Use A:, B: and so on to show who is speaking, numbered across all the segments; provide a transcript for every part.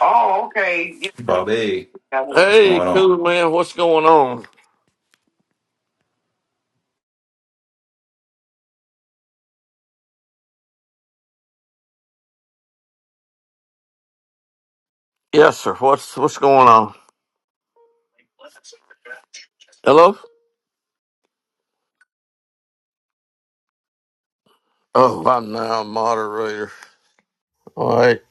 A: Oh, okay. Yeah, we
B: Bobby,
A: got one.
B: what's
A: Hey,
B: going on?
A: cool man, what's going on? Yes, sir. What's what's going on? Hello? Oh, by now, moderator. All right.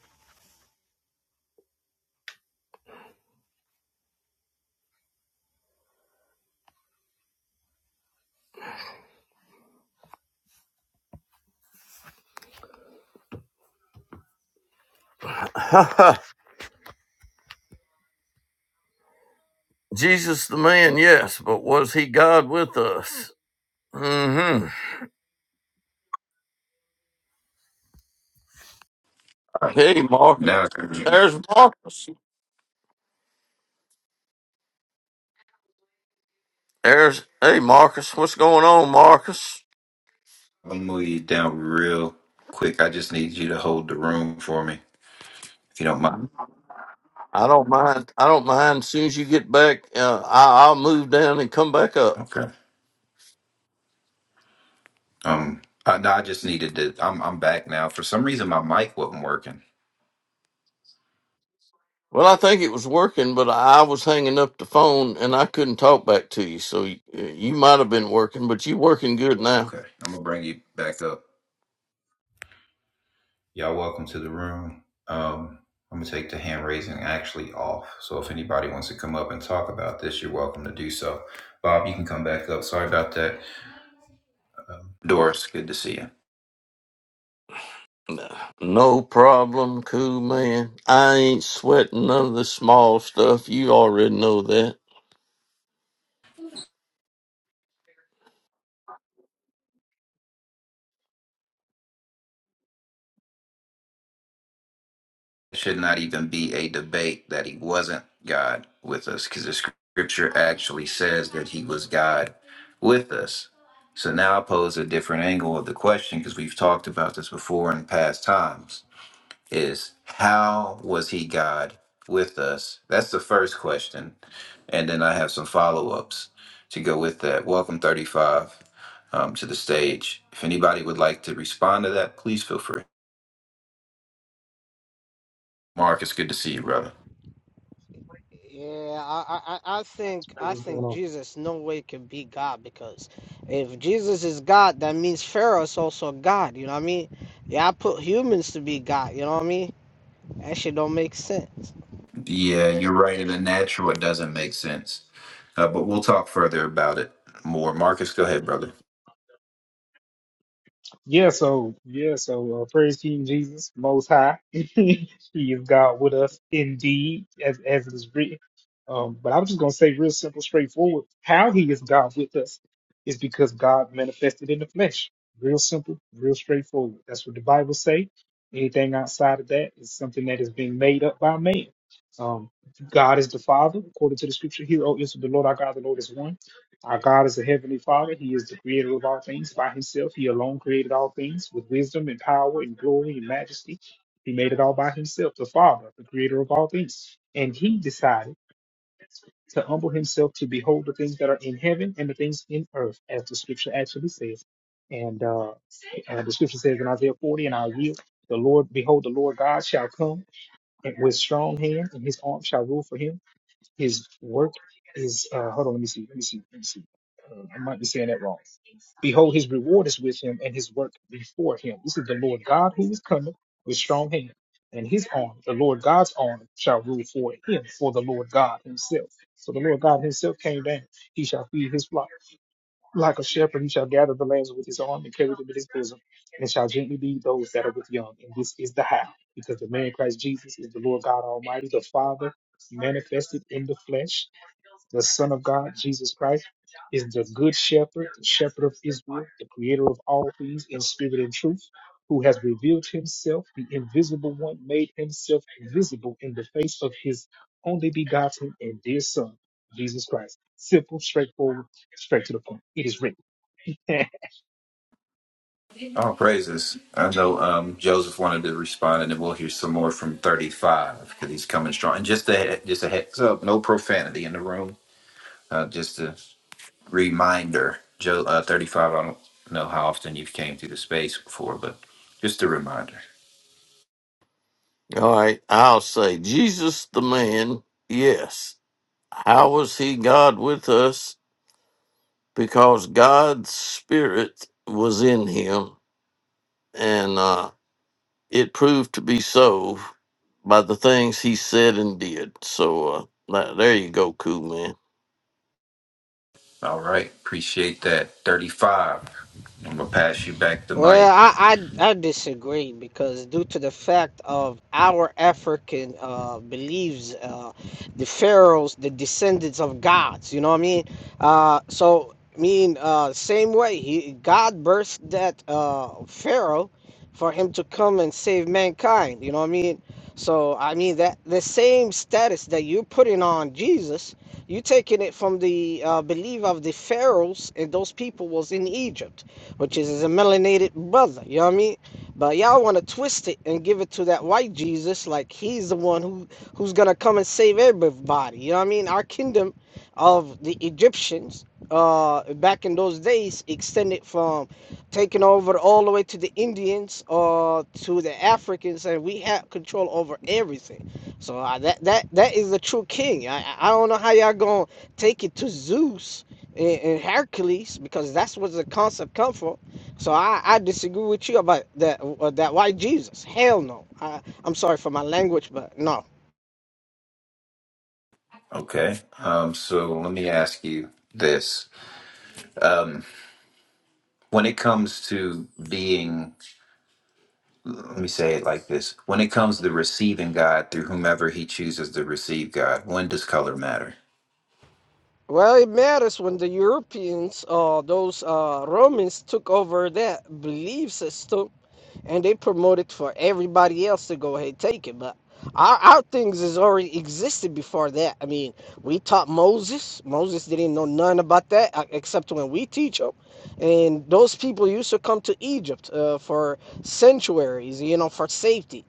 A: Jesus the man, yes, but was he God with us? Mm-hmm. Hey, Marcus.
B: Now I'm
A: There's Marcus. There's hey Marcus, what's going on, Marcus?
B: gonna move you down real quick. I just need you to hold the room for me, if you don't mind.
A: I don't mind. I don't mind. As soon as you get back, uh, I, I'll move down and come back up.
B: Okay. Um. I, no, I just needed to. I'm I'm back now. For some reason, my mic wasn't working.
A: Well, I think it was working, but I was hanging up the phone and I couldn't talk back to you. So you, you might have been working, but you working good now.
B: Okay, I'm gonna bring you back up. Y'all, welcome to the room. Um, I'm gonna take the hand raising actually off. So if anybody wants to come up and talk about this, you're welcome to do so. Bob, you can come back up. Sorry about that. Um, Doris, good to see you.
A: No problem, cool man. I ain't sweating none of the small stuff. You already know that.
B: should not even be a debate that he wasn't God with us because the scripture actually says that he was God with us. So now I pose a different angle of the question because we've talked about this before in past times is how was he God with us? That's the first question. And then I have some follow ups to go with that. Welcome, 35, um, to the stage. If anybody would like to respond to that, please feel free. Mark, it's good to see you, brother.
C: Yeah, I, I, I I think
D: Hey,
C: I
D: what's going
C: think
D: on?
C: Jesus no way can be God because if Jesus is God, that means Pharaoh is also God. You know what I mean? Yeah, I put humans to be God. You know what I mean? That shit don't make sense.
B: Yeah, you're right. In the natural, it doesn't make sense. Uh, but we'll talk further about it more. Marcus, go ahead, brother.
D: Yeah, so yeah, so uh, praise King Jesus, Most High. he is God with us indeed, as as it is written. Um, but I'm just gonna say, real simple, straightforward, how He is God with us is because God manifested in the flesh. Real simple, real straightforward. That's what the Bible say. Anything outside of that is something that is being made up by man. Um, God is the Father, according to the Scripture. Here, O Israel, the Lord our God, the Lord is one. Our God is a heavenly Father. He is the creator of all things. By himself, he alone created all things with wisdom and power and glory and majesty. He made it all by himself, the Father, the creator of all things. And he decided to humble himself to behold the things that are in heaven and the things in earth, as the scripture actually says. And uh, uh, the scripture says in Isaiah 40, and I will, the Lord, behold, the Lord God shall come and with strong hand, and his arm shall rule for him. His work is uh, hold on, let me see, let me see, let me see. Uh, I might be saying that wrong. Behold, his reward is with him, and his work before him. This is the Lord God who is coming with strong hand, and his arm, the Lord God's arm, shall rule for him, for the Lord God himself. So the Lord God himself came down. He shall feed his flock. Like a shepherd, he shall gather the lambs with his arm and carry them in his bosom, and shall gently lead those that are with young. And this is the how, because the man Christ Jesus is the Lord God Almighty, the Father manifested in the flesh, the Son of God, Jesus Christ, is the good shepherd, the shepherd of Israel, the creator of all things in spirit and truth, who has revealed himself, the invisible one, made himself visible in the face of his only begotten and dear Son, Jesus Christ. Simple, straightforward, straight to the point. It is written. I
B: All praises. I know um, Joseph wanted to respond, and then we'll hear some more from 35 because he's coming strong. And just a just a heads up, no profanity in the room. Uh, just a reminder, Joe uh, 35. I don't know how often you've came through the space before, but just a reminder.
A: All right, I'll say Jesus the man. Yes. How was he God with us? Because God's spirit was in him and uh it proved to be so by the things he said and did. So uh, now, there you go, cool man.
B: All right, appreciate that. 35. I'm gonna pass you back the
C: Well,
B: mic.
C: I, I I disagree because due to the fact of our African uh, beliefs, uh, the pharaohs, the descendants of gods. You know what I mean? Uh, so I mean, uh, same way he God birthed that uh, pharaoh for him to come and save mankind. You know what I mean? So I mean that the same status that you're putting on Jesus, you're taking it from the uh, belief of the pharaohs and those people was in Egypt which is his melanated brother. You know what I mean? But y'all want to twist it and give it to that white Jesus, like he's the one who who's gonna come and save everybody. You know what I mean? Our kingdom of the Egyptians uh back in those days extended from taking over all the way to the Indians or uh to the Africans and we had control over everything so uh, that that that is the true king I I don't know how y'all gonna take it to Zeus in, in Hercules because that's what the concept come from. So I, I disagree with you about that uh, that white Jesus. Hell no. I, I'm sorry for my language, but no.
B: Okay. Um, so let me ask you this. Um, when it comes to being, let me say it like this when it comes to receiving God through whomever he chooses to receive God, when does color matter?
C: Well, it matters when the Europeans, uh, those uh, Romans, took over that belief system, and they promoted for everybody else to go ahead and take it. But our, our things has already existed before that. I mean, we taught Moses. Moses didn't know none about that uh, except when we teach him. And those people used to come to Egypt uh, for sanctuaries, you know, for safety.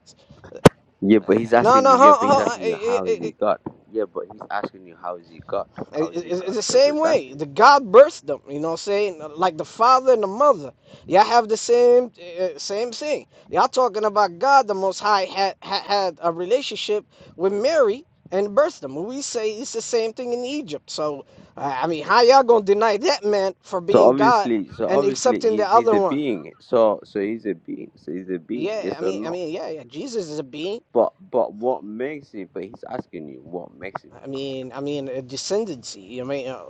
E: Yeah, but he's
C: No,
E: asking
C: no,
E: you. Yeah,
C: huh,
E: but he's
C: huh, uh,
E: asking you, how is
C: uh, uh,
E: he God? Yeah, but he's asking you, how is he God? How
C: It-
E: is
C: it-
E: he
C: It's
E: God?
C: the
E: That's what
C: same
E: he's
C: way.
E: asking you.
C: The God birthed them. You know what I'm saying? Like the father and the mother. Y'all have the same uh, same thing. Y'all talking about God, the Most High had had, had a relationship with Mary and birthed them. We say it's the same thing in Egypt. So uh, I mean, how y'all gonna deny that man for
E: So
C: being God
E: obviously, so
C: and
E: obviously,
C: accepting the
E: he's he's
C: other
E: a
C: one?
E: being. So so he's a being. So he's a being.
C: Yeah, I
E: Yes or
C: mean, I
E: no?
C: mean, yeah, yeah. Jesus is a being.
E: But but what makes him? But he's asking you, what makes him
C: I
E: a God?
C: mean, I mean, a descendancy. I mean, uh,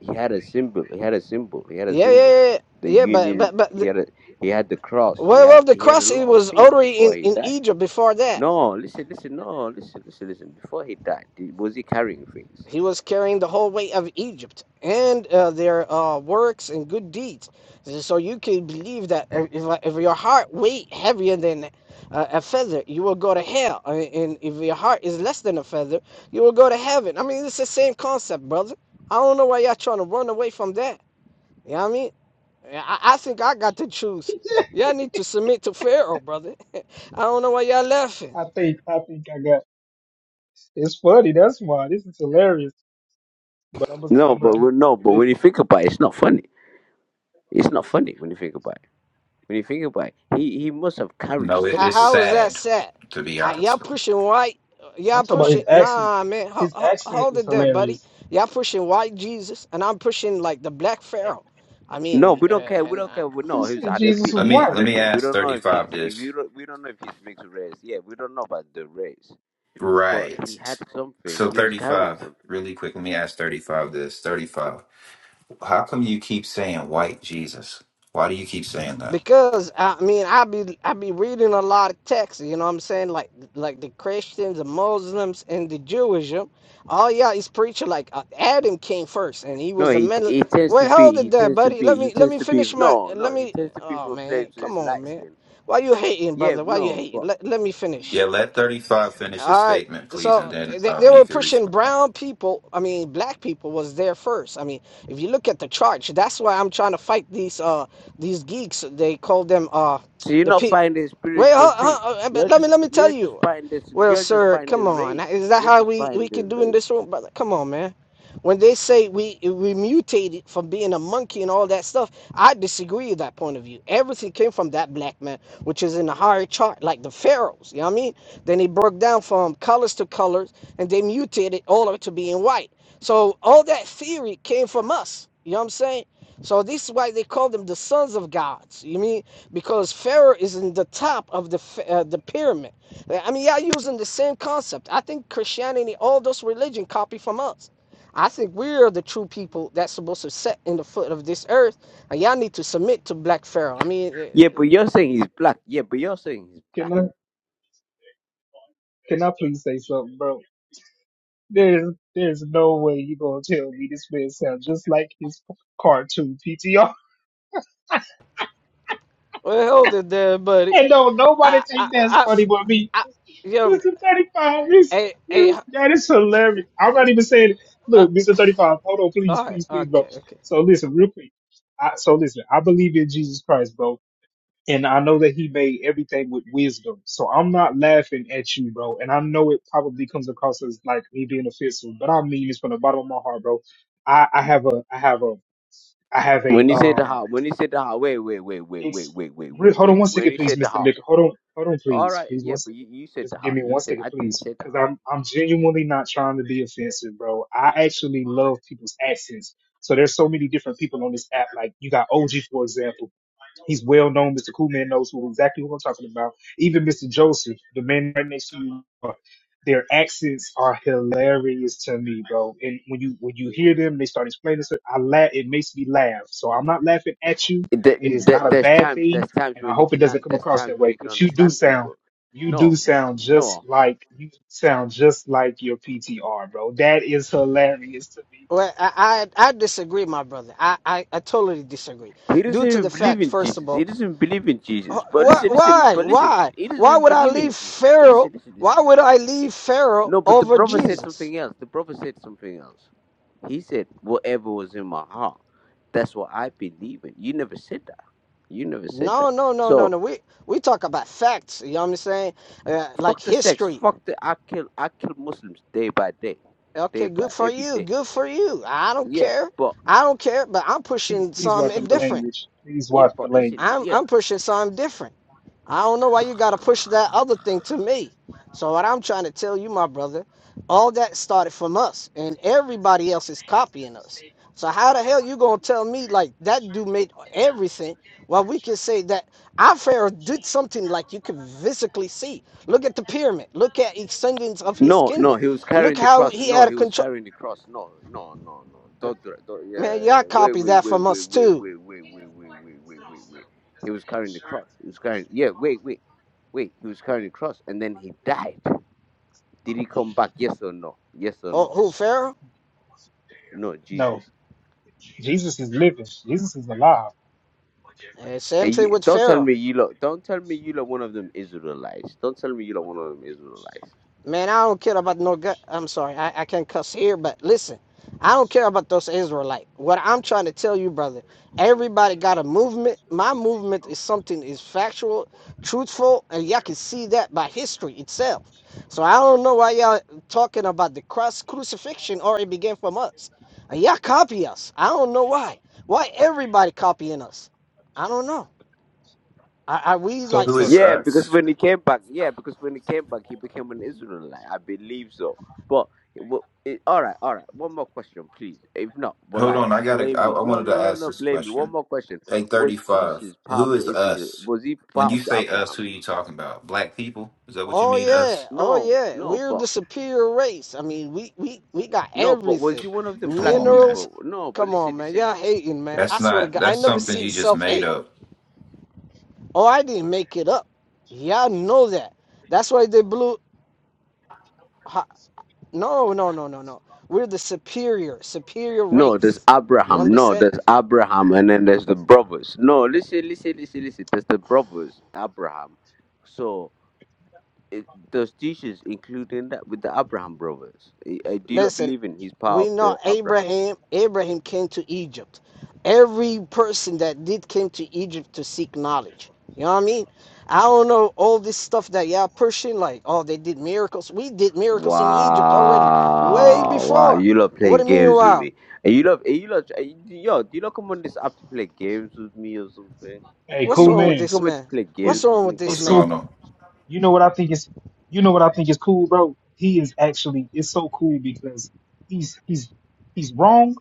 E: He had a symbol. He had a symbol. He had a
C: yeah, yeah,
E: symbol.
C: yeah, yeah.
E: The
C: yeah, But but
E: union.
C: but
E: He had a, he had the cross. He
C: Well,
E: had
C: well, the
E: he had a
C: cross it
E: lot of
C: was
E: things
C: already
E: before
C: in,
E: he
C: in
E: died.
C: Egypt before that.
E: No, listen, listen, no, listen, listen, listen. Before he died, did- was he carrying things?
C: He was carrying the whole weight of Egypt and uh, their uh, works and good deeds. So you can believe that if, if your heart weight heavier than uh, a feather, you will go to hell. And and if your heart is less than a feather, you will go to heaven. I mean, it's the same concept, brother. I don't know why y'all trying to run away from that. You know what I mean? Yeah, I, I think I got to choose. Y'all need to submit to Pharaoh, brother. I don't know why y'all laughing.
D: think I think I got it's funny, that's why. This is hilarious. But I'm i
E: No,
D: I'm i i
E: but
D: am
E: when- no,
D: I'm,
E: but when you think about it, it's not funny. It's not funny when you think about it. When you think about it, he, he must have carried
B: No, it,
C: How,
B: it's
E: something.
C: how is that
B: sad,
C: set?
B: to be
C: Uh, y'all
B: honest. with you.
C: pushing white.
D: I'm
C: Y'all
D: talking about his
C: pushing.
D: accent.
C: Nah, man. Ho,
D: His
C: ho,
D: accent
C: hold
D: is
C: it there, buddy.
D: hilarious.
C: Y'all pushing white Jesus, and I'm pushing like the black Pharaoh. I
E: No,
C: mean,
E: we don't
C: uh,
E: care. We
C: and
E: don't care. We know
D: This
E: he's
D: is
E: Arabic.
D: Jesus'
B: Let
E: He's
B: me,
D: wife.
B: let me
E: Arabic. We
B: ask
E: don't know if he's
B: 35
E: if
B: this.
E: you don't, we don't know if he's mixed race. Yeah, we don't know about the race, but
B: Right.
E: he had something.
B: So
E: He was carrying
B: 35,
E: something.
B: really quick, let me ask 35 this. 35. How come you keep saying white Jesus? Why do you keep saying that?
C: Because I mean, I be I be reading a lot of texts. You know what I'm saying? Like like the Christians, the Muslims, and the Jewish. um, All y'all is preaching like uh, Adam came first, and he
E: No,
C: was a
E: he
C: mental.
E: he tends to
C: Wait, hold
E: be
C: it
E: he
C: there,
E: tends to
C: buddy.
E: be
C: Let
E: he
C: me let
E: tends
C: me
E: to be
C: finish my.
E: no
C: Let
E: no he
C: me.
E: tends to be
C: Oh
E: from a
C: man,
E: place where
C: come on,
E: light
C: man.
E: skin.
C: Why you hating,
E: Yeah,
C: brother? Why you
E: no, but
C: hating? Let let me
B: Yeah,
C: finish.
B: let 35 finish his
C: All right.
B: statement, please, and
C: So
B: then
C: they,
B: um,
C: they
B: he
C: were
B: can
C: pushing
B: respond.
C: brown people. I mean, black people was there first. I mean, if you look at the charts, that's why I'm trying to fight these uh these geeks. They call them uh
E: So you're
C: the
E: not
C: pe.
E: finding a
C: Wait,
E: spiritual
C: huh,
E: thing.
C: huh, uh,
E: You're
C: let me
E: just
C: let me tell
E: you're just
C: you.
E: finding
C: Well,
E: you're just
C: sir,
E: finding
C: come on.
E: race.
C: Is that
E: You're
C: how
E: just
C: we we can
E: finding
C: do in
E: race.
C: this room, brother? Come on, man. When they say we we mutated from being a monkey and all that stuff, I disagree with that point of view. Everything came from that black man, which is in the higher chart, like the pharaohs. You know what I mean? Then they broke down from colors to colors, and they mutated all of it to being white. So all that theory came from us. You know what I'm saying? So this is why they call them the sons of gods. You mean because Pharaoh is in the top of the uh, the pyramid. I mean, y'all using the same concept. I think Christianity, all those religion, copy from us. I think we're the true people that's supposed to set in the foot of this earth. And y'all need to submit to Black Pharaoh. I mean, eh,
E: Yeah,
C: eh,
E: but you're saying he's black. Yeah, but you're saying he's
D: Can I can I please say something, bro? There's there's no way you gonna tell me this man sounds just like his cartoon PTR.
C: well, hold it there, buddy.
D: And don't nobody
C: I, I,
D: think that's
C: I, I
D: funny but me.
C: yeah,
D: Mr. 35, is
C: hey, hey,
D: you
C: uh,
D: that is hilarious. I'm not even saying it. Look, Mr. 35, hold on, please,
C: all right,
D: please, please, bro.
C: okay, okay.
D: So listen, real quick. I, so listen, I believe in Jesus Christ, bro. and I know that he made everything with wisdom. So I'm not laughing at you, bro. And I know it probably comes across as like me being offensive, but I mean this from the bottom of my heart, bro. I, I have a, I have a, I have a,
E: when he said the
D: um,
E: heart, when he said the heart, wait, wait, wait, wait, wait,
D: it's
E: wait, wait,
D: re-
E: wait,
D: hold on
E: wait.
D: one
E: When
D: second,
E: he
D: please,
E: said the
D: Mr.
E: heart,
D: Licker. Hold on, hold on,
E: all
D: please,
E: right,
D: please, one
E: yeah, but
D: second.
E: you, you said
D: Just
E: the
D: give me
E: heart. You
D: one
E: said
D: second,
E: I didn't
D: please,
E: say the
D: because
E: heart.
D: I'm I'm genuinely not trying to be offensive, bro. I actually love people's accents. So there's so many different people on this app. Like you got OG, for example. He's well known. Mr. Coolman knows who exactly who I'm talking about. Even Mr. Joseph, the man right next to you, uh, their accents are hilarious to me, bro. And when you when you hear them, they start explaining stuff. I laugh. It makes me laugh. So I'm not laughing at you.
E: There,
D: It is
E: there,
D: not a
E: there's
D: bad
E: times,
D: thing,
E: there's times
D: and I
E: when you
D: hope it
E: can
D: doesn't
E: learn.
D: come
E: There's
D: across
E: times
D: that
E: when you
D: way.
E: can
D: But you do
E: understand
D: sound,
E: people.
D: you do
E: No,
D: sound just
E: no.
D: like you sound just like your PTR, bro. That is hilarious to me.
C: Well, I, I, I disagree, my brother. I, I, I totally disagree.
E: He
C: Due
E: doesn't
C: to the
E: even believe
C: fact,
E: in
C: first of
E: Jesus.
C: all,
E: He doesn't believe in Jesus. But
C: why,
E: listen, listen,
C: why,
E: but listen,
C: why,
E: he doesn't
C: why
E: even
C: would I
E: believe in
C: leave
E: Jesus. But
C: Pharaoh?
E: listen, listen,
C: Why
E: listen,
C: would
E: listen.
C: I leave Pharaoh
E: No, but the
C: over
E: prophet said
C: Jesus?
E: something else. The prophet said something else. He said, Whatever was in my heart, that's what I believe in. You never said that. You never said
C: No,
E: that.
C: no, no, no,
E: So
C: no. We we talk about facts. You know what I'm saying? Uh, like
E: fuck the sex.
C: history.
E: Fuck the I kill I kill Muslims day by day. Day
C: Okay, good
E: by
C: for
E: every
C: you.
E: day.
C: Good for you. I don't
E: Yeah.
C: care.
E: But
C: I don't care. But I'm
D: Please,
C: pushing
D: please watch
C: something
D: the
C: different.
D: language. Please
E: yeah,
D: watch the
E: but listen,
D: language.
C: I'm
E: yeah.
C: I'm pushing something different. I don't know why you gotta push that other thing to me. So what I'm trying to tell you, my brother, all that started from us, and everybody else is copying us. So how the hell you gonna tell me like that dude made everything? Well, we can say that our Pharaoh did something like you could physically see. Look at the pyramid. Look at extensions of his
E: No, no,
C: kingdom.
E: he was
C: Look
E: carrying the
C: how
E: cross.
C: he
E: No,
C: had a
E: he was
C: control.
E: carrying the cross. No, no, no, no. Don't, dra- don't
C: Man,
E: yeah,
C: y'all
E: yeah. Wait,
C: copy
E: wait,
C: that
E: wait,
C: from
E: wait,
C: us
E: wait,
C: too.
E: wait, wait, wait, wait, wait, wait, wait, wait. He was carrying the cross. He was carrying. Yeah, wait, wait, wait. He was carrying the cross, and then he died. Did he come back? Yes or no? Yes or
C: Who,
E: no?
C: who Pharaoh?
E: No, Jesus.
D: No, Jesus is living. Jesus is alive.
C: And same
E: And
C: thing
E: you,
C: with
E: don't tell
C: Pharaoh.
E: me you look. Don't tell me you look. One of them Israelites. Don't tell me you look. One of them Israelites.
C: Man, I don't care about no gut. I'm sorry, I, I can't cuss here, but listen, I don't care about those Israelite. What I'm trying to tell you, brother, everybody got a movement. My movement is something is factual, truthful, and y'all can see that by history itself. So I don't know why y'all talking about the cross crucifixion or it began from us. And y'all copy us. I don't know why. Why everybody copying us? I don't know. Are, are we
D: So,
C: like?
B: Who
C: s-
D: so
B: is
E: Yeah, because
B: us?
E: when he came back, yeah, because when he came back, he became an Israelite. I believe so. But it, wa- it, all right, all right. One more question, please. If not, well,
B: Hold
E: like
B: on, I gotta.
E: blame
B: I,
E: me.
B: I
E: No,
B: wanted to
E: no, no,
B: ask
E: no.
B: this
E: Blame me. One
B: question.
E: more question.
B: Hey,
E: Was
B: 35,
E: Jesus part
B: who
E: of
B: is
E: the Israel?
B: us?
E: Was he
B: When
E: part
B: you
E: of the
B: say us,
E: Abraham?
B: who are you talking about? Black people? Is that what you
C: Oh
B: mean,
C: yeah,
B: us?
C: oh
E: No,
C: yeah.
E: no,
C: We're the
E: but
C: superior race. I mean, we we we got
E: no, but was
C: everything.
E: he one of them
B: Come
E: black
B: on, man.
C: Minerals.
E: people? No, but
C: Come
E: listen,
C: on, man.
E: listen,
C: Y'all
E: listen.
C: hating, man. I
B: That's
C: swear to
B: not.
C: God, I
B: That's
C: never
B: something
C: see
B: you just made
C: self-hate.
B: up.
C: Oh, I didn't make it up. Y'all know that. That's why they blew. Ha, no, no, no, no, no. We're the superior, superior
E: No, there's
C: race. You
E: Abraham. No,
C: understand?
E: there's Abraham, and then there's the brothers. No, listen, listen, listen, listen. There's the brothers, Abraham. So it, those teachers, including that with the Abraham brothers. I, I do not
C: Listen,
E: believe in his power
C: we
E: of
C: know
E: the Abrahams.
C: Abraham Abraham came to Egypt. Every person that did came to Egypt to seek knowledge. You know what I mean? I don't know all this stuff that y'all pushing, like, oh, they did miracles. We did miracles in Egypt already, way
E: Wow, wow,
C: before.
E: you love
C: What
E: playing
C: do you mean,
E: games with
C: wow?
E: me. And you love, and you love, and you- yo, do you not come on this app to play games with me or something?
D: Hey,
E: Do
C: What's
D: cool
E: you,
C: wrong
E: do
C: with
E: you
D: man.
C: this
E: come here to
C: man?
E: play
D: He
C: What's
E: games with
C: wrong with
E: me?
C: this
B: What's
D: it's
C: man?
D: so
B: going on?
D: you know what I think is you know what I think is cool, bro. He is actually it's so cool because he's he's he's wrong,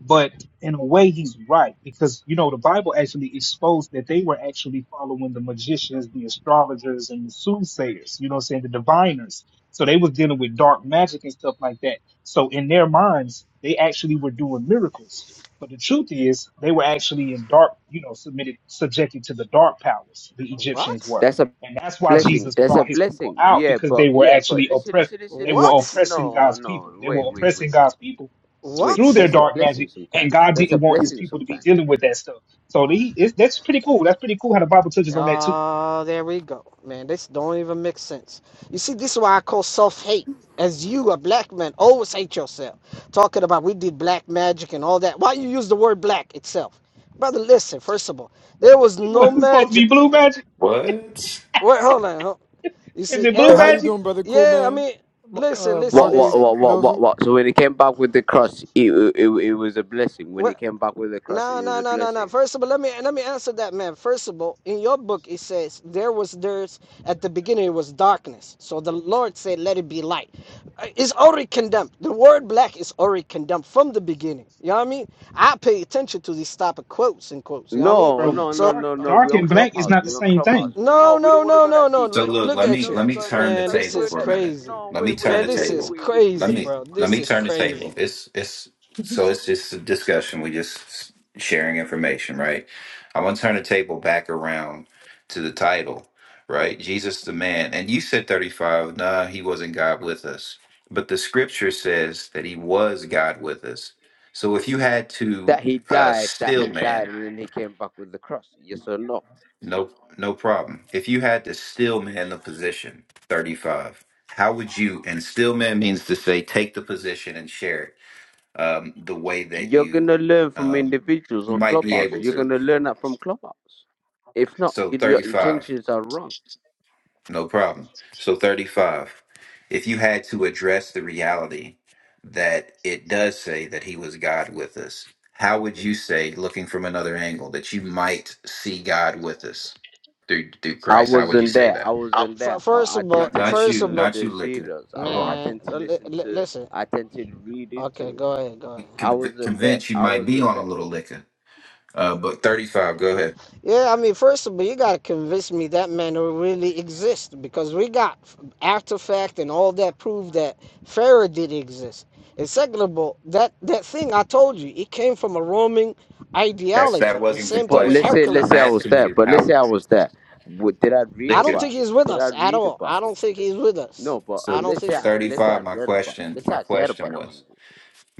D: But in a way, he's right because you know the Bible actually exposed that they were actually following the magicians, the astrologers, and the soothsayers. You know, what I'm saying the diviners. So they was dealing with dark magic and stuff like that. So in their minds, they actually were doing miracles. But the truth is, they were actually in dark, you know, submitted, subjected to the dark powers. The Egyptians
C: What?
D: were,
E: That's a
D: and that's why
E: blessing.
D: Jesus
E: That's a
D: brought his people
E: blessing.
D: out
E: Yeah,
D: because
E: but,
D: they were
E: yeah, but
D: actually
E: listen,
D: oppressed.
E: listen, listen,
D: They
E: listen,
D: were
E: listen.
C: What?
D: oppressing
E: No,
D: God's
E: no,
D: people. They were
E: wait, wait,
D: oppressing
E: wait, wait.
D: God's people
E: Wait,
D: through
C: What?
D: their
E: that's a
D: dark
E: blessing
D: magic, and
E: sometimes.
D: God
E: That's
D: didn't
E: a
D: want His
E: blessing
D: people to be
E: sometimes.
D: dealing with that stuff. So he, it's, that's pretty cool. That's pretty cool how the Bible touches on that too.
C: Oh, there we go. Man, this don't even make sense. You see, this is why I call self-hate. As you, a black man, always hate yourself. Talking about we did black magic and all that. Why you use the word black itself? Brother, listen, first of all, there was no
D: What it's supposed to be
C: magic.
D: blue magic?
B: What?
C: Wait, hold on. hold- on. You
D: Is
C: see,
D: it
F: Hey,
D: blue
F: how you
C: every
D: magic,
F: doing, brother? Cool,
C: yeah, I
F: man.
C: mean,
F: Ma-
C: listen,
F: Uh,
C: listen,
E: What, what,
F: Marcus,
C: listen.
E: what, what,
F: Joseph.
E: what, what? So when he came back with the cross, it, it, it was a blessing. When he
C: What?
E: came back with the cross, it
C: No,
E: was
C: no,
E: a
C: no, no, no.
E: blessing.
C: First of all, let me let me answer that man. First of all, in your book it says there was there's at the beginning it was darkness. So the Lord said, "Let it be light." Uh, It's already condemned. The word black is already condemned from the beginning. You know what I mean? I pay attention to these type of quotes and quotes. You know what I mean?
E: No,
D: bro?
E: no, no,
C: So
D: Dark,
E: no, no.
D: dark
E: We're on
D: and black is
E: Clubhouse.
D: not the
E: We're on
D: same thing.
E: Clubhouse. We, no,
C: no,
E: we
C: no,
E: don't want to
C: no,
E: go
C: no,
E: that
C: no.
E: deep.
B: So
E: We
C: Look,
E: don't.
B: look,
E: We,
C: look
B: let
E: we
C: at
B: me
C: you,
E: not
B: let
E: been
B: me
E: going that.
B: turn the
E: We
C: man.
E: not been
C: This
B: table
E: going
C: is
B: for a
E: that
B: minute.
E: deep.
C: crazy,
E: No,
B: Let me
E: wait, wait,
B: turn
C: man.
B: the
E: wait,
C: This
E: wait,
C: is
B: table.
E: wait, wait,
B: Let
E: wait.
C: crazy,
B: me
C: bro.
B: let
C: This
B: me
C: is
B: turn the table.
C: crazy.
B: It's it's so it's just a discussion. We just sharing information, right? I want to turn the table back around to the title, right? Jesus the man. And you said 35, nah, he wasn't God with us. But the scripture says that he was God with us. So if you had to
E: That he
B: uh
E: died. That
B: still
E: he
B: man,
E: died, and then he came back with the cross. Yes or no?
B: no, no problem. If you had to still man the position, 35, how would you, and still man means to say take the position and share it um, the way that
E: You're
B: you
E: gonna learn from
B: um,
E: individuals on
B: might be
E: Clubhouse.
B: able
E: You're
B: to.
E: gonna learn that from Clubhouse. If not,
B: So
E: your your
B: 35,
E: intentions are wrong.
B: no problem. So 35, if you had to address the reality that it does say that he was God with us, how would you say, looking from another angle, that you might see God with us through, through
E: I
B: Christ? How would you
E: wasn't
B: say
E: there. I
B: that?
C: Uh,
E: wasn't there.
C: f-
E: I,
C: First
E: I
C: of all,
E: tend
B: Not
E: to
B: not
E: listen
C: first
B: you,
C: of
E: to
C: all,
B: not you,
E: the
B: liquor.
E: serials. I,
B: Hold
E: I
B: on.
C: man.
E: tend to
C: l-
E: listen
C: l-
E: to.
C: listen.
E: I tend to read
C: Okay,
E: into it.
C: go ahead, go ahead.
E: I
B: Conv-
E: wasn't there.
B: convinced you
E: I
B: might be
E: wasn't
B: on a
E: there.
B: little liquor. Uh, but thirty-five. Go ahead.
C: Yeah, I mean, first of all, you gotta convince me that man really exists because we got after fact and all that prove that Pharaoh did exist. And second of all, that that thing I told you, it came from a Roman
B: That's that
C: ideology. The
B: wasn't the
C: same thing
E: But
C: with
E: let's
B: question.
E: say let's
B: I'm
E: say I
C: Hercules.
E: was
B: asking
E: there.
B: you
E: But let's
B: how
E: say I was there. What, did I read
C: I
B: liquor.
C: don't think
E: about him?
C: he's with
E: Did I
C: us at
E: read
C: all.
E: about
C: I
E: him?
C: don't think he's with us.
E: No. But
C: I
B: So
C: don't
E: let's
C: think
E: say
C: so.
E: I let's say I
B: thirty-five. My
E: read about him.
B: question.
E: Let's say
B: My
E: I cared
B: question
E: about
B: was.
E: Jesus.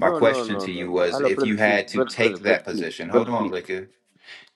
B: My
E: no,
B: question
E: no,
B: to
E: no,
B: you
E: no.
B: was
E: Hello,
B: if you
E: brother, please,
B: had to
E: brother,
B: take
E: brother, brother,
B: that
E: please,
B: position. Hold
E: brother,
B: on,
E: please.
B: liquor.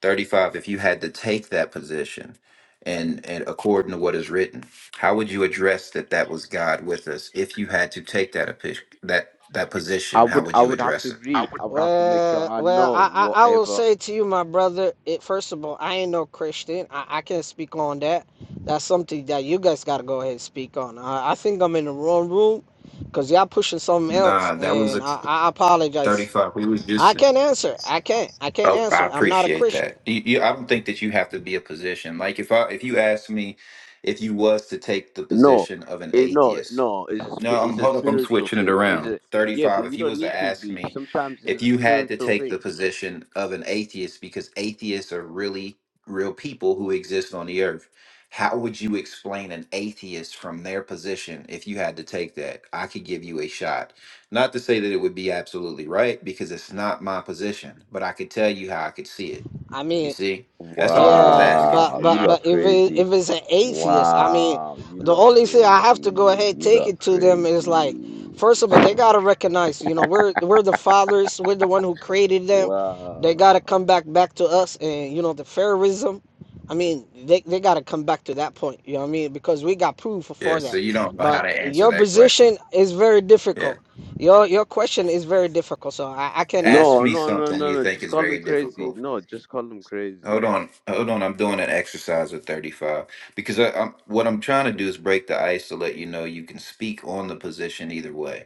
B: 35 if you had to take that position and and according to what is written how would you address that that was god with us if you had to take that opi- that that
E: I
B: position how
E: would
B: would
E: I
B: you
E: would have
B: address
E: to
B: it i
E: read.
B: would
E: I would have to make sure
C: Well,
E: I
C: well,
E: know
C: I, I, I will
E: whatever.
C: say to you, my brother. It first of all, I ain't no Christian. I, I can't speak on that. That's something that you guys gotta go ahead and speak on. I, I think I'm in the wrong room, cause y'all pushing something else,
B: nah that was
C: and
B: a
C: I, I apologize.
B: 35 we was
C: I
B: just
C: can't answer. I can't. I can't
B: oh i
C: answer. I'm not a
B: appreciate
C: Christian.
B: that you, you, i don't think that you have to be a position like if i if you asked me if you was to take the
E: No,
B: position of an
E: it, no,
B: atheist
E: no. It's a, spi-
B: No, I'm
E: it's a
B: hold up. I'm
E: spiritual
B: switching it
E: thing. It's
B: around.
E: a yeah,
B: 35.
E: but
B: If
E: you
B: you
E: don't
B: was to
E: need to
B: ask
E: read.
B: me
E: Sometimes it's
B: if
E: a
B: you had to
E: spiritual
B: take the
E: thing.
B: position of an atheist because atheists are really real people who exist on the earth, how would you explain an atheist from their position if you had to take that? I could give you a shot. Not to say that it would be absolutely right because it's not my position, but I could tell you how I could see it.
C: I
B: You
C: mean,
B: see? That's all I was
C: Yeah,
B: asking you.
C: but
E: Wow, you
C: but
E: look
C: but if it,
E: crazy.
C: if it's an atheist, I mean,
E: Wow, you
C: the
E: look
C: only thing I have to go
E: crazy.
C: ahead
E: You
C: take
E: look
C: it to them is like,
E: crazy.
C: first of all, they gotta recognize, you know, we're we're the fathers, we're the one who created them. They gotta come
E: Wow.
C: back back to us, and you know, the Pharaohism. I mean, they they gotta come back to that point. You know what I mean? Because we got proof
B: Yeah,
C: for
B: so
C: that.
B: you don't know how
C: But
B: to answer
C: your
B: that question.
C: position is very
B: Yeah.
C: difficult. Your your question is very difficult, so I, I can't
B: Ask
C: answer
E: No,
C: it.
B: me
E: no, no,
B: something
E: no,
B: you
E: no.
B: think
E: Just
B: is
E: call him
B: very
E: crazy.
B: difficult.
E: No, just call him
B: Hold
E: crazy.
B: on, hold on. I'm doing an exercise with 35 because I, I'm what I'm trying to do is break the ice to let you know you can speak on the position either way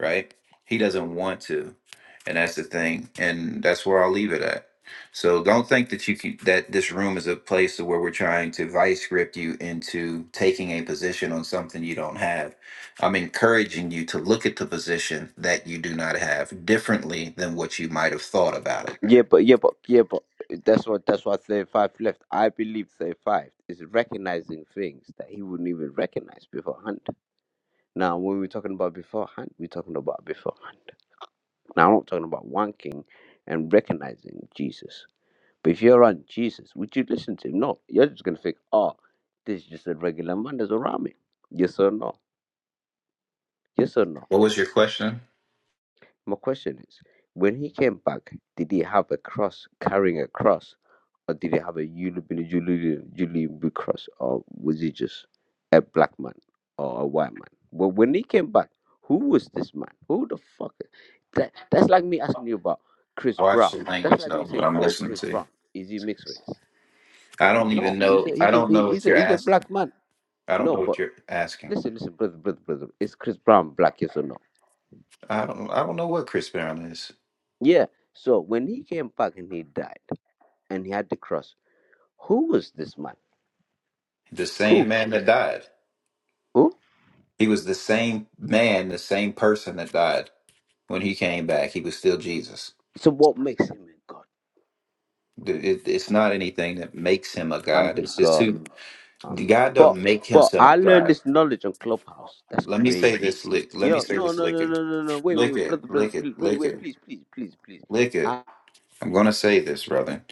B: right? He doesn't want to. And that's the thing. And that's where I'll leave it at. So don't think that you can that this room is a place where we're trying to vice grip you into taking a position on something you don't have. I'm encouraging you to look at the position that you do not have differently than what you might have thought about it.
E: Yeah, but yeah, but yeah, but that's what that's what thirty-five left. I believe thirty-five is recognizing things that he wouldn't even recognize beforehand. Now, when we're talking about beforehand, we're talking about beforehand. Now, I'm not talking about wanking and recognizing Jesus. But if you're around Jesus, would you listen to him? No. You're just going to think, oh, this is just a regular man that's around me. Yes or no? Yes or no?
B: What was your question?
E: My question is, when he came back, did he have a cross, carrying a cross, or did he have a Yulubini Yulubi cross, or was he just a black man or a white man? But when he came back, who was this man? Who the fuck? That, that's like me asking you about Chris
B: Watch
E: Brown.
B: the
E: That's
B: language
E: like
B: though,
E: me
B: what
E: saying,
B: I'm
E: oh,
B: listening
E: Chris
B: to.
E: Brown, is he mixed race?
B: I don't even
E: No, he's
B: know
E: a
B: I
E: he's a
B: don't
E: he-
B: know what
E: he's a
B: you're
E: he's a
B: asking.
E: black man.
B: I don't
E: No,
B: know what
E: but
B: you're asking.
E: listen, listen, brother, brother, brother, is Chris Brown black? Yes or no?
B: I don't I don't know what Chris Brown is.
E: Yeah. So when he came back and he died. and he had the cross. Who was this man?
B: The
E: Who?
B: same man that died.
E: Who?
B: He was the same man, the same person that died. When he came back, he was still Jesus.
E: So what makes him a god?
B: Th- it- it's not anything that makes him a
E: I'm
B: god.
E: the
B: It's just
E: god.
B: who the
E: Um,
B: God
E: but
B: don't make
E: but I
B: himself
E: learned
B: God.
E: this knowledge on Clubhouse. That's
B: Let me say
E: crazy.
B: this, lick. Let me
E: Yo,
B: say
E: no
B: this,
E: no
B: lick
E: no
B: it,
E: no no no. Wait wait
B: lick
E: wait,
B: it,
E: brother brother
B: lick it,
E: please wait
B: lick
E: wait
B: it,
E: please please please please.
B: lick it.
E: I,
B: I'm gonna say this, brother.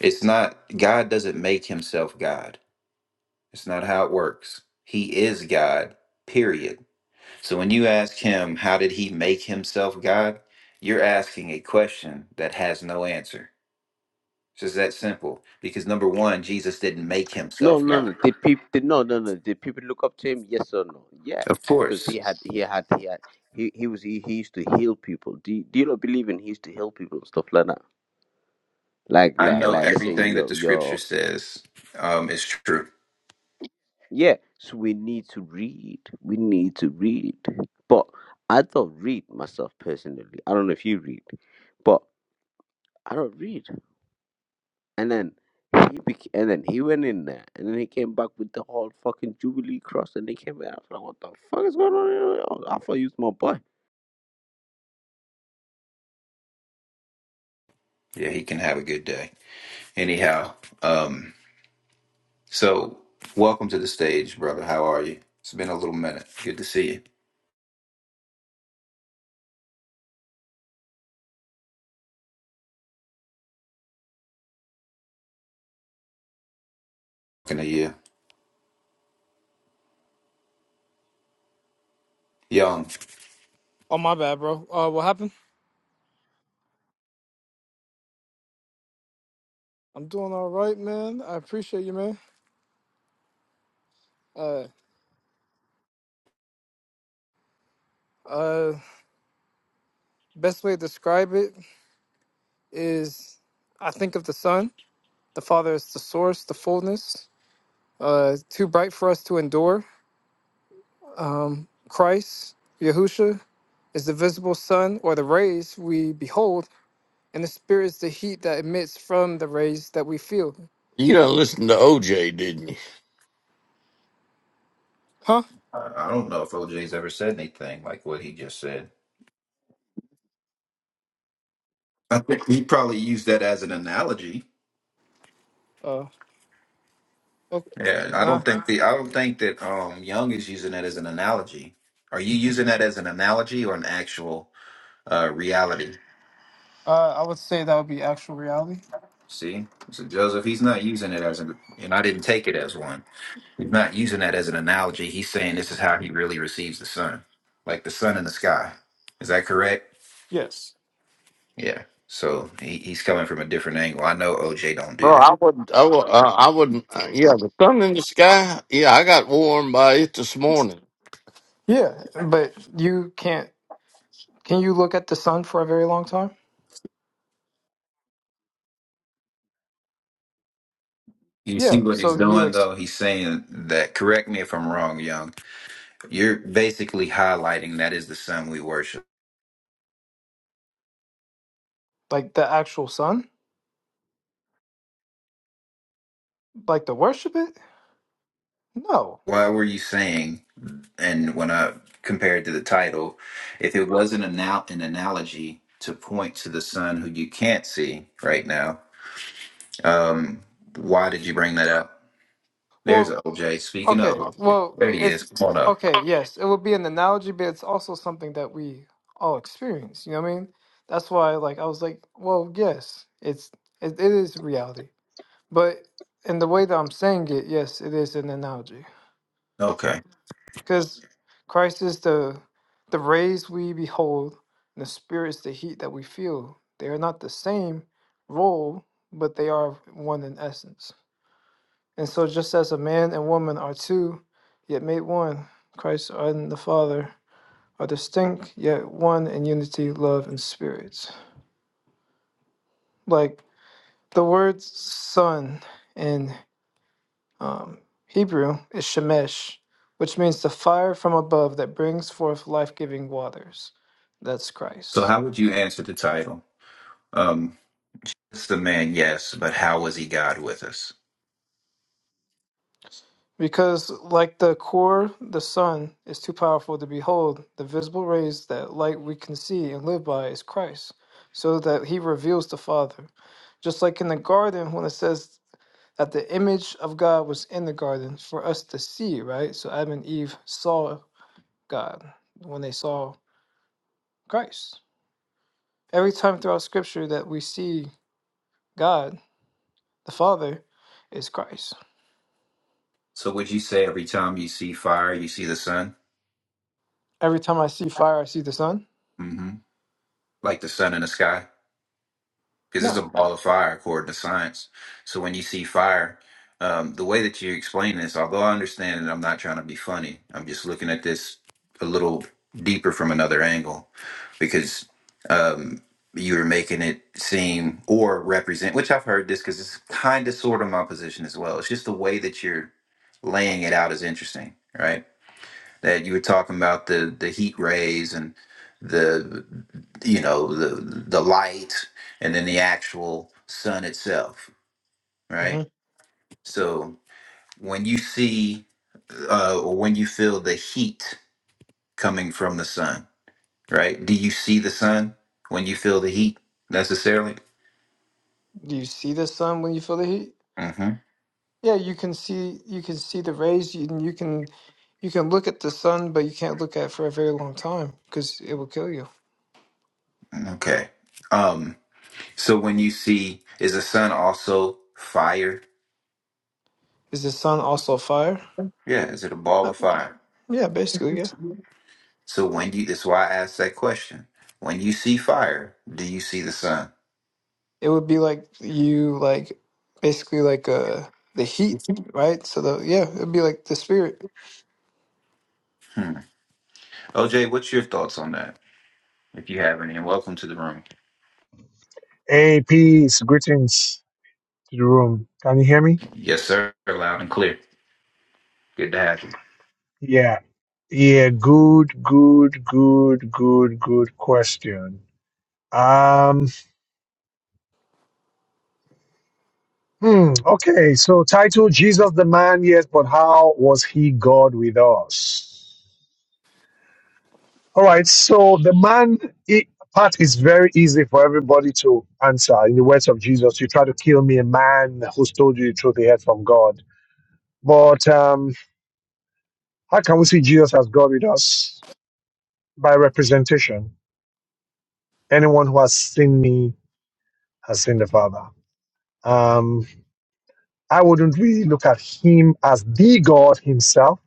B: It's not God doesn't make himself God. It's not how it works. He is God. Period. So when you ask him, how did he make himself God? You're asking a question that has no answer. It's just that simple. Because number one, Jesus didn't make
E: no
B: himself
E: no
B: God.
E: no. Did people did, no no no. Did people look up to him? Yes or no? Yeah,
B: Of
E: because
B: course.
E: he had he had he had he he was he, he used to heal people. Do you, do you not believe in he used to heal people and stuff like that? Like
B: I
E: like
B: know
E: like let's say
B: everything that
E: yo
B: the scripture
E: yo
B: says um, is true.
E: Yeah, so we need to read. We need to read. But I don't read myself personally. I don't know if you read, but I don't read. And then he bec- and then he went in there, and then he came back with the whole fucking Jubilee cross, and they came out. I was like, what the fuck is going on? here? I thought he was my boy.
B: Yeah, he can have a good day. Anyhow, um, so welcome to the stage, brother. How are you? It's been a little minute. Good to see you. Talking to you. Young.
F: Oh, my bad, bro. Uh, what happened? I'm doing all right, man. I appreciate you, man. Uh, uh, best way to describe it is, I think of the Son. The Father is the source, the fullness. Uh, too bright for us to endure. Christ, Yahusha, is the visible sun or the rays we behold, and the Spirit is the heat that emits from the rays that we feel.
A: You don't listen to OJ, didn't you?
F: Huh?
B: I I don't know if OJ's ever said anything like what he just said. I think he probably used that as an analogy.
F: Uh, okay.
B: Yeah, I
F: Nah.
B: don't think the I don't think that um Young is using that as an analogy. Are you using that as an analogy or an actual uh reality?
F: Uh, I would say that would be actual reality.
B: See, so Joseph, he's not using it as an, and I didn't take it as one. He's not using that as an analogy. He's saying this is how he really receives the sun, like the sun in the sky. Is that correct?
F: Yes.
B: Yeah. So he, he's coming from a different angle. I know OJ don't
A: No,
B: do that.
A: I wouldn't. I, wou- uh, I wouldn't. Uh, yeah, the sun in the sky. Yeah, I got warmed by it this morning.
F: Yeah, but you can't. Can you look at the sun for a very long time?
B: You
F: Yeah.
B: see what he's
F: So you
B: doing
F: ex-
B: though? He's saying that. Correct me if I'm wrong, Young You're basically highlighting that is the sun we worship.
F: like the actual sun, like to worship it? No.
B: Why were you saying, and when I compared to the title, if it wasn't an, al- an analogy to point to the sun who you can't see right now, um, why did you bring that up? There's
F: Well,
B: OJ. Speaking of
F: okay.
B: OJ,
F: Well,
B: there he is.
F: it's
B: Come on up.
F: okay. Yes, it would be an analogy, but it's also something that we all experience. You know what I mean? That's why, like, I was like, well, yes, it's it, it is reality, but in the way that I'm saying it, yes, it is an analogy.
B: Okay.
F: Because Christ is the the rays we behold, and the spirit is the heat that we feel. They are not the same role, but they are one in essence. And so just as a man and woman are two, yet made one, Christ and the Father are distinct, yet one in unity, love, and spirits. Like the words son and Um, Hebrew is Shemesh, which means the fire from above that brings forth life giving waters. That's
B: So,
F: Christ.
B: how would you answer the title? Um, it's the man, yes, but how was he God with us?
F: Because, like the core, the sun is too powerful to behold. The visible rays that light we can see and live by is Christ, so that he reveals the Father. Just like in the garden, when it says that the image of God was in the garden for us to see, right? So Adam and Eve saw God when they saw Christ. Every time throughout scripture that we see God, the Father, is Christ.
B: So, would you say every time you see fire, you see the sun?
F: Every time I see fire, I see the sun?
B: hmm Like the sun in the sky? because it's a
F: No.
B: ball of fire according to science. So when you see fire, um, the way that you explain this, although I understand it, I'm not trying to be funny. I'm just looking at this a little deeper from another angle because um, you were making it seem or represent, which I've heard this because it's kind of sort of my position as well. It's just the way that you're laying it out is interesting, right? that you were talking about the the heat rays and the you know the the light and then the actual sun itself right
F: hmm
B: so when you see uh or when you feel the heat coming from the sun right do you see the sun when you feel the heat necessarily
F: Do you see the sun when you feel the heat?
B: hmm
F: Yeah, you can see you can see the rays you- you can you can look at the sun, but you can't look at it for a very long time because it will kill you.
B: okay um so when you see is the sun also fire
F: Is the sun also fire?
B: yeah is it a ball
F: Uh,
B: of fire
F: yeah, basically, yeah.
B: So when you, that's why I asked that question. When you see fire, do you see the sun?
F: It would be like you like basically like uh the heat, right? So the yeah, it'd be like the spirit.
B: Hmm. OJ, what's your thoughts on that? If you have any, and welcome to the room.
G: Hey, peace, greetings to the room. Can you hear me?
B: Yes, sir. Loud and clear. Good to have you.
G: Yeah. Yeah, good, good, good, good, good question. Um, hmm, okay, so title Jesus the man, yes, but how was he God with us? All right, so the man it, part is very easy for everybody to answer. In the words of Jesus, you try to kill me, a man who's told you the truth he heard from God. But um, how can we see Jesus as God with us? By representation Anyone who has seen me has seen the Father. Um, I wouldn't really look at him as the God himself.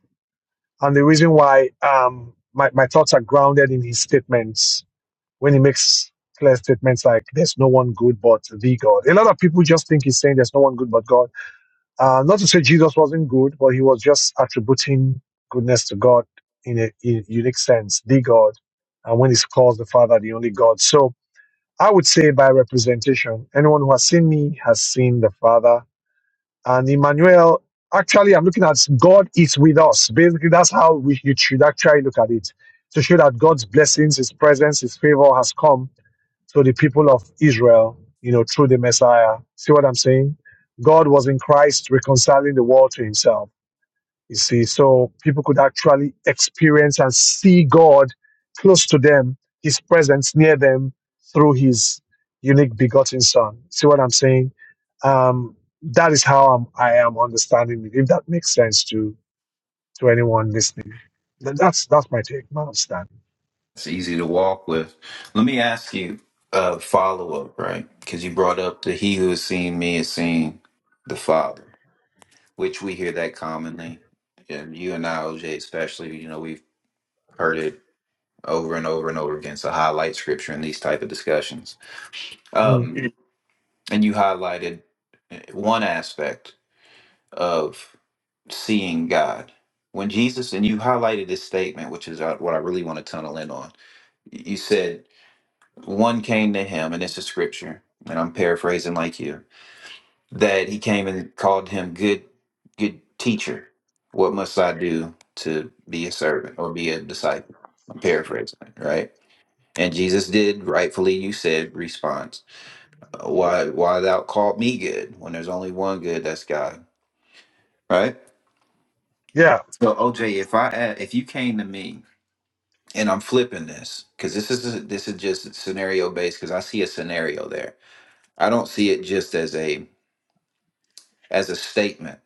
G: And the reason why um, my, my thoughts are grounded in his statements when he makes clear statements like there's no one good but the God. A lot of people just think he's saying there's no one good but God. Uh, not to say Jesus wasn't good, but he was just attributing goodness to God in a, in a unique sense, the God. And when he calls the Father the only God. So I would say by representation, anyone who has seen me has seen the Father. And Emmanuel, actually, I'm looking at God is with us. Basically, that's how we, you should actually look at it to show that God's blessings, His presence, His favor has come to the people of Israel, you know, through the Messiah. See what I'm saying? God was in Christ reconciling the world to Himself. You see, so people could actually experience and see God close to them, His presence near them through His unique begotten Son. See what I'm saying? Um, that is how I'm, I am understanding it. If that makes sense to to anyone listening, then that's that's my take, my understanding.
B: It's easy to walk with. Let me ask you a follow up, right? Because you brought up the he who has seen me has seen the Father, which we hear that commonly. And you and I, OJ, especially, you know, we've heard it over and over and over again. It's a highlight scripture in these type of discussions.
G: Mm.
B: Um, And you highlighted eh, one aspect of seeing God. When Jesus, and you highlighted this statement, which is uh, what I really want to tunnel in on. You said, one came to him, and it's a scripture, and I'm paraphrasing like you, that he came and called him good, good teacher. What must I do to be a servant or be a disciple? I'm paraphrasing it, right? And Jesus did rightfully, you said, respond. Why why thou called me good when there's only one good? That's God, right?
G: Yeah.
B: So OJ, if I a- if you came to me and I'm flipping this because this is this is just scenario based because I see a scenario there. I don't see it just as a as a statement.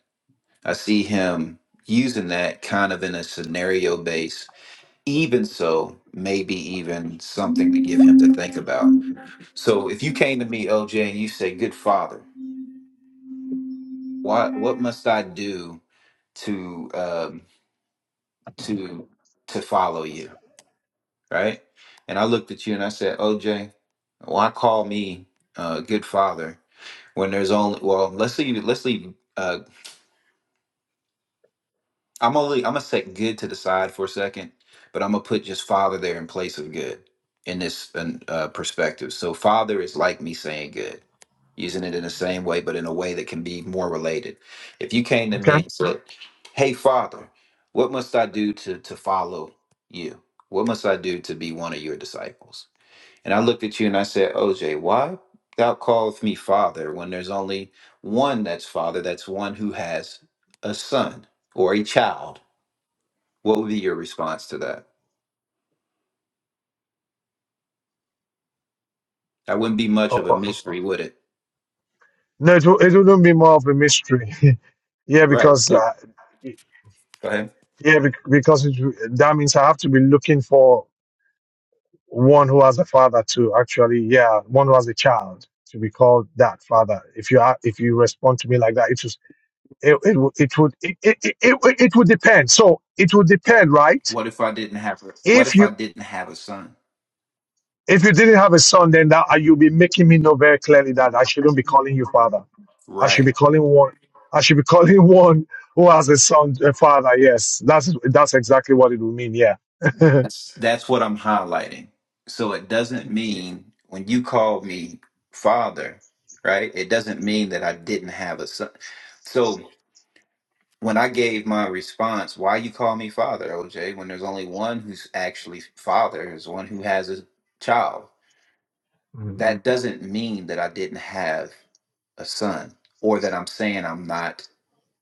B: I see him using that kind of in a scenario based. Even so, maybe even something to give him to think about. So if you came to me, OJ, and you say, "Good Father, what what must I do to?" Um, to to follow you, right? And I looked at you and I said, OJ, why call me uh, good father when there's only well, let's leave let's leave uh, I'm only I'm gonna set good to the side for a second, but I'm gonna put just father there in place of good in this um, uh, perspective. So father is like me saying good, using it in the same way, but in a way that can be more related. If you came to
G: Okay.
B: me and said, "Hey father, what must I do to to follow you? What must I do to be one of your disciples?" And I looked at you and I said, "OJ, why thou callest me father when there's only one that's father? That's one who has a son." Or a child what would be your response to that? That wouldn't be much of
G: Oh,
B: a
G: oh.
B: mystery, would it?
G: No, it, will- it wouldn't be more of a mystery. yeah,
B: Right.
G: because
B: Go
G: uh,
B: ahead.
G: yeah, bec- because it, that means I have to be looking for. one who has a father to actually, yeah, one who has a child to be called that father. If you are, if you respond to me like that, it was, it, it, would- it would, it, it, it, it it would depend. So it would depend, right?
B: What if I didn't have a, what
G: If
B: if I
G: you,
B: didn't have a son?
G: if you didn't have a son, then that uh, you'll be making me know very clearly that I shouldn't be calling you father. I should
B: Right.
G: be calling one. I should be calling one who has a son, a father. Yes, that's that's exactly what it would mean. Yeah.
B: That's that's what I'm highlighting. So it doesn't mean when you call me father, right? It doesn't mean that I didn't have a son. So when I gave my response, why you call me father, OJ, when there's only one who's actually father is one who has a child. That doesn't mean that I didn't have a son, or that I'm saying I'm not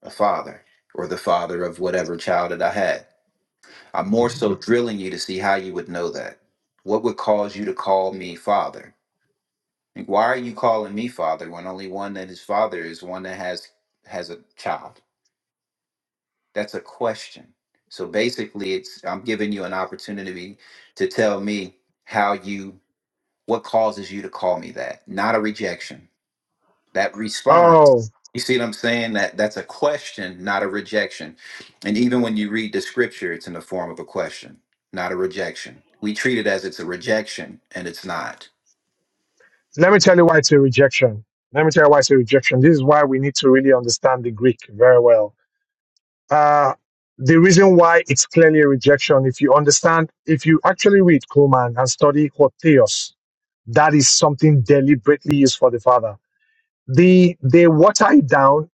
B: a father or the father of whatever child that I had. I'm more so drilling you to see how you would know that. What would cause you to call me father? Like, why are you calling me father when only one that is father is one that has has a child? That's a question. So basically, it's I'm giving you an opportunity to tell me how you what causes you to call me that, not a rejection that response
G: oh.
B: you see what i'm saying that that's a question not a rejection and even when you read the scripture it's in the form of a question not a rejection we treat it as it's a rejection and it's not
G: Let me tell you why it's a rejection. Let me tell you why it's a rejection. This is why we need to really understand the Greek very well. Uh, the reason why it's clearly a rejection, if you understand, if you actually read Kuhlman and study Hotheos, that is something deliberately used for the Father. The they water it down.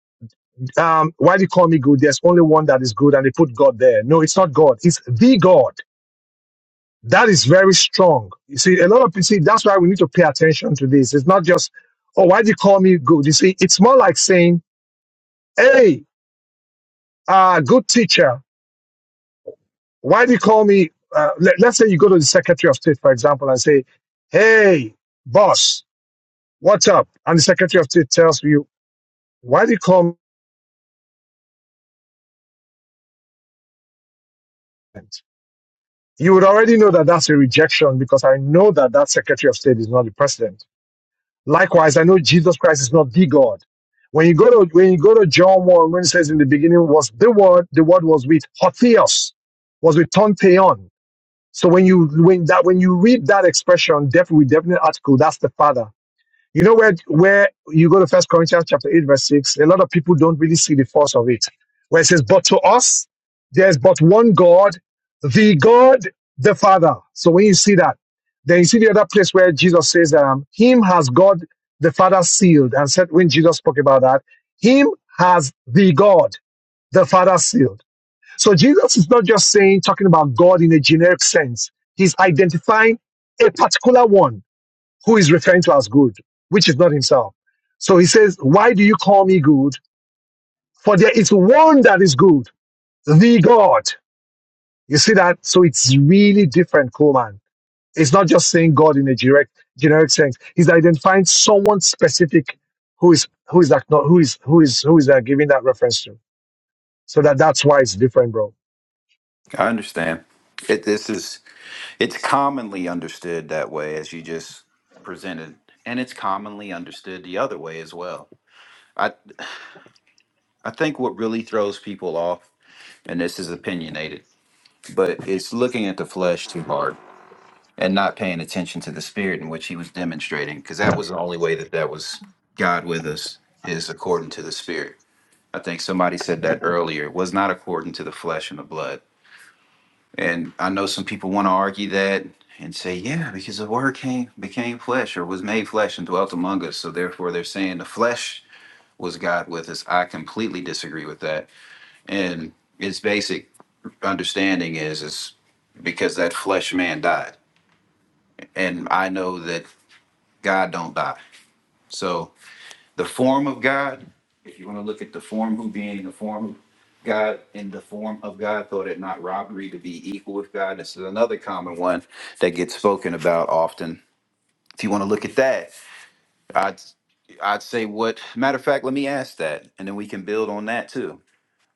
G: Um, why do you call me good? There's only one that is good, and they put God there. No, it's not God. It's the God. That is very strong. You see, a lot of you see, that's why we need to pay attention to this. It's not just, oh, why do you call me good? You see, it's more like saying, hey, uh, good teacher, why do you call me? Uh, let, let's say you go to the Secretary of State, for example, and say, hey, boss, what's up? And the Secretary of State tells you, why do you call me? You would already know that that's a rejection because I know that that Secretary of State is not the president. Likewise, I know Jesus Christ is not the God. When you go to when you go to John 1, when it says in the beginning was the word, the word was with Hotheos, was with Tonteon. So when you when that when you read that expression, definitely with definite article, that's the Father. You know where where you go to First Corinthians chapter eight verse six. A lot of people don't really see the force of it, where it says, "But to us, there's but one God, the God, the Father." So when you see that, then you see the other place where Jesus says, um, "Him has God the Father sealed," and said when Jesus spoke about that, "Him has the God the Father sealed." So Jesus is not just saying talking about God in a generic sense. He's identifying a particular one who is referring to as good, which is not himself. So he says, Why do you call me good? For there is one that is good, the God. You see that? So it's really different, Coleman. It's not just saying God in a direct, generic sense. He's identifying someone specific who is who is that not who is who is who is that giving that reference to. So that that's why it's different, bro.
B: i understand it, this is it's commonly understood that way as you just presented and it's commonly understood the other way as well i i think what really throws people off and this is opinionated but it's looking at the flesh too hard and not paying attention to the spirit in which he was demonstrating because that was the only way that that was god with us is according to the spirit i think somebody said that earlier It was not according to the flesh and the blood and i know some people want to argue that and say yeah because the word came became flesh or was made flesh and dwelt among us so therefore they're saying the flesh was god with us i completely disagree with that and its basic understanding is is because that flesh man died and i know that God don't die. So the form of God, if you want to look at the form who being the form of God in the form of God, thought it not robbery to be equal with God. This is another common one that gets spoken about often. If you want to look at that, I'd I'd say what matter of fact, let me ask that, and then we can build on that too.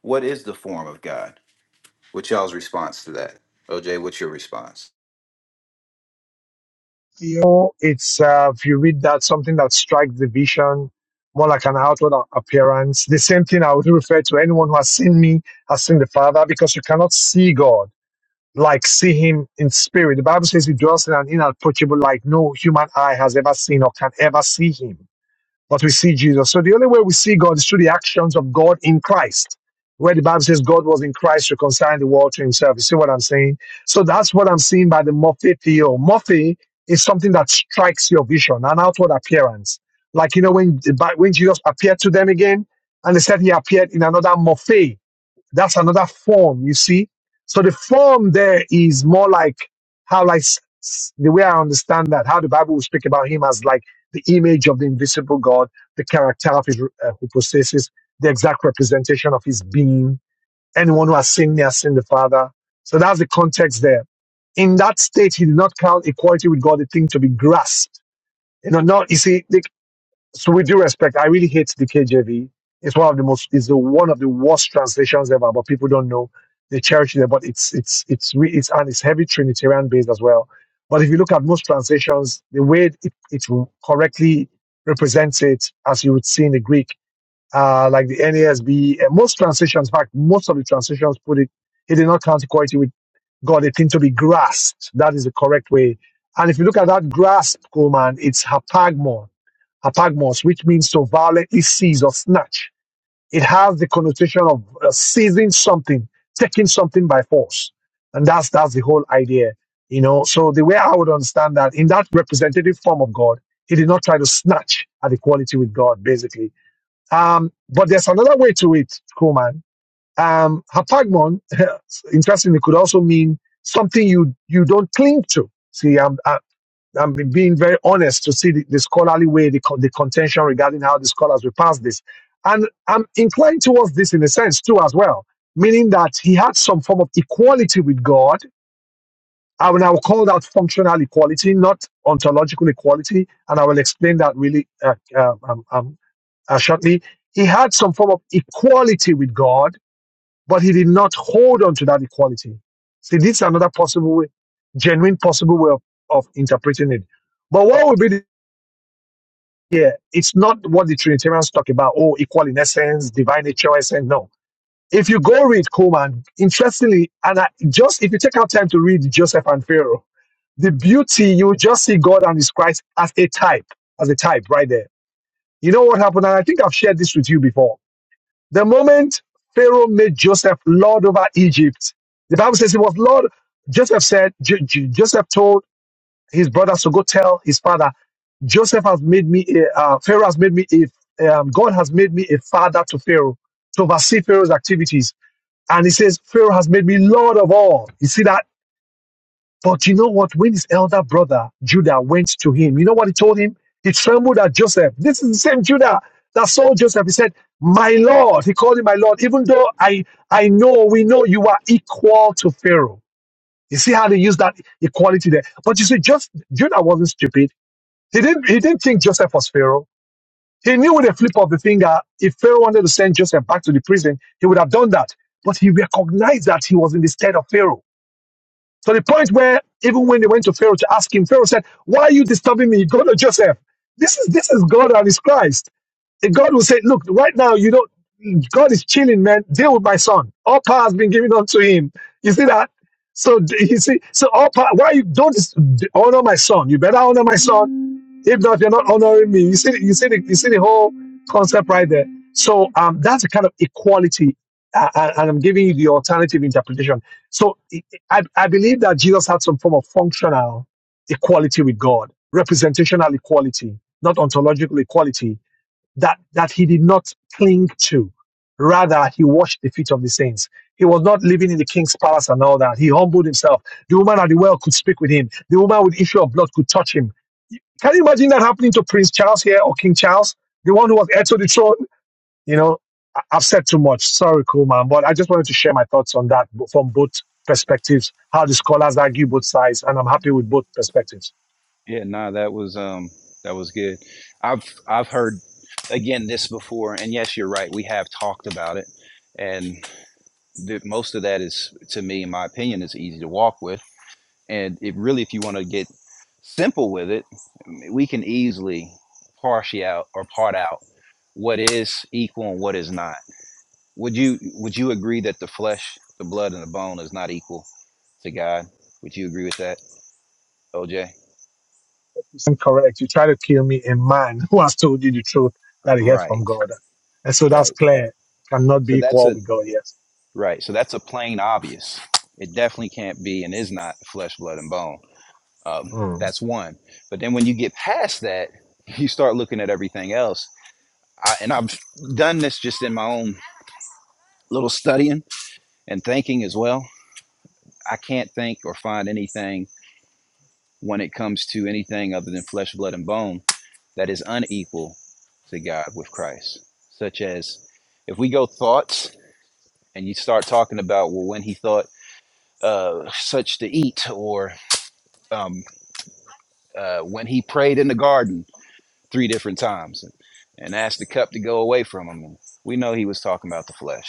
B: What is the form of God? What's y'all's response to that? OJ, what's your response?
G: you know, it's uh, if you read that something that strikes the vision more like an outward a- appearance. The same thing I would refer to anyone who has seen me has seen the Father, because you cannot see God like see Him in spirit. The Bible says He dwells in an inapproachable light no human eye has ever seen or can ever see Him but we see Jesus. So the only way we see God is through the actions of God in Christ, where the Bible says God was in Christ reconciling the world to himself. You see what I'm saying? So that's what I'm seeing by the Morphe Theo. Morphe is something that strikes your vision, an outward appearance. Like, you know, when, the Bi- when Jesus appeared to them again, and they said he appeared in another Morphe. That's another form, you see. So the form there is more like how, like s- s- the way I understand that, how the Bible will speak about him as like the image of the invisible God, the character of his uh, who possesses the exact representation of his being. Anyone who has seen me has seen the Father. So that's the context there. In that state, he did not count equality with God a thing to be grasped. You know, not you see. So with due respect, I really hate the KJV. It's one of the most, it's the, one of the worst translations ever, but people don't know. They cherish it, but it's, it's, it's, re, it's, and it's heavy Trinitarian based as well. But if you look at most translations, the way it, it correctly represents it, as you would see in the Greek, uh, like the NASB, uh, most translations, in fact, most of the translations put it, it did not count equality with God. It seemed to be grasped. That is the correct way. And if you look at that grasp, Coleman, it's hapagmon apagmos, which means to violently seize or snatch. It has the connotation of uh, seizing something, taking something by force, and that's that's the whole idea, you know. So the way I would understand that in that representative form of God, he did not try to snatch at equality with God, basically. Um, but there's another way to it, Kuhlman. Um, hapagmon, interestingly, could also mean something you you don't cling to. See, I'm. I'm being very honest to see the, the scholarly way, the, con- the contention regarding how the scholars will pass this. And I'm inclined towards this in a sense too, as well, meaning that he had some form of equality with God. I will now call that functional equality, not ontological equality. And I will explain that really uh, uh, um, um, uh, shortly. He had some form of equality with God, but he did not hold on to that equality. See, this is another possible way, genuine possible way of, of interpreting it. But what would be yeah, it's not what the Trinitarians talk about, oh, equal in essence, divine nature essence. No. If you go read Coleman, interestingly, and I, just if you take out time to read Joseph and Pharaoh, the beauty, you will just see God and his Christ as a type, as a type right there. You know what happened? And I think I've shared this with you before. The moment Pharaoh made Joseph Lord over Egypt, the Bible says he was Lord. Joseph said, J- J- Joseph told his brothers to go tell his father, Joseph has made me, a, uh, Pharaoh has made me, a, um, God has made me a father to Pharaoh to oversee Pharaoh's activities. And he says, Pharaoh has made me Lord of all. You see that? But you know what? When his elder brother Judah went to him, you know what he told him? He trembled at Joseph. This is the same Judah that saw Joseph. He said, My Lord. He called him my Lord, even though I, I know, we know you are equal to Pharaoh. You see how they use that equality there. But you see, just Judah wasn't stupid he didn't, he didn't think Joseph was Pharaoh. He knew with a flip of the finger, if Pharaoh wanted to send Joseph back to the prison, he would have done that. But he recognized that he was in the stead of Pharaoh. To the point where even when they went to Pharaoh to ask him, Pharaoh said, Why are you disturbing me? Go to Joseph. This is this is God and his Christ. And God will say, Look, right now you don't God is chilling, man. Deal with my son. All power has been given unto him. You see that? So you see, so all power. Why you don't honor my son? You better honor my son if not, you're not honoring me. You see, the- you see, the, you see the whole concept right there. So um, that's a kind of equality, uh, and and I'm giving you the alternative interpretation. So I, I I believe that Jesus had some form of functional equality with God, representational equality, not ontological equality that, that he did not cling to. Rather, he washed the feet of the saints. He was not living in the king's palace and all that. He humbled himself. The woman at the well could speak with him. The woman with issue of blood could touch him. Can you imagine that happening to Prince Charles here or King Charles, the one who was heir to the throne? You know, I- I've said too much. Sorry, cool man, but I just wanted to share my thoughts on that from both perspectives, how the scholars argue both sides, and I'm happy with both perspectives.
B: Yeah, nah, that was um that was good. I've I've heard again this before, and yes, you're right. We have talked about it, and the, most of that is, to me, in my opinion, is easy to walk with. And it really, if you want to get simple with it, we can easily parse out or part out what is equal and what is not. Would you would you agree that the flesh, the blood, and the bone is not equal to God? Would you agree with that, OJ?
G: isn't You try to kill me, a man who has told you the truth that he heard
B: Right,
G: from God. And so that's
B: right.
G: clear. Cannot be
B: So that's
G: equal
B: a
G: with God, yes.
B: Right. So that's a plain obvious. It definitely can't be and is not flesh, blood, and bone. Um,
G: Mm.
B: that's one. But then when you get past that, you start looking at everything else. I, and I've done this just in my own little studying and thinking as well. I can't think or find anything when it comes to anything other than flesh, blood, and bone that is unequal to God with Christ. Such as if we go thoughts and you start talking about, well, when he thought uh, such to eat, or um, uh, when he prayed in the garden three different times and, and asked the cup to go away from him. And we know he was talking about the flesh,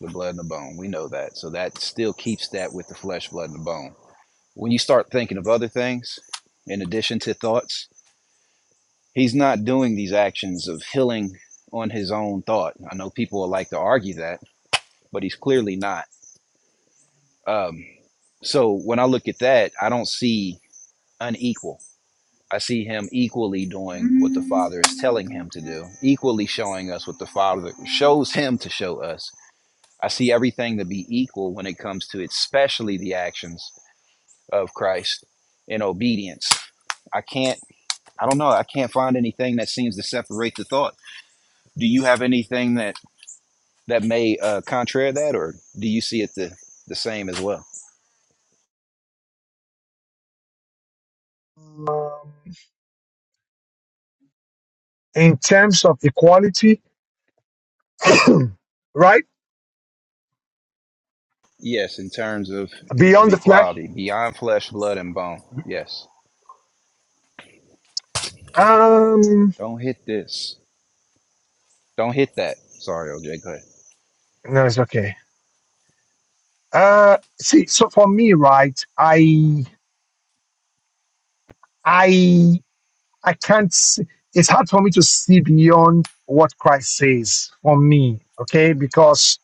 B: the blood and the bone. We know that. So that still keeps that with the flesh, blood, and the bone. When you start thinking of other things in addition to thoughts, he's not doing these actions of healing on his own thought. I know people would like to argue that, but he's clearly not. Um, so when I look at that, I don't see unequal. I see him equally doing what the Father is telling him to do, equally showing us what the Father shows him to show us. I see everything to be equal when it comes to especially the actions of Christ in obedience. I can't I don't know, I can't find anything that seems to separate the thought. Do you have anything that that may uh contrary that or do you see it the the same as well?
G: Um, in terms of equality, right?
B: Yes, in terms of of
G: Beyond the flesh.
B: equality, beyond flesh, blood and bone. Yes.
G: Um,
B: Don't hit this. Don't hit that. Sorry, OJ. Go ahead.
G: no, it's okay. Uh, see, so for me, right, I, I, I can't. See, it's hard for me to see beyond what Christ says for me, okay? Because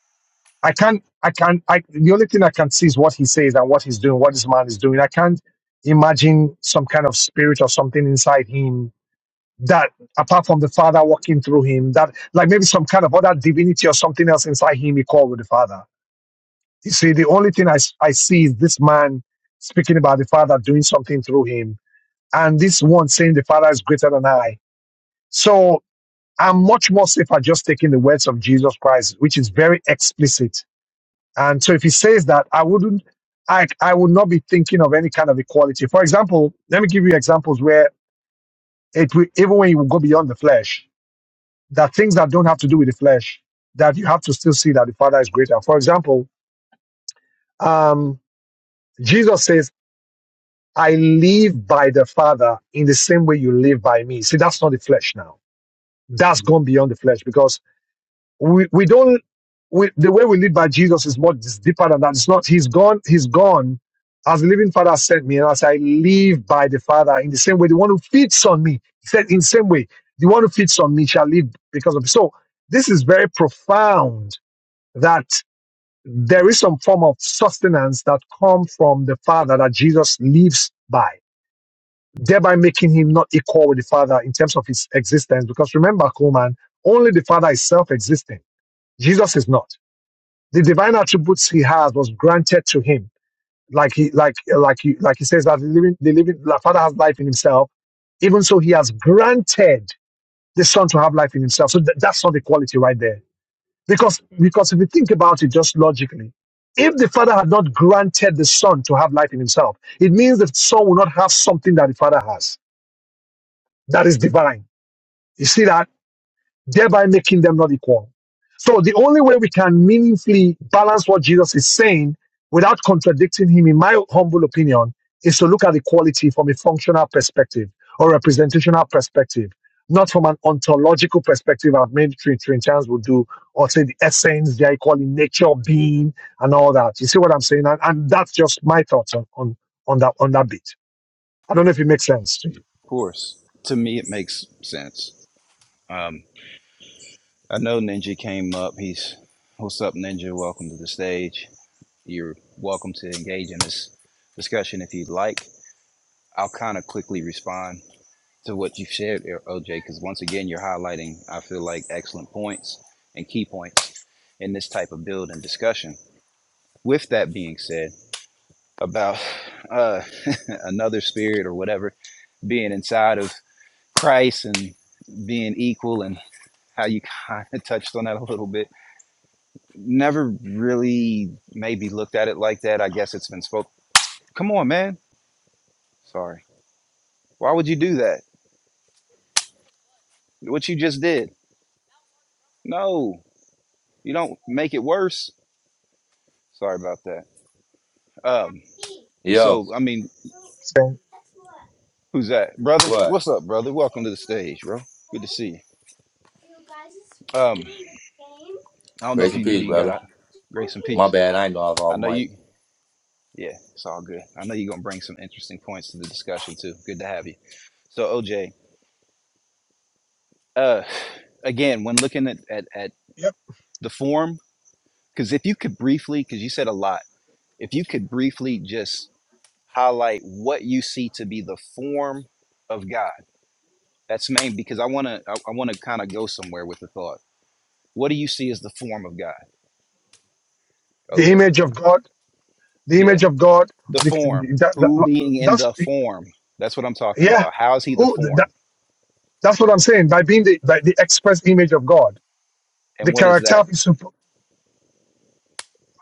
G: I can't, I can't, I, the only thing I can see is what he says and what he's doing, what this man is doing. I can't imagine some kind of spirit or something inside him that, apart from the Father walking through him, that, like maybe some kind of other divinity or something else inside him, he called with the Father. You see, the only thing I, s- I see is this man speaking about the Father doing something through him, and this one saying the Father is greater than I. So I'm much more safer just taking the words of Jesus Christ, which is very explicit and so if he says that, I wouldn't, I, I would not be thinking of any kind of equality. For example, let me give you examples where it will, even when you go beyond the flesh, there are things that don't have to do with the flesh that you have to still see that the Father is greater. For example, um, Jesus says, I live by the Father in the same way you live by me. See, that's not the flesh now. That's gone beyond the flesh because we, we don't we, the way we live by Jesus is much deeper than that. It's not he's gone, he's gone as the living father sent me, and as I live by the Father, in the same way, the one who feeds on me, he said, in the same way, the one who feeds on me shall live because of me. So this is very profound that there is some form of sustenance that comes from the Father that Jesus lives by, thereby making him not equal with the Father in terms of his existence. Because remember, Coleman, only the Father is self-existent. Jesus is not the divine attributes he has was granted to him. Like he, like, like he, like he says that the living, the living, the Father has life in himself. Even so, he has granted the Son to have life in himself. So th- that's not the quality right there. Because, because if you think about it just logically, if the Father had not granted the Son to have life in himself, it means the Son will not have something that the Father has. That is divine. You see that? thereby making them not equal. So the only way we can meaningfully balance what Jesus is saying without contradicting him, in my humble opinion, is to look at equality from a functional perspective or representational perspective, not from an ontological perspective, as many Trin- Trinitarians will do, or say the essence, they are equal in nature, being, and all that. You see what I'm saying? And, and that's just my thoughts on, on, on that on that bit. I don't know if it makes sense to you.
B: Of course. To me, it makes sense. Um, I know Ninja came up. He's, what's up, Ninja? Welcome to the stage. You're welcome to engage in this discussion if you'd like. I'll kind of quickly respond to what you've shared, OJ, because once again, you're highlighting, I feel like, excellent points and key points in this type of build and discussion. With that being said, about uh, another spirit or whatever being inside of Christ and being equal and how you kind of touched on that a little bit. Never really maybe looked at it like that. I guess it's been spoke. Come on, man. Sorry. Why would you do that? What you just did? No, you don't make it worse. Sorry about that. Um.
H: Yo,
B: So I mean,
G: Saying
B: who's that, brother?
H: what?
B: What's up, brother? Welcome to the stage, bro. Good to see you. Um. I don't know
H: Grace
B: if
H: and
B: you know
H: peace,
B: you got
H: brother.
B: a grace and
H: My
B: peace.
H: bad.
B: I know you. Yeah, it's all good. I know you're gonna bring some interesting points to the discussion too. Good to have you. So OJ, uh, again, when looking at at, at
G: Yep.
B: the form, because if you could briefly, because you said a lot, if you could briefly just highlight what you see to be the form of God. That's main because I wanna I, I wanna kind of go somewhere with the thought. What do you see as the form of God,
G: The
B: OJ?
G: image of God. the image
B: Yeah,
G: of God.
B: the
G: The,
B: form.
G: that,
B: Who
G: that,
B: being in
G: that's
B: the form? That's what I'm talking
G: yeah.
B: about. How is he the
G: Who that,
B: form?
G: that's what I'm saying by being the by the express image of God.
B: And
G: The
B: what is
G: character
B: that?
G: of his sup-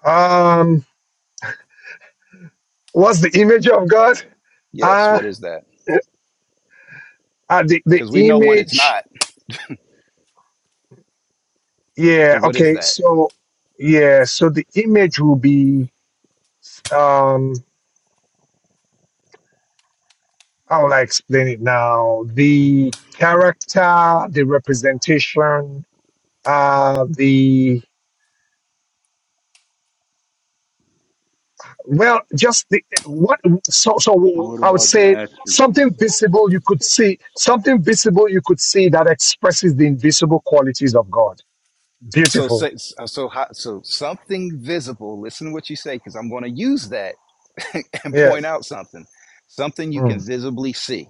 G: um what's the image of God?
B: Yes,
G: Uh,
B: what is that?
G: uh the the
B: because we know what it's
G: image.
B: not. So
G: Yeah.
B: what is
G: Okay.
B: that?
G: So yeah. So the image will be um how will I explain it now? The character, the representation, uh the Well, just the, what so so
I: What
G: I would
I: about the
G: say something
I: attributes?
G: visible you could see, something visible you could see that expresses the invisible qualities of God.
B: So
G: Beautiful.
B: so so how, so something visible. Listen to what you say, because I'm going to use that and point
G: Yes.
B: out something, something you can
G: Mm,
B: visibly see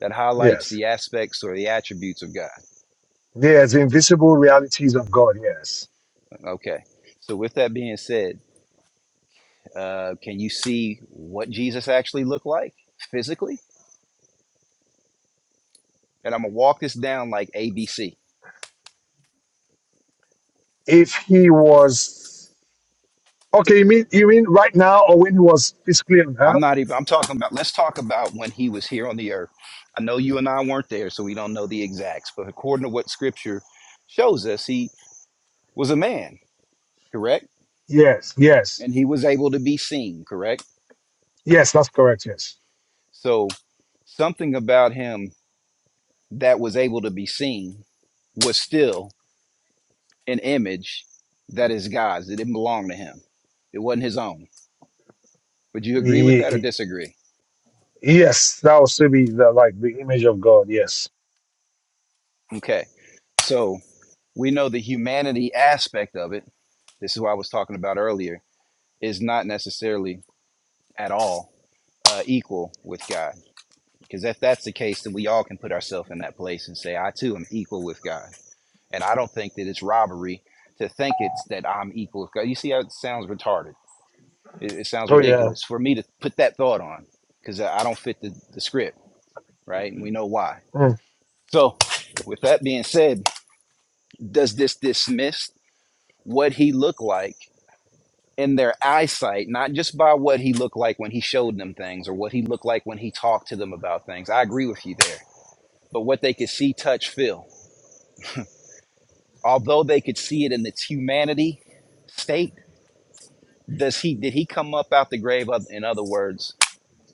B: that highlights
G: yes.
B: the aspects or the attributes of God.
G: There's invisible realities of God. Yes.
B: Okay. So with that being said, uh, can you see what Jesus actually looked like physically? And I'm gonna walk this down like ABC
G: If he was okay, you mean you mean right now or when he was physically on
B: I'm
G: earth?
B: not even, I'm talking about, let's talk about when he was here on the earth. I know you and I weren't there, so we don't know the exacts, but according to what scripture shows us, he was a man, correct?
G: Yes. Yes.
B: And he was able to be seen, correct?
G: Yes. That's correct. Yes.
B: So something about him that was able to be seen was still an image that is God's. It didn't belong to him, it wasn't his own. Would you agree with
G: Ye-
B: that or
G: ye-
B: disagree?
G: Yes. That would still be the like the image of God. Yes.
B: Okay. So we know the humanity aspect of it. This is what I was talking about earlier is not necessarily at all uh, equal with God. Because if that's the case, then we all can put ourselves in that place and say, I too am equal with God. And I don't think that it's robbery to think it's that I'm equal with God. You see how it sounds retarded? It, it sounds
G: Oh yeah.
B: ridiculous for me to put that thought on because I I don't fit the, the script, right? And we know why.
G: Mm,
B: So, with that being said, does this dismiss what he looked like? in their eyesight, not just by what he looked like when he showed them things or what he looked like when he talked to them about things. I agree with you there. But what they could see, touch, feel. Although they could see it in its humanity state, does he did he come up out the grave oth- in other words,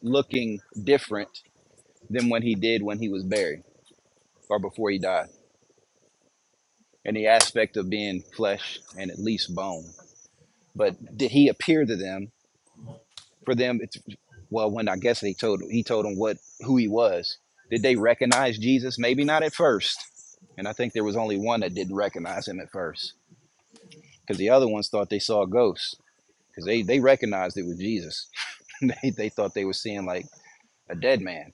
B: looking different than when he did when he was buried or before he died? in the aspect of being flesh and at least bone. But did he appear to them for them it's well when i guess they told he told them what who he was did they recognize jesus maybe not at first and i think there was only one that didn't recognize him at first because the other ones thought they saw a ghost because they they recognized it was jesus they, they thought they were seeing like a dead man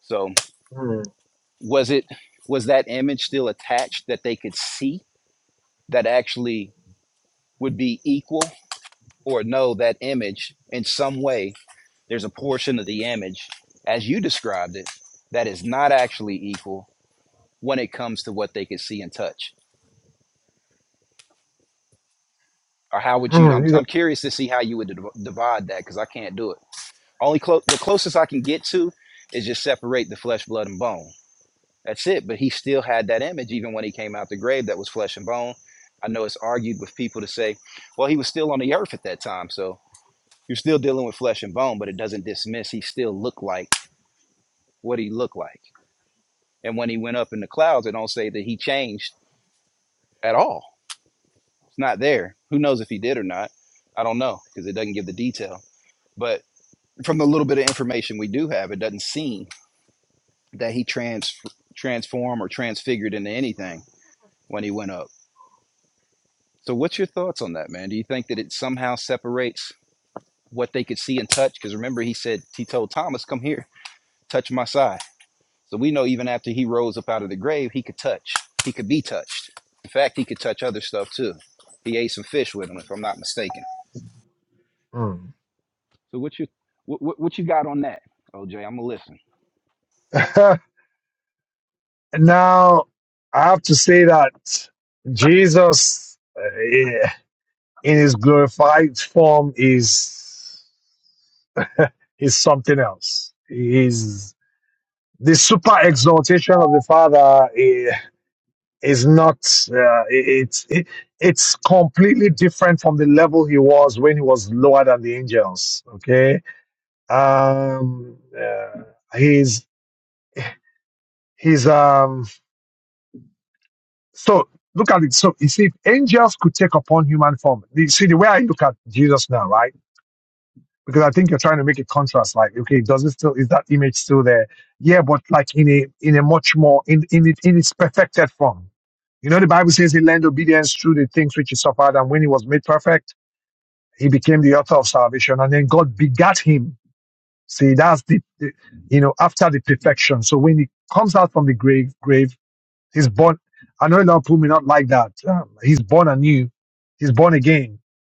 B: so
G: mm.
B: was it was that image still attached that they could see that actually would be equal or no that image in some way there's a portion of the image, as you described it, that is not actually equal when it comes to what they can see and touch. Or how would you?
G: Mm,
B: I'm,
G: you
B: I'm
G: got-
B: curious to see how you would div- divide that because I can't do it. Only clo- the closest I can get to is just separate the flesh, blood, and bone. That's it. But he still had that image even when he came out the grave that was flesh and bone. I know it's argued with people to say, well, he was still on the earth at that time, so you're still dealing with flesh and bone, but it doesn't dismiss he still looked like what he looked like. And when he went up in the clouds, it don't say that he changed at all. It's not there. Who knows if he did or not? I don't know because it doesn't give the detail. But from the little bit of information we do have, it doesn't seem that he trans transformed or transfigured into anything when he went up. So, what's your thoughts on that, man? Do you think that it somehow separates what they could see and touch? Because remember, he said he told Thomas, "Come here, touch my side." So we know even after he rose up out of the grave, he could touch. He could be touched. In fact, he could touch other stuff too. He ate some fish with him, if I'm not mistaken. So what you what what, you got on that, OJ? I'm gonna listen.
G: mm. now, I have to say that Jesus uh, in his glorified form is is something else. Is the super exaltation of the Father eh, is not uh, it's it, it's completely different from the level he was when he was lower than the angels. Okay, um, uh, he's he's um So look at it. So you see, if angels could take upon human form, you see the way I look at Jesus now, right? Because I think you're trying to make a contrast. Like, okay, does it still is that image still there? Yeah, but like in a in a much more in in it, in its perfected form. You know, the Bible says he learned obedience through the things which he suffered, and when he was made perfect, he became the author of salvation, and then God begat him. See, that's the, the you know after the perfection. So when he comes out from the grave, grave He's born. I know a lot of people may not like that. Um, he's born anew. He's born again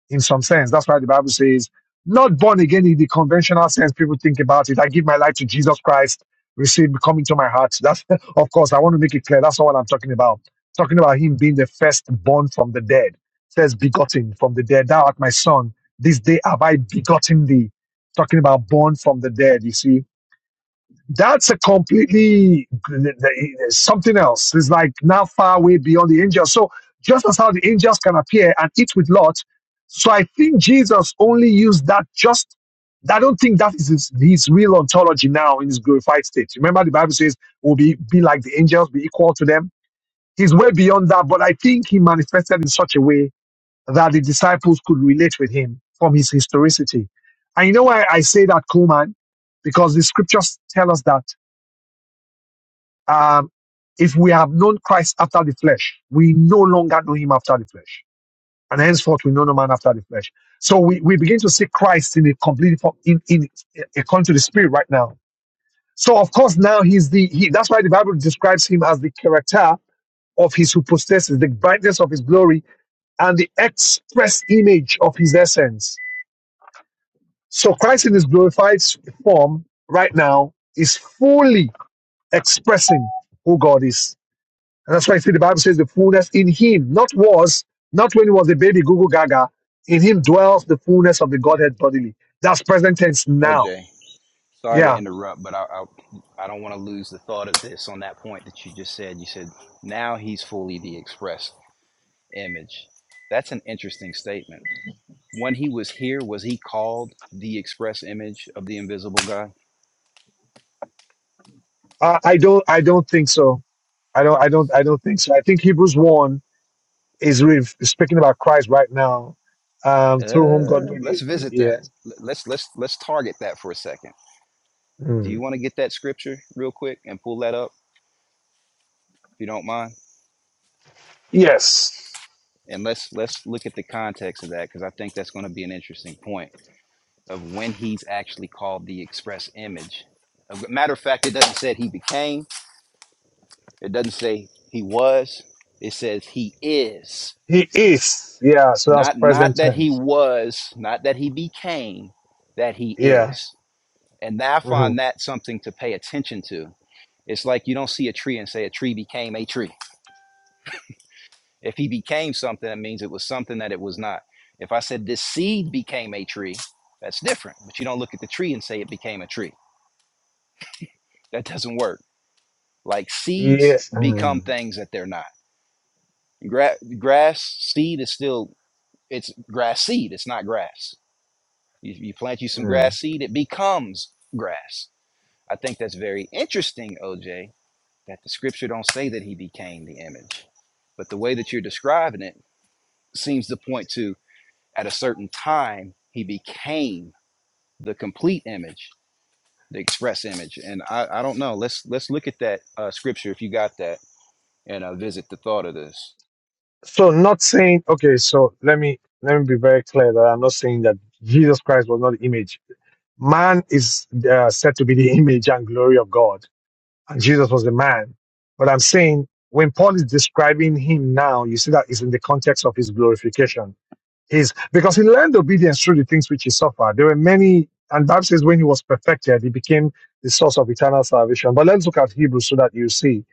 G: in some sense. That's why the Bible says, not born again in the conventional sense people think about it. I give my life to Jesus Christ, receive, come into my heart. That's, of course, I want to make it clear. That's not what I'm talking about. Talking about him being the firstborn from the dead, first begotten from the dead. Thou art my son. This day have I begotten thee. Talking about born from the dead, you see that's a completely something else. It's like now far away beyond the angels. So just as how the angels can appear and eat with Lot, so I think Jesus only used that just. I don't think that is his, his real ontology now in his glorified state. Remember, the Bible says will be be like the angels, be equal to them. He's way beyond that, but I think he manifested in such a way that the disciples could relate with him from his historicity. And you know why I say that, Coleman? Because the scriptures tell us that um, if we have known Christ after the flesh, we no longer know him after the flesh. And henceforth, we know no man after the flesh. So we, we begin to see Christ in a completely form, in, in according to the spirit right now. So of course, now he's the, he, that's why the Bible describes him as the character of his hypostasis, the brightness of his glory and the express image of his essence. So Christ in his glorified form right now is fully expressing who God is And that's why I see the Bible says the fullness in him, not was, not when he was a baby, Google Gaga. In him dwells the fullness of the Godhead bodily. That's present tense now.
B: OJ, sorry to
G: Yeah.
B: interrupt, but I I, I don't want to lose the thought of this on that point that you just said. You said now he's fully the express image. That's an interesting statement. When he was here, was he called the express image of the invisible God?
G: I, I don't I don't think so. I don't I don't I don't think so. I think Hebrews one is re- is speaking about Christ right now, um, through whom God
B: Uh,
G: made
B: let's
G: it.
B: visit that.
G: Yes.
B: Let's let's let's target that for a second. Do you want to get that scripture real quick and pull that up if you don't mind?
G: Yes.
B: And let's let's look at the context of that because I think that's going to be an interesting point of when he's actually called the express image. Of- Matter of fact, it doesn't say he became. It doesn't say he was. It says he is.
G: He is. Yeah, so that's
B: Not
G: present
B: not that he
G: tense.
B: was. Not that he became. That he
G: Yeah.
B: is. And I
G: hmm
B: find that something to pay attention to. It's like you don't see a tree and say a tree became a tree. If he became something, it means it was something that it was not. If I said this seed became a tree, that's different. But you don't look at the tree and say it became a tree. That doesn't work. Like seeds
G: Yes.
B: become
G: Mm-hmm.
B: things that they're not. Gra- grass seed is still it's grass seed. It's not grass. You, you plant you some
G: Mm-hmm.
B: grass seed, it becomes grass. I think that's very interesting, OJ, that the scripture don't say that he became the image but the way that you're describing it seems to point to at a certain time he became the complete image the express image and i, I don't know let's let's look at that uh, scripture if you got that and uh, visit the thought of this
G: so not saying okay so let me let me be very clear that i'm not saying that jesus christ was not the image man is uh, said to be the image and glory of god and jesus was the man but i'm saying when paul is describing him now you see that it's in the context of his glorification he's because he learned obedience through the things which he suffered there were many and bible says when he was perfected he became the source of eternal salvation but let's look at hebrews so that you see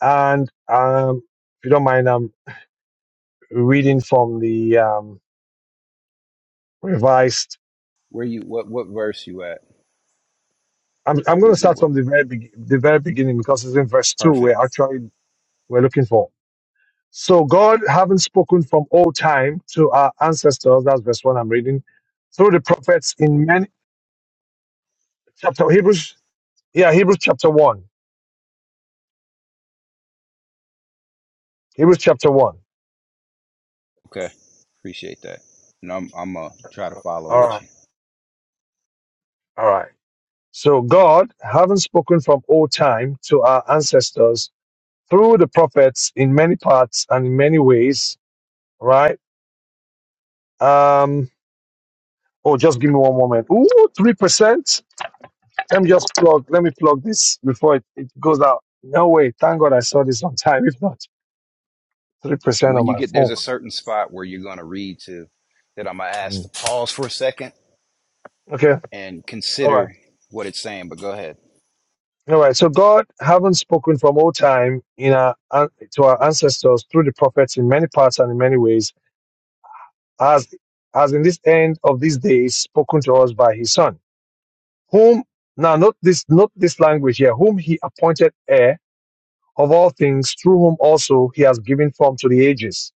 G: and um if you don't mind, um reading from the um, revised.
B: where you what what verse you at
G: I'm, I'm going to
B: hebrew
G: start
B: what
G: from the very be- the very beginning because it's in verse two we
B: perfect
G: we're actually we're looking for. So God, having spoken from old time to our ancestors, that's verse one I'm reading, through the prophets in many chapter Hebrews, yeah Hebrews chapter one, Hebrews chapter one.
B: okay appreciate that and i'm i'm gonna try to follow
G: All
B: with
G: right,
B: you
G: all right. So God, having spoken from old time to our ancestors through the prophets in many parts and in many ways, right? Um. Oh, just give me one moment. Ooh, three percent. Let me just plug. Let me plug this before it, it goes out. No way. Thank God I saw this on time. If not, three
B: and
G: percent on
B: when you
G: my
B: get there's a
G: phone.
B: certain spot where you're gonna read to that i'm gonna ask to
G: Mm.
B: pause for a second
G: Okay.
B: and
G: All right.
B: consider what it's saying. But go ahead.
G: All right. So God, having spoken from old time in our an- to our ancestors through the prophets in many parts and in many ways, as as in this end of these days, spoken to us by His Son, whom now note this note this language here, whom He appointed heir of all things, through whom also He has given form to the ages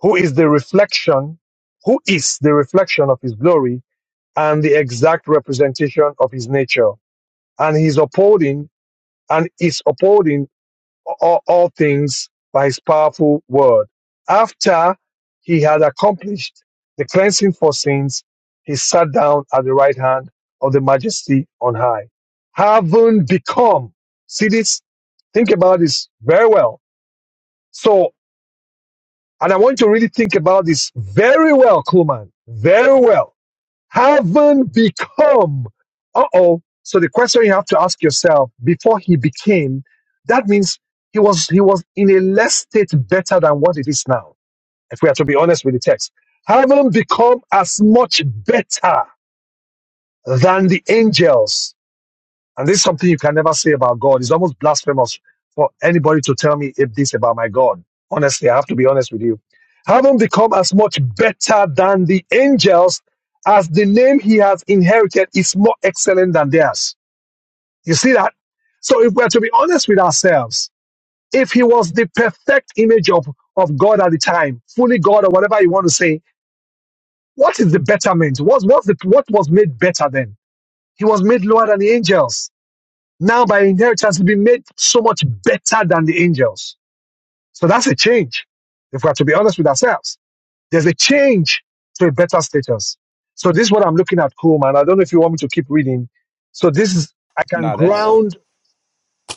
G: who is the reflection, who is the reflection of his glory and the exact representation of his nature. And he's upholding and is upholding all, all things by his powerful word. After he had accomplished the cleansing for sins, he sat down at the right hand of the majesty on high. Having become, see this? Think about this very well. So And I want you to really think about this very well, Kuhlman. Very well. Haven't become. Uh oh. So the question you have to ask yourself before he became, that means he was he was in a less state better than what it is now. If we are to be honest with the text, haven't become as much better than the angels and this is something you can never say about God. It's almost blasphemous for anybody to tell me if this about my God. Honestly, I have to be honest with you. Having become as much better than the angels as the name he has inherited is more excellent than theirs. You see that? So if we're to be honest with ourselves, if he was the perfect image of, of God at the time, fully God or whatever you want to say, what is the betterment? What, what's the, what was made better then? He was made lower than the angels. Now by inheritance, we've been made so much better than the angels. So that's a change. If we have to be honest with ourselves, there's a change to a better status. So this is what I'm looking at, Coleman. and I don't know if you want me to keep reading. So this is, I
B: No,
G: can
B: Nah, that's
G: ground,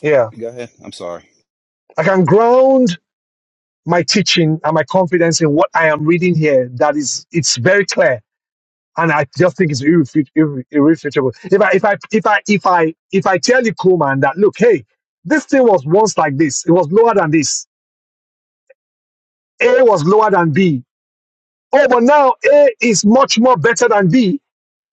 G: yeah,
B: go ahead. I'm sorry.
G: I can ground my teaching and my confidence in what I am reading here. That is, it's very clear. And I just think it's irrefut- irre- irrefutable. If I, if I, if I, if I, if I tell you, Coleman, that look, hey, this thing was once like this. It was lower than this. A was lower than B. Oh, but now A is much more better than B.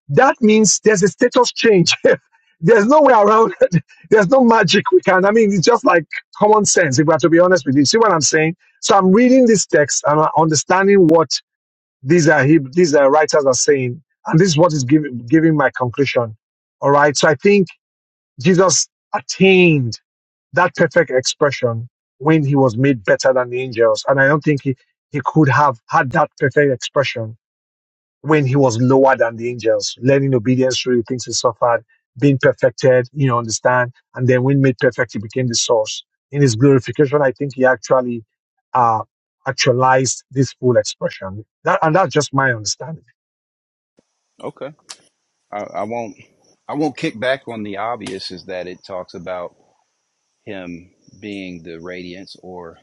G: That means there's a status change. there's no way around it. There's no magic we can. I mean, it's just like common sense, if we have to be honest with you. See what I'm saying? So I'm reading this text and I'm understanding what these are Heb- these are writers are saying. And this is what is giving giving my conclusion. All right. So I think Jesus attained that perfect expression when he was made better than the angels. And I don't think he, he could have had that perfect expression when he was lower than the angels, learning obedience through the things he suffered, being perfected, you know, understand. And then when made perfect, he became the source. In his glorification, I think he actually uh, actualized this full expression. That, and that's just my understanding.
B: Okay. I, I won't. I won't kick back on the obvious. Is that it talks about him being the radiance or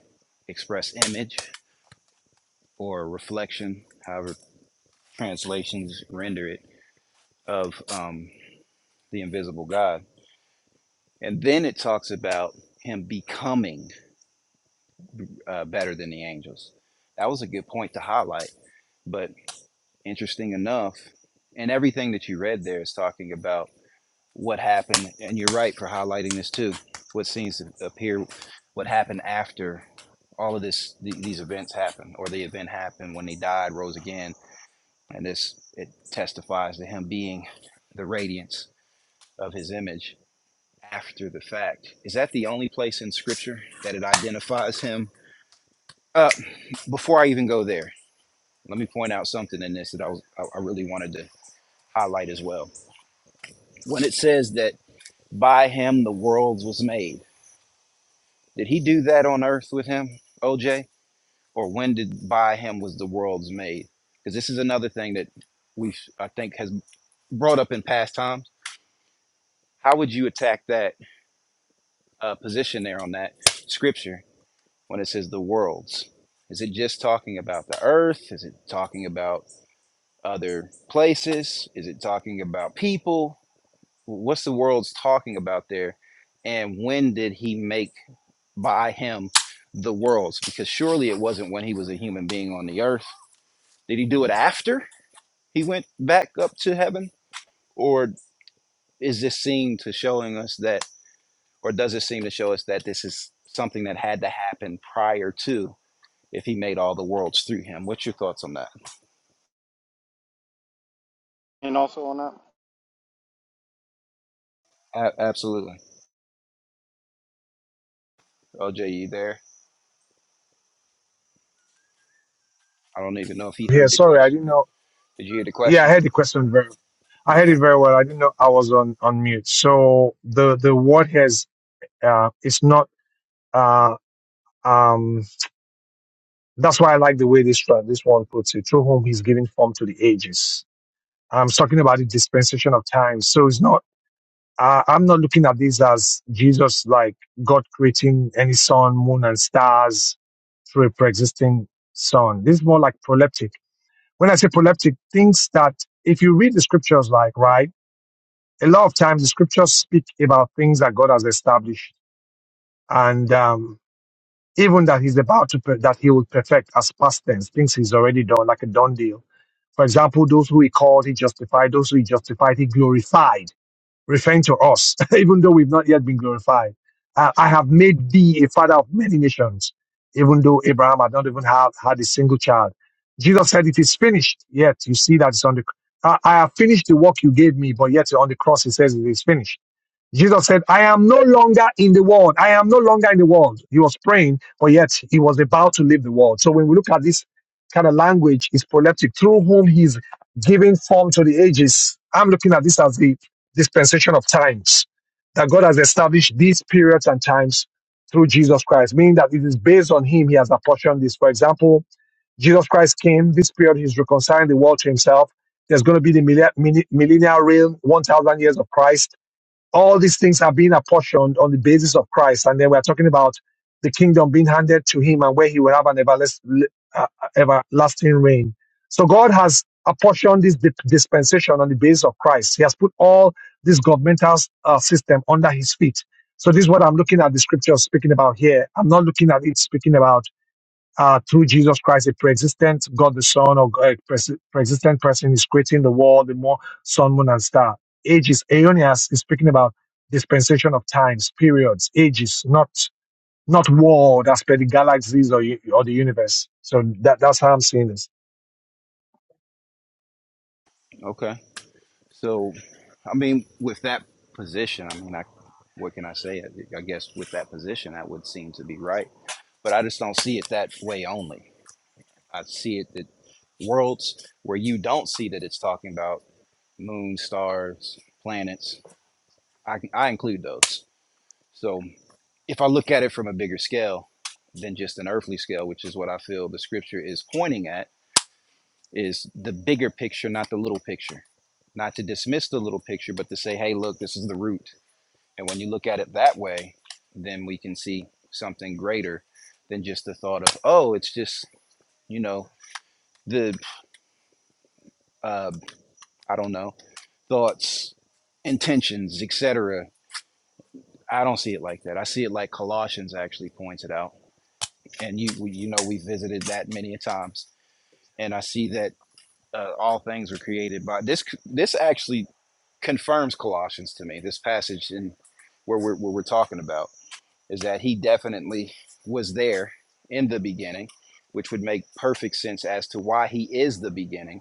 B: express image or reflection, however translations render it, of um, the invisible God. And then it talks about him becoming uh, better than the angels. That was a good point to highlight. But Interesting enough, and everything that you read there is talking about what happened, and you're right for highlighting this too. What seems to appear, what happened after all of this, th- these events happened, or the event happened when he died, rose again, and this it testifies to him being the radiance of his image after the fact. Is that the only place in Scripture that it identifies him? Uh, before I even go there, let me point out something in this that I was, I I really wanted to highlight as well when it says that by him the world was made. Did he do that on earth with him, OJ? Or when did by him was the world's made? Because this is another thing that we I think has brought up in past times. How would you attack that uh, position there on that scripture when it says the worlds? Is it just talking about the earth? Is it talking about other places? Is it talking about people? What's the world's talking about there? And when did he make? by him the worlds because surely it wasn't when he was a human being on the earth did he do it after he went back up to heaven or is this seen to showing us that or does it seem to show us that this is something that had to happen prior to if he made all the worlds through him what's your thoughts on that
J: And also on that,
B: a- absolutely OJ, you there i don't even know if he
G: Yeah,
B: heard the
G: sorry, I
B: question
G: didn't know.
B: did you hear the
G: Yeah, I
B: question
G: heard the question very. I heard
B: Okay.
G: it very well. I didn't know I was on on mute. So the the word has uh, it's not. Uh, um, that's why I like the way this one- this one puts it. Through whom he's giving form to the ages. I'm talking about the dispensation of time. So it's not. Uh, I'm not looking at this as Jesus like God creating any sun, moon, and stars through a pre-existing sun. This is more like proleptic. When I say proleptic, things that if you read the scriptures, like right a lot of times the scriptures speak about things that God has established and um, even that he's about to, per- that he will perfect as past tense, things he's already done, like a done deal. For example, those who he called, he justified. Those who he justified, he glorified, referring to us, even though we've not yet been glorified. Uh, I have made thee a father of many nations, even though Abraham had not even had, had a single child. Jesus said, it is finished. Yet you see that it's on the, I I have finished the work you gave me, but yet on the cross, he says it is finished Jesus said, I am no longer in the world. I am no longer in the world. He was praying, but yet he was about to leave the world. So when we look at this kind of language, it's proleptic, through whom he's giving form to the ages. I'm looking at this as the dispensation of times, that God has established these periods and times through Jesus Christ, meaning that it is based on him he has apportioned this. For example, Jesus Christ came, this period he's reconciling the world to himself. There's going to be the millennial reign, 1,000 years of Christ all these things are being apportioned on the basis of Christ. And then we're talking about the kingdom being handed to him and where he will have an everlasting, uh, everlasting reign. So God has apportioned this dip- dispensation on the basis of Christ. He has put all this governmental uh, system under his feet. So this is what I'm looking at the scripture speaking about here. I'm not looking at it speaking about uh, through Jesus Christ, a pre-existent God the Son or God- a pre- pre-existent person is creating the world, the more sun, moon, and star. Ages. Aeonias is speaking about dispensation of times, periods, ages, not not world as per the galaxies or, u- or the universe. So that, that's how I'm seeing this.
B: okay So, I mean, with that position, I mean, I, what can I say? I, I guess with that position, that would seem to be right. But I just don't see it that way only. I see it that worlds where you don't see that it's talking about moon, stars, planets, I, I include those. So, if I look at it from a bigger scale than just an earthly scale, which is what I feel the scripture is pointing at, is the bigger picture, not the little picture. Not to dismiss the little picture, but to say, hey, look, this is the root And when you look at it that way, then we can see something greater than just the thought of, oh, it's just, you know, the, uh, I don't know, thoughts, intentions, etc. I don't see it like that. I see it like Colossians actually points it out. And you, you know, we visited that many a times. And I see that uh, all things were created by this. This actually confirms Colossians to me. This passage in where we're, where we're talking about. is that he definitely was there in the beginning, which would make perfect sense as to why he is the beginning.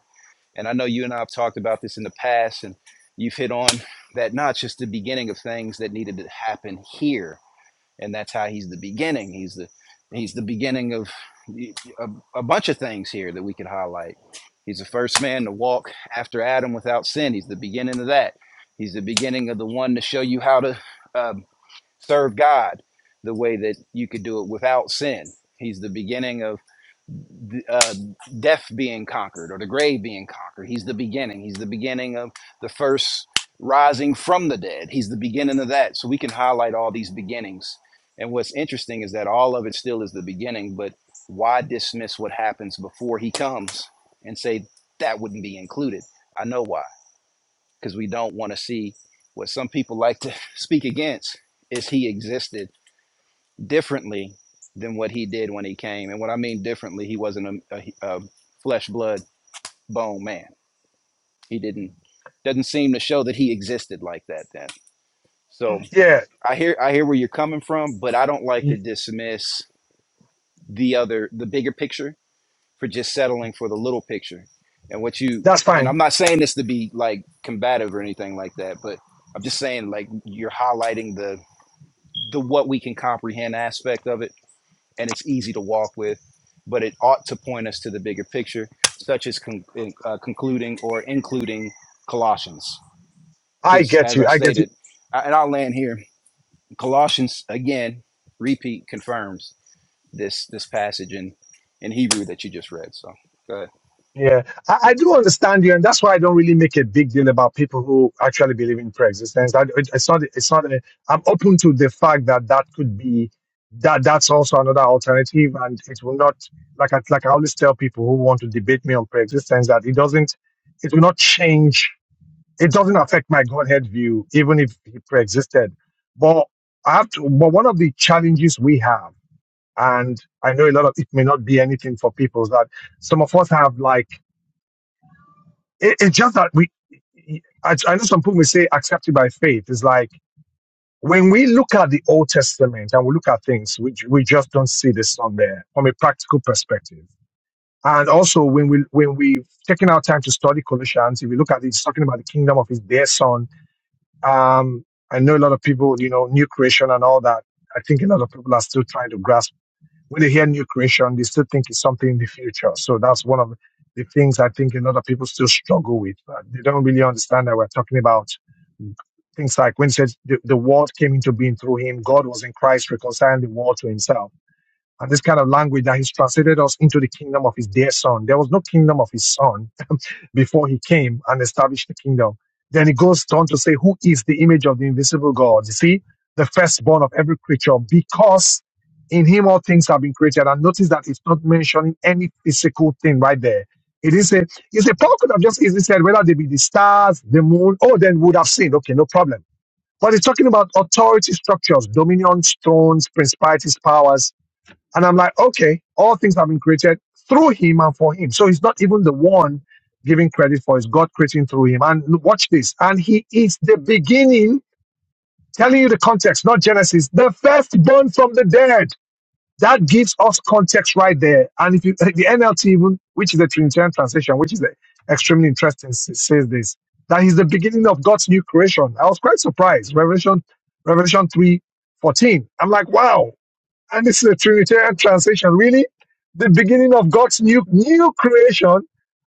B: And I know you and I have talked about this in the past, and you've hit on that not just the beginning of things that needed to happen here, and that's how he's the beginning. He's the he's the beginning of a, a bunch of things here that we could highlight. He's the first man to walk after Adam without sin. He's the beginning of that. He's the beginning of the one to show you how to uh, serve God the way that you could do it without sin. He's the beginning of uh, death being conquered or the grave being conquered. He's the beginning. He's the beginning of the first rising from the dead. He's the beginning of that. So we can highlight all these beginnings. And what's interesting is that all of it still is the beginning, but why dismiss what happens before he comes and say that wouldn't be included? I know why, because we don't want to see what some people like to speak against is he existed differently than what he did when he came. And what I mean differently, he wasn't a, a, a flesh, blood, bone man. He didn't doesn't seem to show that he existed like that then.
K: Mhm.
B: So
G: Yeah,
B: I hear I hear where you're coming from, but I don't like to
G: y-
B: dismiss the other the bigger picture for just settling for the little picture. And what you
G: that's
B: and
G: fine.
B: I'm not saying this to be like combative or anything like that, but I'm just saying like you're highlighting the the what we can comprehend aspect of it and it's easy to walk with, but it ought to point us to the bigger picture, such as con- in- uh, concluding or including Colossians.
G: I
B: Because
G: get
B: as
G: you.
B: I
G: I get you.
B: stated, I- and I'll land here, Colossians again, repeat confirms this this passage in in Hebrew that you just read. So go ahead.
G: Yeah, I, I do understand you, and that's why I don't really make a big deal about people who actually believe in pre-existence. That it- it's not. It's not. A, I'm open to the fact that that could be that. That's also another alternative, and it will not. Like I like I always tell people who want to debate me on pre-existence that it doesn't. It will not change. It doesn't affect my Godhead view, even if he pre-existed. But I have to. But one of the challenges we have, and I know a lot of it may not be anything for people, is that some of us have like it, it's just that we I, I know some people may say accepted by faith It's like when we look at the old testament and we look at things we, we just don't see this on there from a practical perspective and also when we when we've taken our time to study colossians if we look at it, it's talking about the kingdom of his dear son um i know a lot of people you know new creation and all that i think a lot of people are still trying to grasp when they hear new creation, they still think it's something in the future. So that's one of the things I think a lot of people still struggle with. Uh, They don't really understand that we're talking about things like when it says the, the world came into being through him, God was in Christ reconciling the world to himself. And this kind of language that he's translated us into the kingdom of his dear son. There was no kingdom of his son before he came and established the kingdom. Then it goes on to say, Who is the image of the invisible God? You see, the firstborn of every creature, because in him all things have been created. And notice that it's not mentioning any physical thing right there. It is a, it's a Paul could have just easily said, whether they be the stars, the moon, oh, then would have seen. Okay, no problem. But it's talking about authority structures, dominion, thrones, principalities, powers and I'm like, okay, all things have been created through him and for him. So he's not even the one giving credit for it's God creating through him. And look, watch this. And he is the beginning, telling you the context, not Genesis, the firstborn from the dead. That gives us context right there. And if you, take the NLT even, which is the Trinitarian translation, which is uh, extremely interesting, s- says this, that he's the beginning of God's new creation. I was quite surprised. Revelation, Revelation three, fourteen. I'm like, wow and this is a Trinitarian translation, really, the beginning of God's new new creation.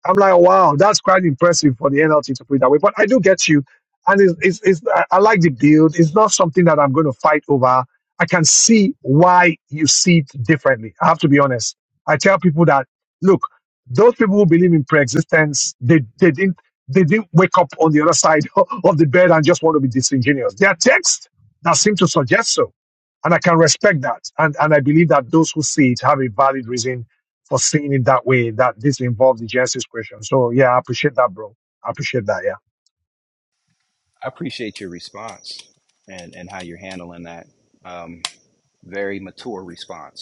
G: I'm like, wow, that's quite impressive for the NLT to put it that way. But I do get you, and it's, it's, it's I I like the build. It's not something that I'm going to fight over. I can see why you see it differently. I have to be honest. I tell people that look, those people who believe in pre-existence, they they didn't they didn't wake up on the other side of the bed and just want to be disingenuous. There are texts that seem to suggest so and I can respect that. And, and I believe that those who see it have a valid reason for seeing it that way, that this involves the Genesis question. So yeah, I appreciate that, bro. I appreciate that. Yeah.
B: I appreciate your response and and how you're handling that. Um, very mature response.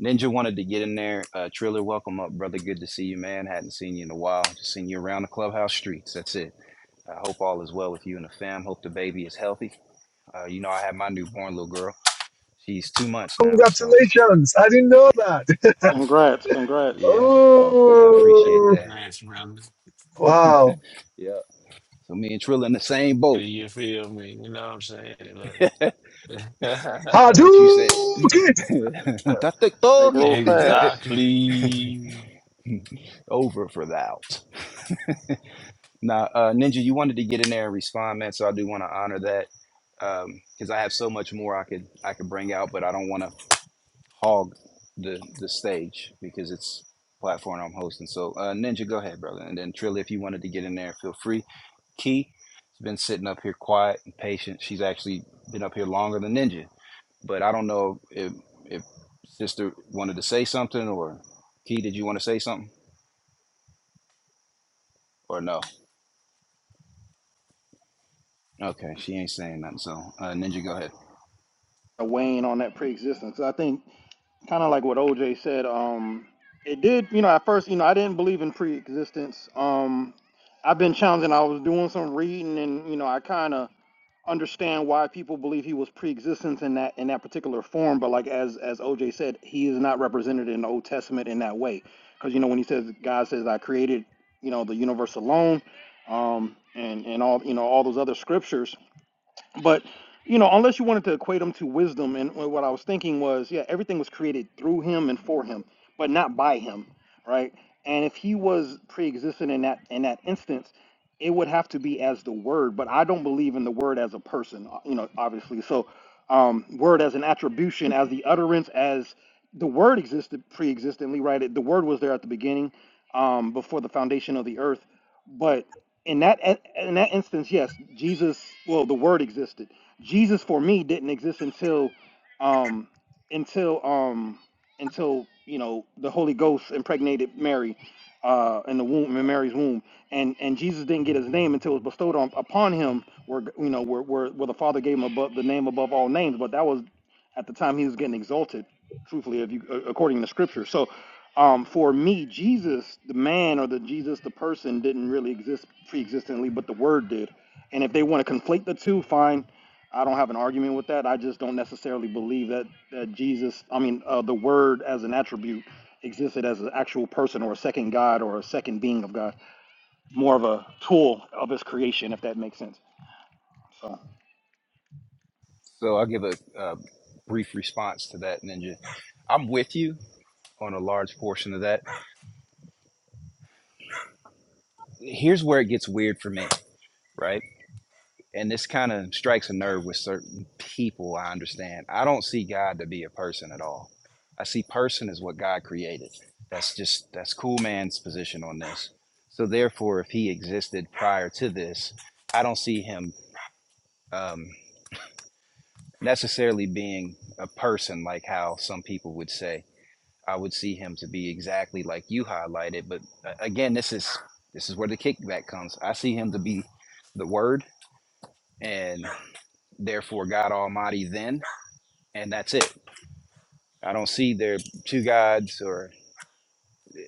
B: Ninja wanted to get in there. Uh, Triller, welcome up, brother. Good to see you, man. Hadn't seen you in a while. Just seen you around the clubhouse streets. That's it. I hope all is well with you and the fam. Hope the baby is healthy. Uh, you know, I have my newborn little girl. She's two months now. So,
G: Congratulations. I didn't know that.
J: congrats, congrats.
B: yeah, I appreciate
G: oh,
B: that.
L: Congrats, brother.
G: wow.
B: Yeah. So, me and Triller in the same boat.
L: You feel me? You know what I'm saying? Look.
B: what you said.
G: Hadouken.
J: They grow fast.
L: exactly.
B: Over for thou. Now, uh, Ninja, you wanted to get in there and respond, man. So I do want to honor that because I have so much more I could I could bring out, but I don't want to hog the the stage because it's platform I'm hosting. So uh, Ninja, go ahead, brother, and then Trilly, if you wanted to get in there, feel free. Key has been sitting up here quiet and patient. She's actually been up here longer than Ninja, but I don't know if if Sister wanted to say something or Key, did you want to say something or no? Okay, she ain't saying nothing. So uh, Ninja, go ahead.
J: Weighing on that pre-existence. I think kind of like what OJ said. Um, it did. You know, at first, you know, I didn't believe in pre-existence. Um, I've been challenging. I was doing some reading, and you know, I kind of understand why people believe he was pre-existence in that in that particular form but like as as oj said he is not represented in the old testament in that way because you know when he says god says i created you know the universe alone um and and all you know all those other scriptures but you know, unless you wanted to equate him to wisdom, and what I was thinking was, yeah, everything was created through him and for him, but not by him, right? And if he was pre-existent in that in that instance, it would have to be as the Word. But I don't believe in the Word as a person, o- you know, obviously. So, um, Word as an attribution, as the utterance, as the Word existed pre-existently, right? It- The Word was there at the beginning, um, before the foundation of the earth, but in that in that instance, yes, Jesus. Well, the Word existed. Jesus for me didn't exist until, um, until um, until you know the Holy Ghost impregnated Mary uh, in the womb in Mary's womb, and and Jesus didn't get his name until it was bestowed on upon him, where you know where where, where the Father gave him above the name above all names, but that was at the time he was getting exalted, truthfully, if you according to Scripture. So. Um, for me, Jesus, the man or the Jesus, the person, didn't really exist pre-existently, but the Word did. And if they want to conflate the two, fine. I don't have an argument with that. I just don't necessarily believe that, that Jesus, I mean, uh, the Word as an attribute existed as an actual person or a second God or a second being of God, more of a tool of His creation, if that makes sense. So,
B: So I'll give a, a brief response to that, Ninja. I'm with you on a large portion of that. Here's where it gets weird for me, right? And this kind of strikes a nerve with certain people, I understand. I don't see God to be a person at all. I see person as what God created. That's just, that's cool man's position on this. So therefore, if he existed prior to this, I don't see him um, necessarily being a person like how some people would say. I would see him to be exactly like you highlighted. But uh, again, this is this is where the kickback comes. I see him to be the Word, and therefore God Almighty. Then, and that's it. I don't see there two gods or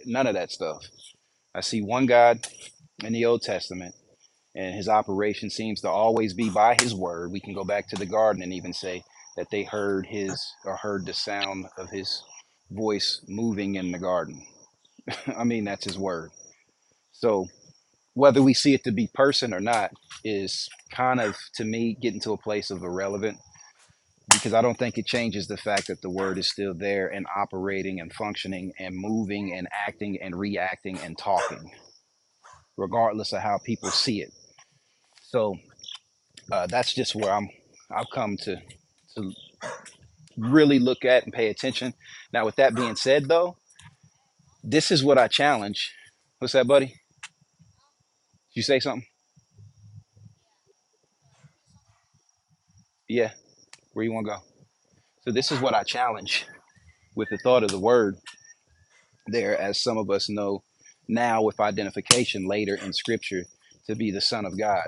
B: none of that stuff. I see one God in the Old Testament, and His operation seems to always be by His Word. We can go back to the Garden and even say that they heard His or heard the sound of His voice moving in the garden. I mean, that's His Word. So whether we see it to be person or not is kind of to me getting to a place of irrelevant because I don't think it changes the fact that the word is still there and operating and functioning and moving and acting and reacting and talking, regardless of how people see it. So uh, that's just where I'm. I've come to to really look at and pay attention. Now, with that being said, though, this is what I challenge. What's that, buddy? Did you say something? Yeah. Where you want to go? So this is what I challenge with the thought of the word there, as some of us know now with identification later in scripture to be the Son of God.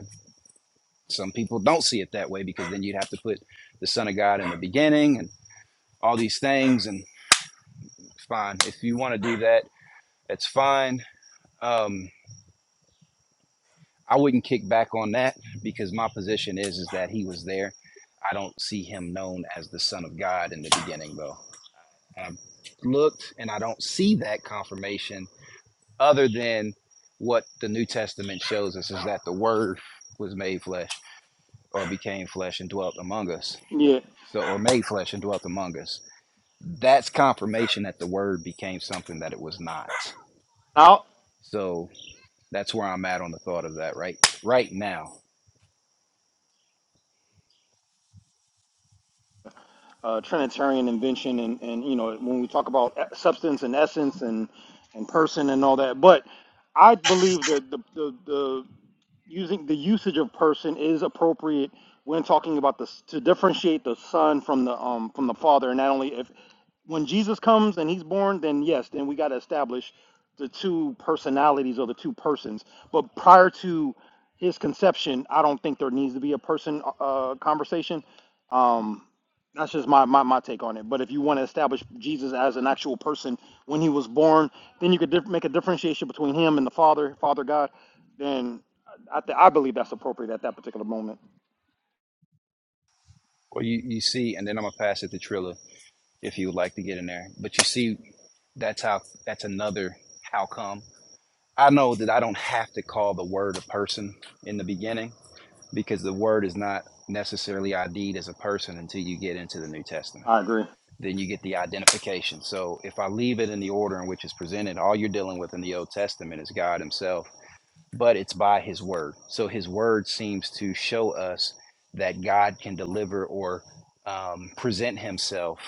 B: Some people don't see it that way because then you'd have to put the Son of God in the beginning and all these things. And fine, if you want to do that, that's fine. Um, I wouldn't kick back on that because my position is is that he was there. I don't see him known as the Son of God in the beginning, though. I've looked and I don't see that confirmation other than what the New Testament shows us is that the Word was made flesh or became flesh and dwelt among us.
J: yeah.
B: So, or made flesh and dwelt among us. That's confirmation that the Word became something that it was not.
J: Out.
B: So that's where I'm at on the thought of that right right now.
J: Uh, Trinitarian invention and, and you know when we talk about e- substance and essence and and person and all that but I believe that the, the using the usage of person is appropriate when talking about this to differentiate the son from the um from the father and not only if when jesus comes and he's born then yes then we got to establish the two personalities or the two persons but prior to his conception i don't think there needs to be a person uh conversation Um, that's just my, my, my take on it. But if you want to establish Jesus as an actual person when he was born, then you could dif- make a differentiation between him and the Father, Father God. Then I, th- I believe that's appropriate at that particular moment.
B: Well, you, you see, and then I'm gonna pass it to Trilla if you would like to get in there. But you see, that's how that's another how come. I know that I don't have to call the word a person in the beginning because the word is not necessarily ID'd as a person until you get into the New Testament.
J: I agree.
B: Then you get the identification. So if I leave it in the order in which it's presented, all you're dealing with in the Old Testament is God Himself, but it's by His word. So His word seems to show us that God can deliver or um, present Himself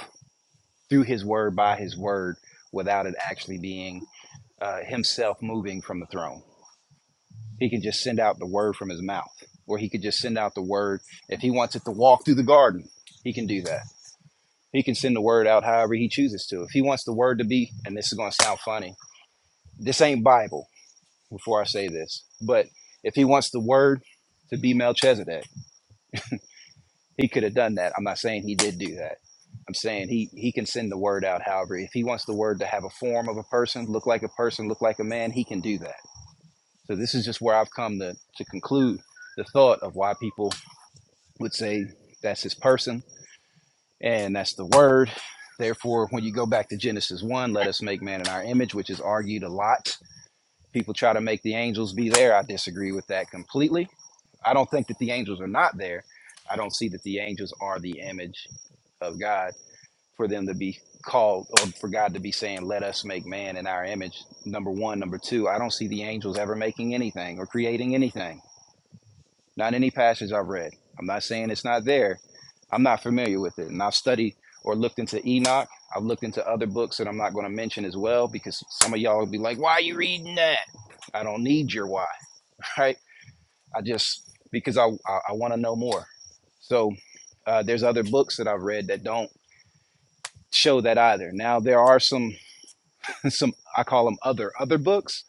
B: through His word, by His word, without it actually being uh, Himself moving from the throne. He can just send out the word from his mouth, or he could just send out the word. If he wants it to walk through the garden, he can do that. He can send the word out however he chooses to. If he wants the word to be, and this is going to sound funny, this ain't Bible before I say this, but if he wants the word to be Melchizedek, he could have done that. I'm not saying he did do that. I'm saying he, he can send the word out however. If he wants the word to have a form of a person, look like a person, look like a man, he can do that. So this is just where I've come to, to conclude the thought of why people would say that's his person and that's the word. Therefore, when you go back to Genesis 1, let us make man in our image, which is argued a lot. People try to make the angels be there. I disagree with that completely. I don't think that the angels are not there. I don't see that the angels are the image of God for them to be called or for God to be saying, let us make man in our image. Number one. Number two, I don't see the angels ever making anything or creating anything. Not any passage I've read. I'm not saying it's not there. I'm not familiar with it. And I've studied or looked into Enoch. I've looked into other books that I'm not going to mention as well because some of y'all will be like, why are you reading that? I don't need your why, right? I just, because I, I, I want to know more. So uh, there's other books that I've read that don't show that either. Now there are some, some, I call them other, other books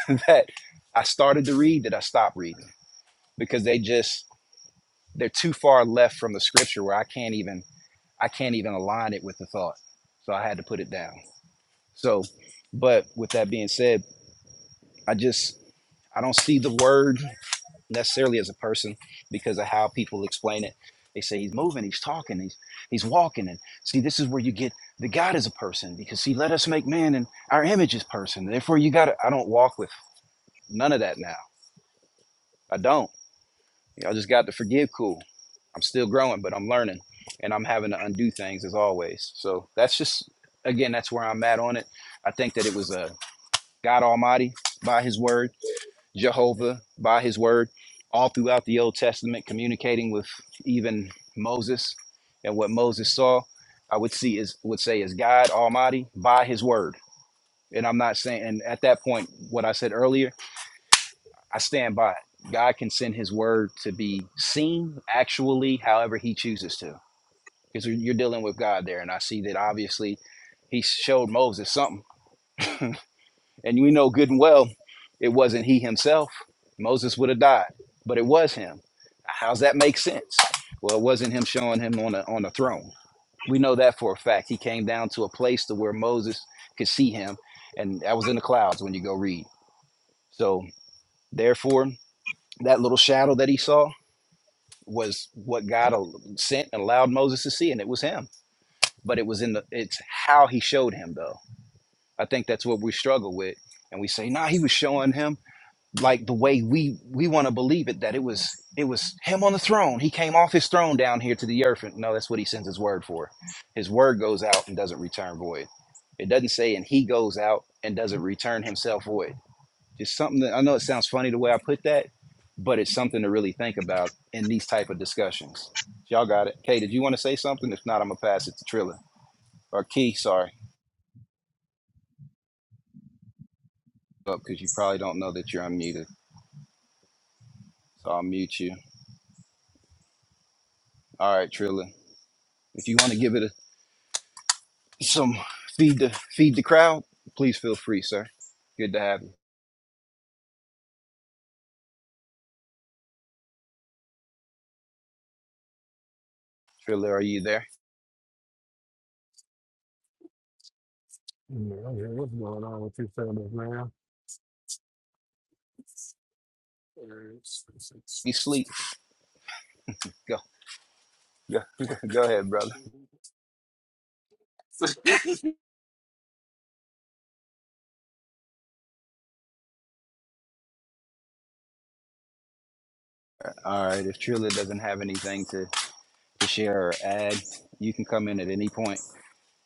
B: that I started to read that I stopped reading because they just, they're too far left from the scripture where I can't even I can't even align it with the thought. So I had to put it down. So, but with that being said, I just I don't see the word necessarily as a person because of how people explain it. They say he's moving, he's talking, he's he's walking, and see this is where you get the God is a person because he let us make man and our image is person. Therefore, you got to I don't walk with none of that now. I don't. I just got to forgive cool. I'm still growing, but I'm learning and I'm having to undo things as always. So that's just, again, that's where I'm at on it. I think that it was uh, God Almighty by His word, Jehovah by His word, all throughout the Old Testament, communicating with even Moses and what Moses saw. I would see is would say is God Almighty by His word, and I'm not saying. And at that point, what I said earlier, I stand by it. God can send His word to be seen actually, however He chooses to because you're dealing with God there. And I see that obviously he showed Moses something. And we know good and well it wasn't he himself. Moses would have died, but it was him. How's that make sense? Well, it wasn't him showing him on a on a throne. We know that for a fact. He came down to a place to where Moses could see him, and that was in the clouds when you go read. So therefore, that little shadow that he saw was what God sent and allowed Moses to see, and it was him but it was in the it's how he showed him though i think that's what we struggle with and we say nah he was showing him like the way we we want to believe it that it was it was him on the throne he came off his throne down here to the earth and no that's what he sends his word for his word goes out and doesn't return void it doesn't say and he goes out and doesn't return himself void just something that i know it sounds funny the way i put that but it's something to really think about in these type of discussions y'all got it Kay, did you want to say something if not i'm gonna pass it to trilla or key sorry up because you probably don't know that you're unmuted. So I'll mute you. All right, Trilla. If you want to give it a, some feed the feed the crowd, please feel free, sir. Good to have you, Trilla. Are you there?
L: Man, I don't know what's going on with you fellas, man?
B: You sleep? Go, go, go ahead, brother. All right. If Trilla doesn't have anything to, to share or add, you can come in at any point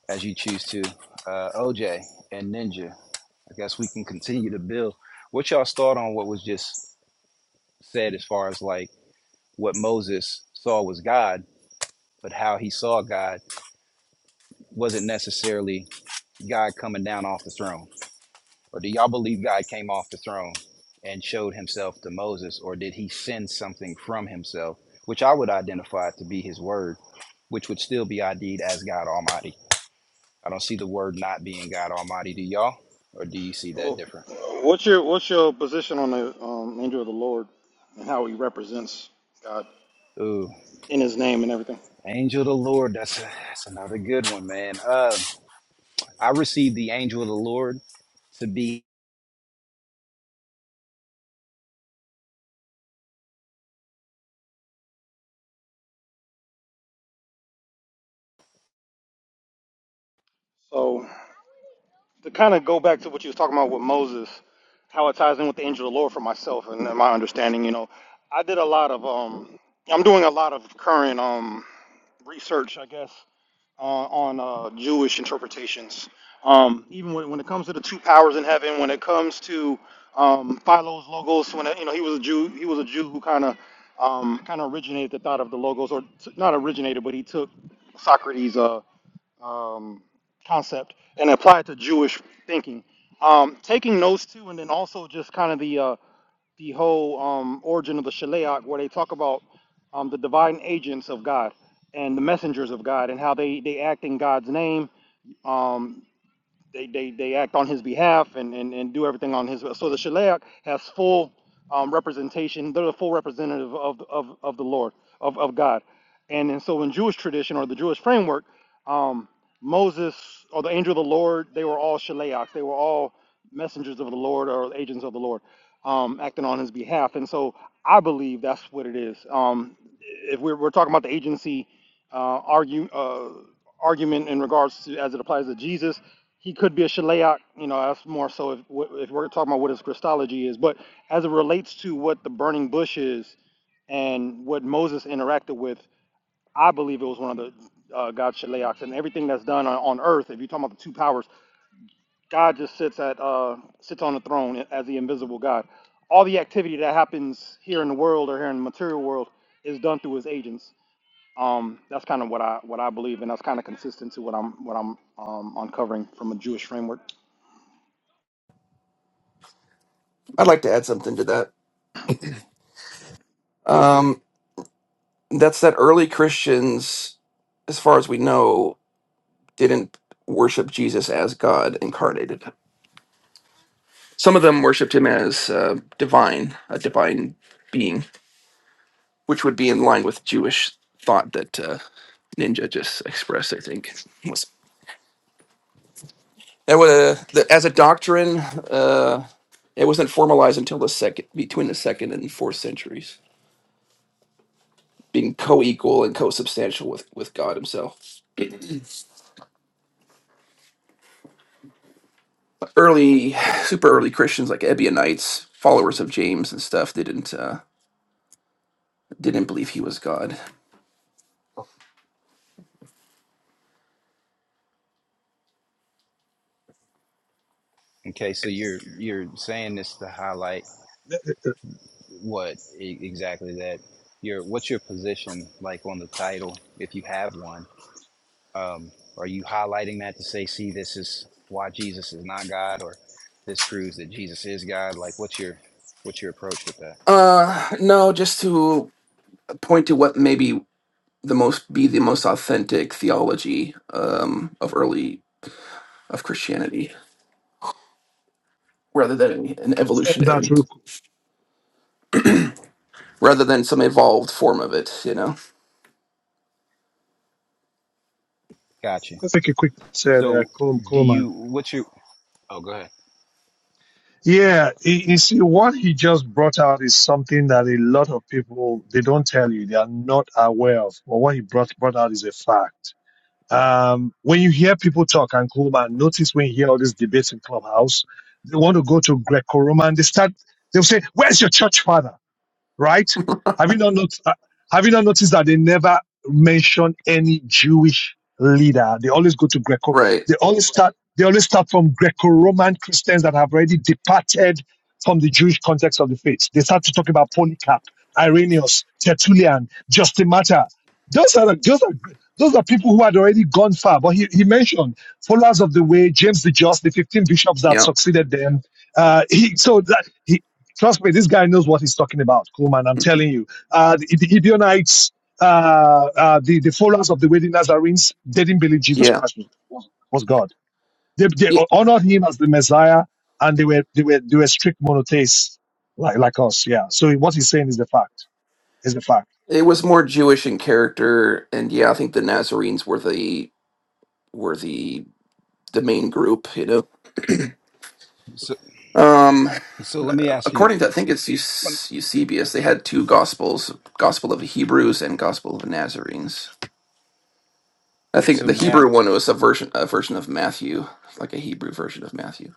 B: as you choose to. Uh, OJ and Ninja. I guess we can continue to build. What y'all's thought on what was just said as far as like what Moses saw was God? but how he saw God wasn't necessarily God coming down off the throne. Or do y'all believe God came off the throne and showed himself to Moses, or did he send something from himself, which I would identify to be his word, which would still be ID'd as God Almighty? I don't see the word not being God Almighty. Do y'all? Or do you see that
J: Well,
B: different?
J: What's your what's your position on the um, angel of the Lord and how he represents God
B: Ooh,
J: in His name and everything?
B: angel of the Lord. That's, a, that's another good one, man. Uh, I received the angel of the Lord to be.
J: So to kind of go back to what you was talking about with Moses, how it ties in with the angel of the Lord for myself and my understanding, you know, I did a lot of um, I'm doing a lot of current um research, I guess, uh, on uh, Jewish interpretations. Um, even when, when it comes to the two powers in heaven, when it comes to um, Philo's logos, when it, you know he was a Jew, he was a Jew who kind of um, kind of originated the thought of the logos, or t- not originated, but he took Socrates' uh, um, concept and apply it to Jewish thinking. Um, taking those two, and then also just kind of the uh, the whole um, origin of the Shaleach, where they talk about um, the divine agents of God and the messengers of God, and how they they act in God's name. Um, they, they, they act on his behalf and, and, and do everything on his so the shaliach has full um, representation they're the full representative of, of, of the lord of, of god and, and so in jewish tradition or the jewish framework um, moses or the angel of the lord they were all shaliachs they were all messengers of the lord or agents of the lord um, acting on his behalf and so i believe that's what it is um, if we're, we're talking about the agency uh, argue, uh, argument in regards to as it applies to Jesus. He could be a Shilaite, you know, that's more so if, if we're talking about what his Christology is. But as it relates to what the burning bush is and what Moses interacted with, I believe it was one of the uh, God's Shilaites. And everything that's done on, on earth, if you're talking about the two powers, God just sits at uh, sits on the throne as the invisible God. All the activity that happens here in the world or here in the material world is done through his agents. Um, that's kind of what I what I believe, and that's kind of consistent to what I'm what I'm um, uncovering from a Jewish framework.
M: I'd like to add something to that. Um, that's that early Christians, as far as we know, didn't worship Jesus as God incarnated. Some of them worshipped him as uh, divine, a divine being, which would be in line with Jewish thought that uh, Ninja just expressed. I think was that was the, as a doctrine. Uh, it wasn't formalized until the second between the second and fourth centuries, being co-equal and co-substantial with with God Himself. early, super early Christians like Ebionites, followers of James and stuff, they didn't uh, didn't believe he was God.
B: Okay, so you're you're saying this to highlight What e- exactly that? Your what's your position like on the title if you have one? Um, are you highlighting that to say, see, this is why Jesus is not God, or this proves that Jesus is God? Like, what's your what's your approach with that?
M: Uh, no, just to point to what maybe the most be the most authentic theology um, of early of Christianity, rather than an
G: That's
M: evolutionary,
G: real cool.
M: rather than some evolved form of it. You know,
B: Gotcha.
G: Let's take a quick said, uh,
B: So,
G: Col-
B: do you
G: Coleman.
B: what's your? Oh, go ahead.
G: Yeah, you you see, what he just brought out is something that a lot of people, they don't tell you, they are not aware of. But what he brought, brought out is a fact Um, when you hear people talk, and Kuhlman, notice when you hear all these debates in Clubhouse, they want to go to Greco-Roman. They start, they'll say, where's your church father? right? Have you not not, uh, have you not noticed that they never mention any Jewish leader? They always go to Greco.
M: right?
G: They always start. They always start from Greco-Roman Christians that have already departed from the Jewish context of the faith. They start to talk about Polycarp, Irenaeus, Tertullian, Justin Martyr. Those are the- those are those are people who had already gone far. But he, he mentioned followers of the way, James the Just, the fifteen bishops that
M: Yeah,
G: succeeded them. Uh, he so that. he. Trust me, this guy knows what he's talking about, Coleman. I'm telling you. Uh, the, the Gibeonites, uh, uh, the, the followers of the Wedding Nazarenes, they didn't believe Jesus
M: yeah,
G: Christ was, was, God. They, they
M: yeah.
G: honored him as the Messiah, and they were they were they were strict monotheists like like us. Yeah. So what he's saying is the fact. Is the fact.
M: It was more Jewish in character, and yeah, I think the Nazarenes were the were the the main group. You know,
B: So,
M: um,
B: so let me ask you. um,
M: according to I think it's Eusebius, they had two gospels: Gospel of the Hebrews and Gospel of the Nazarenes. I think
B: So,
M: the Hebrew
B: Matt.
M: one was a version a version of Matthew, like a Hebrew version of Matthew.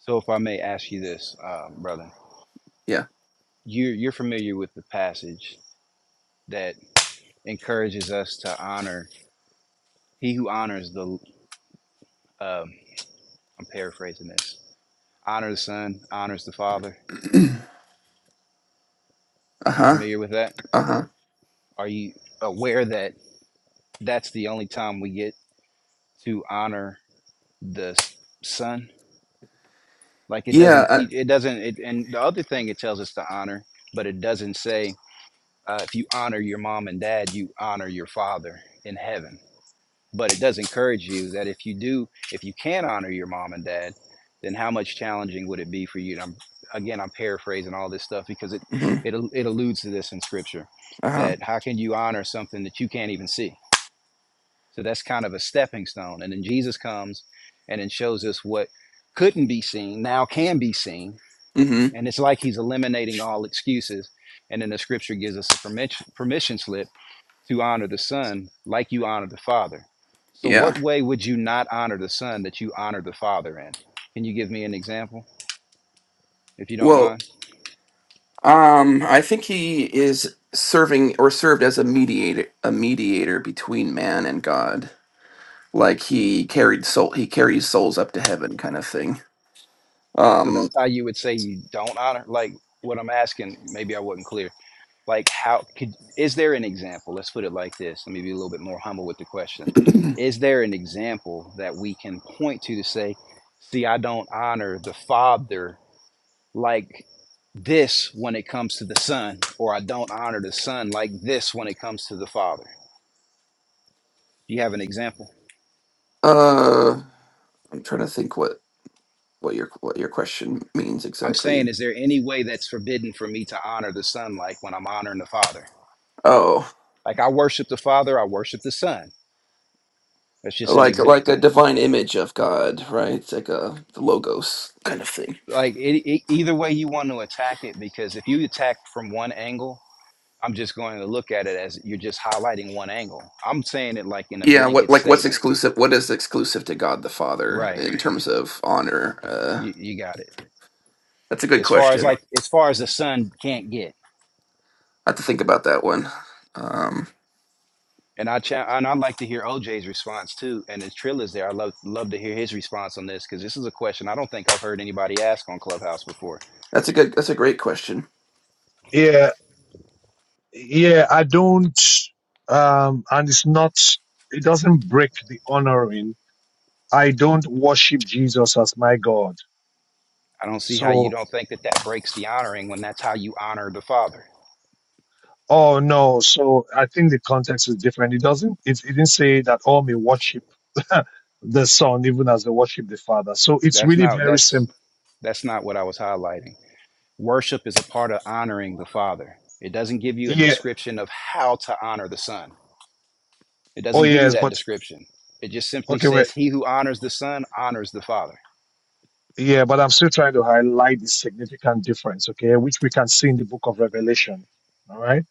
B: So, if I may ask you this, uh, brother,
M: Yeah.
B: you're you're familiar with the passage that encourages us to honor he who honors the um, I'm paraphrasing this. Honor the son, honors the father.
M: Uh
B: You
M: huh.
B: familiar with that?
M: Uh huh.
B: Are you aware that that's the only time we get to honor the son? Like it
M: Yeah.
B: doesn't,
M: Uh
B: it doesn't, it, and the other thing it tells us to honor, but it doesn't say uh, if you honor your mom and dad, you honor your father in heaven but it does encourage you that if you do if you can honor your mom and dad then how much challenging would it be for you and I'm, again i'm paraphrasing all this stuff because it,
M: huh.
B: it it alludes to this in scripture
M: Uh-huh.
B: that how can you honor something that you can't even see so that's kind of a stepping stone and then jesus comes and then shows us what couldn't be seen now can be seen
M: hmm
B: and it's like he's eliminating all excuses and then the scripture gives us a permission permission slip to honor the Son like you honor the Father. So,
M: Yeah.
B: what way would you not honor the Son that you honor the Father in? Can you give me an example, if you don't
M: Well,
B: mind?
M: um, I think he is serving or served as a mediator, a mediator between man and God. Like he carried soul, he carries souls up to heaven, kind of thing.
B: So,
M: Um.
B: that's how you would say you don't honor? Like, what I'm asking, maybe I wasn't clear. Like, how could, is there an example? Let's put it like this. Let me be a little bit more humble with the question. Is there an example that we can point to to say, see, I don't honor the Father like this when it comes to the son, or I don't honor the son like this when it comes to the father. Do you have an example?
M: Uh. I'm trying to think what what your what your question means
B: I'm saying,
M: exactly.
B: is there any way that's forbidden for me to honor the son like when I'm honoring the father?
M: Oh,
B: Like I worship the father, I worship the son. That's just an
M: like like a
B: example.
M: divine image of God, right? It's like a the logos kind of thing.
B: Like it, it, either way you want to attack it, because if you attack from one angle, I'm just going to look at it as you're just highlighting one angle. I'm saying it like in a
M: Yeah, what
B: blanket
M: like what's
B: statement.
M: exclusive? What is exclusive to God the Father
B: Right.
M: in terms of honor? Uh,
B: You, you got it.
M: that's a good
B: As far as
M: question.
B: like, as far as the son can't get.
M: I have to think about that one. Um,
B: And I cha- and I'd like to hear OJ's response too. And if Trill is there, I'd love love to hear his response on this because this is a question I don't think I've heard anybody ask on Clubhouse before.
M: that's a good. That's a great question.
G: Yeah. Yeah. I don't. Um. And it's not. It doesn't break the honoring. I don't worship Jesus as my God.
B: I don't see how you
G: So
B: don't think that that breaks the honoring when that's how you honor the Father.
G: Oh no, so I think the context is different. It doesn't it, it didn't say that all may worship the Son even as they worship the Father. So it's
B: That's
G: really
B: not
G: very
B: that's
G: simple.
B: that's not what I was highlighting. Worship is a part of honoring the Father. It doesn't give you a
G: Yeah.
B: description of how to honor the Son. It
G: Oh
B: doesn't give you
G: yes,
B: that
G: but
B: description. It just simply
G: okay, wait.
B: says, "He who honors the Son honors the Father."
G: Yeah, but I'm still trying to highlight the significant difference, okay, which we can see in the book of Revelation. All right.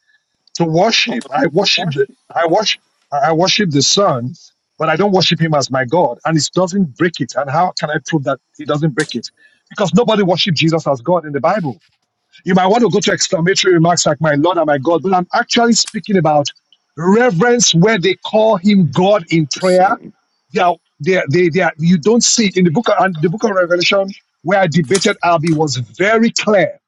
G: To worship, I worship the I worship I worship the Son, but I don't worship him as my God. And it doesn't break it. And how can I prove that he doesn't break it? Because nobody worship Jesus as God in the Bible. You might want to go to exclamatory remarks like my Lord and my God, but I'm actually speaking about reverence where they call him God in prayer.
M: Sorry,
G: They are, they are, they, they are, you don't see it in the book of, and the book of Revelation where I debated Albie was very clear.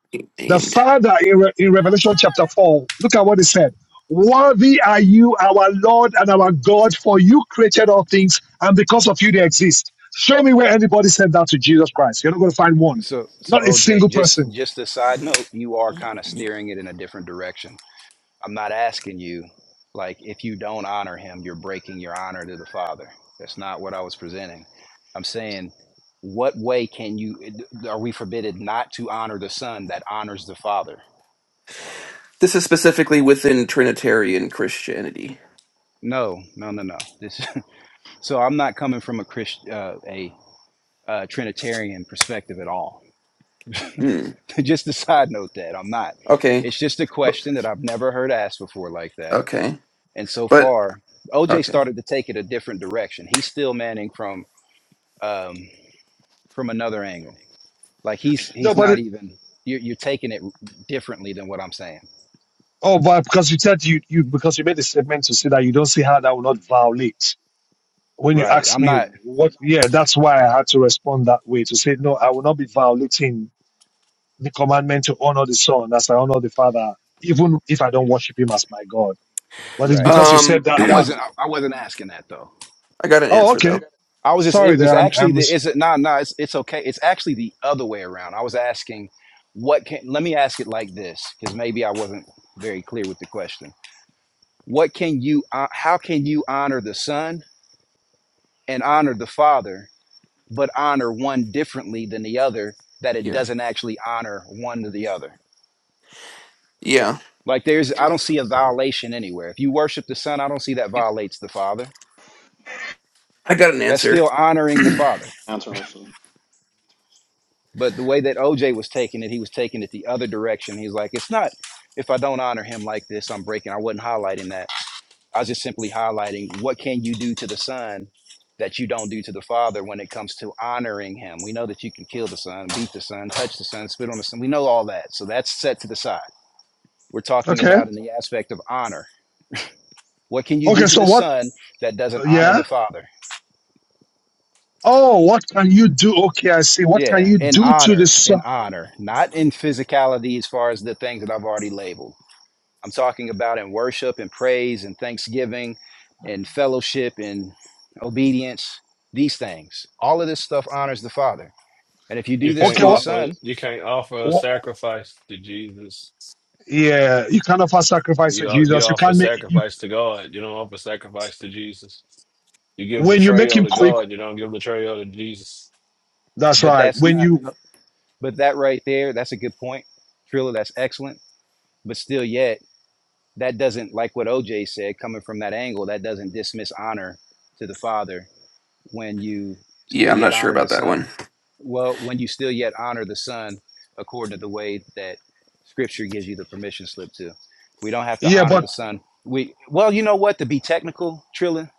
G: The
M: named.
G: Father in, Re- in Revelation chapter 4, look at what he said. Worthy are you, our Lord and our God, for you created all things, and because of you they exist. Show me where anybody said that to Jesus Christ. You're not going to find one.
B: So, so
G: Not a
B: OJ,
G: single
B: just
G: person.
B: just a side note, you are kind of steering it in a different direction. I'm not asking you, like, if you don't honor him, you're breaking your honor to the Father. That's not what I was presenting. I'm saying, what way can you? Are we forbidden not to honor the Son that honors the Father?
M: This is specifically within Trinitarian Christianity.
B: No, no, no, no. This, so I'm not coming from a Christ, uh, a uh, Trinitarian perspective at all.
M: Hmm.
B: just a side note that I'm not.
M: Okay.
B: It's just a
M: But-
B: question that I've never heard asked before like that
M: Okay.
B: And so
M: But
B: far, OJ
M: okay.
B: started to take it a different direction. He's still Manning from um, from another angle. Like he's
G: No,
B: he's
G: but
B: not even you're, you're taking it differently than what I'm saying.
G: Oh, but because you said you, you because you made a statement to say that you don't see how that will not violate. When you
B: Right.
G: asked
B: I'm
G: me
B: not
G: what, yeah, that's why I had to respond that way to say no, I will not be violating the commandment to honor the Son as I honor the Father, even if I don't worship Him as my God. But it's
B: right.
G: because you
B: See,
G: said
M: Um,
G: that.
B: I
G: That
B: wasn't I, I wasn't asking that though.
M: I got an
G: oh,
M: answer
G: okay.
M: though.
B: I was just
G: Sorry,
B: it was
G: there. I'm.
B: actually
G: I'm
B: the
G: mis-
B: is it no nah, no nah, it's it's okay. It's actually the other way around. I was asking what can let me ask it like this because maybe I wasn't very clear with the question. What can you uh, how can you honor the son and honor the father but honor one differently than the other that it
M: Yeah.
B: doesn't actually honor one to the other
M: Yeah.
B: like there's i don't see a violation anywhere if you worship the son i don't see that violates the father
M: I got an
B: that's
M: answer.
B: still honoring the father
J: Answer also.
B: but the way that oj was taking it he was taking it the other direction he's like it's not if i don't honor him like this i'm breaking i wasn't highlighting that i was just simply highlighting what can you do to the son that you don't do to the father when it comes to honoring him we know that you can kill the son beat the son touch the son spit on the son we know all that so that's set to the side We're talking
G: okay.
B: about in the aspect of honor. What can you
G: Okay.
B: do to
G: So
B: the
G: what?
B: son that doesn't honor
G: Yeah.
B: the father?
G: Oh, what can you do? Okay, I see. What can
B: Yeah,
G: you
B: in
G: do to the
B: honor, in
G: Son?
B: honor, not in physicality as far as the things that I've already labeled. I'm talking about in worship and praise and thanksgiving and fellowship and obedience, these things. All of this stuff honors the father. And if you
L: You
B: do this
L: can't
G: Okay.
B: through the
G: What?
L: offer
B: son,
L: you can't offer a
G: what
L: sacrifice to Jesus.
G: yeah, you can't offer sacrifice to
L: You o- you
G: Jesus. You
L: offer
G: can't make. You.
L: sacrifice to God. You don't offer sacrifice to Jesus. You give the
G: when you make
L: betrayal
G: him
L: to
G: quick,
L: God. You don't give betrayal to Jesus.
G: that's
B: but
G: right.
B: that's
G: When
B: not,
G: you,
B: but that right there, that's a good point. Trilla, that's excellent. But still, yet. that doesn't like what OJ said coming from that angle that doesn't dismiss honor to the father when you still
M: Yeah, I'm
B: yet
M: not sure
B: honor the
M: about that one.
B: son well when you still yet honor the son according to the way that scripture gives you the permission slip to we don't have to
G: yeah,
B: honor
G: but
B: the son we well you know what to be technical Trilla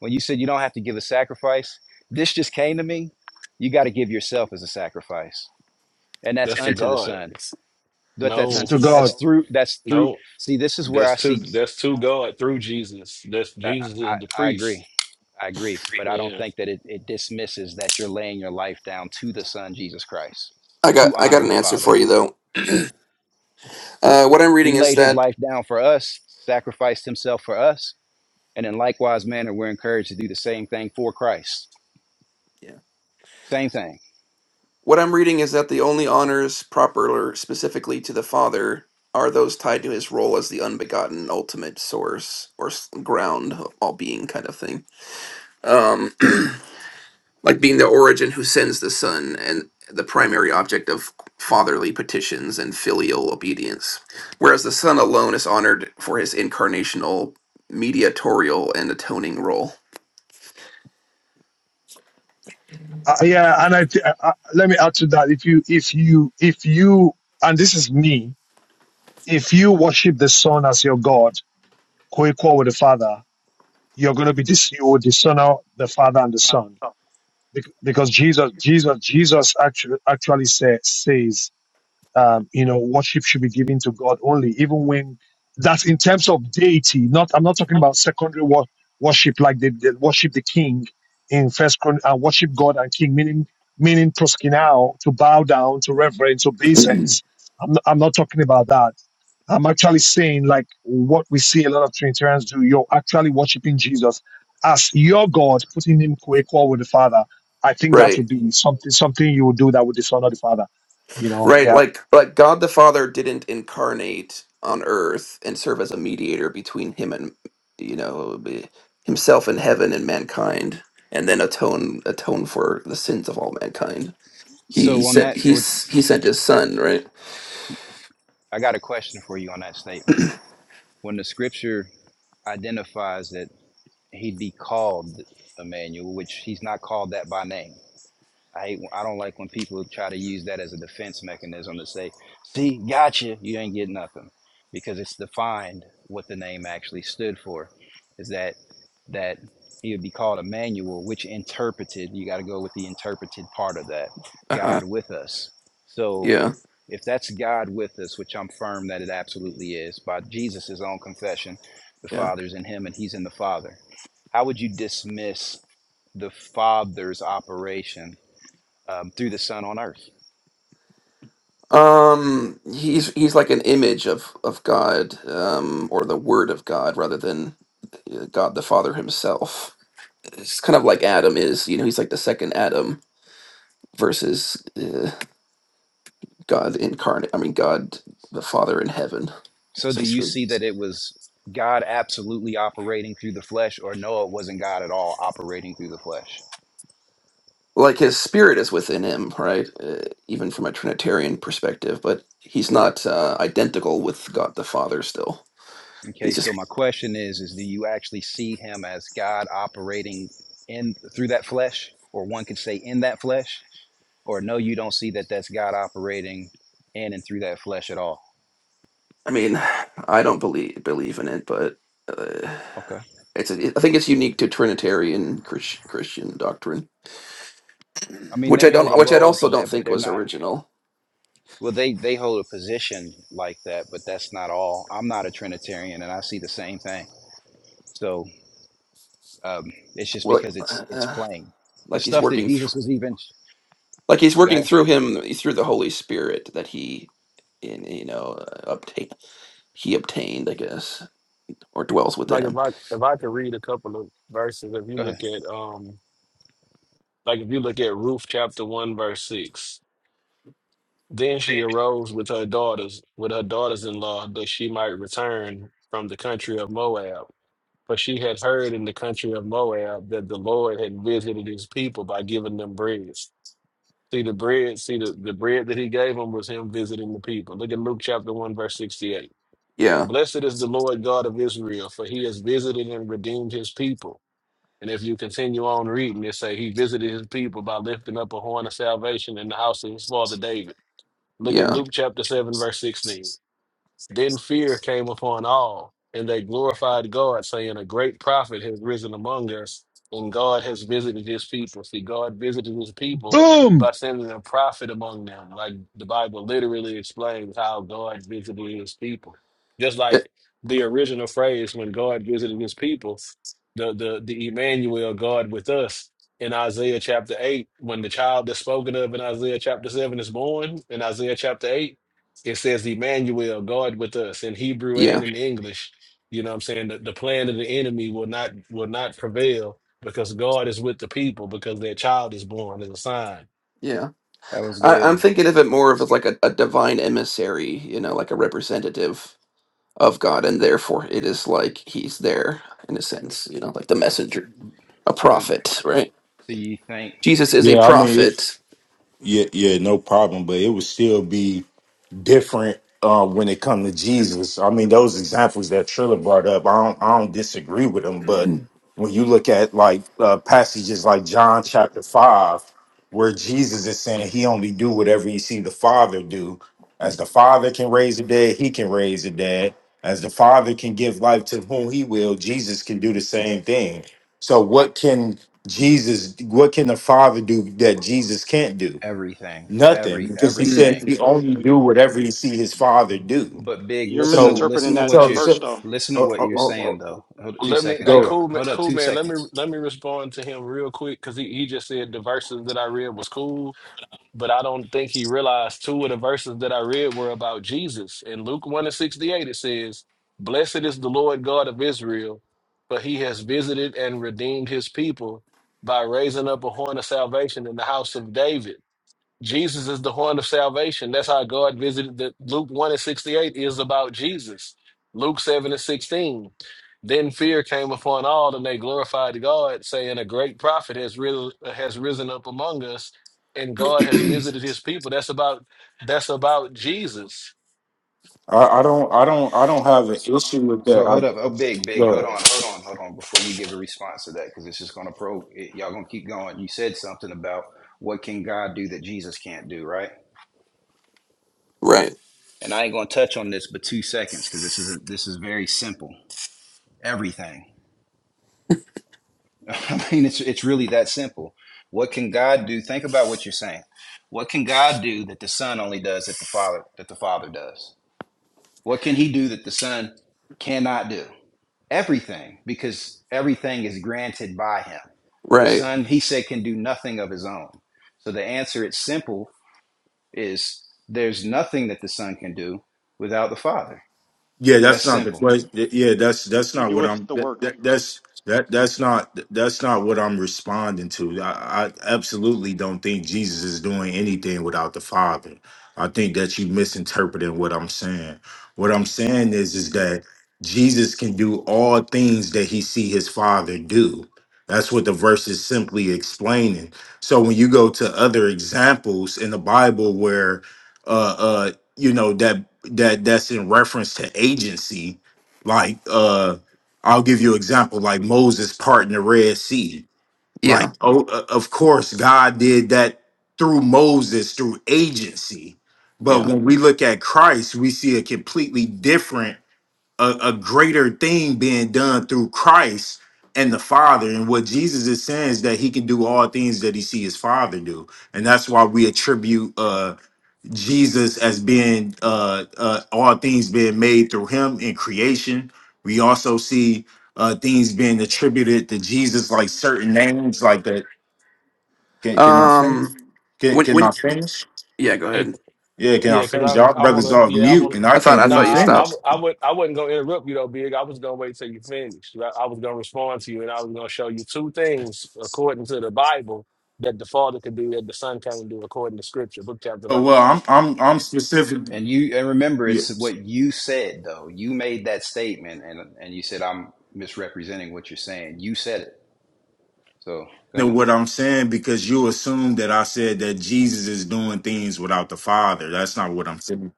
B: when you said you don't have to give a sacrifice this just came to me you got to give yourself as a sacrifice and that's
L: That's to
B: unto the
L: God.
B: son but that's
G: it's
L: No,
G: to
B: unto the that's
G: God.
B: through that's through
L: no.
B: see this is where I
L: That's two.
B: see
L: That's two God through Jesus. That's
B: I,
L: Jesus
B: I,
L: is the
B: I
L: priest.
B: agree. I agree. But I don't
L: Yeah.
B: think that it, it dismisses that you're laying your life down to the Son, Jesus Christ,
M: I got
B: to
M: I got
B: honor
M: an
B: the
M: answer for
B: Father.
M: you though. Uh, what I'm
B: He
M: reading is
B: laid his
M: that
B: life down for us, sacrificed himself for us. And in likewise manner, we're encouraged to do the same thing for Christ.
M: yeah.
B: Same thing.
M: What I'm reading is that the only honors proper or specifically to the Father are those tied to his role as the unbegotten ultimate source or s- ground of all being kind of thing. Um. like being the origin who sends the son and the primary object of fatherly petitions and filial obedience whereas the son alone is honored for his incarnational mediatorial and atoning role
G: Uh, yeah, and I, th- I, I let me add to that. If you, if you, if you, and this is me, if you worship the Son as your God, co-equal with the Father, you're going to be this. You will dishonor the Father and the Son Bec- because Jesus, Jesus, Jesus actually actually say, says um, you know, worship should be given to God only, even when that's in terms of deity. Not, I'm not talking about secondary wor- worship, like they, they worship the king in First Chron, uh, worship God and King, meaning meaning proskinao to bow down, to reverence, obeisance. I'm not, I'm not talking about that. I'm actually saying like what we see a lot of Trinitarians do. You're actually worshiping Jesus as your God, putting him co-equal with the Father. I think that would
M: right
G: be something something you would do that would dishonor the Father. You know,
M: right
G: yeah.
M: like like god the father didn't incarnate on earth and serve as a mediator between him and you know be- himself and heaven and mankind and then atone atone for the sins of all mankind he
B: So, on
M: sent
B: that,
M: he,
B: with-
M: s- he sent his son right
B: I got a question for you on that statement. When the scripture identifies that he'd be called Emmanuel, which he's not called that by name I hate, I don't like when people try to use that as a defense mechanism to say, "See, gotcha, you ain't get nothing," because it's defined what the name actually stood for. Is that that he would be called Emmanuel, which interpreted. You got to go with the interpreted part of that.
M: uh-huh
B: God with us. So,
M: yeah
B: if that's God with us, which I'm firm that it absolutely is, by Jesus' own confession, the
M: Yeah.
B: Father's in Him and He's in the Father. How would you dismiss the Father's operation? um, through the Son on earth.
M: Um he's he's like an image of of God um or the word of God rather than uh, God the Father himself. It's kind of like Adam is, you know, he's like the second Adam versus uh, God incarnate. I mean God the Father in heaven
B: So, do you
M: essentially.
B: see that it was God absolutely operating through the flesh, or no, it wasn't God at all operating through the flesh?
M: Like his spirit is within him, right? Uh, even from a trinitarian perspective, but he's not uh, identical with God the Father still.
B: Okay,
M: He's just
B: so my question is: Is do you actually see Him as God operating in through that flesh, or one could say in that flesh, or no, you don't see that that's God operating in and through that flesh at all?
M: I mean, I don't believe believe in it, but uh,
B: Okay,
M: It's a, I think it's unique to Trinitarian Chris, Christian doctrine,
B: I mean
M: which
B: they
M: I don't,
B: hold a
M: which I
B: role to
M: also don't
B: that, but
M: think
B: they're
M: was
B: not.
M: original.
B: Well, they they hold a position like that, but that's not all. I'm not a Trinitarian, and I see the same thing. So Um, it's just
M: Well,
B: because it's it's
M: uh,
B: plain, the
M: like he's
B: stuff that
M: working
B: Jesus
M: through,
B: was even.
M: like he's
B: Go
M: working
B: ahead.
M: through him through the Holy Spirit that he, in you know, uh, obtain he obtained, I guess, or dwells within
L: Like if
M: him.
L: I if I could read a couple of verses, if you
B: Go ahead.
L: look at um, like if you look at Ruth chapter one verse six, then she arose with her daughters with her daughters-in-law that she might return from the country of Moab. For she had heard in the country of Moab that the Lord had visited his people by giving them bread. See the bread, see the, the bread that he gave them was him visiting the people. Look at Luke chapter 1, verse 68.
M: Yeah,
L: Blessed is the Lord God of Israel, for he has visited and redeemed his people. And if you continue on reading, it say he visited his people by lifting up a horn of salvation in the house of his father David. Look at
M: yeah,
L: Luke chapter 7, verse 16. Then fear came upon all, and they glorified God, saying, A great prophet has risen among us, and God has visited his people. See, God visited his people
G: Boom!
L: by sending a prophet among them. Like the Bible literally explains how God visited his people. Just
M: it,
L: like the original phrase, when God visited his people, the, the, the Emmanuel, God with us, in Isaiah chapter 8, when the child that's spoken of in Isaiah chapter 7 is born, in Isaiah chapter 8, it says Emmanuel, God with us in Hebrew
M: yeah,
L: and in English. You know what I'm saying? The, the plan of the enemy will not will not prevail because God is with the people because their child is born as a sign.
M: yeah.
B: That was
M: I, I'm
B: good.
M: thinking of it more of as like a, a divine emissary, you know, like a representative of God, and therefore it is like he's there in a sense, you know, like the messenger a
B: So,
M: prophet, right?
B: so you think
M: Jesus is a
I: Yeah, I mean, it,
M: prophet.
I: yeah, yeah, no problem. But it would still be. different uh, when it comes to Jesus. I mean, those examples that Triller brought up, I don't, I don't disagree with them. But when you look at like uh, passages like John chapter five, where Jesus is saying he only do whatever he see the Father do, as the Father can raise the dead, he can raise the dead. As the Father can give life to whom he will, Jesus can do the same thing. So what can Jesus, what can the Father do that Jesus can't do?
B: everything,
I: Nothing,
B: every
I: because he
M: Mm,
I: said
B: everything,
I: he only
J: You,
I: do whatever he see his father do.
B: but big.
J: you're
B: Listen to
I: So,
J: misinterpreting
B: listen to
J: that
B: what
I: so,
J: that
B: you
J: verse
I: so,
J: though.
B: listen to
I: oh,
B: what
I: oh,
B: you're saying
I: oh,
B: though. Hold up two
L: Let me
I: oh,
B: seconds,
L: hey
B: y'all.
I: go.
L: cool man,
B: Hold up
L: cool
B: two
L: man, let me
B: seconds.
L: let me respond to him real quick because he, he just said the verses that I read was cool. but I don't think he realized two of the verses that I read were about Jesus. In Luke 1 and 68, it says, Blessed is the Lord God of Israel, for he has visited and redeemed his people by raising up a horn of salvation in the house of David Jesus is the horn of salvation. That's how God visited the Luke 1 and 68 is about Jesus. Luke 7 and 16. Then fear came upon all, and they glorified God, saying, A great prophet has risen has risen up among us, and God has visited his people. That's about that's about Jesus.
I: I, I don't, I don't, I don't have an issue with
B: So
I: that. I
B: hold up. Oh, big, big. Hold
I: go.
B: on, hold on, hold on. Before you give a response to that, because it's just gonna probe. It, y'all gonna keep going. You said something about what can God do that Jesus can't do, right?
M: right.
B: And I ain't gonna touch on this, but two seconds, because this is this is very simple. everything. I mean, it's it's really that simple. What can God do? Think about what you're saying. What can God do that the Son only does that the Father that the Father does? What can He do that the Son cannot do? Everything, because everything is granted by Him. The
M: Right.
B: Son, He said, can do nothing of His own. So the answer, it's simple, is there's nothing that the Son can do without the Father.
I: Yeah,
B: That's
I: that's not the
B: simple.
I: question. Yeah, that's that's
J: He
I: not what
J: doeth
I: I'm.
J: the
I: That,
J: work.
I: that, that's that that's not that's not what I'm responding to. I, I absolutely don't think Jesus is doing anything without the Father. I think that you misinterpreting what I'm saying. What I'm saying is is that Jesus can do all things that he see his Father do. That's what the verse is simply explaining. So when you go to other examples in the Bible where uh uh you know that that that's in reference to agency like uh i'll give you an example like moses parting the red sea
M: Yeah.
I: like oh uh, of course god did that through moses through agency but
M: Yeah.
I: when we look at christ we see a completely different a, a greater thing being done through christ and the father and what jesus is saying is that he can do all things that he see his father do and that's why we attribute uh Jesus as being uh, uh, all things being made through him in creation. We also see uh, things being attributed to Jesus, like certain names, like that. Can, can I finish?
M: Um
I: Can,
M: when
I: can
M: when
I: I finish?
M: yeah, go ahead.
I: Yeah, can I
L: Yeah, because
I: finish? Y'all
L: I, I want
I: brothers
L: to.
I: are
L: Yeah, I
I: mute,
L: want to.
I: and I
M: I thought
I: can't
M: I
L: Nah,
I: even
M: thought you
L: I, I,
I: finish.
M: stopped.
L: I would. I wasn't gonna interrupt you though, Big. I was gonna wait till you finished. I, I was gonna respond to you, and I was gonna show you two things according to the Bible that the Father could do that the Son can't do according to Scripture, book chapter
I: Oh, well,
L: verse.
I: I'm I'm I'm specific.
B: And you and remember
I: Yeah.
B: it's what you said though. You made that statement and and you said I'm misrepresenting what you're saying. You said it. So go
I: to
B: ahead.
I: what I'm saying because you assume that I said that Jesus is doing things without the Father. That's not what I'm saying.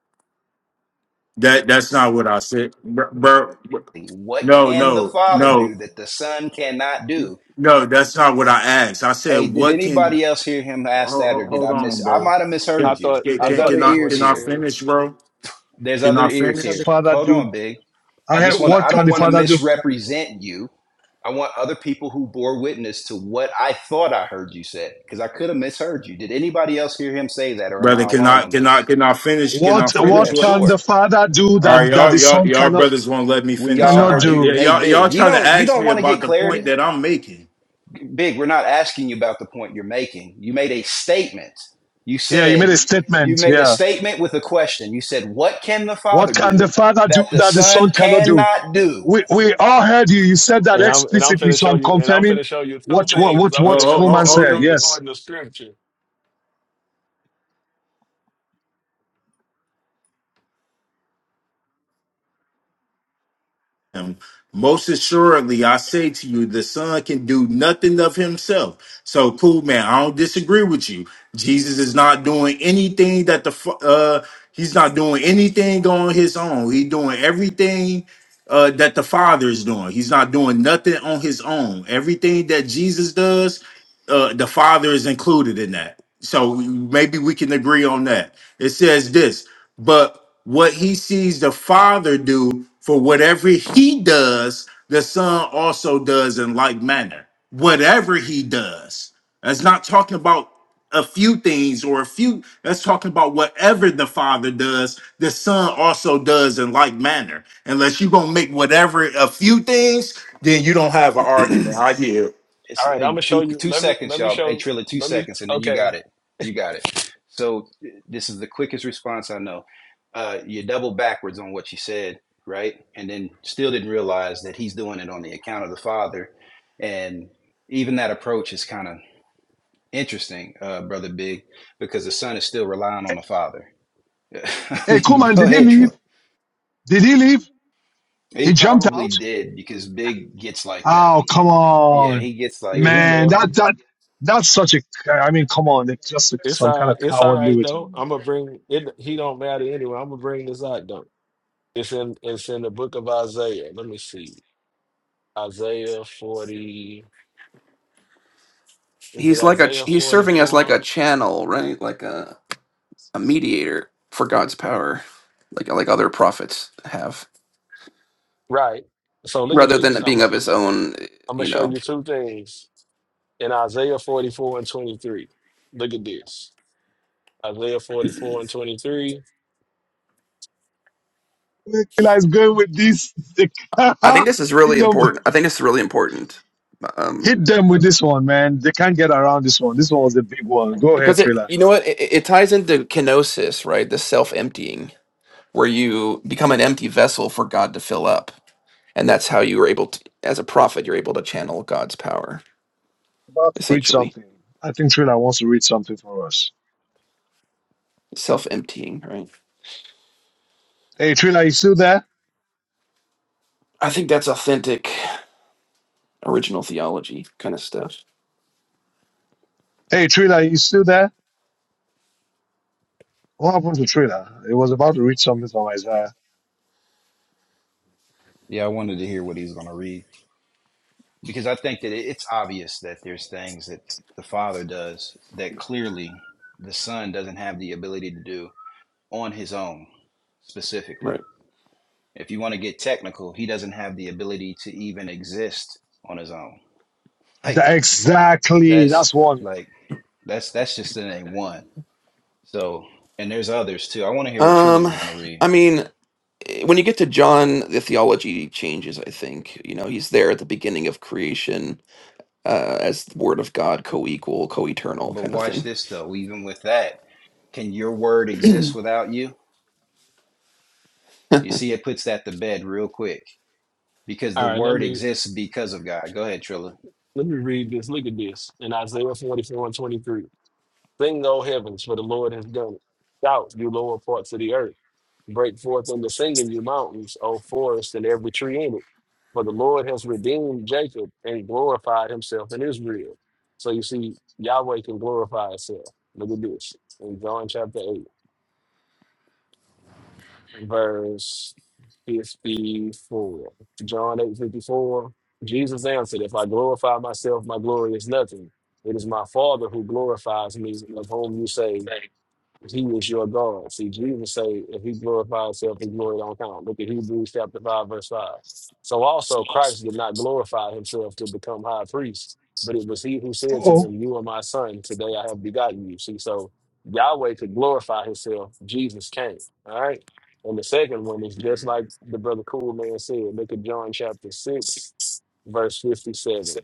I: That that's not what I said, bro. bro bro-
B: What
I: no,
B: can the
I: no,
B: father do
I: no,
B: that the son cannot do?
I: no. That's not what I asked. I said,
B: Hey, did
I: what can?
B: anybody else hear him ask
I: Hold,
B: that or
I: hold
B: did
I: hold
B: I miss
I: on,
B: I
I: bro.
B: might have
L: I
I: Can,
B: misheard you.
L: thought.
I: can
L: I
B: There's
I: can
L: thought
B: other
I: can
L: that's
I: I
L: what
B: ears
L: he
I: can I
B: here.
L: said.
I: finish, bro?
B: There's
I: Can
B: other
I: I
B: ears
G: Can the
I: finish,
B: here.
G: father
B: Hold on,
G: do?
B: big.
G: I
B: I just
G: have,
B: want to.
G: what
B: I
G: can
B: don't
G: the
B: want to
G: father do?
B: misrepresent you. I want other people who bore witness to what I thought I heard you said because I could have misheard you. Did anybody else hear him say that, or am
I: brother?
B: I
I: Can
B: alone
I: I
B: on
I: can I
B: this?
I: can I finish? Can
G: What
I: I
G: what
B: Yeah,
I: finish? What?
G: can the
B: sure.
G: father do
I: All right,
G: that, that
I: y'all
G: the
I: y'all
G: son
I: y'all
G: cannot
I: brothers won't let me
B: We
I: finish.
B: all
I: All
G: cannot
B: heard
I: right,
B: you.
I: yeah,
G: do?
B: Hey,
I: y'all y'all
B: big. You
I: trying to
B: don't. You
I: ask
B: don't
I: me
B: want to get
I: about the
B: clarity,
I: point that I'm making.
B: big. We're not asking you about the point you're making. You made a statement. You
G: Yeah, you made
B: said
G: a
B: you
G: statement.
B: made a
G: Yeah,
B: statement with a question. You said, "What can the Father
G: what can the
B: do
G: father do
B: that the
G: that the son
B: Son
G: cannot do?
B: cannot do?"
G: We we all heard you. You said that
L: And I'm and I'm
G: explicitly,
L: finna
G: so
L: show
G: I'm
L: you. And I'm
G: confirming
L: finna show you two
G: what what
L: things.
G: what
L: I'm
I: Oh,
G: what
L: finna show
I: oh,
L: you
I: oh,
G: Kuman
L: two
G: said.
I: hold
L: things
G: Yes.
L: according to Scripture.
I: on. Most assuredly, I say to you, the Son can do nothing of himself. So, cool, man. I don't disagree with you. Jesus is not doing anything that the fa- uh, he's not doing anything on his own. He's doing everything uh, that the Father is doing. He's not doing nothing on his own. Everything that Jesus does uh, the father is included in that. So maybe we can agree on that. It says this, but what he sees the father do for whatever he does, the son also does in like manner. Whatever he does, that's not talking about a few things or a few. That's talking about whatever the father does, the son also does in like manner. Unless you're gonna make whatever a few things, then you don't have an argument. I hear.
B: It's
L: All right,
B: uh,
L: I'm gonna show
B: two
L: you.
B: two
L: Let me.
B: seconds,
L: Let me
B: y'all. Hey,
L: show.
B: Trilla, two
L: Let me.
B: seconds, and then you
L: Okay.
B: got it. You got it. So this is the quickest response I know. Uh, you double backwards on what you said, right? And then still didn't realize that he's doing it on the account of the father. And even that approach is kind of interesting, uh, brother Big, because the son is still relying on the father. I
G: Hey,
B: mean, but
G: Kuman,
B: go
G: did he
B: ahead,
G: leave?
B: Trilla.
G: Did he leave? He
B: He
G: jumped
B: probably
G: out.
B: did because Big gets like that.
G: Oh, come
B: Yeah,
G: on,
B: he gets
L: Yeah,
B: like
L: he
B: that.
G: man!
L: left.
G: That that that's such a. I mean, come on! It's just
L: It's
G: some
L: all
G: kind
L: right.
G: of
L: It's all
G: cowardly
L: right
G: way to.
L: though. I'm gonna bring it. He don't matter anyway. I'm gonna bring this out though. It's in. It's in the book of Isaiah. Let me see. Isaiah 40. Is it
M: he's like a ch-
L: Isaiah
M: he's serving as like a
L: 44?
M: channel, right? Like a a mediator for God's power, like like other prophets have,
L: Right. So look at
M: rather than
L: this.
M: it
L: I'm
M: being
L: gonna.
M: of his own,
L: I'm gonna
M: you
L: show
M: know.
L: you two things in Isaiah 44 and 23. Look at this. Isaiah 44 and 23.
G: Nikolai's going with this. hit,
M: I think this is really
G: them,
M: important. I think this is really important. Um
G: hit them with this one, man. They can't get around this one. This one was a big one. Go ahead,
M: because it
G: Trailer.
M: you know what it, it it ties into kenosis, right? The self-emptying where you become an empty vessel for God to fill up. And that's how you are able to, as a prophet, you're able to channel God's power,
G: About to read
M: essentially.
G: something. I think Trailer wants to read something for us.
M: Self emptying, right?
G: Hey, Trailer, you still there?
M: I think that's authentic original theology kind of stuff.
G: Hey, Trailer, you still there? What happened to Trailer? It was about to read something from Isaiah.
B: Yeah, I wanted to hear what he's gonna read. because I think that it's obvious that there's things that the father does that clearly the son doesn't have the ability to do on his own specifically.
M: Right.
B: If you want to get technical, he doesn't have the ability to even exist on his own. Like
G: Tha- exactly. That's
B: that's
G: one.
B: like that's that's just the name one. So and there's others too. I want to hear what Trilla
M: Um,
B: was going to read.
M: I mean, eh, when you get to John, the theology changes, I think. You know, he's there at the beginning of creation uh, as the word of God, co equal, co eternal
B: But
M: kind of
B: watch
M: thing.
B: this though. Even with that, can your word exist without you? You see, it puts that to bed real quick because
L: All
B: the
L: right. Let
B: word
L: me.
B: exists because of God. Go ahead, Trilla.
L: Let me read this. Look at this in Isaiah 44 and 23. Sing, O heavens, for the Lord has done it. Shout, you lower parts of the earth. Break forth into singing, you mountains, O forest, and every tree in it. For the Lord has redeemed Jacob and glorified himself in Israel. So you see, Yahweh can glorify himself. Look at this in John chapter 8, verse 54. John 8 54. Jesus answered, If I glorify myself, my glory is nothing. It is my Father who glorifies me, of whom you say. He is your God. See, Jesus say, if he glorified himself, his glory don't count. Look at Hebrews chapter 5, verse 5. So also Christ did not glorify himself to become high priest, but it was he who said to
G: Oh,
L: him, You are my son, today I have begotten you. See, so Yahweh could glorify himself, Jesus came. All right. And the second one is just
M: Mm.
L: like the brother Cool Man said, look at John chapter 6, verse 57.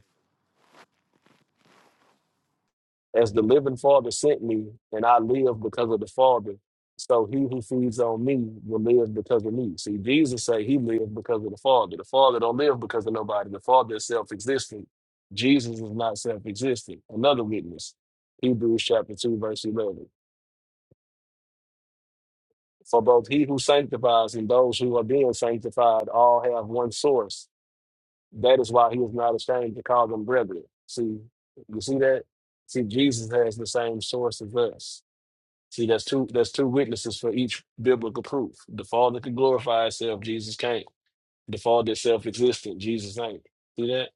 L: as the living Father sent me, and I live because of the Father. So he who feeds on me will live because of me. See, Jesus say he lived because of the Father. The Father don't live because of nobody. The Father is self-existent. Jesus is not self-existent. Another witness, Hebrews chapter 2, verse 11. For both he who sanctifies and those who are being sanctified all have one source. That is why he is not ashamed to call them brethren. See, you see that? See, Jesus has the same source as us See, that's two that's two witnesses for each biblical proof. The Father could glorify itself, Jesus can't. The Father is self existent, Jesus ain't. See that?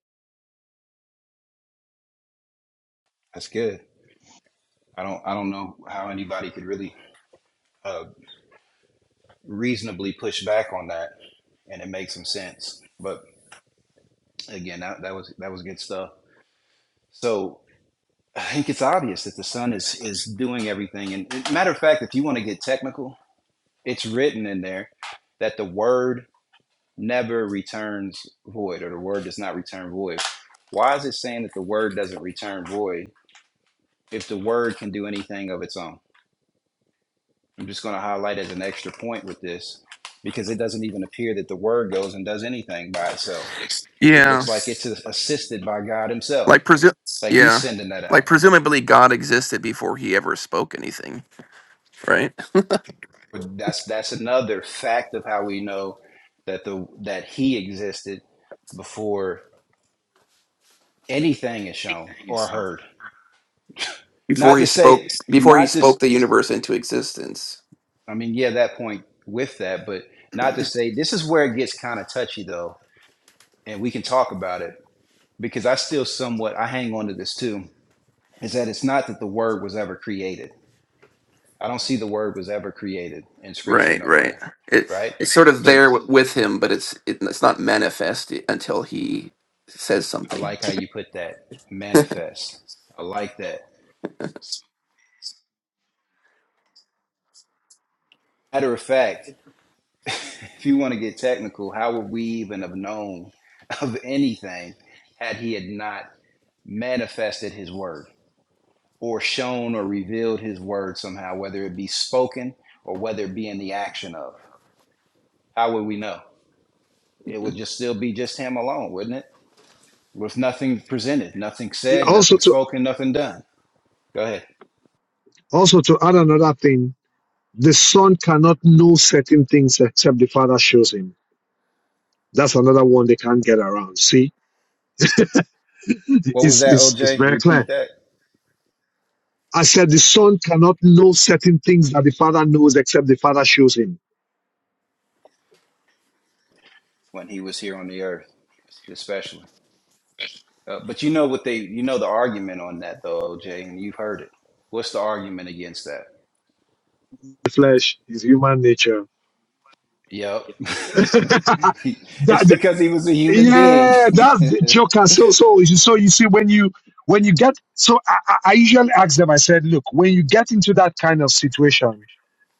B: That's good. I don't I don't know how anybody could really uh, reasonably push back on that, and it makes some sense. But again, that, that was that was good stuff. So I think it's obvious that the Son is is doing everything. And matter of fact, if you want to get technical, it's written in there that the Word never returns void, or the Word does not return void. Why is it saying that the Word doesn't return void if the Word can do anything of its own? I'm just going to highlight as an extra point with this because it doesn't even appear that the word goes and does anything by itself.
M: Yeah.
B: Looks like it's assisted by God Himself,
M: Like presu-
B: like He's
M: yeah.
B: sending that
M: Like
B: out.
M: presumably God existed before he ever spoke anything, right?
B: But that's that's another fact of how we know that the that He existed before anything is shown or heard. Not
M: Before he
B: to say,
M: spoke before he
B: not to. s-
M: spoke the universe into existence.
B: I mean, yeah, that point with that, but not to say this is where it gets kind of touchy though, and we can talk about it because I still somewhat I hang on to this too is that it's not that the word was ever created. I don't see the word was ever created in scripture
M: Right, right.
B: nowhere,
M: It
B: right?
M: it's sort of
B: So
M: there w- with him, but it's it, it's not manifest i- until he says
B: I
M: something.
B: like how you put that manifest. I like that. Matter of fact, if you want to get technical, how would we even have known of anything had he had not manifested his word or shown or revealed his word somehow, whether it be spoken or whether it be in the action of? How would we know? It would
M: Mhm.
B: just still be just him alone, wouldn't it? with nothing presented, nothing said,
G: also
B: nothing
G: to
B: spoken, nothing done. Go ahead.
G: also to add another thing. The son cannot know certain things except the father shows him. That's another one they can't get around. See,
B: What was
G: it's,
B: that,
G: it's, it's
B: OJ?
G: very
B: Repeat
G: clear.
B: that.
G: I said the son cannot know certain things that the father knows except the father shows him.
B: When he was here on the earth, especially. Uh, but you know what they, you know the argument on that though, OJ, and you've heard it. What's the argument against that?
G: The flesh is human nature.
B: Yep. He- it's
G: that,
B: because he was a human being.
G: Yeah, that's the
B: yeah,
G: joker. So, so, so you see, when you when you get, so I, I I usually ask them. I said, look, when you get into that kind of situation,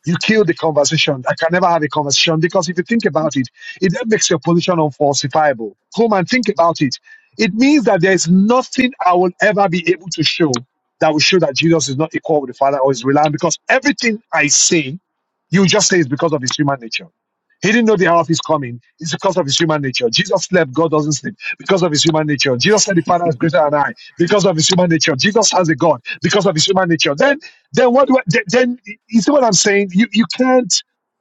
G: you kill the conversation. I can never have a conversation because if you think about it, it then makes your position unfalsifiable. Come and think about it. It means that there is nothing I will ever be able to show that will show that Jesus is not equal with the Father or is reliant because everything I say, you just say it's because of his human nature. He didn't know the hour of his coming. It's because of his human nature. Jesus slept, God doesn't sleep. Because of his human nature. Jesus said the Father is greater than I. Because of his human nature. Jesus has a God. Because of his human nature. Then then what do I, th- then you see what I'm saying? You you can't.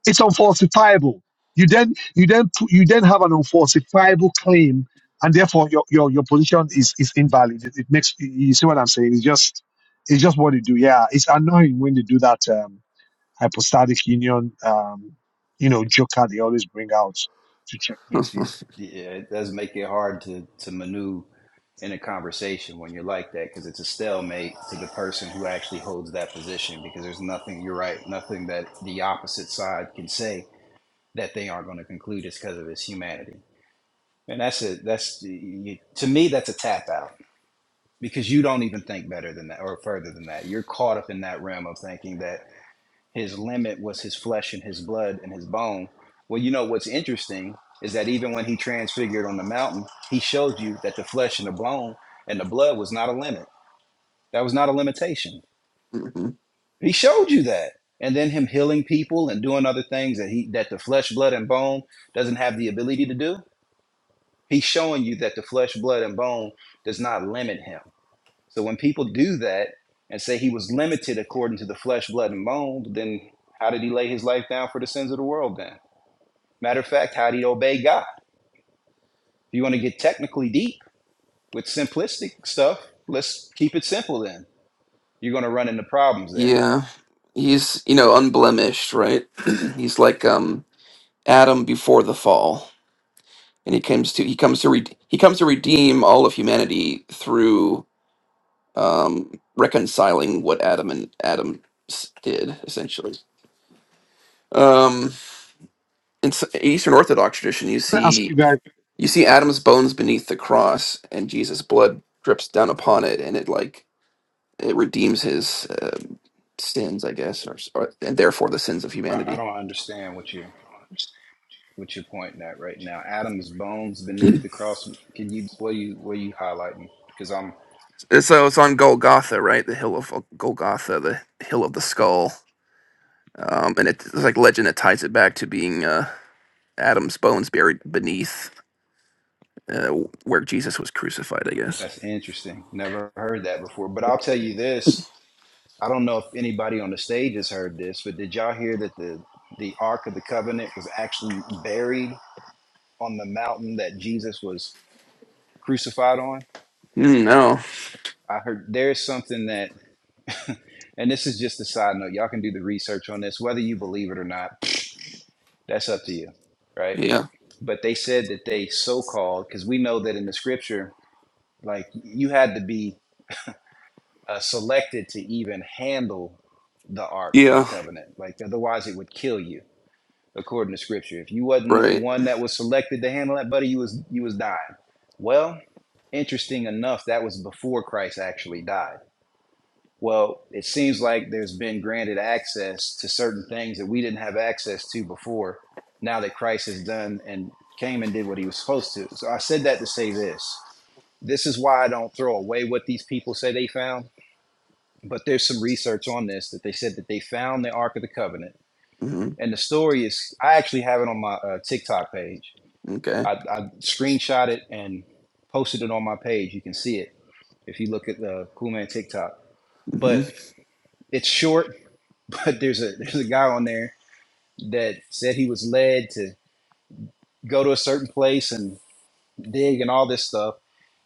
G: It's unfalsifiable. You then you then pu- you then have an unfalsifiable claim, and therefore your your, your position is is invalid. It, it makes you you see what I'm saying. It's just it's just what they do. Yeah, it's annoying when they do that um, hypostatic union. Um, you know, joker they always bring out to checkmate you.
B: it does make it hard to to maneuver in a conversation when you're like that because it's a stalemate to the person who actually holds that position because there's nothing you're right nothing that the opposite side can say that they aren't going to conclude is because of his humanity and that's a that's you, to me that's a tap out because you don't even think better than that or further than that you're caught up in that realm of thinking that his limit was his flesh and his blood and his bone well you know what's interesting is that even when he transfigured on the mountain he showed you that the flesh and the bone and the blood was not a limit that was not a limitation.
M: Mhm.
B: He showed you that. And then him healing people and doing other things that he that the flesh, blood, and bone doesn't have the ability to do. He's showing you that the flesh, blood, and bone does not limit him. So when people do that and say he was limited according to the flesh, blood, and bone, then how did he lay his life down for the sins of the world then? Matter of fact, how did he obey God? If you want to get technically deep with simplistic stuff, let's keep it simple then. You're gonna run into problems there.
M: yeah. He's, you know, unblemished, right? He's like um Adam before the fall. And he comes to he comes to re- he comes to redeem all of humanity through. um, reconciling what Adam and Adam s- did essentially. Um, in s- Eastern Orthodox tradition, you
G: Can I ask
M: see
G: you guys?
M: you see Adam's bones beneath the cross, and Jesus' blood drips down upon it, and it like it redeems his uh, sins, I guess, or, s- or and therefore the sins of
B: I, I
M: humanity.
B: don't understand what you what you're pointing at right now. Adam's bones beneath the cross. Can you what are you what are you highlighting? Because I'm
M: And so it's on Golgotha, right? The hill of uh, Golgotha, the hill of the skull, um, and it, it's like legend that ties it back to being uh, Adam's bones buried beneath uh, where Jesus was crucified, I guess.
B: that's interesting. Never heard that before. But I'll tell you this. I don't know if anybody on the stage has heard this, but did y'all hear that the the Ark of the Covenant was actually buried on the mountain that Jesus was crucified on?
M: Mm, No.
B: I heard there's something that, and this is just a side note. Y'all can do the research on this, whether you believe it or not. That's up to you, right?
M: Yeah.
B: but they said that they so called because we know that in the scripture like you had to be uh, selected to even handle the ark of the
M: Yeah.
B: covenant like otherwise it would kill you according to scripture if you wasn't
M: Right.
B: one that was selected to handle that buddy you was you was dying well interesting enough that was before christ actually died Well, it seems like there's been granted access to certain things that we didn't have access to before, now that Christ has done and came and did what he was supposed to. So I said that to say this. This is why I don't throw away what these people say they found, but there's some research on this that they said that they found the Ark of the Covenant.
M: hmm
B: And the story is, I actually have it on my uh, TikTok page.
M: Okay.
B: I, I screenshot it and posted it on my page. You can see it if you look at the Cool Man TikTok.
M: hmm
B: But it's short there's a there's a guy on there that said he was led to go to a certain place and dig and all this stuff,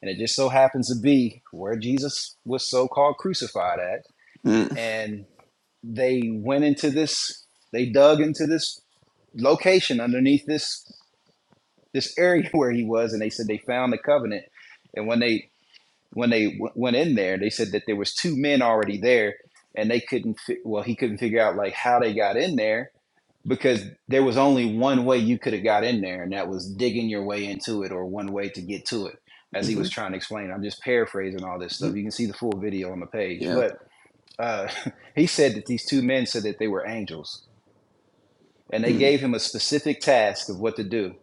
B: and it just so happens to be where Jesus was so called crucified at, and they went into this, they dug into this location underneath this this area where he was, and they said they found the covenant, and when they when they w- went in there, they said that there was two men already there, and they couldn't fi- well he couldn't figure out like how they got in there because there was only one way you could have got in there, and that was digging your way into it or one way to get to it, as he
M: Mm-hmm.
B: was trying to explain. I'm just paraphrasing all this
M: hmm
B: stuff. You can see the full video on the page.
M: Yeah.
B: But uh, he said that these two men said that they were angels, and they
M: Mm-hmm.
B: gave him a specific task of what to do.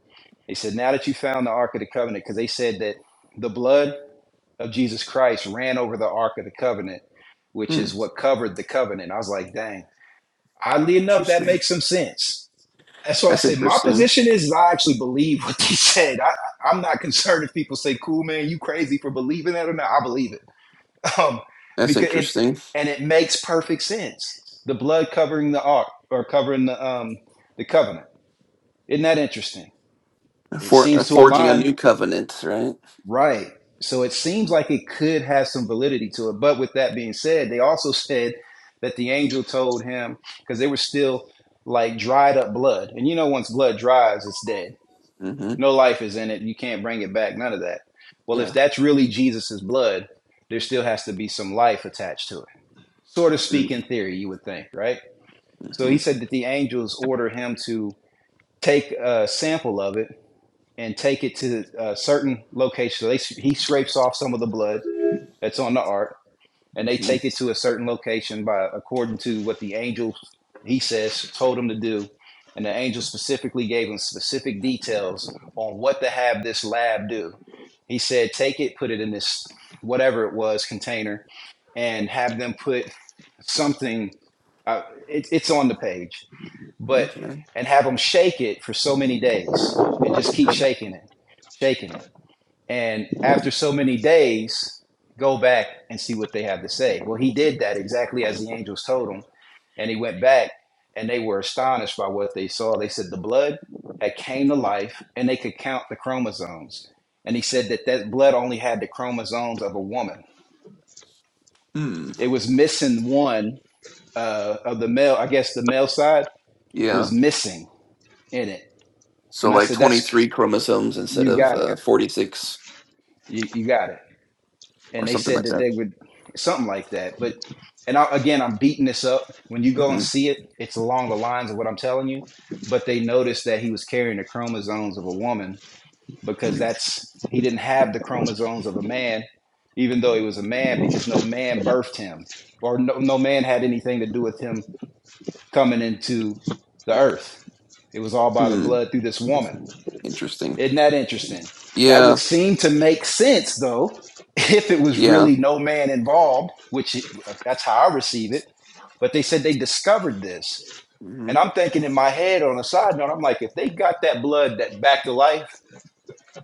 B: They said, Now that you found the Ark of the Covenant, because they said that the blood of Jesus Christ ran over the Ark of the Covenant, which
M: Hmm.
B: is what covered the covenant. I was like, Dang, oddly enough, that
M: Interesting.
B: makes some sense and so I
M: That's
B: said, my
M: interesting.
B: position is is I actually believe what they said. I, I'm not concerned if people say, "Cool, man, you crazy for believing that or not." I believe it um,
M: That's
B: because it
M: interesting.
B: and it makes perfect sense. The blood covering the ark or covering the um, the covenant. Isn't that interesting? It
M: For uh,
B: seems to
M: forging a
B: align,
M: new covenant, right?
B: right? So it seems like it could have some validity to it. But with that being said, they also said that the angel told him because they were still like dried up blood, and you know, once blood dries, it's dead
M: hmm
B: No life is in it. You can't bring it back. None of that. Well, if
M: Yeah.
B: that's really Jesus's blood, there still has to be some life attached to it. Sort of speak in theory, you would think, right? So
M: Mm-hmm.
B: he said that the angels order him to take a sample of it and take it to a certain location. So they, he scrapes off some of the blood that's on the ark and they
M: hmm
B: take it to a certain location by according to what the angel he says told him to do and the angel specifically gave him specific details on what to have this lab do he said take it put it in this whatever it was container and have them put something uh, it, it's on the page but
M: Okay.
B: and have them shake it for so many days and just keep
M: hmm
B: shaking it shaking it and after so many days go back and see what they have to say well he did that exactly as the angels told him and he went back and they were astonished by what they saw they said the blood had came to life and they could count the chromosomes and he said that that blood only had the chromosomes of a woman
M: Hmm.
B: it was missing one uh, of the male i guess the male side was
M: Yeah.
B: missing in it
M: So
B: and i
M: like
B: said that's
M: twenty-three chromosomes instead
B: you
M: of
B: got
M: uh,
B: it
M: forty-six
B: you, you got it
M: or
B: and they
M: something
B: said
M: like
B: that
M: that.
B: they would something like that. But and I, again, I'm beating this up. When you go and
M: Mm-hmm.
B: see it, it's along the lines of what I'm telling you. But they noticed that he was carrying the chromosomes of a woman
M: hmm
B: because
M: mm
B: that's he didn't have the chromosomes of a man, even though he was a man, because no man birthed him, or no, no man had anything to do with him coming into the earth. It was all by the
M: Mm.
B: blood through this woman.
M: Interesting.
B: Isn't that interesting? That would
M: Yeah.
B: seem to make sense, though, if it was
M: Yeah.
B: really no man involved, which it- that's how I receive it. But they said they discovered this.
M: hmm
B: And I'm thinking in my head on a side note, I'm like, if they got that blood that back to life,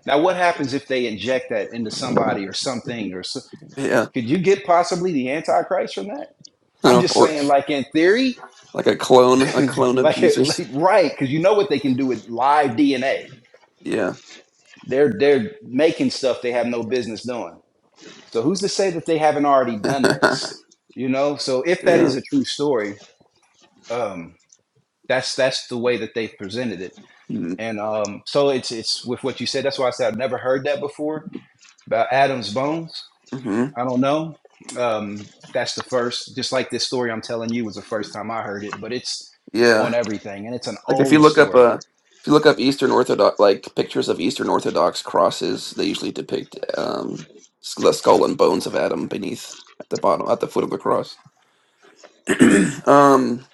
B: now what happens if they inject that into somebody or something? Or so,
M: Yeah.
B: could you get possibly the Antichrist from that? I'm just
M: Or,
B: saying, like in theory,
M: like a clone, a clone of
B: like, it,
M: Jesus.
B: like right, because you know what they can do with live DNA.
M: Yeah,
B: They're they're making stuff they have no business doing. So who's to say that they haven't already
M: yeah,
B: done this? You know, so if that is a true story, um, that's that's the way that they've presented it.
M: mm-hmm.
B: And um, so it's it's with what you said. That's why I said I've never heard that before about Adam's bones.
M: Mm-hmm.
B: I don't know. Um, that's the first. Just like this story I'm telling you was the first time I heard it, but it's on
M: yeah.
B: everything, and it's an
M: Like if you
B: old
M: look up
B: story.
M: uh if you look up Eastern Orthodox, like pictures of Eastern Orthodox crosses, they usually depict um s- the skull and bones of Adam beneath at the bottom, at the foot of the cross. Um,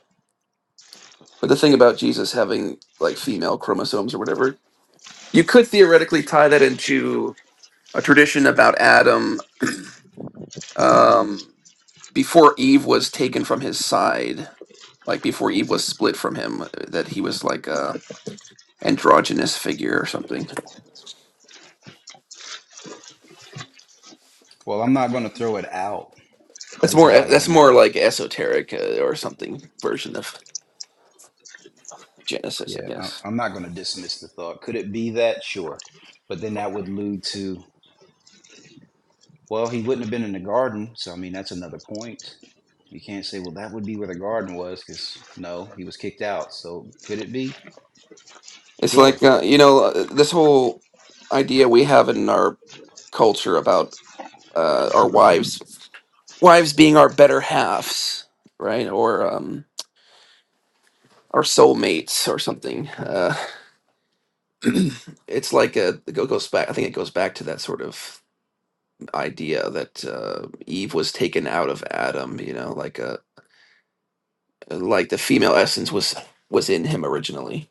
M: but the thing about Jesus having like female chromosomes or whatever, you could theoretically tie that into a tradition about Adam um before Eve was taken from his side like before Eve was split from him, uh, that he was like a androgynous figure or something.
B: Well, I'm not going to throw it out
M: That's more
B: because
M: uh,
B: I
M: that's
B: don't
M: more
B: know.
M: like esoteric uh, or something version of Genesis, I
B: Yeah,
M: guess.
B: I- I'm not going to dismiss the thought. Could it be that? Sure, but then that would lead to Well, he wouldn't have been in the garden, so I mean that's another point. You can't say, well, that would be where the garden was, because no, he was kicked out. So could it be?
M: It's
B: Sure,
M: like uh, you know uh, this whole idea we have in our culture about uh, our wives, wives being our better halves, right, or um, our soulmates or something. Uh, it's like a it goes back. I think it goes back to that sort of. idea that uh, Eve was taken out of Adam, you know, like a like the female essence was was in him originally,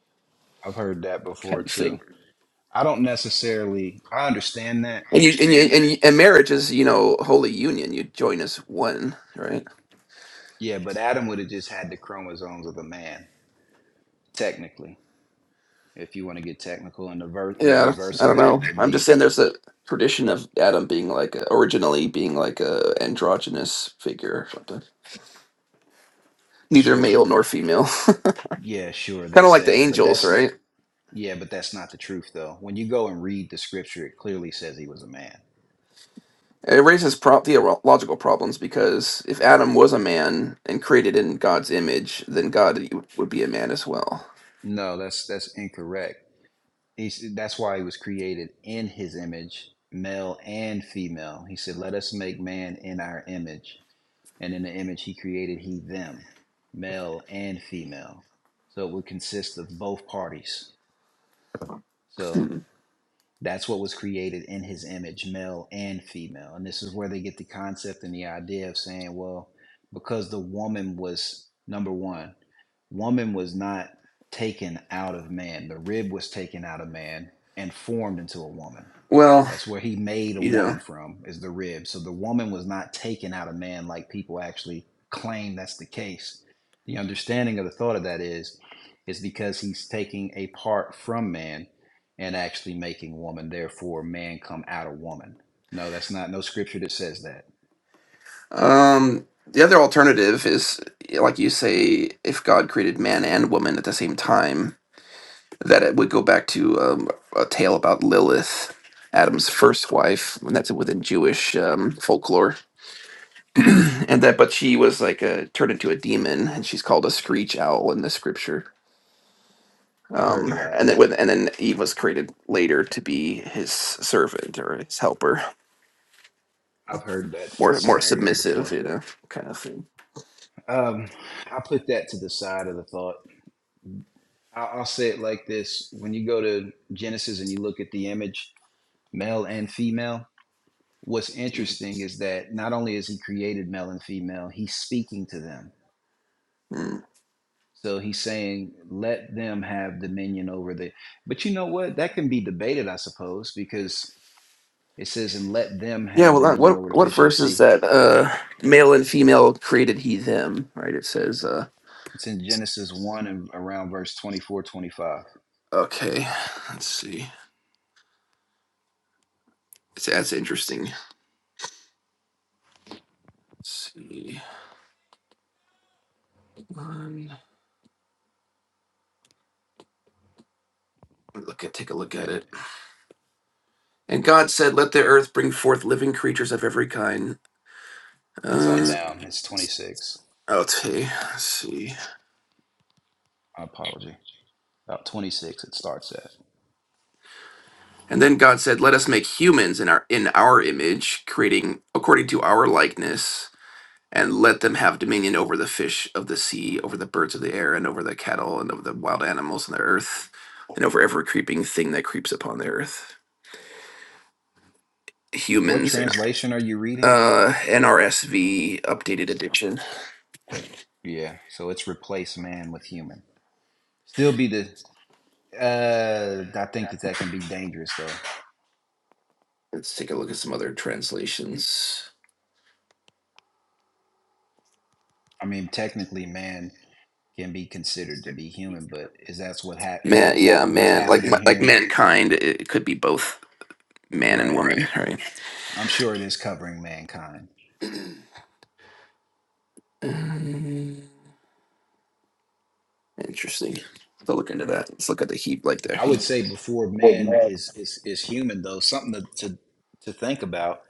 B: I've heard that before
M: kind of
B: too.
M: thing.
B: I don't necessarily, I understand that.
M: And you and you, and, you, and marriage is you know holy union. You join as one, right?
B: Yeah, but Adam would have just had the chromosomes of the man, technically, if you want to get technical. And the ver- the
M: Yeah,
B: reverse
M: I
B: of
M: don't
B: that
M: know.
B: would
M: I'm just
B: be,
M: saying there's a tradition of Adam being like a, originally being like a androgynous figure or something, neither
B: sure,
M: male nor female,
B: yeah, sure, they
M: kind of like the
B: say, but
M: angels,
B: that's
M: right?
B: yeah, but that's not the truth though. When you go and read the scripture, it clearly says he was a man.
M: It raises pro- theological problems because if Adam was a man and created in God's image, then God would be a man as well.
B: No, that's that's incorrect He said that's why he was created in his image, male and female. He said, Let us make man in our image. And in the image he created he them, male and female. So it would consist of both parties. So
M: Hmm.
B: that's what was created in his image, male and female. And this is where they get the concept and the idea of saying, well, because the woman was number one, woman was not taken out of man. The rib was taken out of man and formed into a woman.
M: Well,
B: That's where he made a
M: you know.
B: woman from, is the rib. So the woman was not taken out of man like people actually claim that's the case. The understanding of the thought of that is, is because he's taking a part from man and actually making woman, therefore man come out of woman. No, that's not no scripture that says that.
M: Um, the other alternative is, like you say, if God created man and woman at the same time, that it would go back to um, a tale about Lilith, Adam's first wife, and that's within Jewish um, folklore, and that but she was like a, turned into a demon, and she's called a screech owl in the scripture
B: I've heard
M: Um,
B: of that.
M: and then with and then Eve was created later to be his servant or his helper,
B: I've heard that
M: more more
B: scenario
M: submissive,
B: before.
M: you know, kind of thing.
B: Um, I put that to the side of the thought. I- I'll say it like this: when you go to Genesis and you look at the image, male and female. What's interesting is that not only is he created male and female, he's speaking to them.
M: Mm.
B: So he's saying, "Let them have dominion over the." But you know what? That can be debated, I suppose, because It says, and let them
M: Yeah,
B: have
M: well, that,
B: dominion
M: what
B: over the
M: what
B: fish of the
M: verse is
B: sea.
M: that? Uh, male and female created he them, right? It says, uh,
B: It's in Genesis 1 and around verse twenty-four, twenty-five.
M: okay, let's see. It's that's interesting. Let's see, one, let me look at take a look at
B: Yeah,
M: it. And God said, "Let the earth bring forth living creatures of every kind."
B: it's on
M: Uh,
B: down. It's 26.
M: okay, let's see.
B: My apology. About 26, it starts at.
M: And then God said, "Let us make humans in our in our image, creating according to our likeness, and let them have dominion over the fish of the sea, over the birds of the air, and over the cattle, and over the wild animals on the earth, and over every creeping thing that creeps upon the earth."
B: What
M: Humans,
B: translation are you reading?
M: uh, NRSV updated edition.
B: Yeah, so it's replace man with human. Still be the. Uh, I think that that can be dangerous though.
M: Let's take a look at some other translations.
B: I mean, technically, man can be considered to be human, but is that's what hap- is
M: Man,
B: that
M: yeah,
B: what's
M: man, like
B: happening
M: like
B: here?
M: mankind, it could be both man and
B: Right.
M: woman, right?
B: I'm sure it is covering mankind.
M: Um, Interesting. Have To look into that. Let's look at the Hebrew, like the
B: I would
M: he.
B: say before man is is is human though, something to to, to think about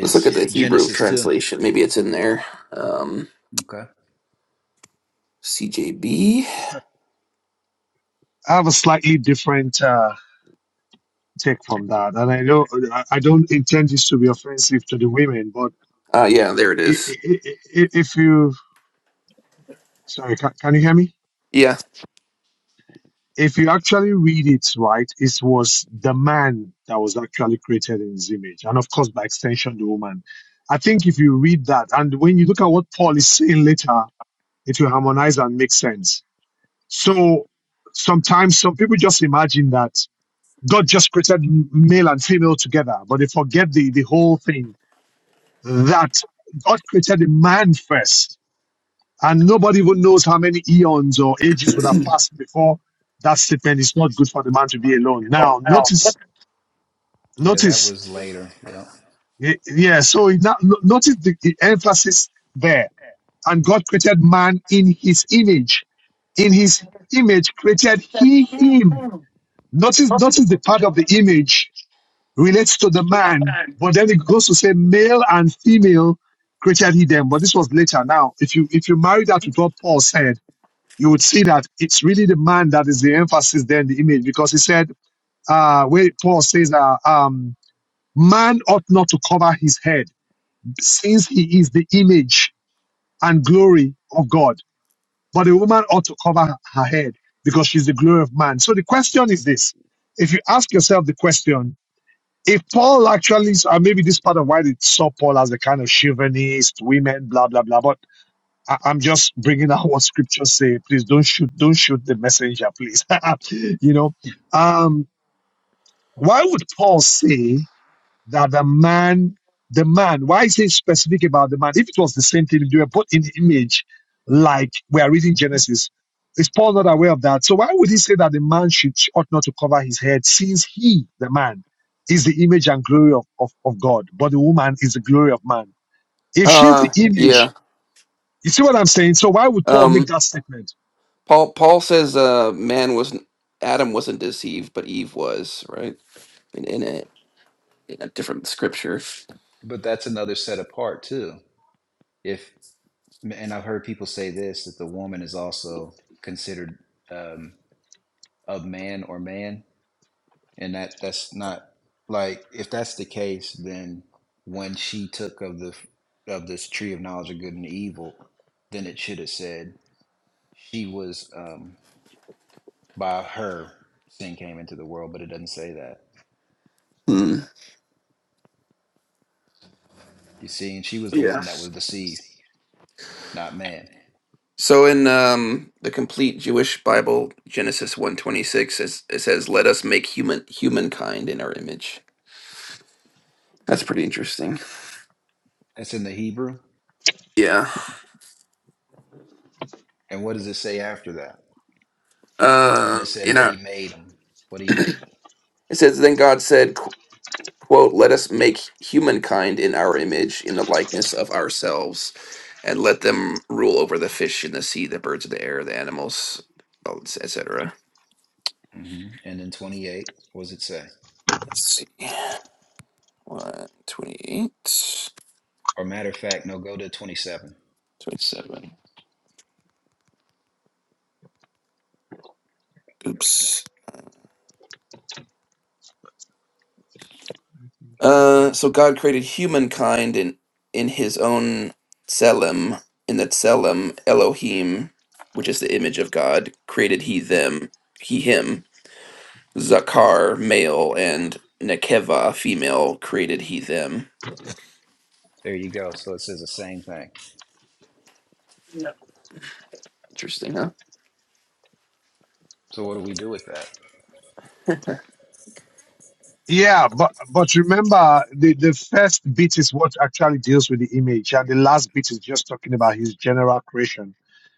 M: Let's look at the Hebrew
B: Genesis two.
M: translation. Maybe it's in there. Um,
B: Okay.
M: CJB.
G: I have a slightly different uh, take from that, and I know I I don't intend this to be offensive to the women, but
M: Uh, yeah, there it
G: i-
M: is.
G: i- i- i- if you sorry can, can you hear me
M: Yeah.
G: if you actually read it right it was the man that was actually created in his image and of course by extension the woman i think if you read that and when you look at what paul is saying later it will harmonize and make sense so sometimes some people just imagine that god just created m- male and female together but they forget the, the whole thing that god created the man first And nobody even knows how many eons or ages would have passed before that statement. It's not good for the man to be alone. Now, notice,
B: Yeah, that
G: notice,
B: was later. Yeah.
G: y- yeah. So it now- no- notice the, the emphasis there. And God created man in His image. In His image created He him. Notice, notice the part of the image relates to the man, but then it goes to say male and female created He them. But this was later. Now, if you if you marry that with what Paul said you would see that it's really the man that is the emphasis there in the image because he said, uh, where Paul says, uh, um, man ought not to cover his head since he is the image and glory of God, but the woman ought to cover her head because she's the glory of man. So the question is this. If you ask yourself the question, if Paul actually, or maybe this part of why they saw Paul as a kind of chauvinist, women, blah, blah, blah, but I, I'm just bringing out what scriptures say. Please don't shoot, don't shoot the messenger, please. you know, um, why would Paul say that the man, the man, why is he specific about the man? If it was the same thing, if they were put in the image, like we are reading Genesis, is Paul not aware of that? So why would he say that the man should ought not to cover his head since he, the man, is the image and glory of, of, of God, but the woman is the glory of man? If she's the
M: Uh,
G: image,
M: yeah.
G: you see what I'm saying? So why would Paul make
M: Um,
G: that statement?
M: Paul. Paul says, uh, man wasn't Adam wasn't deceived, but Eve was, right? In, in a in a different scripture.
B: But that's another set apart too. If and I've heard people say this that the woman is also considered um, of man or man, and that that's not like if that's the case, then when she took of the of this tree of knowledge of good and evil, then it should have said she was. Um, by her sin came into the world, but it doesn't say that.
M: Hmm.
B: You see, and she was the
M: Yeah.
B: one that was deceived, not man.
M: So in um, the complete Jewish Bible, Genesis one twenty six, it says, "Let us make human humankind in our image." That's pretty interesting.
B: That's in the Hebrew.
M: Yeah.
B: And what does it say after that? When it
M: Uh,
B: said
M: in
B: that he
M: our
B: made them, what did he make?
M: it says then God said, qu- "quote Let us make humankind in our image, in the likeness of ourselves, and let them rule over the fish in the sea, the birds of the air, the animals, etc."
B: hmm And then 28, what does it say?
M: Let's see. One twenty-eight,
B: Or matter of fact, no, go to 27.
M: twenty-seven. Oops. Uh, so God created humankind in in His own tselem, in the tselem Elohim, which is the image of God, created He them, He him. Zakar, male, and Nekeva, female, created he them.
B: There you go. So it says the same thing.
M: Interesting, huh?
B: So what do we do with that?
G: Yeah, but but remember the the first bit is what actually deals with the image, and the last bit is just talking about his general creation.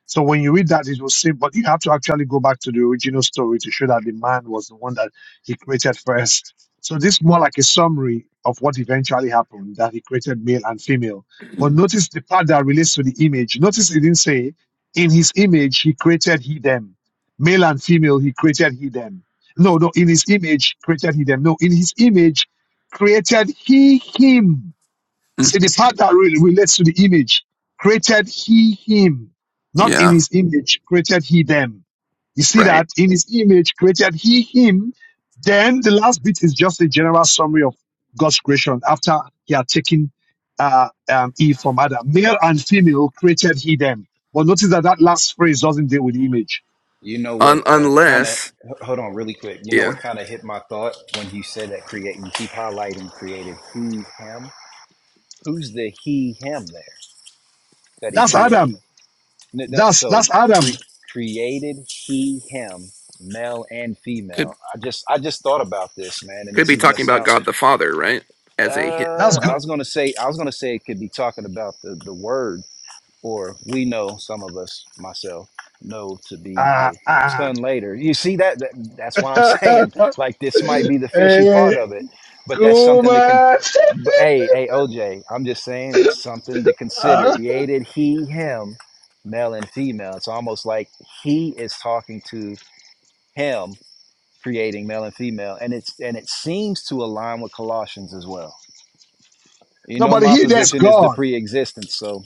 G: So when you read that, it will say, but you have to actually go back to the original story to show that the man was the one that he created first. So this is more like a summary of what eventually happened that he created male and female. But notice the part that relates to the image. Notice it didn't say in his image he created he them, male and female he created he them. No, no, in his image created he them. No, in his image created he him. See the part that re- relates to the image. Created he him. Not in
M: yeah,
G: his image created he them. You see
M: right.
G: that? In his image created he him. Then the last bit is just a general summary of God's creation after he had taken uh, um, Eve from Adam. Male and female created he them. But notice that that last phrase doesn't deal with the image.
B: You know what
M: Un-
B: uh, kind of,
M: unless,
B: hold on really quick. You know
M: yeah,
B: what kind of hit my thought when you said that create, you keep highlighting created he, him. Who's the he, him there that he
G: That's
B: created?
G: Adam.
B: No, no,
G: That's,
B: so
G: that's Adam.
B: cre- created he him male and
M: could
B: female. I just I just thought about this, man, and
M: could
B: this
M: be
B: is gonna
M: talking about
B: sound.
M: God the Father, right?
B: Uh,
M: As a hi-
G: That's
B: I
G: God.
B: was gonna say I was gonna say it could be talking about the the word or we know some of us myself know to be
G: ah,
B: the
G: ah.
B: son later you see that, that that's why i'm saying like this might be the fishy
G: hey,
B: part of it but that's
G: cool,
B: something that can
G: man.
B: but hey hey oj i'm just saying it's something to
G: Huh?
B: consider created he him male and female it's almost like he is talking to him creating male and female and it's and it seems to align with colossians as well you
G: no,
B: know
G: but
B: my
G: he that's
B: position is the
G: God.
B: pre-existence so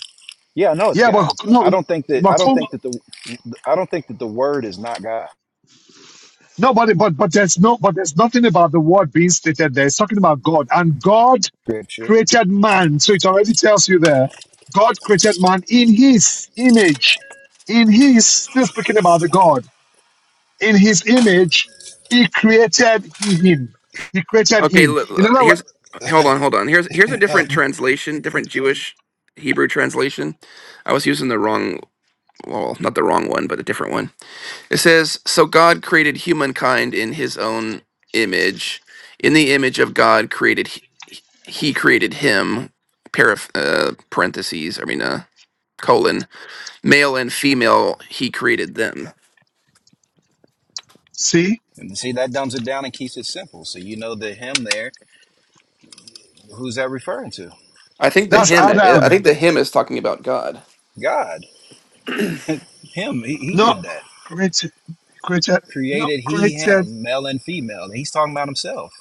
B: yeah, no, it's
G: Yeah,
B: God.
G: but
B: I
G: no,
B: don't think that
G: but
B: I don't
G: cool.
B: think that the I don't think that the word is not God.
G: No, but, but but there's no but there's nothing about the word being stated there. It's talking about God and God
B: Scripture.
G: created man. So it already tells you there. God created man in His image. In His still speaking about the God in His image, He created he him. He created
M: okay.
G: him.
M: L-
G: In
M: l-
G: other words,
M: here's hold on, hold on. Here's here's a different translation, different Jewish Hebrew translation. I was using the wrong, well, not the wrong one, but a different one. It says, "So God created humankind in His own image. In the image of God created." he created him paraph- uh, parentheses i mean uh colon male and female he created them
G: see
B: And see that dumbs it down and keeps it simple. So you know the him there, who's that referring to?
M: i think the
G: that's
M: hymn i
G: Adam.
M: think the hymn is talking about god
B: God. him, he, he
G: not
B: did that.
G: created, created, not
B: Created he
G: created
B: him, male and female. He's talking about himself.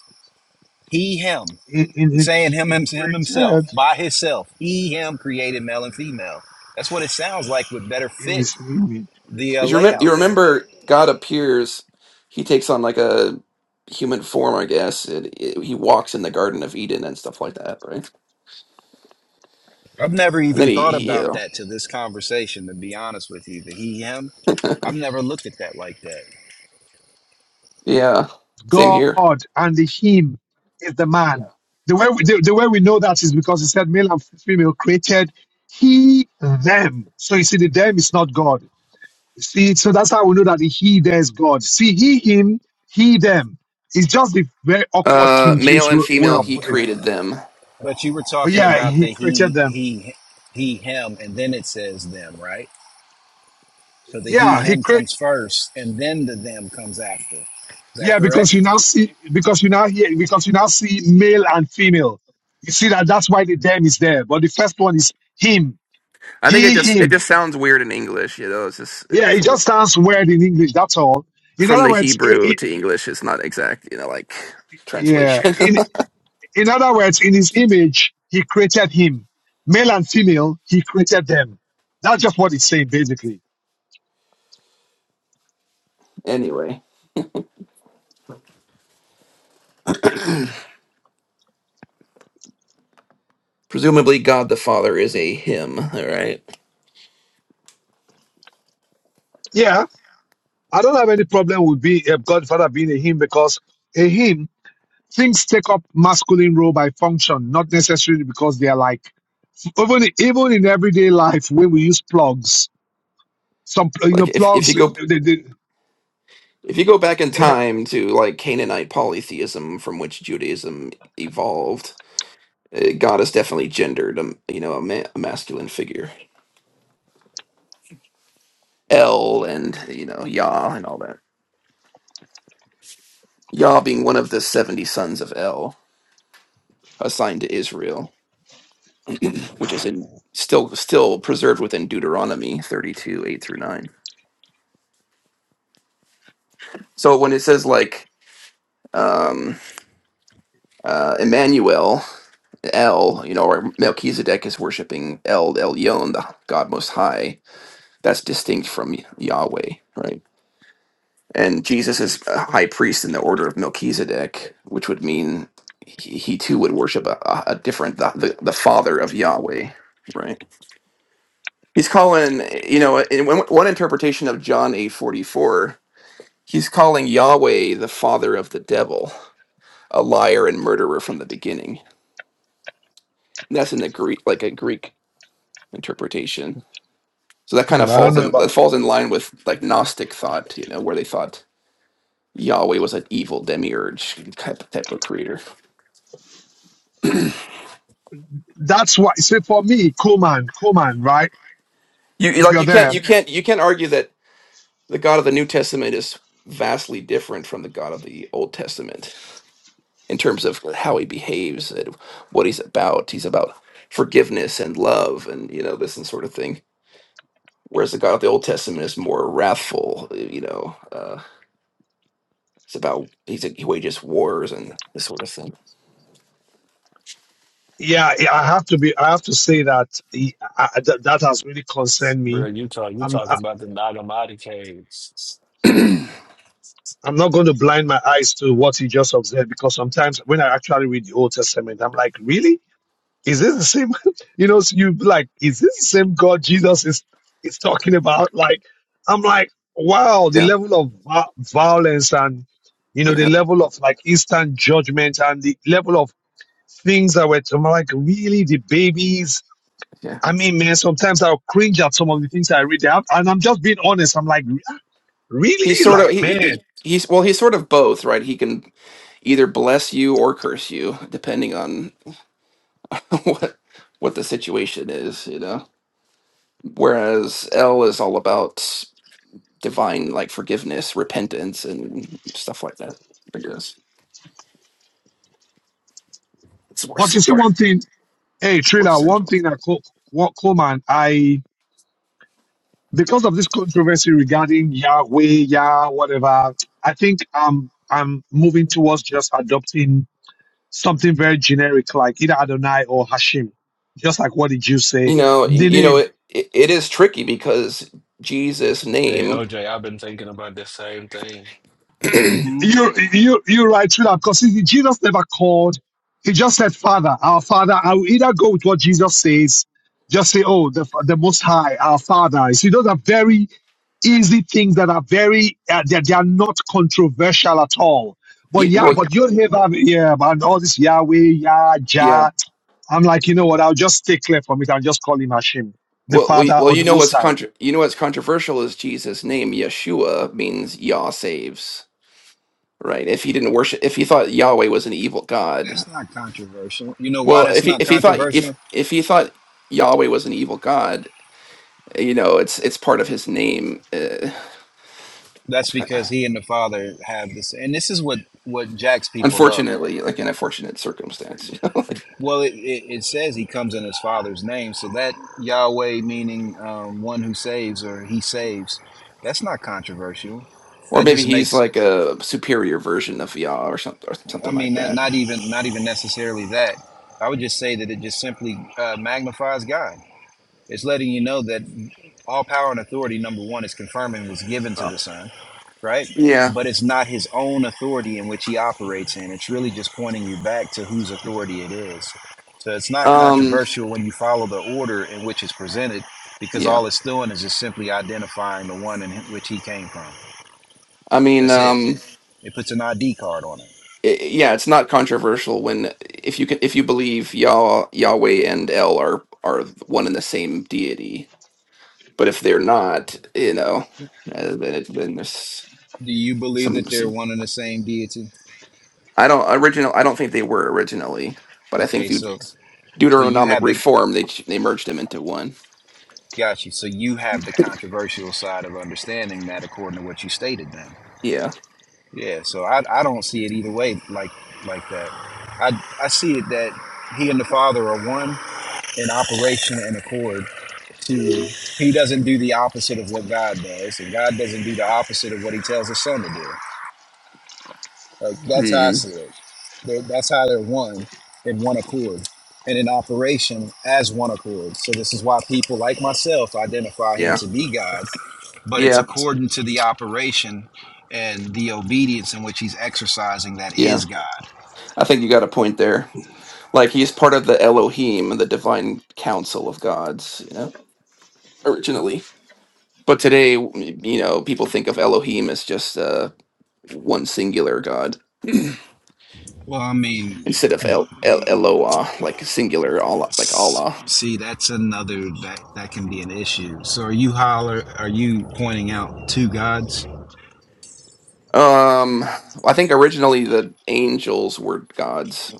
B: He him.
G: in, in
B: It's
G: him.
B: saying him
G: He
B: him, him himself
G: created
B: by himself. He him created male and female. That's what it sounds like would better
G: in
B: fit
G: his image.
B: the
G: Chris.
B: uh,
M: because you, remem-
G: He-
M: you
B: layout there.
M: remember god appears he takes on like a human form i guess and it, he walks in the garden of eden and stuff like that right
B: I've never
M: and then
B: even
M: he,
B: thought
M: he you
B: about
M: know,
B: that to this conversation, to be honest with you. The he, him. I've never looked at that like that.
M: yeah same
G: God
M: here
G: and the him is the man. The way we, the, the way we know that is because he said male and female created he them. So you see, the them is not God. See, so that's how we know that the he there is God. See, he him, he them. It's just the very awkward
M: uh
G: King James
M: male and
G: way way
M: female
G: of
M: he
G: putting. it.
M: created them
B: But you were
G: Oh
B: talking
G: yeah,
B: about
G: he
B: the
G: created
B: he,
G: them.
B: he, he, him, and then it says them, right? So the he,
G: Yeah, he
B: him
G: created.
B: comes first, and then the them comes after. Is that
G: Yeah,
B: correct?
G: because you now see, because you now hear, because you now see male and female. You see that that's why the them is there. But the first one is him,
M: i think it
G: he,
M: just it
G: him.
M: just sounds weird in english you know it's just uh,
G: Yeah, it
M: from
G: just sounds weird in English. That's all. In
M: from
G: other
M: the
G: words, it,
M: Hebrew
G: it,
M: to English is not exact, you know, like
G: yeah.
M: translation.
G: In in other words, in his image, he created him, male and female. He created them. That's just what it's saying, basically.
M: anyway, presumably God the Father is a him, all right?
G: Yeah, I don't have any problem with being uh, Godfather being a him because a him things take up masculine role by function, not necessarily because they are like even even in everyday life when we use plugs some you know
M: Like if if
G: plugs
M: you
G: they,
M: go
G: they,
M: if you go back in
G: they, have,
M: time to like Canaanite polytheism from which Judaism evolved, eh, God is definitely gendered, um, you know, a, ma- a masculine figure. El and, you know, Yah and all that. Yah being one of the 70 sons of El assigned to Israel, which is in still still preserved within Deuteronomy 32, 8 through 9. So when it says like um uh Emmanuel El, you know, or Melchizedek is worshiping El Elyon, the God Most High, that's distinct from Yahweh, right? And Jesus is a high priest in the order of Melchizedek, which would mean he, he too would worship a, a a different the, the, the father of Yahweh, right? He's calling, you know, in one one interpretation of John 8:44, he's calling Yahweh the father of the devil, a liar and murderer from the beginning And that's in the Greek, like a Greek interpretation. So that kind
G: Hmm,
M: of
G: I don't
M: falls
G: know
M: in that
G: about.
M: falls in line with like Gnostic thought, you know, where they thought Yahweh was an evil demiurge type type of creator.
G: that's why so for me coleman coleman right
M: You you-
G: if
M: like
G: you're
M: you can't
G: there
M: you can't you can't argue that the God of the New Testament is vastly different from the God of the Old Testament in terms of how he behaves and what he's about. He's about forgiveness and love and you know this and sort of thing. Whereas the God of the Old Testament is more wrathful, you know. uh, It's about he's a, he wages wars and this sort of thing.
G: yeah yeah, i have to be i have to say that he- I, I- that, that has really concerned
L: Bro,
G: me
L: you talk you
G: i'm
L: talking
G: I,
L: about the Nagamati caves.
G: i'm not going to blind my eyes to what he just observed because sometimes when i actually read the old testament i'm like really is this the same you know so you like is this the same god jesus is is talking about like i'm like wow the
M: Yeah,
G: level of vi- violence and you know the
M: yeah,
G: level of like instant judgment and the level of things that were I'm like really the babies
M: yeah.
G: i mean man sometimes i'll cringe at some of the things i read out and i'm just being honest i'm like
M: He's
G: really
M: sort
G: like
M: of he,
G: man
M: he he's well he's sort of both, right? He can either bless you or curse you depending on what what the situation is, you know. Whereas L is all about divine like forgiveness, repentance and stuff like that. I guess it's more
G: but you see
M: more
G: one thing hey
M: more
G: trailer one
M: central.
G: thing that Co- Co- coleman i because of this controversy regarding Yahweh, Yah, whatever, I think I'm I'm moving towards just adopting something very generic like either Adonai or Hashim. Just like what the you
M: You
G: say?
M: know, y-
G: The
M: you know
G: name.
M: it it, it is tricky because Jesus
L: Hey
M: name
L: OJ, I've been thinking about the same thing.
B: hmm
G: You you you're right to that because Jesus never called. He just said, Father, our Father. I will either go with what Jesus says, just say, Oh, the the Most High, our Father. You see, those are very easy things that are very uh, they, they are not controversial at all. But
M: you,
G: yeah,
M: well
G: but you'd hear that yeah, and all this Yahweh, Yah,
M: yeah.
G: Jah. I'm like, you know what? I'll just stay clear from it and just call him Hashem, the
M: Well, well, you-
G: father
M: well,
G: or
M: you
G: the
M: know
G: Most
M: what's
G: High,
M: contra- you know what's controversial is Jesus' name Yeshua means Yah saves, right? If he didn't worship, if he thought Yahweh was an evil
B: That's
M: god,
B: not controversial. You know why
M: well,
B: that's
M: if he
B: not
M: if he thought if
B: controversial?
M: if he thought Yahweh was an evil god, you know, it's it's part of his name. Uh,
B: That's because he and the father have this, and this is what what jacks people up
M: unfortunately, like an unfortunate circumstance, you know? like,
B: Well, it, it, it says he comes in his father's name. So that Yahweh, meaning um, one who saves or he saves, that's not controversial.
M: or
B: That
M: maybe
B: just
M: he's
B: makes,
M: like a superior version of Yah or something or
B: I
M: something
B: mean,
M: like
B: not,
M: that.
B: not even not even necessarily that. I would just say that it just simply uh, magnifies God. It's letting you know that all power and authority, number one, is confirming was given to
M: So,
B: the Son. right?
M: yeah.
B: But it's not his own authority in which he operates in. It's really just pointing you back to whose authority it is. So it's not
M: Um.
B: controversial when you follow the order in which it's presented, because
M: Yeah.
B: all it's doing is just simply identifying the one in which he came from.
M: I mean.
B: That's it.
M: Um.
B: It puts an ID card on it.
M: i- yeah, it's not controversial when if you can if you believe Yah Yahweh and El are are one and the same deity. But if they're not, you know, uh, then it, then there's
B: Do you believe
M: some
B: that they're
M: some.
B: one and the same deity?
M: I don't original. I don't think they were originally, but I think
B: Okay,
M: through
B: so so you
M: Deuteronomic
B: have the
M: reform they ch- they merged them into one.
B: got you. So you have the controversial side of understanding that according to what you stated then
M: Yeah.
B: Yeah, so I I don't see it either way like like that. I I see it that he and the Father are one in operation and accord to he doesn't do the opposite of what God does, and God doesn't do the opposite of what he tells his son to do. Like that's how I
M: Hmm.
B: see it. They, that's how they're one in one accord and in operation as one accord. So this is why people like myself identify him
M: Yeah.
B: to be God, but it's
M: Yeah.
B: according to the operation and the obedience in which he's exercising that
M: Yeah.
B: is God
M: I think you got a point there. Like he's part of the Elohim, the divine council of gods. You know, originally. But today, w- you know, people think of Elohim as just uh, one singular God
B: Well, I mean,
M: instead of El, El Eloah, like singular Allah, like
B: s-
M: Allah.
B: see, that's another that that can be an issue. So, are you holler? Are you pointing out two gods?
M: Um, I think originally the angels were gods.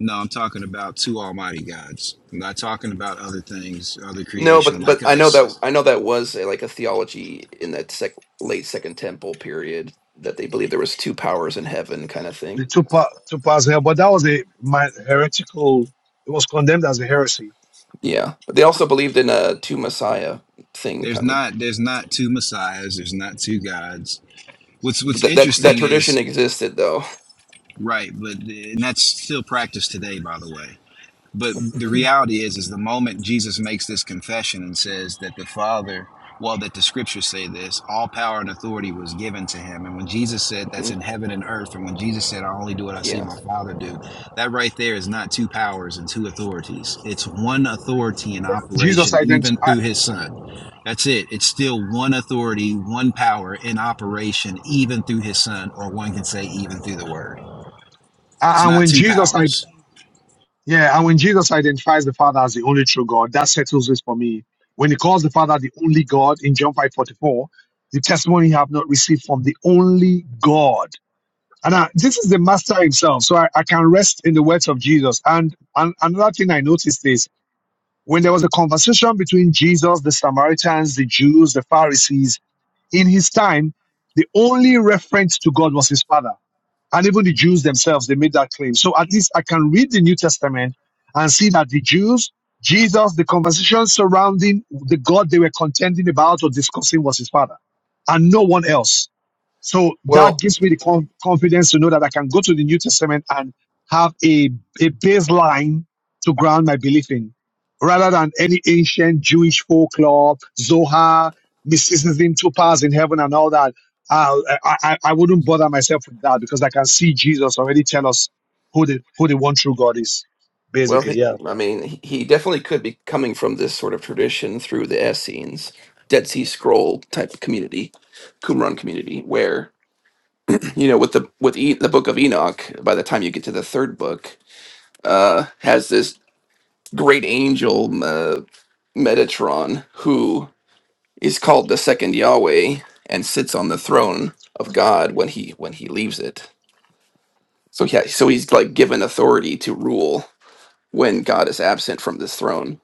B: No, I'm talking about two almighty gods. I'm not talking about other things, other
M: No,
B: creation
M: but but
B: like
M: I know
B: us.
M: that I know that was a, like a theology in that sec, late Second Temple period that they believed there was two powers in heaven, kind of
G: the
M: thing.
G: two pa- two parts here. But that was a my heretical. It was condemned as a heresy.
M: Yeah, but they also believed in a two Messiah thing
B: There's
M: coming.
B: not there's not two messiahs. There's not two gods. What's what's
M: That that that
B: interesting
M: tradition
B: is
M: existed though.
B: right, but and that's still practiced today, by the way. But the reality is, is the moment Jesus makes this confession and says that the Father, well, that the scriptures say this, all power and authority was given to him. And when Jesus said that's
M: Mhm.
B: in heaven and earth, and when Jesus said, I only do what I see
M: Yeah.
B: my Father do, that right there is not two powers and two authorities. It's one authority in
G: Jesus
B: operation,
G: ident-
B: even
G: I,
B: through his Son. That's it. It's still one authority, one power in operation, even through his Son, or one can say, even through the Word.
G: I-
B: It's
G: and
B: not
G: when
B: two
G: Jesus
B: powers.
G: Yeah, and when Jesus identifies the Father as the only true God, that settles this for me. When he calls the Father the only God in John 5:44, the testimony you have not received from the only God. And I, this is the Master himself, so I, I can rest in the words of Jesus. And, and another thing I noticed is when there was a conversation between Jesus, the Samaritans, the Jews, the Pharisees, in his time, the only reference to God was his Father. And even the Jews themselves, they made that claim. So at least I can read the New Testament and see that the Jews, Jesus, the conversation surrounding the God they were contending about or discussing was his father and no one else. So that
M: Well,
G: gives me the conf- confidence to know that I can go to the New Testament and have a, a baseline to ground my belief in rather than any ancient Jewish folklore, Zohar, mysticism, two powers in heaven and all that. Uh, I, I, I wouldn't bother myself with that because I can see Jesus already tell us who the, who the one true God is,
M: Well,
G: basically.
M: he,
G: Yeah.
M: I mean, he definitely could be coming from this sort of tradition through the Essenes, Dead Sea Scroll type community, Qumran community, where you know, with the with e- the Book of Enoch, by the time you get to the third book, uh, has this great angel uh, Metatron who is called the second Yahweh and sits on the throne of God when he when he leaves it. So yeah, so he's like given authority to rule when God is absent from this throne.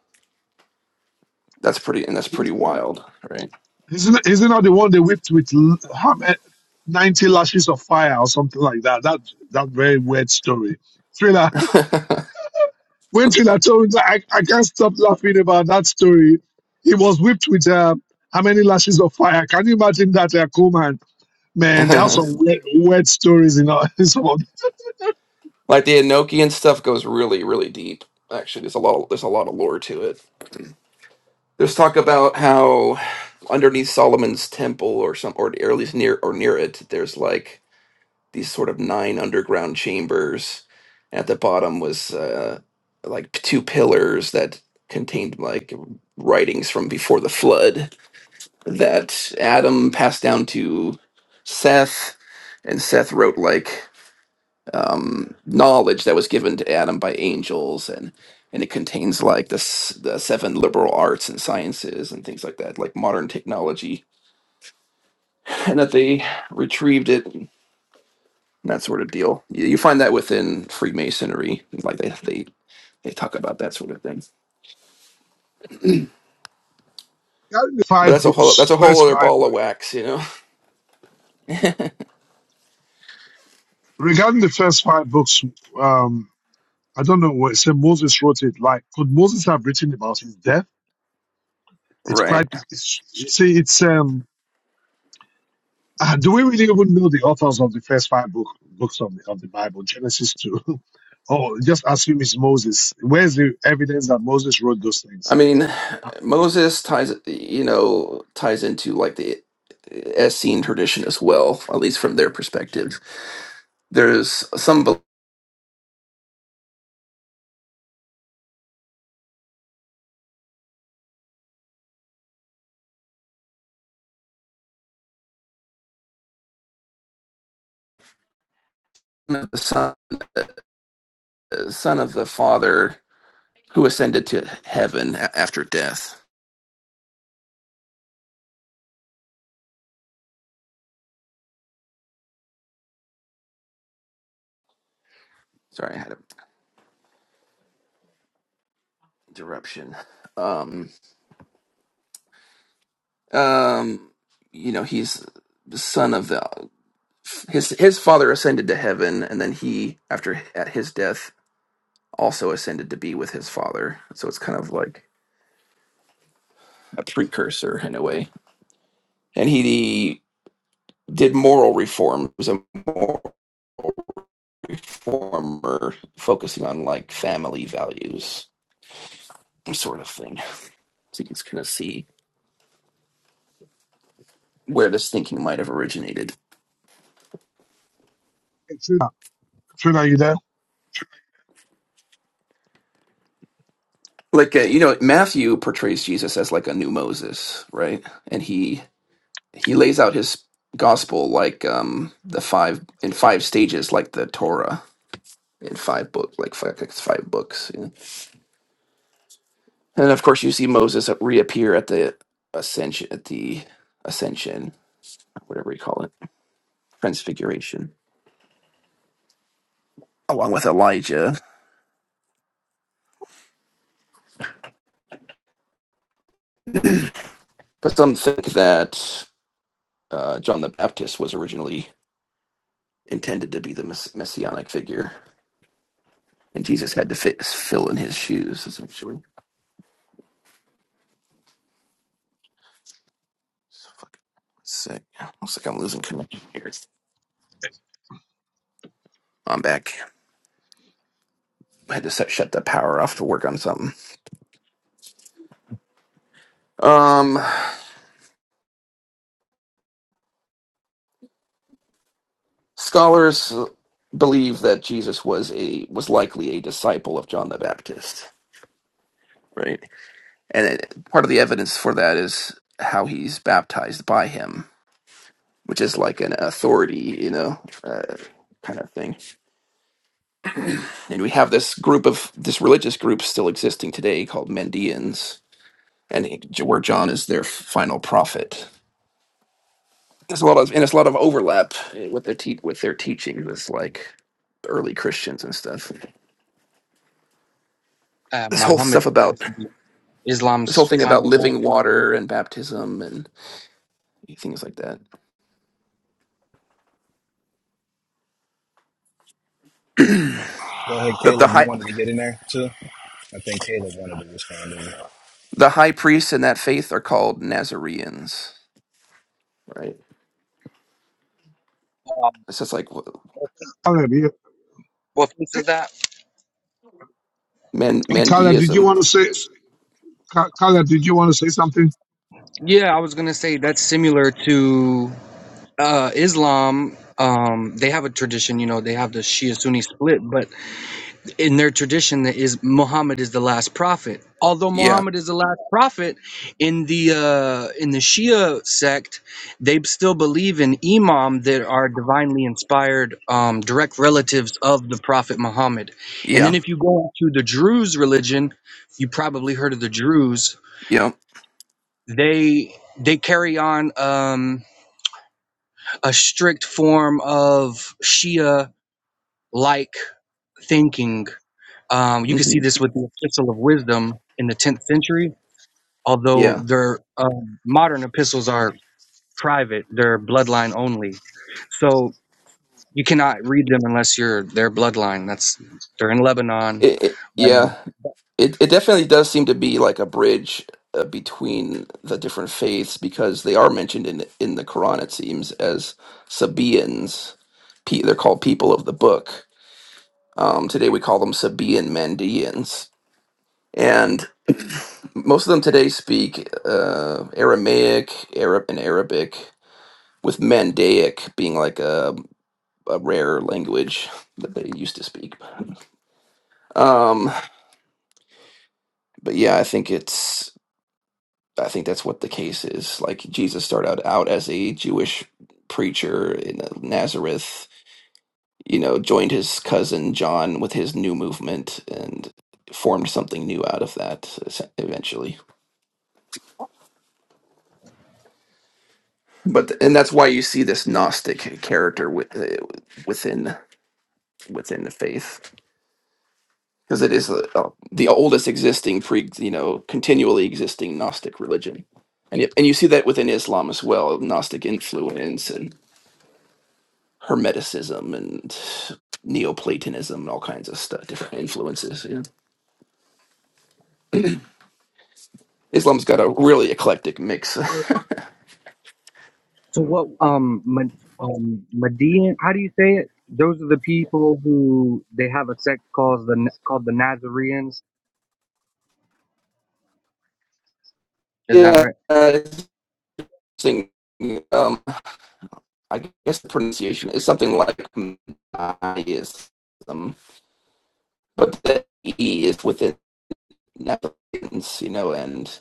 M: That's pretty, and that's pretty wild, right?
G: Isn't, isn't that the one they whipped with l- how ma- 90 lashes of fire or something like that? That, that very weird story thriller.
M: like
G: when Trina told me, like, I, I can't stop laughing about that story. He was whipped with uh, how many lashes of fire? Can you imagine that, uh, cool man? Man, they have some weird, weird stories in, our, in some of them.
M: the Enochian stuff goes really, really deep. Actually, there's a lot. There's a lot of lore to it. There's talk about how underneath Solomon's temple, or some, or, at least near or near it, there's like these sort of nine underground chambers. At the bottom was uh, like two pillars that contained like writings from before the flood that Adam passed down to Seth, and Seth wrote like um, knowledge that was given to Adam by angels, and and it contains like the s- the seven liberal arts and sciences and things like that, like modern technology, and that they retrieved it and that sort of deal. You, you find that within Freemasonry, like they they they talk about that sort of thing.
G: Regarding the
M: But
G: five
M: that's a whole that's
G: books,
M: a whole
G: first
M: other
G: five,
M: ball of wax, you know.
G: regarding the first five books, um, I don't know what, say Moses wrote it. Like, could Moses have written about his death? It's quite,
M: Right.
G: it's, you see, it's, um, Uh, do we really even know the authors of the first five book, books of the, of the Bible, Genesis to, oh, just assume it's Moses. Where's the evidence that Moses wrote those
M: I
G: things?
M: mean, Moses ties you know ties into like the Essene tradition as well, at least from their perspective there's some belief of the son, son of the father who ascended to heaven a- after death. Sorry, I had a interruption. Um, um, you know, he's the son of the his his father ascended to heaven, and then he, after at his death, also ascended to be with his father. So it's kind of like a precursor in a way. And he did moral reform. Was a moral reformer, focusing on like family values, sort of thing. So you can kind of see where this thinking might have originated.
G: Trina, Trina, are you there?
M: Like uh, you know, Matthew portrays Jesus as like a new Moses, right? And he he lays out his gospel like um the five in five stages, like the Torah in five books, like five, like five books. yeah. And of course, you see Moses reappear at the ascension, at the ascension, whatever you call it, transfiguration, along with Elijah. But some think that uh, John the Baptist was originally intended to be the mess- messianic figure, and Jesus had to fit, fill in his shoes. Essentially, so fucking sick. Looks like I'm losing connection here. I'm back. I had to set, shut the power off to work on something. Um, scholars believe that Jesus was a was likely a disciple of John the Baptist, right? And it, part of the evidence for that is how he's baptized by him, which is like an authority, you know, uh, kind of thing And we have this group of this religious group still existing today called Mendeans, and he- where John is their final prophet. There's a lot of and it's a lot of overlap eh, with their te- with their teaching with like early Christians and stuff.
N: uh,
M: This whole
N: Muhammad,
M: stuff about this whole
N: Islam's
M: thing about
N: final.
M: living water and baptism and things like that.
B: Go ahead,
M: The the
B: Caleb. You
M: high
B: wanted to get in there too? I think Taylor wanted to respond to it.
M: the high priests in that faith are called Nazareans, right?
N: Um,
M: It's just like wh-
G: Caleb, you,
N: what piece is that?
M: men
G: hey, Caleb, did you
M: Mendeism.
G: want to say, Ca- Caleb, did you want to say something?
N: Yeah, I was gonna say that's similar to uh, Islam. Um, they have a tradition, you know, they have the Shia Sunni split, but in their tradition that is Muhammad is the last prophet. Although
M: Yeah,
N: Muhammad is the last prophet, in the uh, in the Shia sect, they still believe in imam that are divinely inspired, um, direct relatives of the prophet Muhammad. And
M: yeah,
N: then if you go to the Druze religion, you probably heard of the Druze.
M: yeah,
N: They they carry on um, a strict form of Shia like thinking Um, you can see
M: hmm
N: this with the Epistle of Wisdom in the 10th century,
M: yeah.
N: although their um, modern epistles are private, they're bloodline only. So you cannot read them unless you're their bloodline. That's they're in Lebanon
M: It, it,
N: right
M: yeah,
N: now.
M: it it definitely does seem to be like a bridge uh, between the different faiths because they are mentioned in in the Quran. It seems as Sabaeans, Pe- they're called people of the book. Um, today we call them Sabaean Mandeans, and most of them today speak uh, Aramaic, Arab, and Arabic, with Mandaic being like a a rare language that they used to speak. Um, but yeah, I think it's I think that's what the case is. Like Jesus started out, out as a Jewish preacher in Nazareth, you know, joined his cousin John with his new movement and formed something new out of that es- eventually. But and that's why you see this Gnostic character with, uh, within within the faith because it is the, uh, the oldest existing pre you know continually existing Gnostic religion. And, yet- and you see that within Islam as well, Gnostic influence and. Hermeticism and Neoplatonism and all kinds of stuff, different influences. Yeah. Islam's got a really eclectic mix.
N: So what um, Ma- um Median? How do you say it? Those are the people who they have a sect called the called the Nazareans. Is that
M: yeah,
N: right?
M: it's interesting. Um, I guess the pronunciation is something like Maniaism, but the E is within Nephilim's, you know, and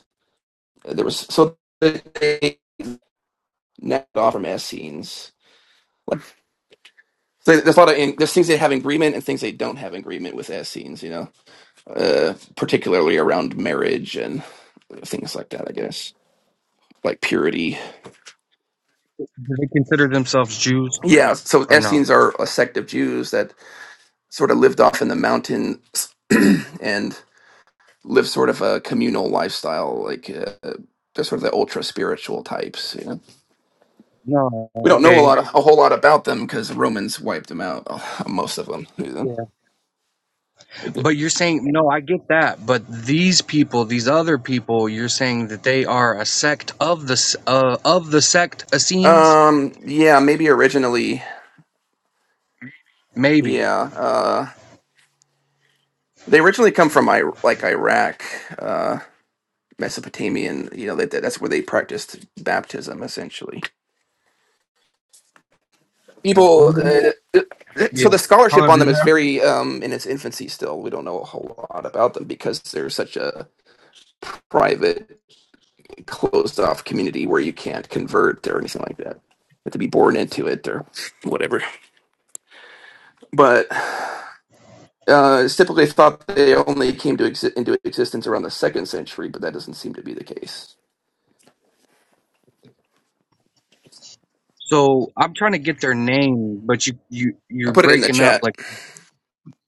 M: there was so they knocked off from Essenes. Like, so there's a lot of in, there's things they have in agreement and things they don't have in agreement with Essenes, you know, uh, particularly around marriage and. things like that, I guess, like purity.
N: Do they consider themselves Jews
M: Yeah, so
N: or no?
M: Essenes are a sect of Jews that sort of lived off in the mountains and lived sort of a communal lifestyle, like uh, they're sort of the ultra spiritual types. You know,
N: No.
M: we don't know a
N: Okay.
M: lot, of, a whole lot about them because the Romans wiped them out, uh, most of them. you know.
N: But you're saying, no, I get that. But these people, these other people, you're saying that they are a sect of the s- uh, of the sect Essenes,
M: Um, yeah, maybe originally,
N: maybe.
M: yeah, uh, they originally come from I- like Iraq, uh, Mesopotamian. You know, that that's where they practiced baptism essentially. people uh, so
N: Yeah.
M: the scholarship
G: Caleb,
M: on
G: you
M: them is
G: there? Are
M: very um in its infancy still we don't know a whole lot about them because they're such a private closed off community where you can't convert or anything like that you have to be born into it or whatever but uh it's typically thought they only came to exi- into existence around the second century but that doesn't seem to be the case
N: So I'm trying to get their name, but you you
M: i
N: you're
M: put it in the
N: breaking up.
M: chat
N: Like,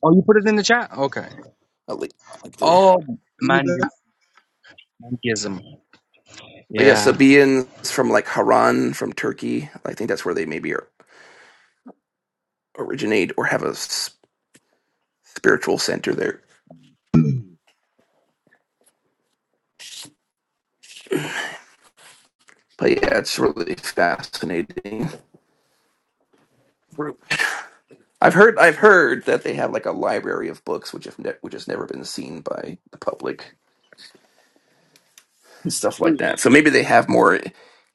N: oh, you put it in the chat. Okay.
M: at least there
N: Oh,
G: you there?
N: Manichaeism.
M: but yeah
N: Yeah.
M: sabaeans from like haran from turkey i think that's where they maybe are, originate or have a spiritual center there. But yeah, it's really fascinating. I've heard I've heard that they have like a library of books which have ne- which has never been seen by the public and stuff like that.
N: Jews.
M: So maybe they have more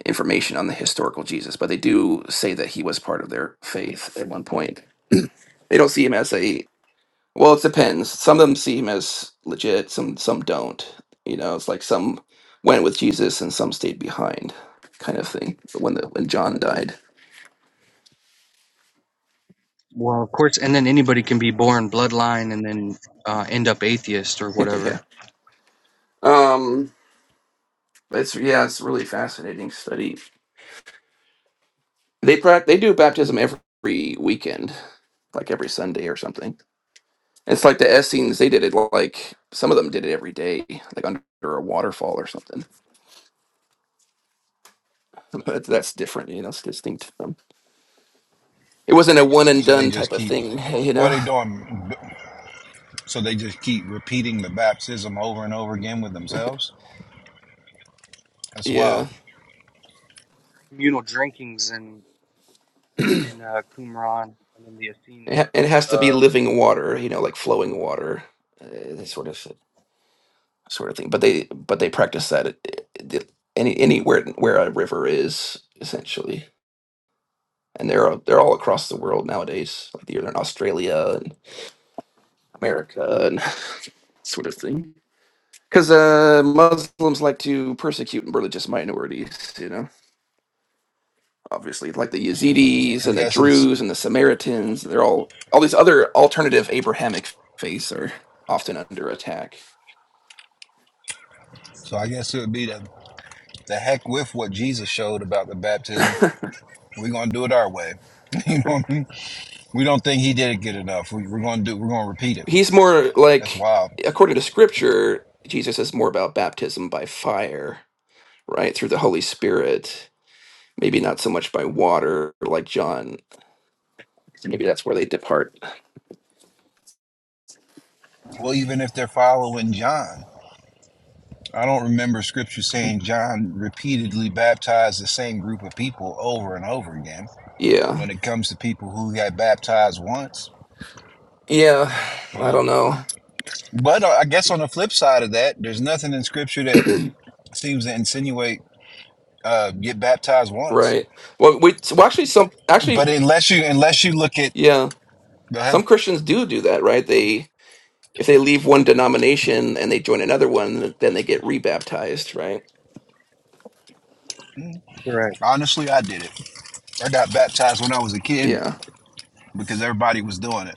M: information on the historical Jesus, but they do say that he was part of their faith at one point. They don't see him as a well, it depends. Some of them see him as legit, some some don't. You know, it's like some went with Jesus and some stayed behind kind of thing when the when John died.
N: Well, of course, and then anybody can be born bloodline and then uh, end up atheist or whatever.
M: yeah. Um It's yeah, it's a really fascinating study. They prac they do baptism every weekend, like every Sunday or something. It's like the Essenes, they did it like some of them did it every day, like under a waterfall or something. But that's different, you know, it's distinct. from- them. It wasn't a one and
B: So they
M: done
B: just
M: type of
B: keep
M: thing, you
B: what are
M: know.
B: they doing. So they just keep repeating the baptism over and over again with themselves. That's wild.
M: Yeah,
N: Communal drinkings and. in uh, Qumran and in the
M: it,
N: Essene.
M: ha- it has to be
N: Uh,
M: living water, you know, like flowing water, uh, that sort of sort of thing. But they but they practice that at, at- at any anywhere where a river is essentially. and they're they're all across the world nowadays. Like they're in Australia and America and that sort of thing. Because uh, Muslims like to persecute religious minorities, you know. Obviously, like the Yazidis
B: I
M: and the
B: guess it's
M: Druze and the Samaritans, they're all all these other alternative Abrahamic faiths are often under attack.
B: so. I guess it would be the the heck with what Jesus showed about the baptism. We're gonna do it our way. You know what I mean? We don't think he did it good enough. We, we're gonna do. We're gonna repeat it.
M: He's more
B: That's
M: like,
B: wild.
M: according to Scripture, Jesus is more about baptism by fire, right, through the Holy Spirit. Maybe not so much by water, like John Maybe that's where they depart.
B: Well, even if they're following John, I don't remember scripture saying John repeatedly baptized the same group of people over and over again
M: Yeah.
B: when it comes to people who got baptized once.
M: Yeah. I
B: Well,
M: don't know.
B: but uh, I guess on the flip side of that, there's nothing in scripture that seems to insinuate uh, get baptized once.
M: Right. Well, we well, actually some actually
B: But unless you unless you look at
M: yeah,
B: go ahead.
M: some Christians do do that, right? They if they leave one denomination and they join another one, then they get rebaptized, right?
B: Mm.
N: Correct.
B: Honestly, I did it. I got baptized when I was a kid
M: Yeah.
B: because everybody was doing it.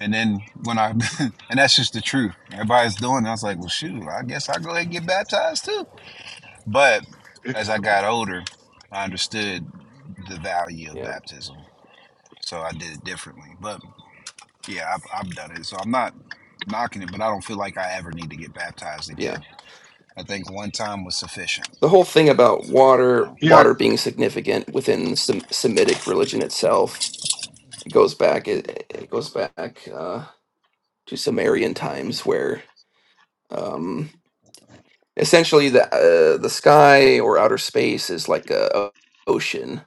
B: And then when I and that's just the truth. Everybody's doing it. I was like, well shoot, I guess I'll go ahead and get baptized too. But as I got older, I understood the value of
M: Yeah.
B: baptism So I did it differently. But yeah, I've, I've done it. So I'm not knocking it, but I don't feel like I ever need to get baptized again.
M: Yeah.
B: I think one time was sufficient.
M: The whole thing about water
G: Yeah,
M: water being significant within Sem- Semitic religion itself goes back it, it goes back uh, to Sumerian times where um essentially the uh, the sky or outer space is like a a ocean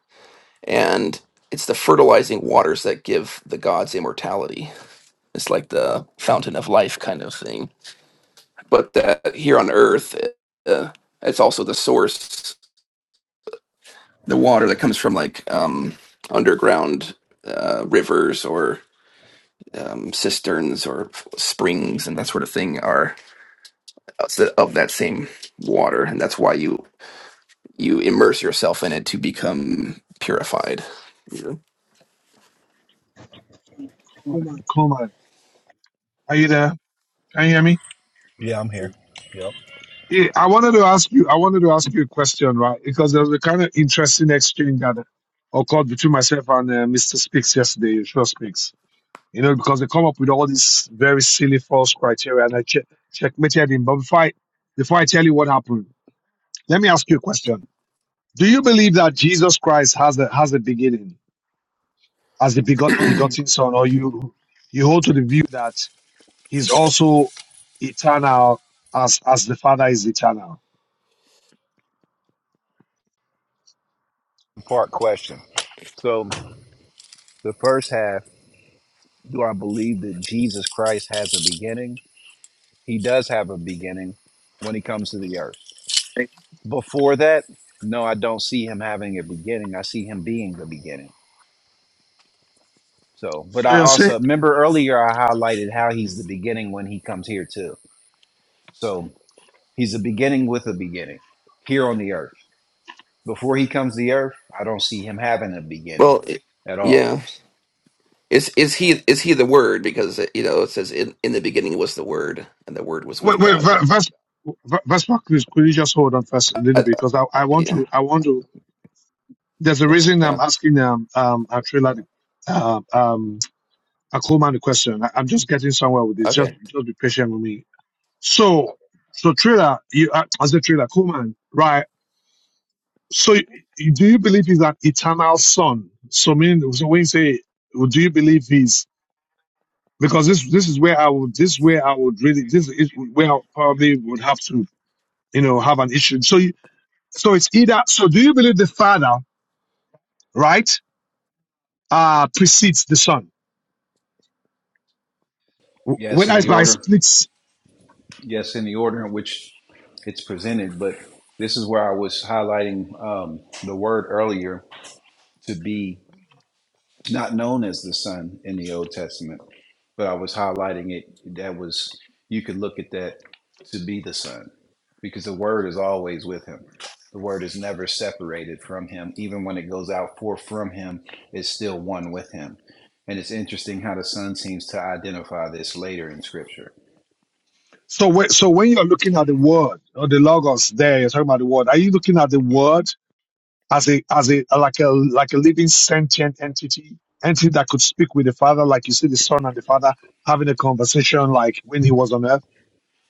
M: and it's the fertilizing waters that give the gods immortality it's like the fountain of life kind of thing but that here on earth uh, it's also the source the water that comes from like um underground uh, rivers or um, cisterns or springs and that sort of thing are of that same water and that's why you you immerse yourself in it to become purified. Yeah.
G: Coleman, Coleman, are you there? Can you hear me?
B: Yeah, I'm here. Yep.
G: Yeah, I wanted to ask you. I wanted to ask you a question, right? Because there was a kind of interesting exchange that occurred between myself and uh, Mr. Speaks yesterday. Sure Speaks, you know, because they come up with all these very silly false criteria, and I che- checkmated him. But before I, before I tell you what happened, let me ask you a question. Do you believe that Jesus Christ has a has a beginning as the begot, begotten Son, or you you hold to the view that He's also eternal as as the Father is eternal?
B: Part question. So the first half, do I believe that Jesus Christ has a beginning? He does have a beginning when he comes to the earth. Before that, no, I don't see him having a beginning. I see him being the beginning. So, but
G: So
B: I
G: you're saying
B: also remember earlier I highlighted how he's the beginning when he comes here too. So. He's a beginning with a beginning here on the earth. Before he comes to the earth, I don't see him having a beginning
M: Well, it,
B: at all.
M: yeah. Is is he is he the word? Because you know it says in, in the beginning was the word, and the word was
G: Wait,
M: with
G: wait,
M: God.
G: Va- Vas, Va- Vaspa, please, could you just hold on first a
M: I,
G: little
M: I-
G: bit? Because I, I want
M: yeah,
G: to, I want to, there's a reason I'm
M: yeah.
G: asking, um, um, Atrila, um, um, Akuma the question. I, I'm just getting somewhere with this. Just,
M: Okay.
G: just be patient with me. So, so Trailer, you, uh, as a Trailer, Kuman, right? So, you, do you believe he's an eternal son? So, meaning, so when you say, do you believe he's, because this, this is where I would, this is where I would really, this is where I probably would have to, you know, have an issue. So, So it's either, so do you believe the Father, right, uh, precedes the Son?
B: Yes,
G: When
B: in
G: I,
B: the
G: I
B: order,
G: splits,
B: yes, in the order in which it's presented. But this is where I was highlighting um, the word earlier to be not known as the Son in the Old Testament, but I was highlighting it. That was, you could look at that to be the Son because the Word is always with Him. The Word is never separated from Him. Even when it goes out forth from Him, it's still one with Him. And it's interesting how the Son seems to identify this later in Scripture.
G: so when, so when you're looking at the Word or the Logos there, you're talking about the Word, are you looking at the Word as a, as a, like a, like a living sentient entity, entity that could speak with the Father, like you see the Son and the Father having a conversation like when he was on earth?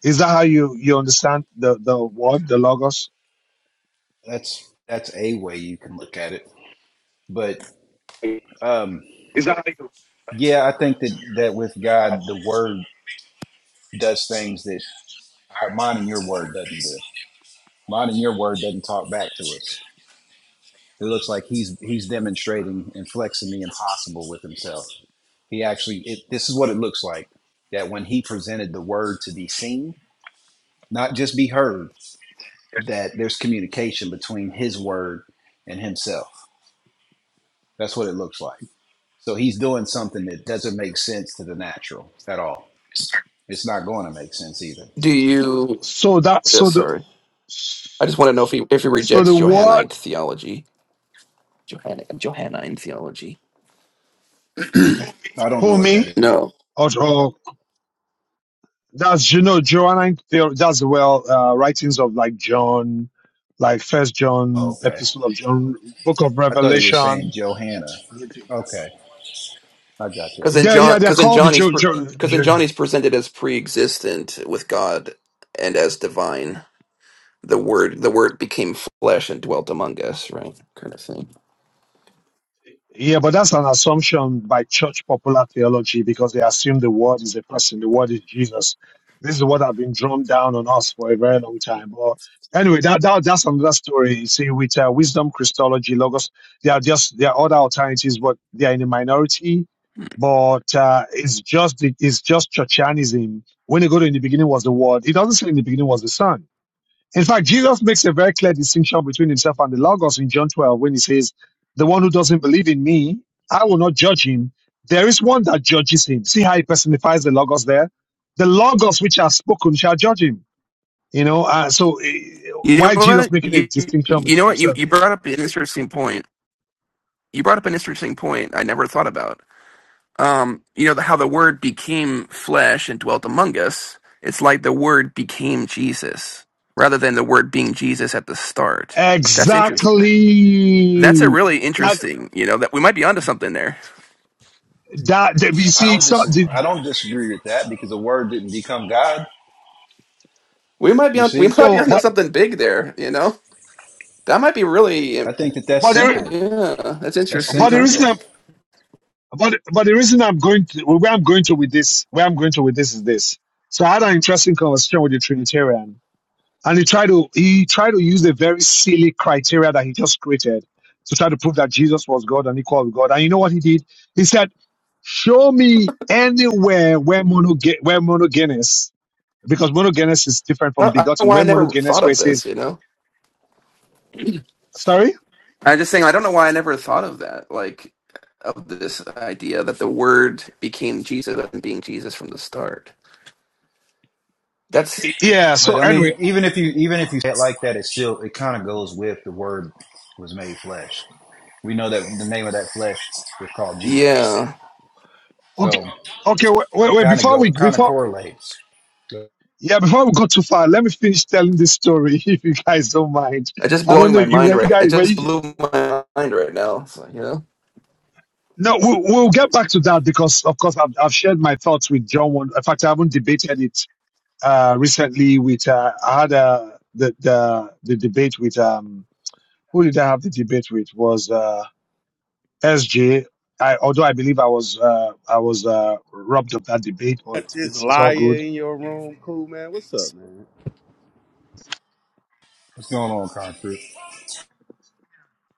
G: Is that how you, you understand the, the Word, the Logos?
B: That's that's a way you can look at it. But um, yeah, I think that, that with God, the Word does things that our mind and your Word doesn't do God in your word doesn't talk back to us. It looks like he's he's demonstrating and flexing the impossible with himself. He actually it, this is what it looks like that when he presented the word to be seen, not just be heard, that there's communication between his word and himself. That's what it looks like. So he's doing something that doesn't make sense to the natural at all. It's not going to make sense either.
M: Do you?
G: So that,
M: Yeah,
G: so the,
M: sorry. I just want to know if he if he
G: so the
M: rejects
G: Word,
M: Johannite theology, Johann, Johannine theology.
B: I don't know what that
G: homie,
B: is.
M: No,
G: or, or That's you know Johannine theory. That's well uh, writings of like John, like First John,
B: Oh, okay.
G: Epistle of John, Book of
B: I thought he was saying
G: Revelation.
B: Johanna.
G: Yeah,
B: Okay. I got you.
M: because in John,
G: yeah, they're
M: because in
G: called the
M: John he's
G: jo- jo-
M: because in
G: jo-
M: John he's presented as pre-existent with God and as divine. the word the word became flesh and dwelt among us, right? Kind of thing.
G: Yeah, but that's an assumption by church popular theology because they assume the word is a person, the word is Jesus. This is what has been drummed down on us for a very long time. But anyway, that, that that's another story. You see, with uh, wisdom, Christology, logos, there are just there are other alternatives, but they are in a minority. But uh, it's just it's just churchianism. When you go to in the beginning was the word, it doesn't say in the beginning was the son. In fact, Jesus makes a very clear distinction between himself and the Logos in John 12 when he says, The one who doesn't believe in me, I will not judge him. There is one that judges him. See how he personifies the Logos there? The Logos which are spoken shall judge him. You know, uh, so eh,
M: You
G: why
M: know
G: is Jesus
M: what?
G: making a
M: You
G: distinction
M: you
G: between
M: know what? You
G: himself?
M: you brought up an interesting point. You brought up an interesting point I never thought about. Um, you know the, how the word became flesh and dwelt among us. It's like the word became Jesus rather than the word being Jesus at the start. That's interesting. That's a
G: Exactly.
M: really
G: That,
M: interesting. You know that we might be onto something there.
G: that, that- you
B: I
G: see,
B: don't
G: it's not,
B: dis-
G: the,
B: I
G: the-
B: don't disagree with that because the word didn't become God.
M: We might be
B: You
M: on. We
B: see,
M: might be
G: so,
M: onto
G: but,
M: something big there. You know that might be really.
B: I think that
G: but,
B: that's
G: the, re-
B: simple.
M: Yeah, that's
B: That's
G: but
M: interesting,
G: the
M: huh?
B: simple
G: reason,
B: though.
G: I'm But but the reason I'm going to where I'm going to with this where I'm going to with this is this. So I had an interesting conversation with the Trinitarian, and he tried to he tried to use a very silly criteria that he just created to try to prove that Jesus was God and equal with God. And you know what he did? He said, "Show me anywhere where monoge where monogenes because monogenes is different
M: I
G: from
M: don't, I don't know
G: begotten.
M: why I
G: Where
M: never
G: monogenes
M: thought
G: where it
M: of
G: says
M: this. You know,
G: sorry,
M: I'm just saying I don't know why I never thought of that. Like of this idea that the Word became Jesus and being Jesus from the start. That's
G: yeah. So
B: But I
G: anyway,
B: mean, even if you even if you say it like that, it still it kind of goes with the word was made flesh. We know that the name of that flesh was called Jesus.
M: yeah.
G: okay,
B: So
G: okay. Wait, wait,
B: it
G: wait
B: kind of
G: before
B: go
G: we
B: it kind of
G: before
B: correlates. So
G: Yeah, before we go too far, let me finish telling this story, if you guys don't mind.
M: It's just
G: I don't
M: blowing
G: know
M: my
G: you
M: mind
G: where you
M: right. It
G: guys where
M: just
G: you.
M: blew my mind right now. So, you know,
G: No, we'll, we'll get back to that because, of course, I've, I've shared my thoughts with John. One, in fact, I haven't debated it uh, recently. With uh, I had uh, the the the debate with um who did I have the debate with was uh, SJ. although I believe I was uh, I was uh, robbed of that debate, but
O: Got this
G: it's it's all good.
O: liar in your room, cool man. What's up, man?
B: What's going on, concrete?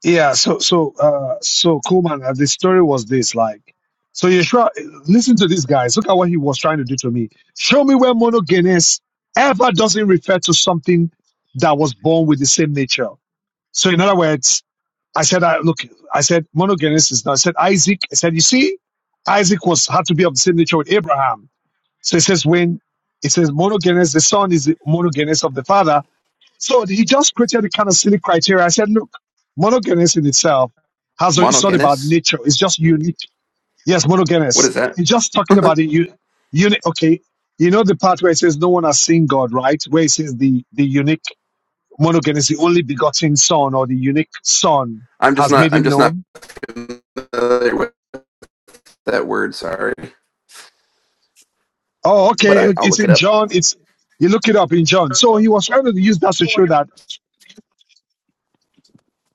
G: Yeah, so so uh so Coleman, uh, the story was this like so Yeshua listen to these guys. Look at what he was trying to do to me. Show me where monogenes ever doesn't refer to something that was born with the same nature. So in other words, I said I look I said monogenes is not I said Isaac, I said, you see, Isaac was had to be of the same nature with Abraham. So it says when it says monogenes, the son is the monogenes of the father, so he just created a kind of silly criteria. I said, look, monogamous in itself has, a, it's not about
M: monogenes.
G: nature. It's just unique. Yes,
M: What
G: monogamous.
M: is that?
G: He's just talking about the u- unique. Okay. You know, the part where it says no one has seen God, right? Where it says the, the unique monogamous, the only begotten son or the unique son
M: I'm just
G: has
M: not.
G: made
M: I'm
G: him
M: just not
G: known.
M: familiar with that word. Sorry,
G: Oh,
M: but
G: okay.
M: I, I'll
G: It's
M: look it
G: in
M: up.
G: John. It's, you look it up in John. So he was trying to use that to show that.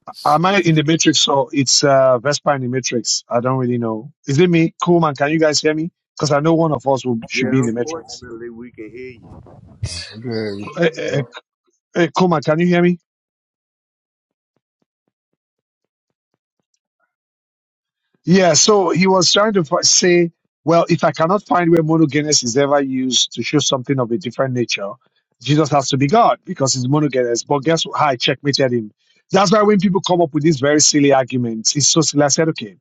M: Let's
G: Am I in
M: see.
G: the matrix, or it's uh, Vespa in the matrix. I don't really know. Is it me? Coolman, can you guys hear me? Because I know one of us will, should be
O: Yeah,
G: in the matrix.
O: unfortunately, we can hear you.
B: Good.
G: Uh, uh,
B: Yep.
G: uh, Coolman, can you hear me? Yeah, so he was trying to fi- say, well, if I cannot find where monogenes is ever used to show something of a different nature, Jesus has to be God because he's monogenes. But guess what? I checkmated him. That's why when people come up with these very silly arguments, it's so silly. I said, okay,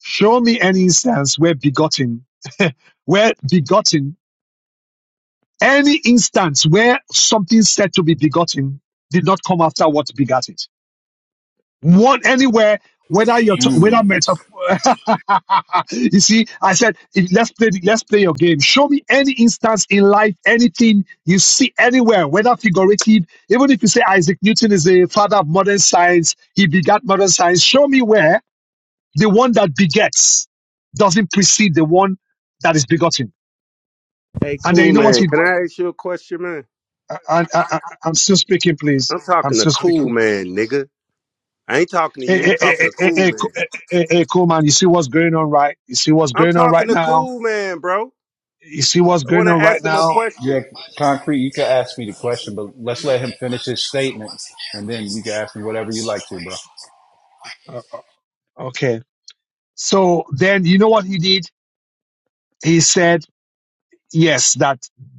G: show me any instance where begotten, where begotten Any instance where something said to be begotten did not come after what begat it. One anywhere, whether you're t- whether
B: Mm.
G: metaphor. you see, I said if- let's play the- let's play your game. Show me any instance in life, anything you see anywhere, whether figurative, even if you say Isaac Newton is the father of modern science, he begat modern science. Show me where the one that begets doesn't precede the one that is begotten.
O: Hey,
G: And then
O: cool
G: you know what?
O: man, can I ask you a question, man?
G: I, I, I, I'm still speaking, please.
O: I'm
G: I'm
O: talking to
G: still
O: cool
G: speaking,
O: man,
G: please.
O: nigga. I ain't talking to
G: Hey,
O: you. I'm
G: hey, hey,
O: talking
G: hey,
O: to
G: hey,
O: cool
G: hey, Co-
O: man.
G: hey, hey, cool man. You see what's going on, right? You see what's
O: I'm
G: going on right
O: talking to
G: now?
O: cool man, bro.
G: You see what's
O: I
G: going
O: want
G: on
O: to
G: right
O: ask him a
G: now?
B: Yeah,
O: question.
B: concrete. You can ask me the question, but let's let him finish his statement, and then you can ask me whatever you like to, bro.
G: Uh, uh, okay. So then you know what he did? He said, yes, that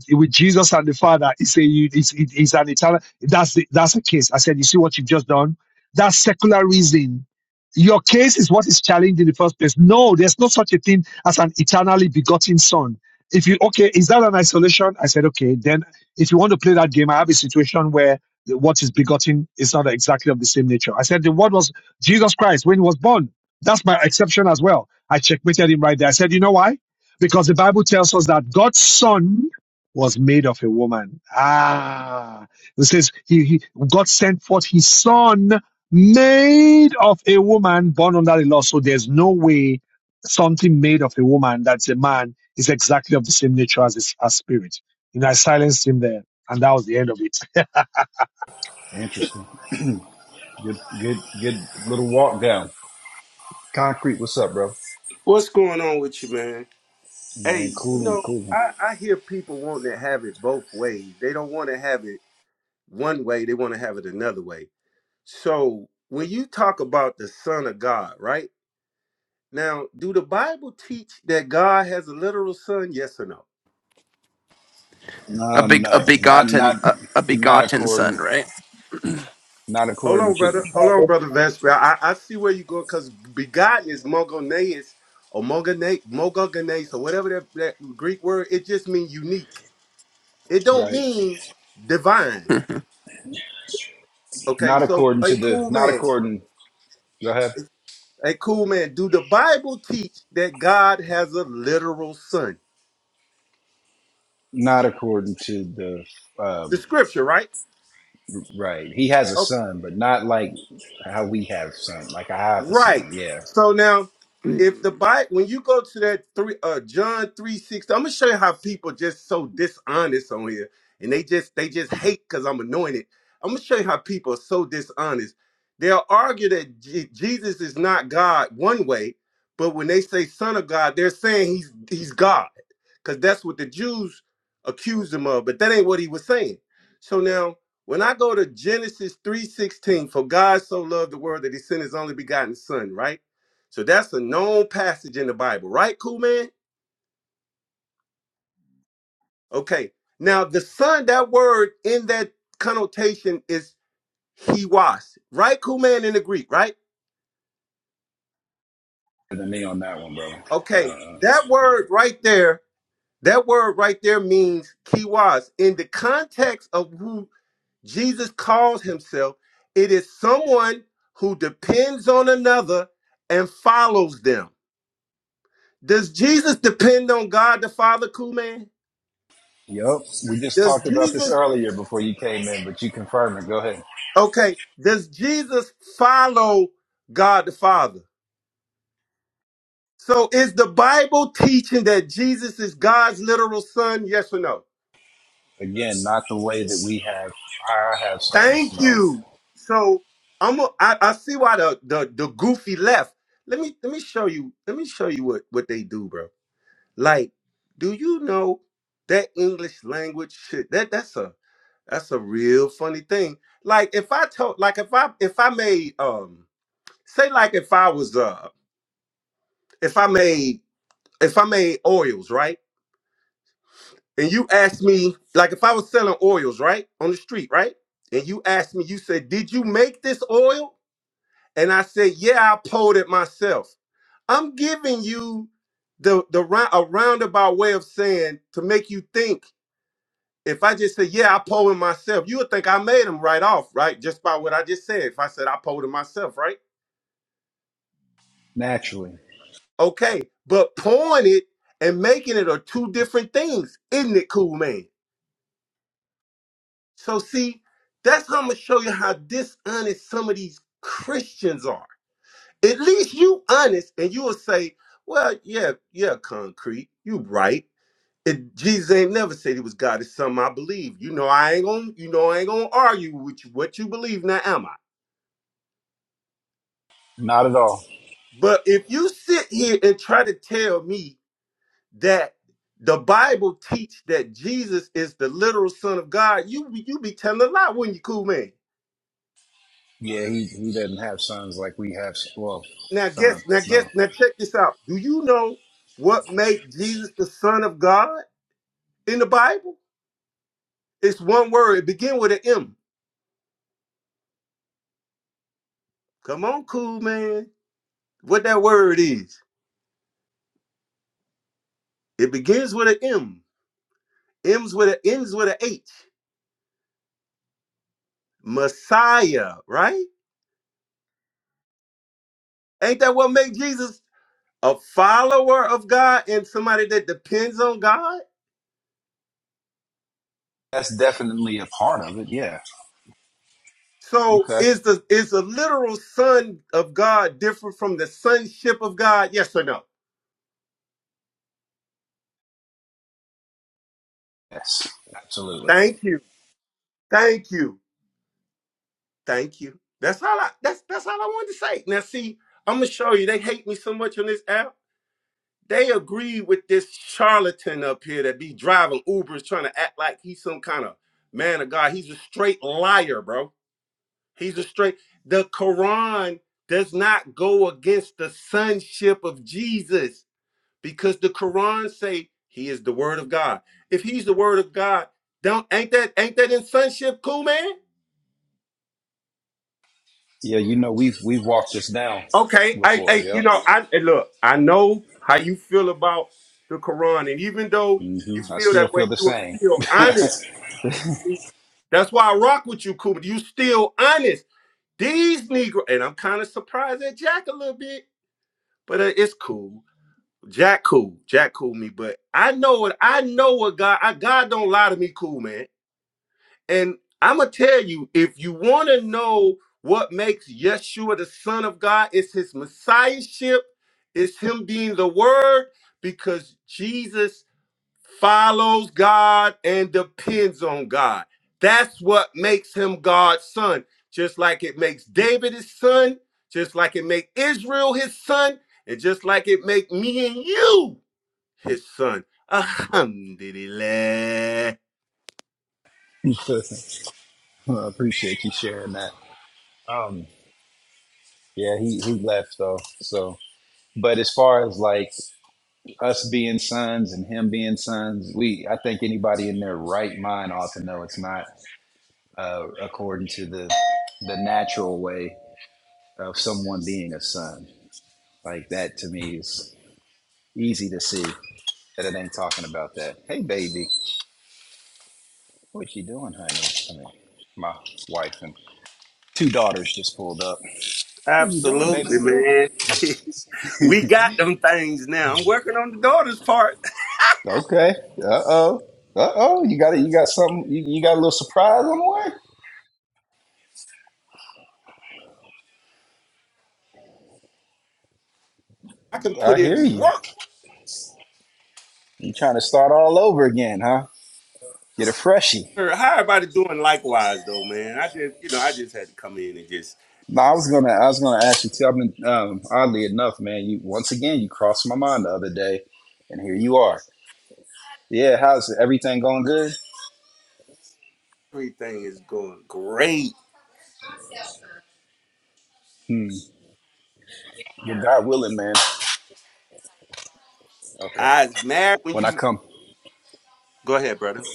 G: with Jesus and the Father, it's a it's, it's an eternal. That's the, that's the case. I said, you see what you've just done. That's secular reason. Your case is what is challenged in the first place. No, there's no such a thing as an eternally begotten son. If you okay, is that an isolation? I said, okay. Then if you want to play that game, I have a situation where the- what is begotten is not exactly of the same nature. I said the word was Jesus Christ when he was born. That's my exception as well. I checkmated him right there. I said, you know why? Because the Bible tells us that God's son was made of a woman. Ah, it says he, he, God sent forth his son made of a woman born under the law. So there's no way something made of a woman that's a man is exactly of the same nature as his as spirit. You know, I silenced him there and that was the end of it.
B: Interesting. Good, good, good little walk down. Concrete, what's up, bro?
O: What's going on with you, man? Hey,
B: Man,
O: you
B: cooling,
O: know,
B: cooling.
O: I, I hear people wanting to have it both ways. They don't want to have it one way. They want to have it another way. So when you talk about the Son of God, right? Now, do the Bible teach that God has a literal son? Yes or no?
M: A
B: Um,
M: big, a
B: no, not,
M: begotten,
B: not,
M: a, a
B: not
M: begotten
B: according,
M: son, right?
B: not
O: Hold on,
B: according to,
O: brother. Hold on, brother Vesper. I, I see where you go because begotten is mogoneus or mogone, mogogenes or whatever that, that Greek word. It just means unique. It don't
B: right?
O: mean divine. Okay,
B: Not
O: so
B: according
O: a
B: to the,
O: cool
B: not
O: man.
B: according. Go ahead.
O: A cool man. Do the Bible teach that God has a literal son?
B: Not according to the,
O: The
B: um,
O: scripture, right?
B: right? He has a son, but not like how we have son. Like I have a
O: Right.
B: son, yeah.
O: So now, if
M: Hmm.
O: the Bible, when you go to that three, uh, John three sixty, I'm gonna show you how people just so dishonest on here, and they just they just hate because I'm anointed. I'm gonna show you how people are so dishonest. They'll argue that Je- Jesus is not God one way, but when they say Son of God, they're saying he's he's God because that's what the Jews accused him of, but that ain't what he was saying. So now, when I go to Genesis 3:16, for God so loved the world that he sent his only begotten son, right? So that's a known passage in the Bible, right? Cool man? Okay. Now the son, that word in that connotation is he was, right? Cool man in the Greek, right?
B: Better Than me on that one, bro. Uh,
O: Okay.
B: uh.
O: That word right there, that word right there means he was. In the context of who Jesus calls himself, it is someone who depends on another and follows them. Does Jesus depend on God the Father, cool man?
B: Yep. We just
O: Does
B: talked about this
O: Jesus,
B: earlier before you came in, but you confirmed it. Go ahead.
O: okay, does Jesus follow God the Father? So is the Bible teaching that Jesus is God's literal son? Yes or no?
B: Again, not the way that we have. I have sons,
O: Thank
B: no,
O: you. So I'm a, I, I see why the, the the goofy left. Let me let me show you. Let me show you what what they do, bro. Like, do you know that English language shit? That that's a that's a real funny thing. Like if I told like if I if I made um say like if I was uh if I made if I made oils, right? And you asked me, like if I was selling oils, right? On the street, right? And you asked me, you said, Did you make this oil? And I said, Yeah, I pulled it myself. I'm giving you the the round a roundabout way of saying to make you think if I just say, yeah, I polled him myself, you would think I made him right off, right? Just by what I just said. If I said I polled him myself, right?
B: naturally,
O: Okay. But pulling it and making it are two different things. Isn't it cool, man? So see, that's how I'm gonna show you how dishonest some of these Christians are. At least you honest and you will say, Well, yeah, yeah, concrete. You right. It, Jesus ain't never said he was God. It's something I believe. You know I ain't gonna, you know I ain't gonna argue with you, what you believe now, am I?
B: not at all.
O: But if you sit here and try to tell me that the Bible teach that Jesus is the literal Son of God, you you be telling a lie, wouldn't you, cool man?
B: Yeah, he he doesn't have sons like we have. Well,
O: Now guess, now
B: sons,
O: guess,
B: no.
O: now check this out. Do you know what made Jesus the Son of God in the Bible? It's one word. It begins with an M. Come on, cool man. What that word is? It begins with an M. M's with an ends with an H. Messiah, right? Ain't that what made Jesus? a follower of God and somebody that depends on God?
B: That's definitely a part of it. Yeah.
O: So
B: Okay.
O: is the is the literal son of God different from the sonship of God? Yes or no?
B: Yes, absolutely.
O: Thank you. Thank you. Thank you. That's all I that's that's all I wanted to say. Now see, I'm gonna show you. They hate me so much on this app. They agree with this charlatan up here that be driving Ubers trying to act like he's some kind of man of God. He's a straight liar, bro. He's a straight. The Quran does not go against the sonship of Jesus because the Quran say he is the word of God. If he's the word of God, don't ain't that ain't that in sonship cool, man?
B: Yeah, you know we've we've walked this down
O: Okay, I,
B: before.
O: I you
B: Yep.
O: know I and look. I know how you feel about the Quran, and even though
B: hmm
O: you
B: I
O: feel
B: still
O: that
B: feel
O: way,
B: the
O: you are
B: same.
O: still honest. See, that's why I rock with you, Cooper. You still honest. These Negro, and I'm kind of surprised at Jack a little bit, but uh, it's cool Jack cool. Jack cool me, but I know what I know what God I God don't lie to me, cool man. And I'ma tell you, if you wanna know what makes Yeshua the Son of God, it's his messiahship, it's him being the word, because Jesus follows God and depends on God. That's what makes him God's son. Just like it makes David his son, just like it make Israel his son, and just like it make me and you his son. Alhamdulillah.
B: Well, I appreciate you sharing that. Um. Yeah, he he left though. So, but as far as like us being sons and him being sons, we I think anybody in their right mind ought to know it's not uh, according to the the natural way of someone being a son. Like that to me is easy to see that it ain't talking about that. Hey baby, what you doing, honey? I mean, my wife and two daughters just pulled up. What are you doing, baby
O: Absolutely,
B: girl?
O: man. we got them things now. I'm working on the daughter's part.
B: Okay. Uh oh. Uh oh. You got it. You got something. You, you got a little surprise on the
O: I can
B: way. I
O: put
B: hear
O: in
B: you.
O: work.
B: You trying to start all over again, huh? Get a freshie.
O: Or How everybody doing likewise though, man? I just you know, I just had to come in and just
B: No, I was gonna, I was gonna actually tell me. Um, oddly enough, man, you once again you crossed my mind the other day, and here you are. Yeah, how's everything going? Good.
O: everything is going great.
B: Hmm. Well, God willing, man. Okay.
O: I was married when
B: When I
O: you
B: come,
O: go ahead, brother.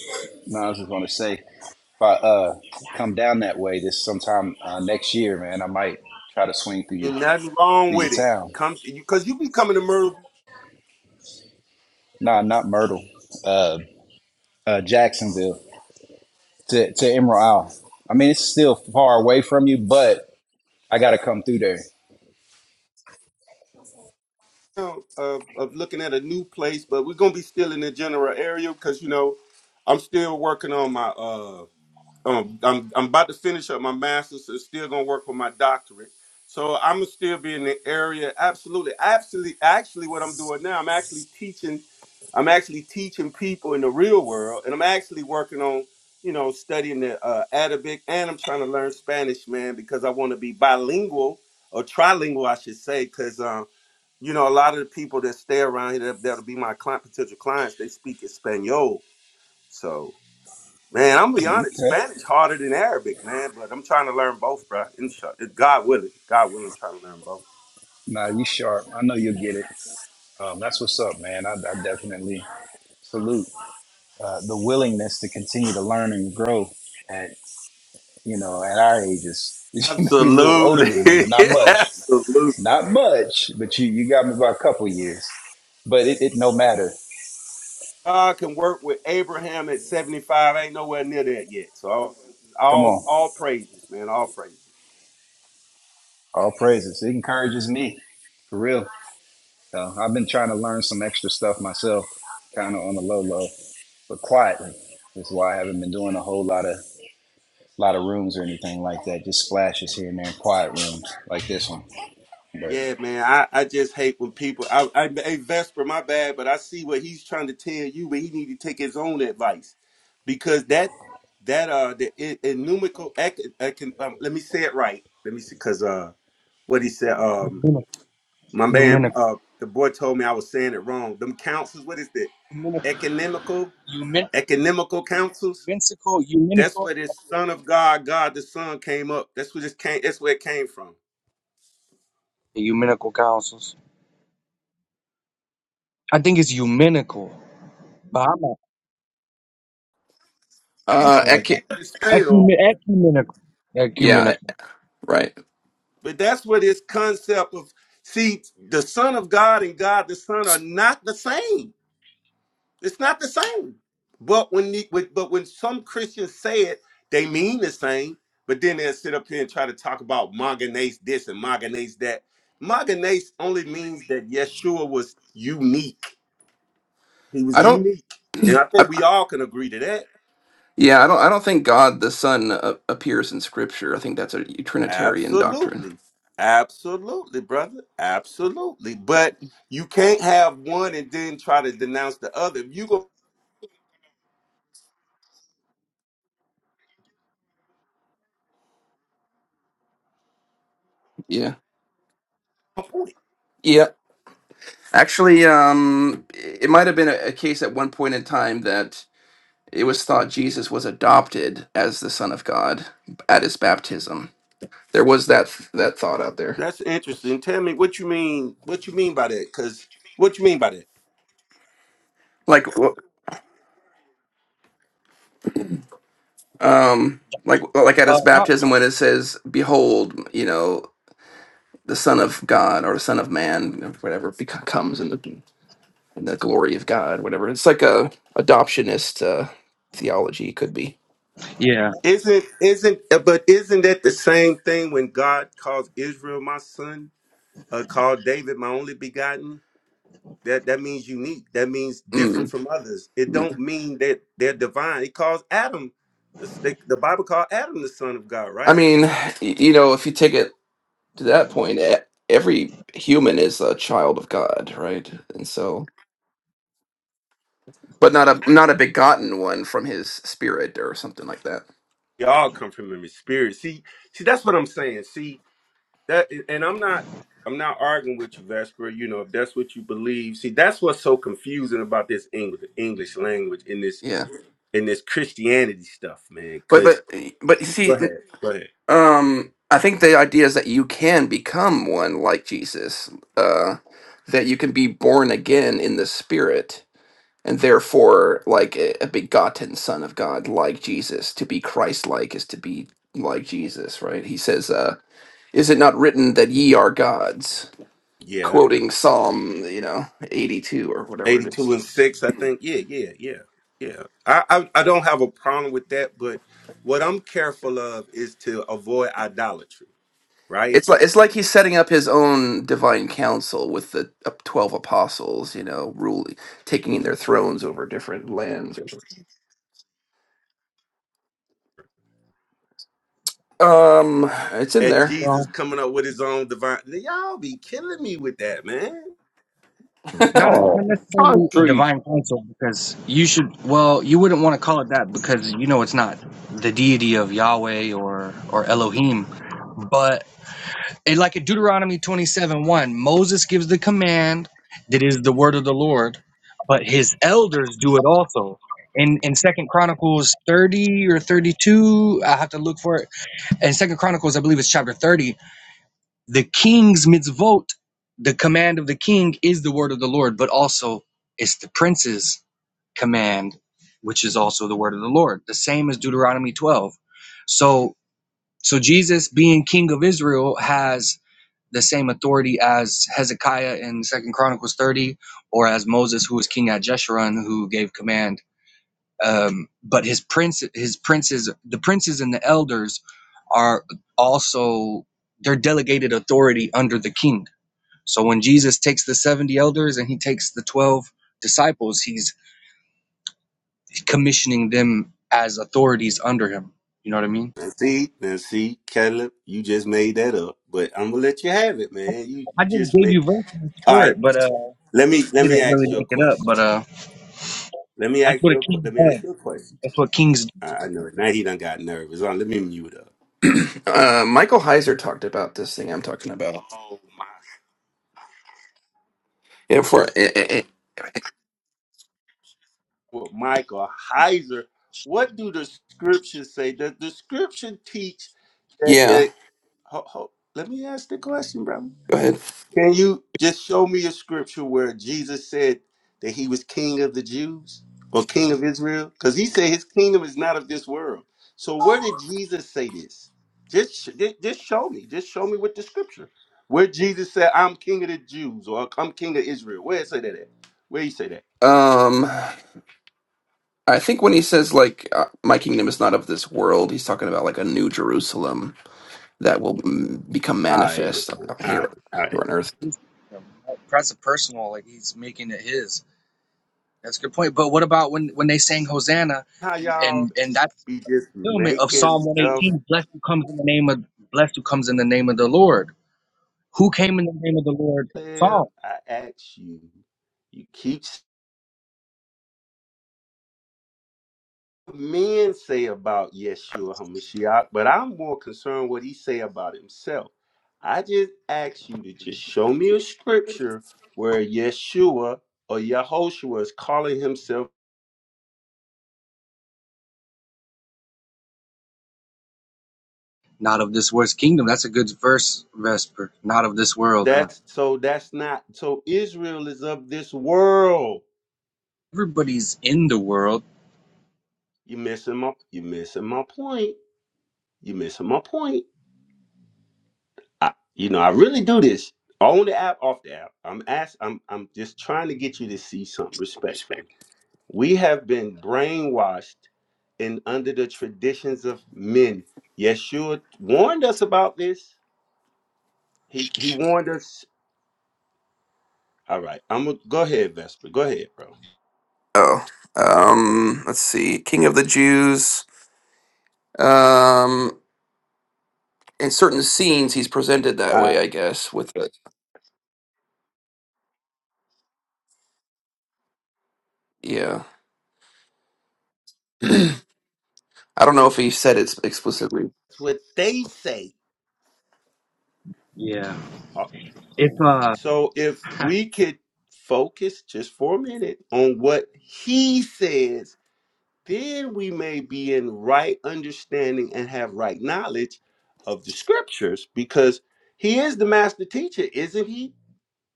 B: no, I was just gonna say, if I uh come down that way this sometime uh, next year, man, I might try to swing through your
O: Ain't nothing wrong
B: through your
O: with it.
B: town.
O: Come to you cause you be coming to Myrtle Beach,
B: Nah, not Myrtle. Uh, uh Jacksonville to to Emerald Isle. I mean, it's still far away from you, but I gotta come through there.
O: uh, of of looking at a new place, but we're gonna be still in the general area because you know, I'm still working on my uh um, I'm I'm about to finish up my master's and still gonna work on my doctorate. So I'm gonna still be in the area. Absolutely, absolutely. Actually, what I'm doing now, I'm actually teaching. I'm actually teaching people in the real world, and I'm actually working on, you know, studying the uh, Arabic, and I'm trying to learn Spanish, man, because I want to be bilingual or trilingual, I should say, because um, you know, a lot of the people that stay around here that, that'll be my client, potential clients, they speak Espanol, so. Man, I'm gonna be honest.
B: Okay.
O: Spanish harder than Arabic, man. But I'm trying to learn both, bro. Insha- God willing, God willing, I'm trying to learn both.
B: Nah, you sharp. I know you'll get it. Um, that's what's up, man. I, I definitely salute uh, the willingness to continue to learn and grow. At you know, at our ages, you know, you're a little older than me,
O: Absolutely,
B: but not much,
O: absolutely.
B: not much. But you, you got me by a couple years. But it, it no matter.
O: God can work with Abraham at 75. I ain't nowhere near that yet. So all,
B: Come
O: all,
B: on,
O: all praises, man. All praises.
B: all praises. It encourages me for real. So I've been trying to learn some extra stuff myself, kind of on the low low, but quietly. That's why I haven't been doing a whole lot of a lot of rooms or anything like that. Just splashes here and there, quiet rooms like this one. But
O: Yeah, man. I, I just hate when people. I, I hey Vesper, my bad, but I see what he's trying to tell you, but he need to take his own advice because that that uh the in, in ec, ec, um, let me say it right. Let me see, cause uh what he said um my man
N: Eumenical,
O: uh the boy told me I was saying it wrong. Them councils, what is that?
N: Eumenical,
O: Economical
N: Eumen-
O: economical councils. That's
N: Eumenical, Eumenical,
O: where this Son of God, God the Son came up. That's where this came. That's where it came from.
N: Eumenical councils. I think it's Eumenical, but I'm not
M: Uh,
N: something like that.
M: Eke-
O: It's spelled.
N: Ecumen- ecumenical,
M: yeah,
N: ecumenical.
M: right.
O: But that's where this concept of see the Son of God and God the Son are not the same. It's not the same. But when the, but but when some Christians say it, they mean the same. But then they'll sit up here and try to talk about Maganese this and Maganese that. Maganese only means that Yeshua was unique. He
M: I
O: was
M: don't.
O: unique. And I
M: I,
O: think we all can agree to that.
M: yeah, I don't. I don't think God the Son uh, appears in Scripture. I think that's a Trinitarian doctrine.
O: Absolutely. Absolutely, brother. Absolutely. But you can't have one and then try to denounce the other. If you go
M: Yeah.
O: point.
M: Yeah. Actually, um, it might have been a, a case at one point in time that it was thought Jesus was adopted as the Son of God at his baptism. There was that that thought out there.
O: That's interesting. Tell me what you mean what you mean by that cuz what you mean by that?
M: Like, um, like like at
N: Uh,
M: his
N: not,
M: baptism when it says, "Behold," you know. the Son of God or the Son of Man, whatever, bec- comes in the in the glory of God, whatever. It's like a adoptionist uh, theology could be.
N: yeah,
O: Isn't isn't uh, but isn't that the same thing when God calls Israel my son, uh, called David my only begotten? That that means unique. That means different
M: Mm,
O: from others. It don't
M: mm.
O: mean that they're divine. It calls Adam the, the Bible called Adam the son of God,
M: I
O: right?
M: mean, y- you know, if you take it to that point, e- every human is a child of God, right? And so, but not a not a begotten one from His Spirit or something like that.
O: We all come from him in spirit. See, see, that's what I'm saying. See that, and I'm not, I'm not arguing with you, Vesper. You know, if that's what you believe. See, that's what's so confusing about this English English language in this
M: Yeah,
O: in this Christianity stuff, man.
M: but
O: Because
M: but but you
O: go
M: see.
O: ahead, go ahead.
M: Um, I think the idea is that you can become one like Jesus, uh, that you can be born again in the Spirit, and therefore, like a, a begotten Son of God, like Jesus. To be Christ-like is to be like Jesus, right? He says, uh, "Is it not written that ye are gods?"
O: Yeah,
M: Quoting Psalm, you know, eighty-two or whatever it is.
O: eighty-two and six, I think. Yeah, yeah, yeah, yeah. I, I I don't have a problem with that, but what I'm careful of is to avoid idolatry, right?
M: It's like it's like he's setting up his own divine council with the uh, twelve apostles, you know, ruling, taking their thrones over different lands. Um, it's in
O: That
M: there.
O: Jesus
N: well,
O: coming up with his own divine. Y'all be killing me with that, man.
N: not
A: Oh,
N: not necessarily a
A: concrete.
N: divine council because you should. Well, you wouldn't want to call it that because you know it's not the deity of Yahweh or or Elohim, but. And like in Deuteronomy 27 1, Moses gives the command that is the word of the Lord, but his elders do it also. In in Second Chronicles 30 or 32, I have to look for it. In Second Chronicles, I believe it's chapter 30, the king's mitzvot, the command of the king is the word of the Lord, but also it's the prince's command, which is also the word of the Lord, the same as Deuteronomy 12. So so Jesus being king of Israel has the same authority as Hezekiah in Second Chronicles 30, or as Moses, who was king at Jeshurun, who gave command. Um, but his prince, his princes, the princes and the elders are also they're delegated authority under the king. So when Jesus takes the 70 elders and he takes the 12 disciples, he's commissioning them as authorities under him. You know what I mean?
O: Now see, now see, Caleb, you just made that up, but I'm gonna let you have it, man. You
N: I
O: you
N: just
O: just
N: gave
O: made.
N: you verses
O: All
N: for
O: right,
N: it, but uh, I
O: let me let me
N: didn't really
O: ask you a
N: make it up.
O: question.
N: But uh,
O: Let me
N: that's
O: ask
N: what
O: you
N: a
O: a que-
N: king
O: let me ask you
N: does.
O: a question.
N: That's what kings do.
O: I, I know it. now he done got nervous. All right, let me mute up.
M: uh, Michael Heiser talked about this thing I'm talking about. Yeah, for eh, eh, eh.
O: Well, Michael Heiser, what do the scriptures say? Does the scripture teach that
M: yeah.
O: that? ho- ho- let me ask the question, brother.
M: Go ahead.
O: Can you just show me a scripture where Jesus said that he was king of the Jews or king of Israel? Because he said his kingdom is not of this world. So where did Jesus say this? Just, sh- ju- just show me. Just show me with the scripture where Jesus said, "I'm king of the Jews" or "I'm king of Israel." Where it say that at? Where you say that?
M: Um, I think when he says like uh, my kingdom is not of this world, he's talking about like a new Jerusalem that will mm, become
O: All right,
M: manifest
O: Richard. all right,
M: here
O: all
M: here
O: right.
M: on earth.
N: Um, That's a personal. Like he's making it his. That's a good point. But what about when when they sang Hosanna
O: How y'all
N: and and that
O: be just
N: fulfillment of
O: making
N: Psalm one
O: stuff
N: eighteen? Blessed who comes in the name of blessed who comes in the name of the Lord. Who came in the name of the Lord in
O: live?
N: Psalm?
O: I ask you. You keep men say about Yeshua Hamashiach, but I'm more concerned what he say about himself. I just ask you to just show me a scripture where Yeshua or Yahoshua is calling himself.
N: Not of this world's kingdom. That's a good verse, Vesper. Not of this world, huh?
O: That's so that's not so Israel is of this world.
N: Everybody's in the world.
O: You missing my you missing my point. You missing my point. I, you know, I really do this on the app, off the app. I'm ask I'm I'm just trying to get you to see something respectfully. We have been brainwashed and under the traditions of men. Yeshua warned us about this. He he warned us. All right, I'm gonna go ahead, Vesper. Go ahead, bro.
M: Oh, um, let's see. King of the Jews. Um, in certain scenes, he's presented that
O: Uh,
M: way, I guess. With the, yeah, I don't know if he said it explicitly.
O: That's what they say.
N: Yeah.
O: Uh, So if we could focus just for a minute on what he says, then we may be in right understanding and have right knowledge of the scriptures because he is the master teacher, isn't he?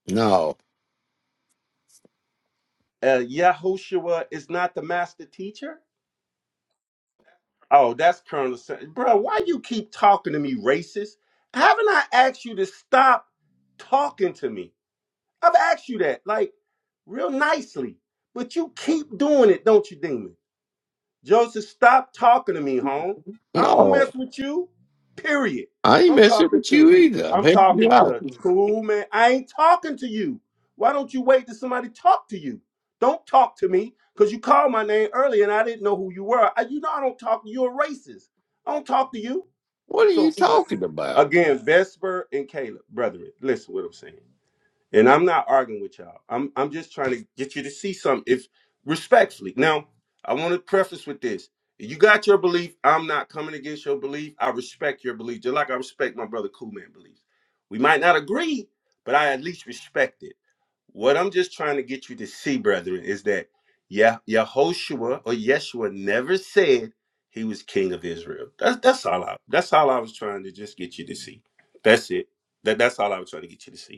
A: No,
O: uh, Yahushua is not the master teacher? Oh, that's Colonel Sanders. Bro, why you keep talking to me, racist? Haven't I asked you to stop talking to me? I've asked you that, like, real nicely. But you keep doing it, don't you, Demon? Joseph, stop talking to me, home. I don't mess
A: no,
O: with you. Period.
A: I ain't
O: I'm
A: messing
O: talking
A: with you
O: to
A: either. I'm
O: I'm
A: helping you
O: talking
A: out.
O: to cool man. I ain't talking to you. Why don't you wait till somebody talk to you? Don't talk to me because you called my name earlier and I didn't know who you were. I, you know I don't talk to you. You're a racist. I don't talk to you.
A: What are you
O: So
A: talking about?
O: again, Vesper and Caleb, brethren, listen what I'm saying. And I'm not arguing with y'all. I'm I'm just trying to get you to see something if respectfully. Now, I want to preface with this. You got your belief. I'm not coming against your belief. I respect your belief, just like I respect my brother Cool Man beliefs. We might not agree, but I at least respect it. What I'm just trying to get you to see, brethren, is that yeah, Yehoshua or Yeshua never said he was king of Israel. That's that's all I that's all I was trying to just get you to see. That's it. That that's all I was trying to get you to see.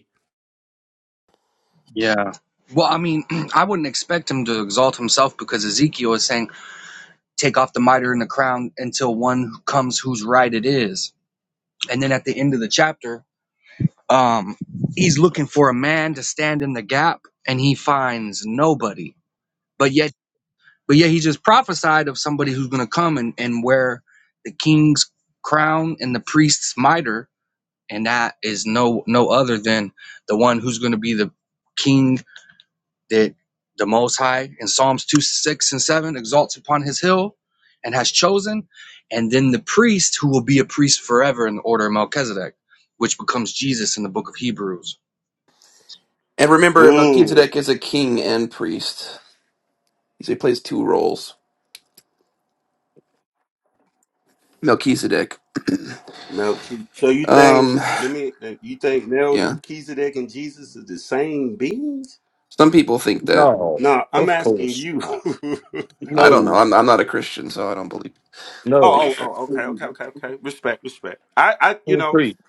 N: Yeah. Well, I mean, I wouldn't expect him to exalt himself because Ezekiel is saying, "Take off the mitre and the crown until one comes whose right it is." And then at the end of the chapter, um, he's looking for a man to stand in the gap, and he finds nobody. But yet, but yet, he just prophesied of somebody who's going to come and and wear the king's crown and the priest's mitre, and that is no no other than the one who's going to be the king that the Most High in Psalms 2 6 and 7 exalts upon his hill and has chosen, and then the priest who will be a priest forever in the order of Melchizedek, which becomes Jesus in the book of Hebrews.
M: And remember,
O: Mm,
M: Melchizedek is a king and priest. So he plays two roles. Melchizedek.
O: Melchizedek. So you think?
M: Um,
O: Let me. You think
M: yeah.
O: Melchizedek and Jesus is the same beings?
M: Some people think that.
A: No,
O: No, I'm
A: of
O: asking
A: course
O: you.
A: not.
O: oh,
M: I don't know.
A: No,
M: I'm I'm not a Christian, so I don't believe
A: no,
O: oh,
M: believe that.
O: oh, okay, okay, okay, okay. Respect, respect. I, I, you know,
A: concrete,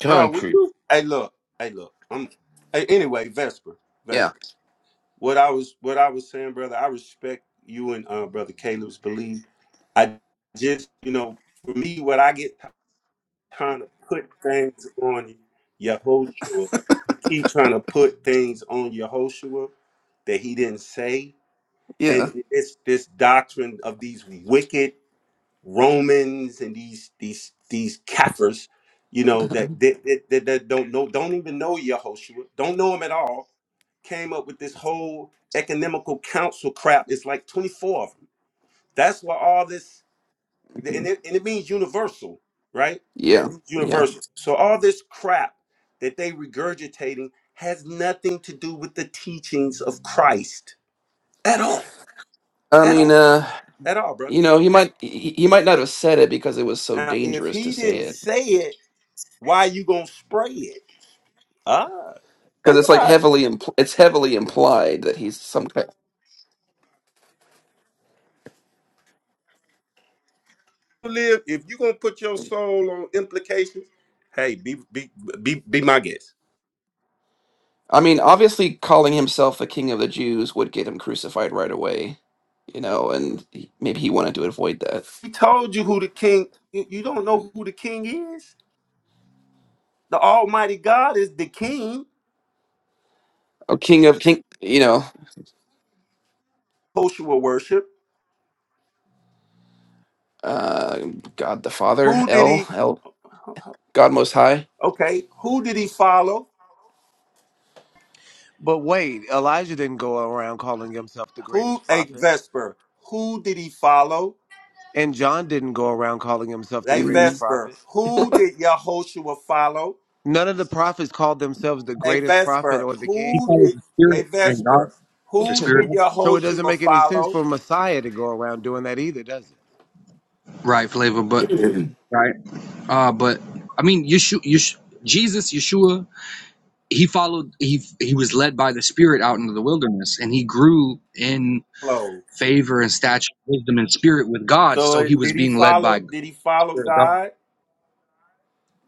O: bro. we-
A: concrete,
O: Hey, look. Hey, look. I'm. Hey, anyway, Vesper,
M: Yeah,
O: Vesper. What I was, what I was saying, brother. I respect you and uh, brother Caleb's belief. I just, you know, for me, what I get trying to put things on Yehoshua. He keep trying to put things on Yehoshua that he didn't say.
M: yeah,
O: And it's this doctrine of these wicked Romans and these these these Kafirs, you know, that that, that, that that don't know don't even know Yehoshua, don't know him at all, came up with this whole economical council crap. It's like 24 of them. That's where all this and it, and it means universal, right? It
M: yeah,
O: means
M: yeah.
O: universal. So all this crap that they regurgitating has nothing to do with the teachings of Christ at all,
M: I
O: at
M: mean,
O: all,
M: uh.
O: at all,
M: You
O: brother.
M: know, he might he, he might not have said it because it was so
O: Now, if
M: dangerous to
O: he
M: say
O: didn't
M: it
O: say it, why you gonna spray it? Ah,
M: because
O: think
M: it's like
O: about it.
M: heavily impl- it's heavily implied that he's some kind.
O: You Live if you gonna put your soul on implications. Hey, be be be be my guest.
M: I mean, obviously, calling himself the king of the Jews would get him crucified right away. You know, and he- maybe he wanted to avoid that.
O: He told you who the king. You you don't know who the king is. The Almighty God is the king
M: Oh, king of king, you know,
O: Joshua worship.
M: uh, God the Father,
O: Who did
M: El
O: he?
M: El God Most High.
O: Okay, who did he follow?
P: But wait, Elijah didn't go around calling himself the
O: Who
P: greatest
O: a
P: prophet,
O: Vesper? Who did he follow?
P: and John didn't go around calling himself the
O: A
P: greatest
M: Mm.
O: Vesper.
P: prophet.
O: Who did Yehoshua follow?
P: None of the prophets called themselves the
O: A
P: greatest prophet
O: Vesper.
P: or the
N: He
P: king.
O: Who
N: called
O: did
N: the
O: a
N: Spirit and God,
O: Vesper?
N: the
O: Who
N: Spirit
O: did
N: of
P: So it doesn't
O: Yehoshua
P: make any sense
O: follow?
P: for Messiah to go around doing that either, does it?
N: right flavor, but right, uh, but I mean, Yeshua, Yeshua Jesus, Yeshua, he followed, he he was led by the Spirit out into the wilderness, and he grew in
O: Follow.
N: favor and stature, wisdom, and spirit with God.
O: So
N: So
O: uh,
N: he was
O: did he
N: being led by
O: follow?
N: the
O: Did he follow
N: Spirit of God.
O: God?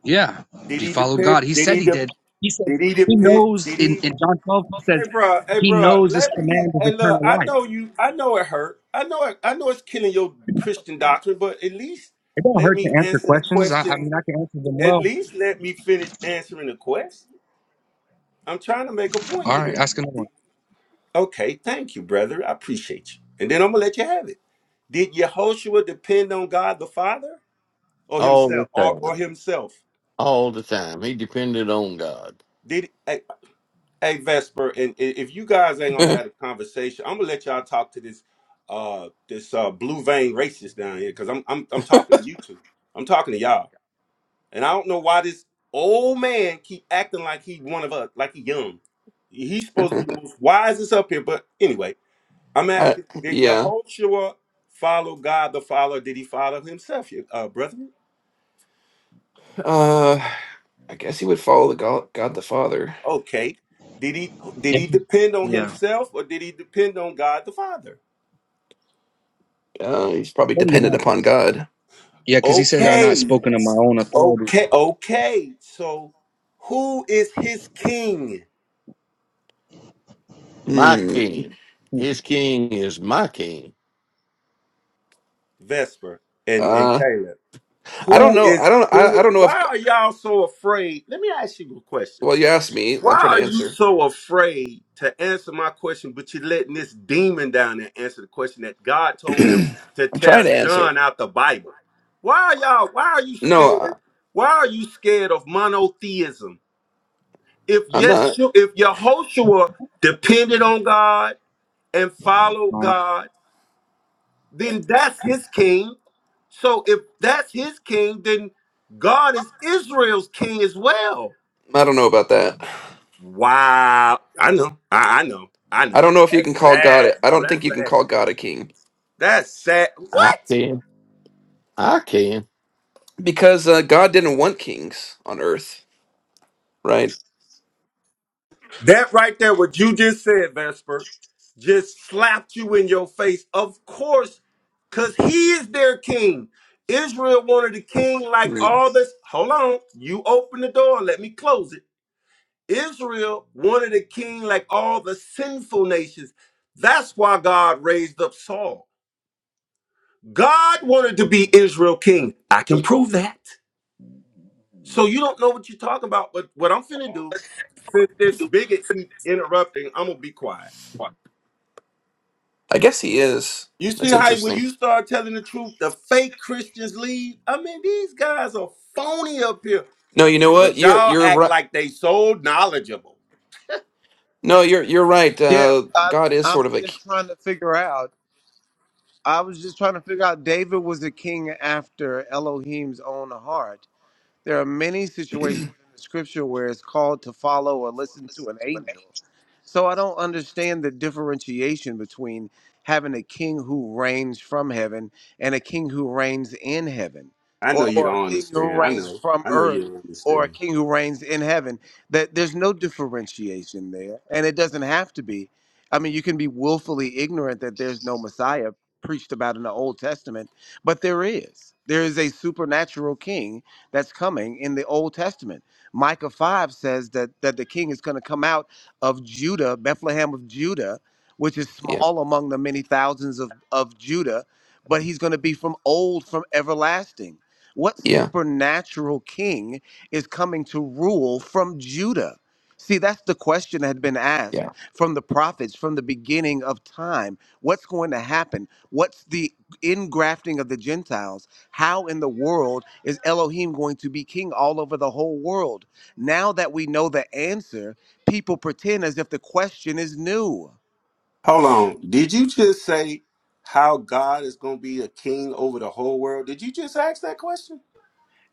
N: Yeah,
O: Did
N: he
O: he
N: followed
O: depend?
N: God. He
O: Did
N: said
O: he
N: he
O: de-
N: did. He
O: Did
N: says
O: he
N: he
O: depend? Did
N: knows in,
O: he?
N: in John 12, he
O: Hey
N: says
O: bro, hey
N: he
O: bro,
N: knows this
O: let me
N: command is
O: hey look,
N: eternal
O: I
N: life.
O: know you I know it hurt. I know it I know it's killing your Christian doctrine, but at least
N: It don't
O: let
N: hurt
O: me
N: to answer
O: answer the
N: questions. I, I
O: question.
N: mean, I can answer them
O: At
N: well.
O: least let me finish answering the question. I'm trying to make a point
N: All right,
O: here.
N: ask another one.
O: Okay, thank you, brother. I appreciate you. And then I'm gonna let you have it. Did Yehoshua depend on God the Father or
A: all the
O: himself or,
A: time.
O: or himself?
A: all the time. He depended on God.
O: Did Hey Vesper, and i- if you guys ain't gonna have a conversation, I'm gonna let y'all talk to this uh this uh blue vein racist down here because I'm I'm I'm talking to you two. I'm talking to y'all. And I don't know why this old man keep acting like he one of us, like he young. He's supposed to be the most wisest up here, but anyway, I'm
M: I
O: asking did
M: yeah.
O: Yehoshua follow God the Father? Or Did he follow himself, you- uh brethren?
M: Uh, I guess he would follow the God, God the Father.
O: Okay. Did he did he depend on
N: Yeah.
O: himself or did he depend on God the Father?
M: Uh, he's probably dependent
N: Yeah,
M: upon God.
N: because he says, I'm not
O: Okay.
N: spoken of my own authority.
O: Okay, okay. So who is his king?
A: My
M: Hmm.
A: king. His king is my king.
O: Vesper and, and
M: Uh,
O: Caleb.
M: I don't
O: Who
M: know.
O: is
M: I don't. I,
O: who
M: I don't know if.
O: why are y'all so afraid? Let me ask you a question.
M: Well, you asked me. I'm
O: Why
M: trying
O: are
M: to
O: you
M: answer.
O: so afraid to answer my question, but you're letting this demon down there answer the question that God told him to
M: I'm trying
O: tell
M: to answer.
O: John out the Bible? Why are y'all why are you
M: No,
O: scared?
M: I,
O: Why are you scared of monotheism? If
M: I'm
O: yes,
M: not.
O: if Yehoshua depended on God and follow God, then that's his king. So if that's his king, then God is Israel's king as well.
M: I don't know about that.
O: Wow. I know. I, I know. I
M: I
O: know.
M: don't know if you can
O: That's
M: call God.
O: sad,
M: A, I
O: bro.
M: don't think
O: That's
M: you
O: sad.
M: can call God a king
O: That's sad.
A: I
O: What?
A: can. I can.
M: because uh, God didn't want kings on earth, right?
O: That right there, what you just said, Vesper, just slapped you in your face. Of course, because he is their king. Israel wanted a king like
M: Right.
O: all this. Hold on. You open the door. Let me close it Israel wanted a king like all the sinful nations. That's why God raised up Saul. God wanted to be Israel king. I can prove that. So you don't know what you're talking about, but what I'm finna do, since this bigot keep interrupting, I'm gonna be quiet.
M: I guess he is.
O: You see
M: That's
O: how when
M: interesting.
O: you start telling the truth, the fake Christians leave? I mean, these guys are phony up here,
M: No, you know what?
O: but
M: You're
O: y'all
M: you're
O: act
M: right.
O: like they so knowledgeable.
M: No, you're you're right.
P: Yeah,
M: Uh,
P: I,
M: God is
P: I'm
M: sort of a k-
P: just trying to figure out. I was just trying to figure out. David was a king after Elohim's own heart. There are many situations in the scripture where it's called to follow or listen to an angel. So I don't understand the differentiation between having a king who reigns from heaven and a king who reigns in heaven,
O: I know
P: or,
O: you
P: or
O: don't
P: a king who
O: understand. I
P: reigns
O: know.
P: from
O: I know you
P: earth,
O: don't
P: or a
O: understand.
P: king who reigns in heaven. That there's no differentiation there, and it doesn't have to be. I mean, you can be willfully ignorant that there's no Messiah preached about in the Old Testament, but there is. There is a supernatural king that's coming in the Old Testament. Micah 5 says that, that the king is going to come out of Judah, Bethlehem of Judah, which is
M: yeah
P: small among the many thousands of, of Judah, but he's going to be from old, from everlasting. What
M: yeah
P: supernatural king is coming to rule from Judah? See, that's the question that had been asked
M: yeah.
P: from the prophets from the beginning of time. What's going to happen? What's the ingrafting of the Gentiles? How in the world is Elohim going to be king all over the whole world? Now that we know the answer, people pretend as if the question is new.
O: Hold on. Did you just say how God is going to be a king over the whole world? Did you just ask that question?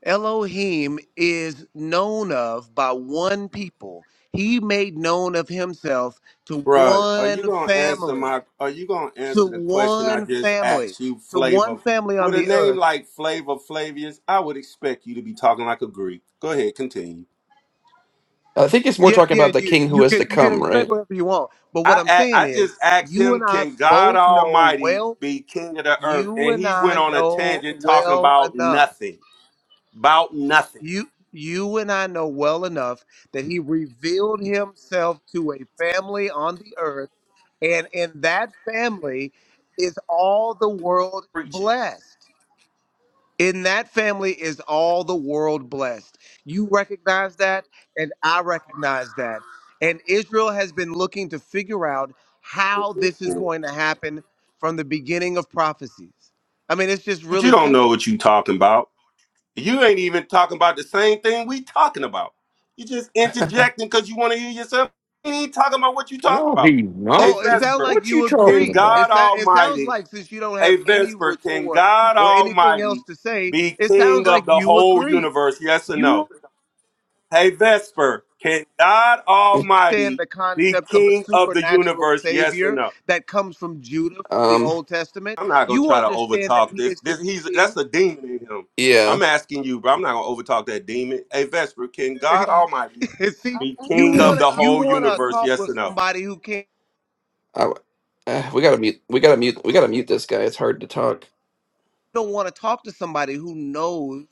P: Elohim is known of by one people. He made known of himself to
O: Bruh, are you
P: one
O: going to answer
P: family,
O: my are you going to
P: to
O: answer the question I
P: one
O: just
P: family,
O: asked you,
P: to
O: Flavor?
P: one family
O: With
P: on
O: a
P: the
O: name
P: earth.
O: like Flavor Flavius, I would expect you to be talking like a Greek. Go ahead, continue.
M: I think it's more
P: Yeah,
M: talking
P: yeah,
M: about the
P: you
M: king who
P: you
M: is to
P: can you can
M: come, right?
P: expect whatever you want. But what
O: I
P: I'm
O: a-
P: saying
O: I just
P: is,
O: asked
P: you
O: him,
P: and I
O: can God
P: both know
O: Almighty
P: well.
O: be king of the earth?
P: You
O: And
P: and
O: he
P: I
O: went on a
P: know
O: tangent talking
P: well
O: about
P: enough
O: nothing. About nothing.
P: You you and I know well enough that he revealed himself to a family on the earth, and in that family is all the world
O: Preaching.
P: blessed. In that family is all the world blessed. You recognize that, and I recognize that. And Israel has been looking to figure out how this is
O: But
P: going to happen from the beginning of prophecies. I mean, it's just
O: you
P: really
O: don't know
P: simple.
O: what you talking about. You ain't even talking about the same thing we talking about. You just interjecting because you want to hear yourself. You ain't talking about what you
A: No.
O: talking about. A
P: Oh, it sounds
O: Vesper,
P: like you
O: can
P: agree. It,
O: God
P: sou- it sounds
O: Almighty,
P: like since you don't
O: a
P: have any
O: Vesper, can
P: retort
O: God
P: or anything else
O: Almighty
P: to say,
O: be
P: it sounds
O: king
P: like
O: of the
P: you
O: whole
P: agree.
O: universe? Yes or no?
P: You
O: Hey Vesper, can God
P: understand
O: Almighty
P: the
O: be
P: concept of a
O: king of the
P: supernatural
O: universe? Yes or
P: savior
O: no?
P: that comes from Judah from the
M: Um,
P: Old Testament.
O: I'm not gonna
P: You
O: try to
P: understand that
O: overtalk
P: he
O: this.
P: is to
O: This
P: be
O: he's that's
P: king.
O: a demon in him.
M: yeah,
O: I'm asking you, bro. I'm not gonna overtalk that demon. Hey Vesper, can God Almighty
P: See,
O: be
P: you
O: king of
P: want to
O: the
P: you
O: whole
P: want to
O: universe?
P: talk
O: Yes
P: with
O: or no?
P: somebody who can't.
M: I, w- uh, we gotta mute. We gotta mute. We gotta mute this guy. It's hard to talk.
P: You don't want to talk to somebody who knows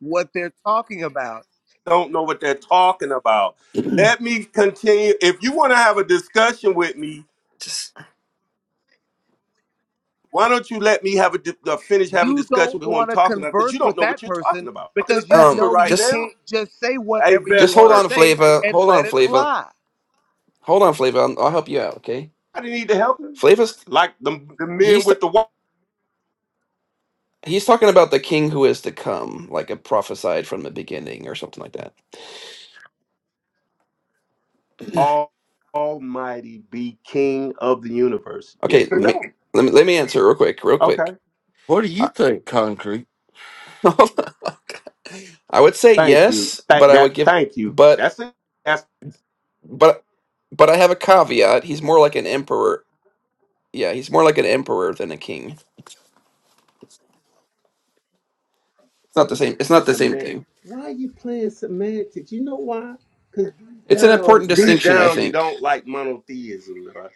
P: what they're talking about.
O: Don't know what they're talking about. Let me continue. If you want to have a discussion with me,
M: Just,
O: why don't you let me have a di- uh, finish having
P: you
O: discussion
P: don't
O: with who I'm
P: want to
O: talking about? Because
P: converse
O: you don't
P: with
O: know what
P: that
O: you're talking
P: person
O: about. talking to
P: because you
O: Vesper
M: um,
P: know
O: right
P: you
M: just,
O: now.
P: can't just say
O: Hey
P: whatever you
M: just hold
P: want to
M: on,
O: Vesper,
P: say
M: Flava.
P: and
M: Hold on,
P: let it
M: Flava.
P: fly.
M: Hold on, Flava. I'll, I'll help you out. Okay,
O: I didn't need to help him.
M: Flava's
O: Like the, the men
M: he's t-
O: with the
M: he's talking about the king who is to come, like a prophesied from the beginning or something like that.
O: Almighty be King of the universe. Yes
M: Okay,
O: or
M: let me
O: no?
M: let me, let me answer real quick, real
O: Okay.
M: quick.
A: What do you
M: I,
A: think, concrete?
M: I would say
O: Thank you.
M: yes, but
O: Thank
M: I would
O: that.
M: give,
O: Thank you.
M: but
O: That's it. That's
M: but but I have a caveat. He's more like an emperor yeah, he's more like an emperor than a king. It's not the same. It's not the
O: the
M: same
O: man.
M: thing.
O: Why are you playing semantics? You know why? Because deep
M: It's an
O: down,
M: important
O: deep
M: distinction, I
O: down, you
M: think.
O: don't like monotheism. Right?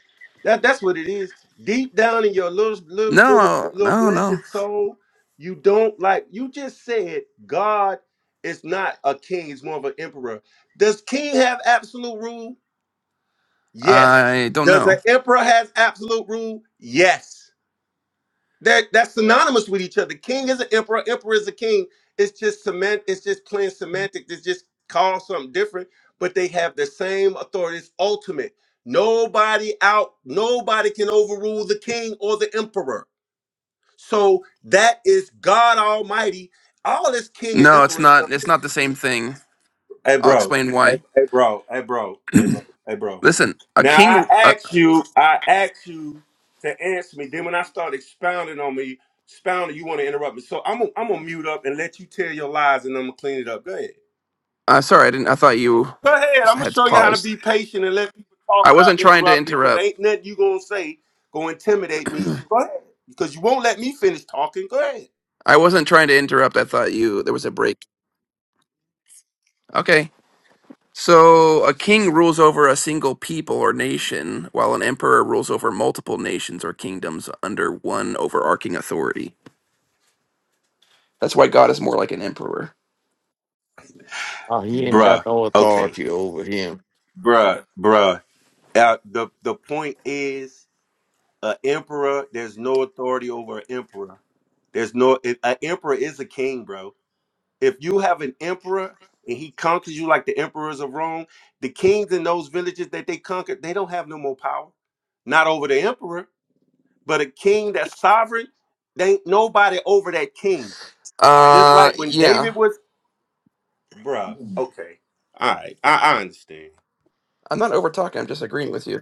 O: That that's what it is. Deep down in your little little little
M: No,
O: little
M: no, no.
O: blessed soul, you don't like. You just said God is not a king; he's more of an emperor. Does king have absolute rule? Yes.
M: I don't
O: Does an
M: know.
O: emperor has absolute rule? Yes. That that's synonymous with each other. King is an emperor. Emperor is a king. It's just cement. It's just plain semantics. It's just called something different, but they have the same authority. It's ultimate. Nobody out. Nobody can overrule the king or the emperor. So that is God Almighty. All this king and
M: No, it's
O: emperor
M: not.
O: stuff.
M: It's not the same thing.
O: Hey,
M: I'll
O: bro.
M: explain
O: Hey,
M: why.
O: hey, bro. Hey, bro. Hey, bro. Hey, bro.
M: Listen, a
O: Now
M: king.
O: I
M: Uh,
O: asked you. I asked you to answer me. Then when I start expounding on me, expounding, you want to interrupt me. So I'm gonna I'm gonna mute up and let you tell your lies, and I'm gonna clean it up. Go ahead.
M: uh, sorry, I didn't. I thought you
O: Go ahead. I'm gonna
M: had
O: show you how to
M: paused.
O: be patient and let people talk
M: I
O: without
M: wasn't trying to
O: interrupting. Cause
M: interrupt.
O: ain't nothing you gonna say gonna intimidate me.
M: I
O: So go ahead. Because you won't let me finish talking. Go ahead.
M: wasn't trying to interrupt. I thought you there was a break. Okay. So a king rules over a single people or nation, while an emperor rules over multiple nations or kingdoms under one overarching authority. That's why God is more like an emperor.
A: Oh, he ain't got
O: Bruh.
A: no
O: Okay.
A: authority over him.
O: Bruh. Bruh. Uh, the the point is. An emperor, there's no authority over an emperor. There's no it- an emperor is a king, bro. If you have an emperor and he conquers you like the emperors of Rome, the kings in those villages that they conquered, they don't have no more power. Not over the emperor, but a king that's sovereign, they ain't nobody over that king. Just
M: Uh,
O: like when David
M: yeah.
O: was, bruh. Okay, all right, I, I understand.
M: I'm not over talking. I'm just agreeing with you.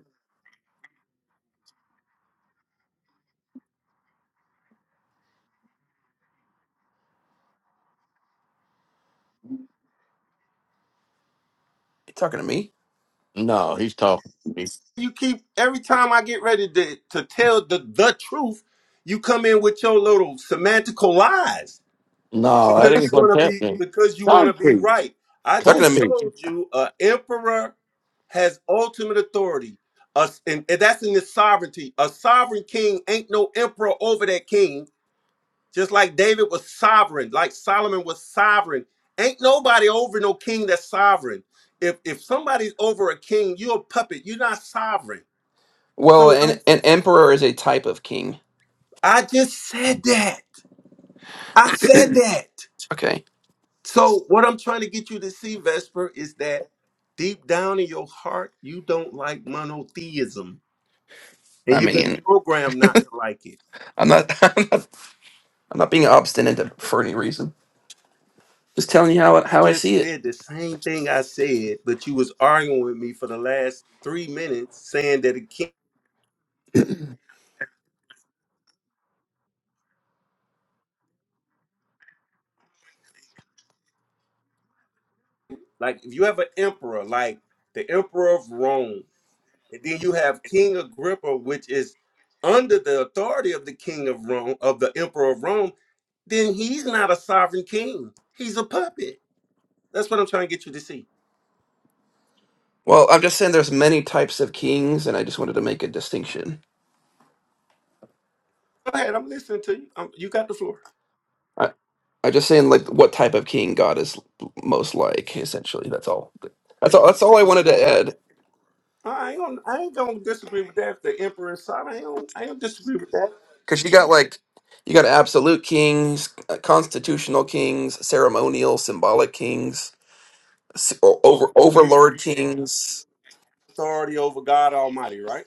M: You talking to me?
A: No, he's talking to me.
O: you keep every time I get ready to, to tell the the truth, you come in with your little semantical lies
A: No, that
O: because you
A: ain't
M: talking
O: want
A: what's
O: to be
A: happening.
O: because you want to be
A: Concrete.
O: right. I
M: to
O: just
M: me?
A: Concrete.
O: told you, a emperor has ultimate authority. Us and, and that's in his sovereignty. A sovereign king ain't no emperor over that king. Just like David was sovereign, like Solomon was sovereign. Ain't nobody over no king that's sovereign. If if somebody's over a king, you're a puppet. You're not sovereign.
M: Well,
O: So
M: an
O: don't.
M: an emperor is a type of king.
O: I just said that. I said that.
M: Okay.
O: So what I'm trying to get you to see, Vesper, is that deep down in your heart, you don't like monotheism, and
M: I
O: you've been
M: mean,
O: programmed not to like it.
M: I'm not. I'm not, I'm not being obstinate for any reason. Just telling you how I-
O: You
M: how I
O: just
M: see it.
O: said the same thing I said, but you was arguing with me for the last three minutes, saying that it can't. Like if you have an emperor, like the emperor of Rome. And then you have King Agrippa, which is under the authority of the King of Rome, of the Emperor of Rome. Then he's not a sovereign king. He's a puppet. That's what I'm trying to get you to see.
M: Well, I'm just saying there's many types of kings, and I just wanted to make a distinction.
O: Go ahead, I'm listening to you. Um you got the floor.
M: I I'm just saying like what type of king God is most like. Essentially, that's all. That's all. That's all I wanted to add.
O: I ain't gonna, I ain't gonna disagree with that. If the Emperor is sovereign, I ain't, gonna, I ain't gonna disagree with that.
M: because you got like you got absolute kings, uh, constitutional kings, ceremonial, symbolic kings, s- o- over overlord kings.
O: Authority over God Almighty, right?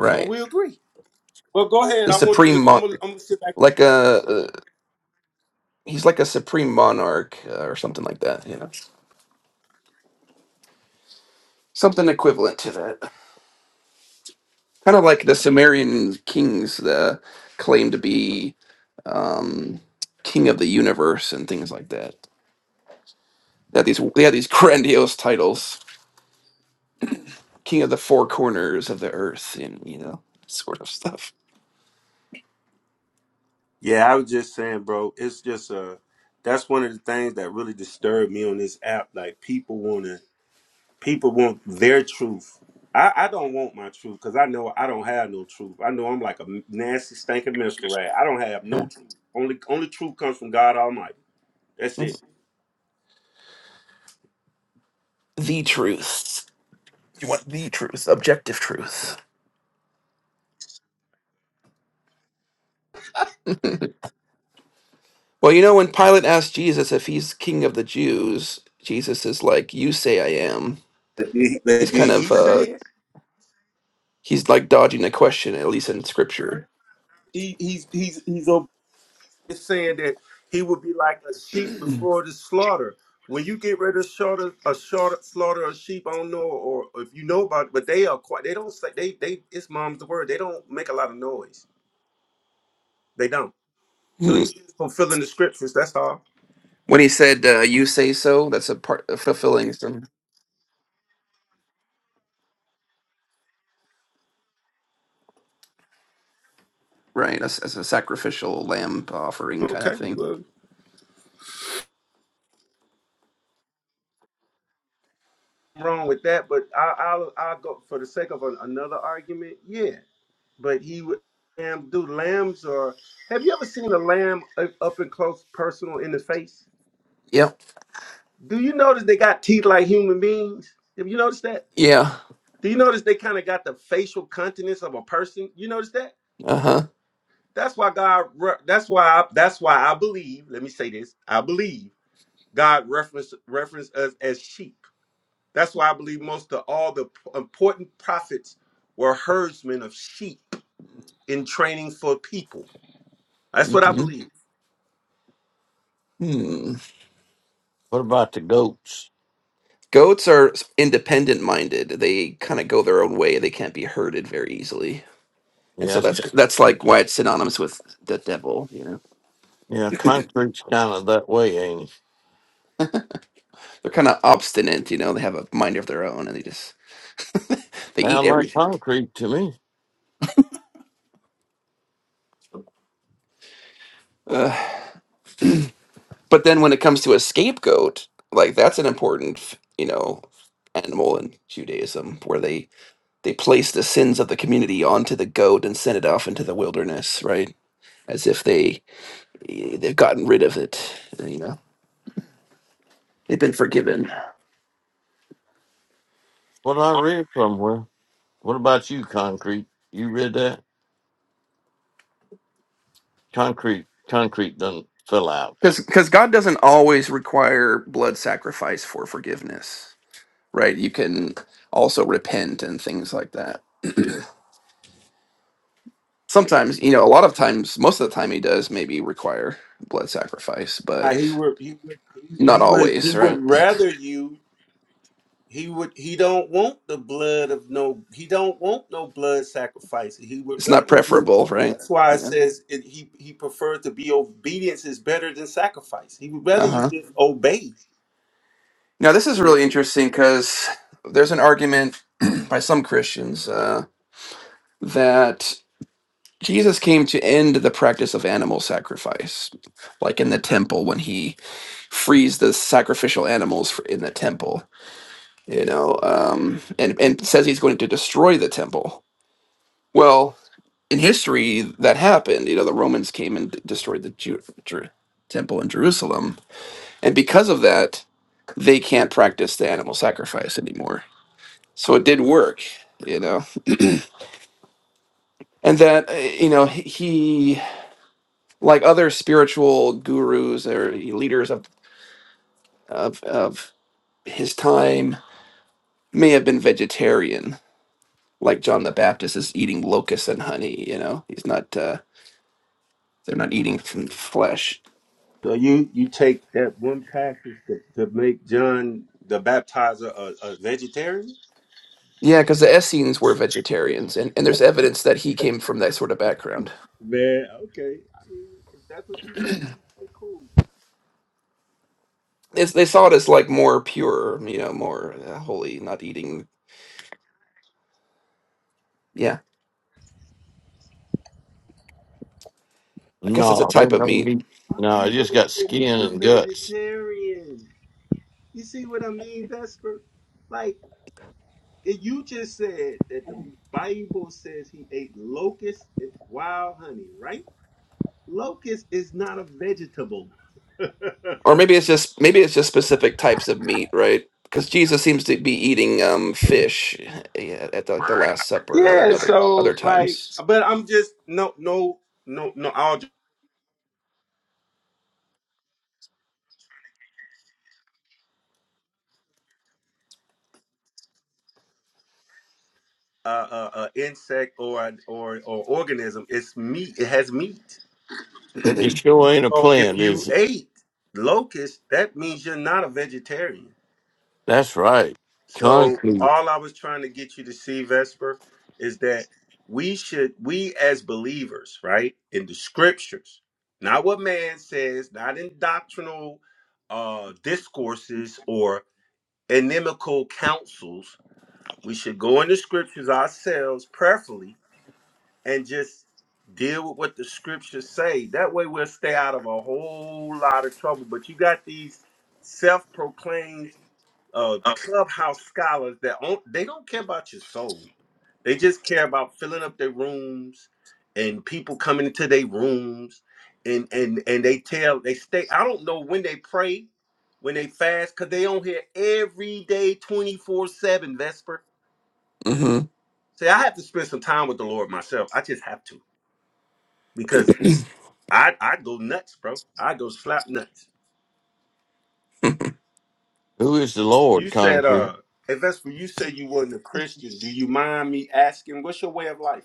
O: So we agree. Well, go ahead.
M: the
O: I want you
M: supreme
O: to. I'm
M: mon
O: gonna, I'm gonna sit back.
M: like a uh, he's like a supreme monarch uh, or something like that. You know, something equivalent to that. Kind of like the Sumerian kings uh, claim to be um, king of the universe and things like that. They had these they had these grandiose titles. king of the four corners of the earth and you know sort of stuff
O: Yeah, I was just saying, bro. It's just uh, that's one of the things that really disturbed me on this app. Like people want to people want their truth. I, I don't want my truth because I know I don't have no truth. I know I'm like a nasty stinking minstrel rat. I don't have no
M: Yeah.
O: truth. Only only truth comes from God Almighty. That's it.
M: the truth you want the truth objective truth well you know when pilate asked jesus if he's king of the jews jesus is like you say i am
O: But Did he, but
M: he's kind
O: did he
M: of uh
O: say it?
M: he's like dodging the question at least in scripture
O: He, he's he's he's ob- saying that he would be like a sheep before the slaughter. When you get ready to slaughter a shorter slaughter a sheep, I don't know, or if you know about it, but they are quiet. They don't say they they. It's mom's the word. They don't make a lot of noise. They don't. So
M: Hmm.
O: he just fulfilling the scriptures. That's all.
M: when he said uh, you say so that's a part of fulfilling some right as, as a sacrificial lamb offering kind of
O: Okay,
M: thing
O: well, nothing wrong with that, but I, I'll I'll go for the sake of an, another argument. Yeah, but he would lamb do lambs or have you ever seen a lamb up up and close, personal, in the face?
M: yep
O: Do you notice they got teeth like human beings? Have you noticed that?
M: yeah
O: Do you notice they kind of got the facial countenance of a person? You notice that?
M: uh-huh
O: That's why God. re- That's why. I, that's why I believe. Let me say this. I believe God reference reference us as sheep. That's why I believe most of all the p- important prophets were herdsmen of sheep in training for people. That's what I
M: Mm-hmm.
O: believe.
M: hmm
A: What about the goats?
M: Goats are independent minded. They kind of go their own way. They can't be herded very easily. And
A: Yeah,
M: so that's
A: that's-
M: that's like why it's synonymous with the devil, you know.
A: yeah, concrete's kind of that way, ain't it?
M: They're kind of obstinate, you know. They have a mind of their own and they just they eat
A: Sound like
M: everything.
A: concrete to me.
M: Uh, but then when it comes to a scapegoat, like that's an important, you know, animal in Judaism where they they place the sins of the community onto the goat and send it off into the wilderness, right? As if they they've gotten rid of it, you know. They've been forgiven.
A: What I read somewhere. What about you, concrete? You read that? concrete concrete doesn't fill out.
M: because because god doesn't always require blood sacrifice for forgiveness right you can also repent and things like that sometimes you know a lot of times most of the time he does maybe require blood sacrifice
O: Uh, He
M: but
O: would. He would.
M: not
O: He would.
M: always
O: He would
M: right
O: rather you He would he don't want the blood of no he don't want no blood sacrifice. He would
M: it's not
O: rather you
M: preferable right
O: that's why it
M: yeah
O: says it, he he preferred to be obedience is better than sacrifice. He would rather you
M: uh-huh
O: just obey.
M: now this is
O: You know?
M: really interesting because there's an argument by some christians uh, that jesus came to end the practice of animal sacrifice like in the temple when he frees the sacrificial animals for, in the temple, you know, um, and, and says he's going to destroy the temple. Well, in history, that happened. You know, the Romans came and d- destroyed the Jew, Jer- temple in Jerusalem. And because of that, they can't practice the animal sacrifice anymore. So it did work, you know. And that, uh, you know, he, he- like other spiritual gurus or leaders of, of, of his time, may have been vegetarian like John the Baptist is eating locusts and honey. You know, he's not. Uh, they're not eating from flesh.
O: So you you take that one passage to, to make John the baptizer a, a vegetarian?
M: Yeah, because the Essenes were vegetarians, and, and there's evidence that he came from that sort of background.
O: Man, okay. I mean, if that's what you believe, okay, cool.
M: It's, they saw it as like more pure, you know, more uh, holy, not eating. Yeah, I guess it's a
A: No, there
M: type
A: ain't
M: of
A: no
M: meat,
A: meat.
O: Why are
A: No, it
O: you
A: just
O: gonna
A: got
O: say
A: skin
O: he's a
A: and guts.
O: vegetarian? You see what I mean, Vesper? Like If you just said that the Bible says he ate locusts and wild honey, right? Locust is not a vegetable.
M: or maybe it's just maybe it's just specific types of meat, right? Because Jesus seems to be eating um, fish yeah, at the, like the Last Supper and
O: Yeah,
M: other other
O: so like,
M: times.
O: but I'm just no, no, no, no. All uh, uh, uh, insect or or or organism. It's meat. It has meat.
A: It sure ain't a
O: So if
A: plant,
O: you
A: is it?
O: ate locust, that means you're not a vegetarian.
A: That's right.
O: So
A: Concrete.
O: all I was trying to get you to see, Vesper, is that we should we as believers, right, in the scriptures, not what man says, not in doctrinal uh discourses or inimical counsels. We should go in the scriptures ourselves, prayerfully, and just deal with what the scriptures say. That way we'll stay out of a whole lot of trouble. But you got these self-proclaimed uh, clubhouse scholars that on, they don't care about your soul. They just care about filling up their rooms and people coming into their rooms and and and they tell they stay. I don't know when they pray, when they fast, cause they on here every day, twenty four seven Vesper.
M: hmm
O: See, I have to spend some time with the Lord myself. I just have to because I I go nuts, bro. I go slap nuts.
A: Who is the Lord,
O: You said
A: concrete?
O: uh. Hey Vesper, you said you wasn't a Christian. Do you mind me asking, what's your way of life?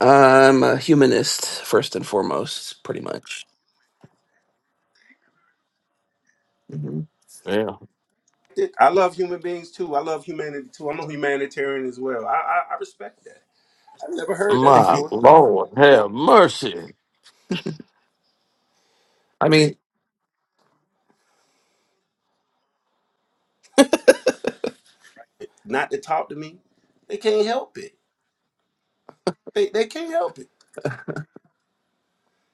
M: I'm a humanist first and foremost, pretty much. Mhm.
A: Yeah.
O: it. I love human beings too. I love humanity too. I'm a humanitarian as well. I, I, I respect that. I've never heard that
A: My
O: before.
A: Lord, have mercy.
M: I mean,
O: Not to talk to me, they can't help it. They they can't help it.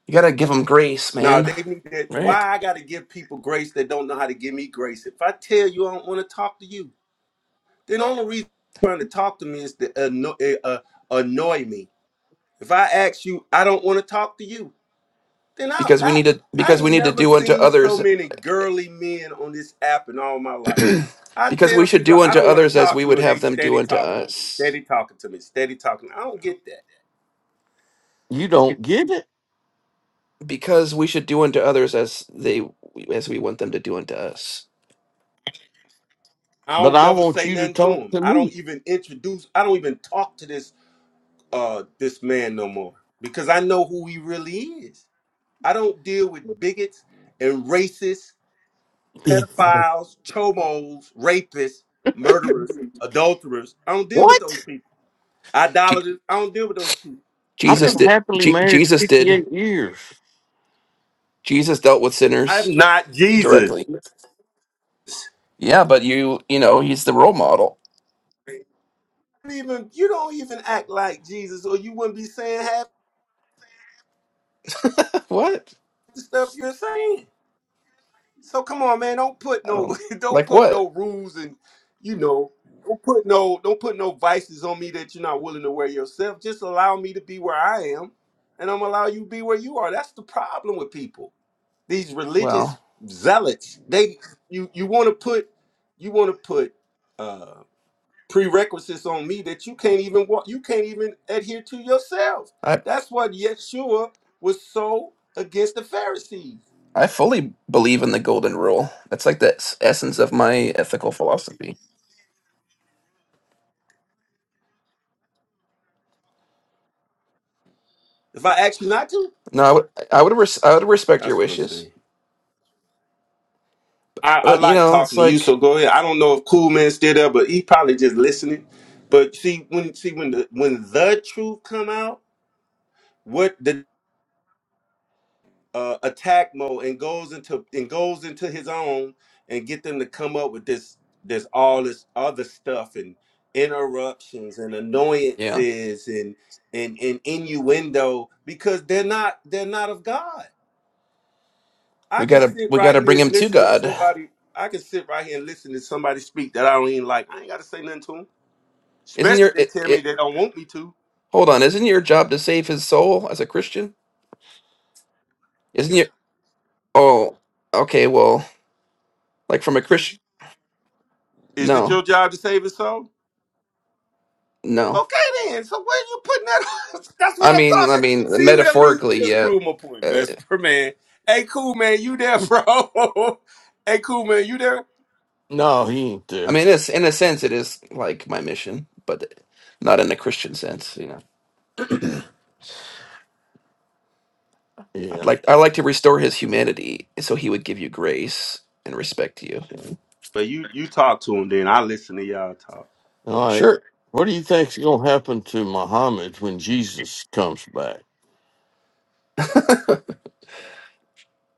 M: you gotta give them grace,
O: No,
M: man,
O: they need that.
M: right?
O: Why I got to give people grace that don't know how to give me grace? If I tell you I don't want to talk to you, then the only reason you're trying to talk to me is to annoy, uh, annoy me. If I ask you, I don't want to talk to you. Then I,
M: Because we
O: I
M: need to,
O: I
M: because we
O: ain't
M: need to
O: never
M: do unto
O: seen so
M: others,
O: many girly men on this app in all my life. I
M: because we
O: tell
M: should
O: people
M: do
O: I
M: unto
O: don't want to
M: others as
O: talk to
M: we
O: you,
M: would
O: and they
M: have them do
O: steady
M: unto
O: talking to me,
M: us.
O: steady talking to me, steady talking. I don't get that.
A: You don't get it,
M: Because we should do unto others as they, as we want them to do unto us.
O: I
A: but
O: don't
A: I
O: never
A: want
O: say
A: you to
O: nothing to
A: talk
O: him.
A: to
O: I
A: me.
O: don't even introduce. I don't even talk to this uh this man no more because I know who he really is. I don't deal with bigots and racists, pedophiles, chomos, rapists, murderers, adulterers. I don't deal with those
A: what?
O: people.
M: Je-
O: Idolaters. I don't deal with those people. I
A: I've
M: Jesus
A: been
O: don't.
M: did.
A: happily
M: Je-
A: married
M: Jesus did.
A: 58 years.
M: Jesus dealt with
O: I'm
M: sinners
O: not Jesus.
M: directly. Yeah, but you, you know, he's the role model.
O: You don't Even you don't even act like Jesus, or you wouldn't be saying half
M: what?
O: the stuff you're saying. So come on, man. Don't put no
M: Oh,
O: don't
M: like
O: put
M: what?
O: no rules and you know don't put no don't put no vices on me that you're not willing to wear yourself. Just allow me to be where I am, and I'm gonna allow you to be where you are. That's the problem with people. These
M: Well.
O: religious zealots. They you you want to put you want to put uh, prerequisites on me that you can't even want you can't even adhere to yourself
M: I.
O: that's what yeshua was so against the pharisees
M: I fully believe in the golden rule. That's like the s- essence of my ethical philosophy.
O: if i ask you not to
M: No, I would, I would, res- I would respect your
O: that's what i'm
M: wishes,
O: saying i, I
M: but you
O: like
M: know, it's
O: talking to you so
M: like,
O: go ahead i don't know if cool man's still there but he probably just listening but see when see when the when the truth come out what the uh, attack mode and goes into and goes into his own and get them to come up with this this all this other stuff and interruptions and
M: yeah,
O: annoyances and and, and innuendo because they're not they're not of God. I
M: we
O: can
M: gotta,
O: sit
M: we
O: right
M: gotta bring
O: here and
M: him to
O: listen to
M: God.
O: somebody. I can sit right here and listen to somebody speak that I don't even like. I ain't got to say nothing to them,
M: Isn't
O: especially if
M: your
O: they
M: it?
O: tell me
M: it
O: they don't want me to.
M: hold on, isn't your job to save his soul as a Christian? Isn't your? Oh, okay. Well, like from a Christian?
O: Is it your
M: No,
O: job to save his soul?
M: no.
O: Okay then. So where you putting that? That's what
M: I
O: I'm
M: mean, I
O: talking.
M: mean,
O: See what I mean? You
M: metaphorically,
O: just
M: yeah.
O: proved my point,
M: Uh,
O: Vesper man. Hey, cool man, you there, bro? hey, cool man, you there?
A: No, he ain't
M: I
A: there.
M: mean, it's in a sense, it is like my mission, but not in a Christian sense, you know.
A: Yeah.
M: Like I like to restore his humanity, so he would give you grace and respect you. And
O: But you you talk to him, then I listen to y'all talk.
A: All right.
M: sure,
A: What do you think's going to happen to Muhammad when Jesus comes back?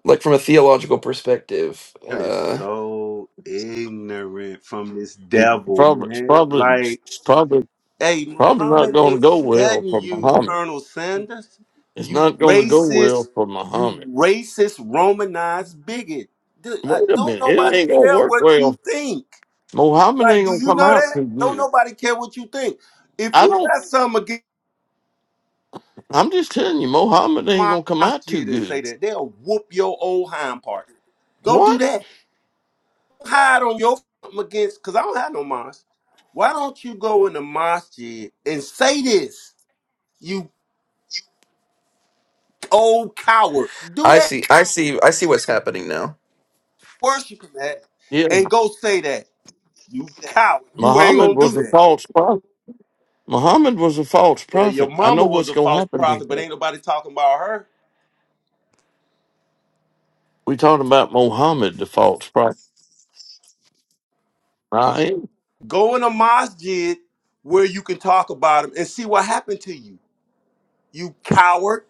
M: like from a theological perspective,
O: That is
M: uh,
O: so ignorant from this
A: It
O: devil,
A: probably, it's
O: man.
A: probably,
O: Like,
A: it's probably,
O: hey,
A: probably not
O: Muhammad
A: going to
O: ain't
A: go well for
O: studying you,
A: Muhammad.
O: Colonel Sanders.
A: It's
O: You
A: not going to go well
O: racist,
A: for
O: you
A: Muhammad.
O: racist, Romanized bigot. Dude, I,
A: Wait a
O: don't
A: minute, it
O: nobody
A: ain't going to
O: care
A: work
O: what
A: well.
O: you think.
A: Muhammad
O: Like,
A: ain't
O: do
A: going to
O: you
A: come
O: know
A: out
O: that?
A: too
O: Don't
A: good.
O: nobody care what you think. If
A: I
O: you
A: don't.
O: got something against
A: I'm just telling you, Muhammad ain't
O: my
A: going to come out too
O: shit and say
A: good.
O: that, they'll whoop your old hind part. Go do
A: What?
O: that. Hide on your something against, because I don't have no mosque. Why don't you go in the masjid and say this, you old coward? Do
M: I
O: that,
M: see, I see, I see what's happening now.
O: worship that,
A: Yeah,
O: and go say that. You coward. You ain't
A: Muhammad
O: gonna
A: was
O: do
A: a
O: that.
A: false prophet. Muhammad was a false
O: Yeah, your
A: prophet. I know
O: mama was
A: what's
O: a
A: going to
O: false
A: happen to
O: prophet, but
A: him.
O: ain't nobody talking about her.
A: We talking about Muhammad, the false prophet. I ain't.
O: Go in a masjid where you can talk about them and see what happened to you. You coward.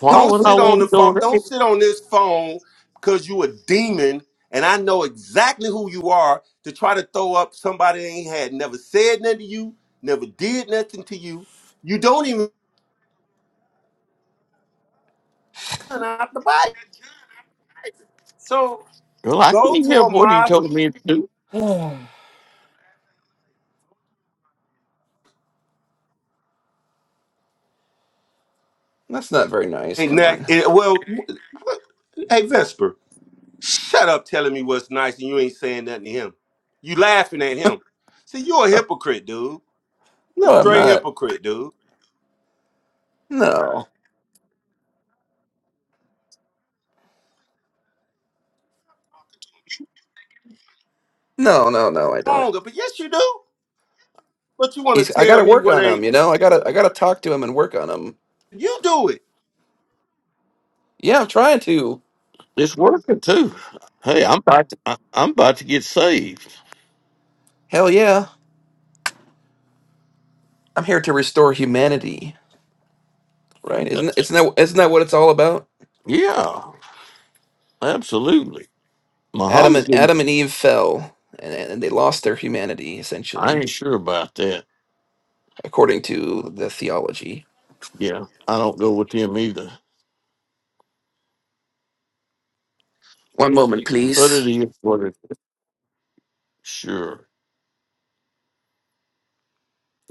A: Why
O: Don't
A: would I
O: sit on
A: want
O: the
A: to go
O: phone.
A: there?
O: Don't sit on this phone because you a demon. And I know exactly who you are to try to throw up somebody that ain't had never said nothing to you, never did nothing to you. You don't even turn out the body. So
A: Well, I
O: go
A: can't
O: to
A: help
O: a
A: what he
O: mosque.
A: told me to do.
M: Oh, That's not very nice.
O: Hey,
M: Come
O: now,
M: on.
O: eh, well, w- w- hey Vesper. Shut up telling me what's nice and you ain't saying nothing to him. You laughing at him. See, you a hypocrite, dude. you a
M: No, I'm
O: straight
M: not.
O: hypocrite, dude.
M: No, no, no, no. I don't.
O: Longer, but yes, you do. But you want
M: He's.
O: to
M: I
O: tell
M: gotta
O: me
M: work
O: what
M: on him.
O: ain't.
M: You know. I gotta. I gotta talk to him and work on him.
O: You do it.
M: Yeah, I'm trying to.
A: It's working too. Hey, I'm about to, I- I'm about to get saved.
M: Hell yeah. I'm here to restore humanity. Right? Isn't isn't that isn't that what it's all about?
A: Yeah, absolutely.
M: Adam
A: Muhammad,
M: and
A: didn't-
M: Adam and Eve fell, and, and they lost their humanity
A: I ain't
M: essentially,
A: sure about that.
M: according to the theology.
A: Yeah, I don't go with him either.
M: One moment,
A: But it
M: please.
A: is what it is. Sure,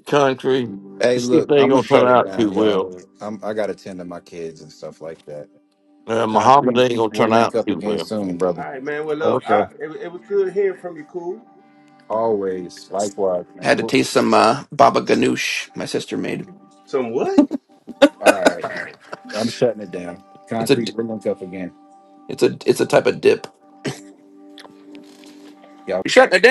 A: country.
B: Hey,
A: This
B: look,
A: ain't
B: I'm gonna
A: gonna turn
B: shut it
A: out too
B: down, y'all.
A: well.
B: I'm I gotta tend to my kids and stuff like that.
A: Uh, Muhammad
B: Concrete,
A: ain't gonna
B: we'll
A: turn
B: link
A: out
B: up
A: too
B: again
A: well.
B: soon, brother.
O: All right, man. Well, look, I,
A: Okay.
O: it, it was good hearing from you, cool.
B: Always, likewise,
M: I
B: man.
M: had to
B: We'll,
M: taste some uh, baba ganoush my sister made.
O: Some what?
B: all right, I'm shutting it down.
M: It's a
B: Concrete,
M: d-
B: we'll link up again.
M: it's a it's a type of dip.
B: Y'all.
M: Shut it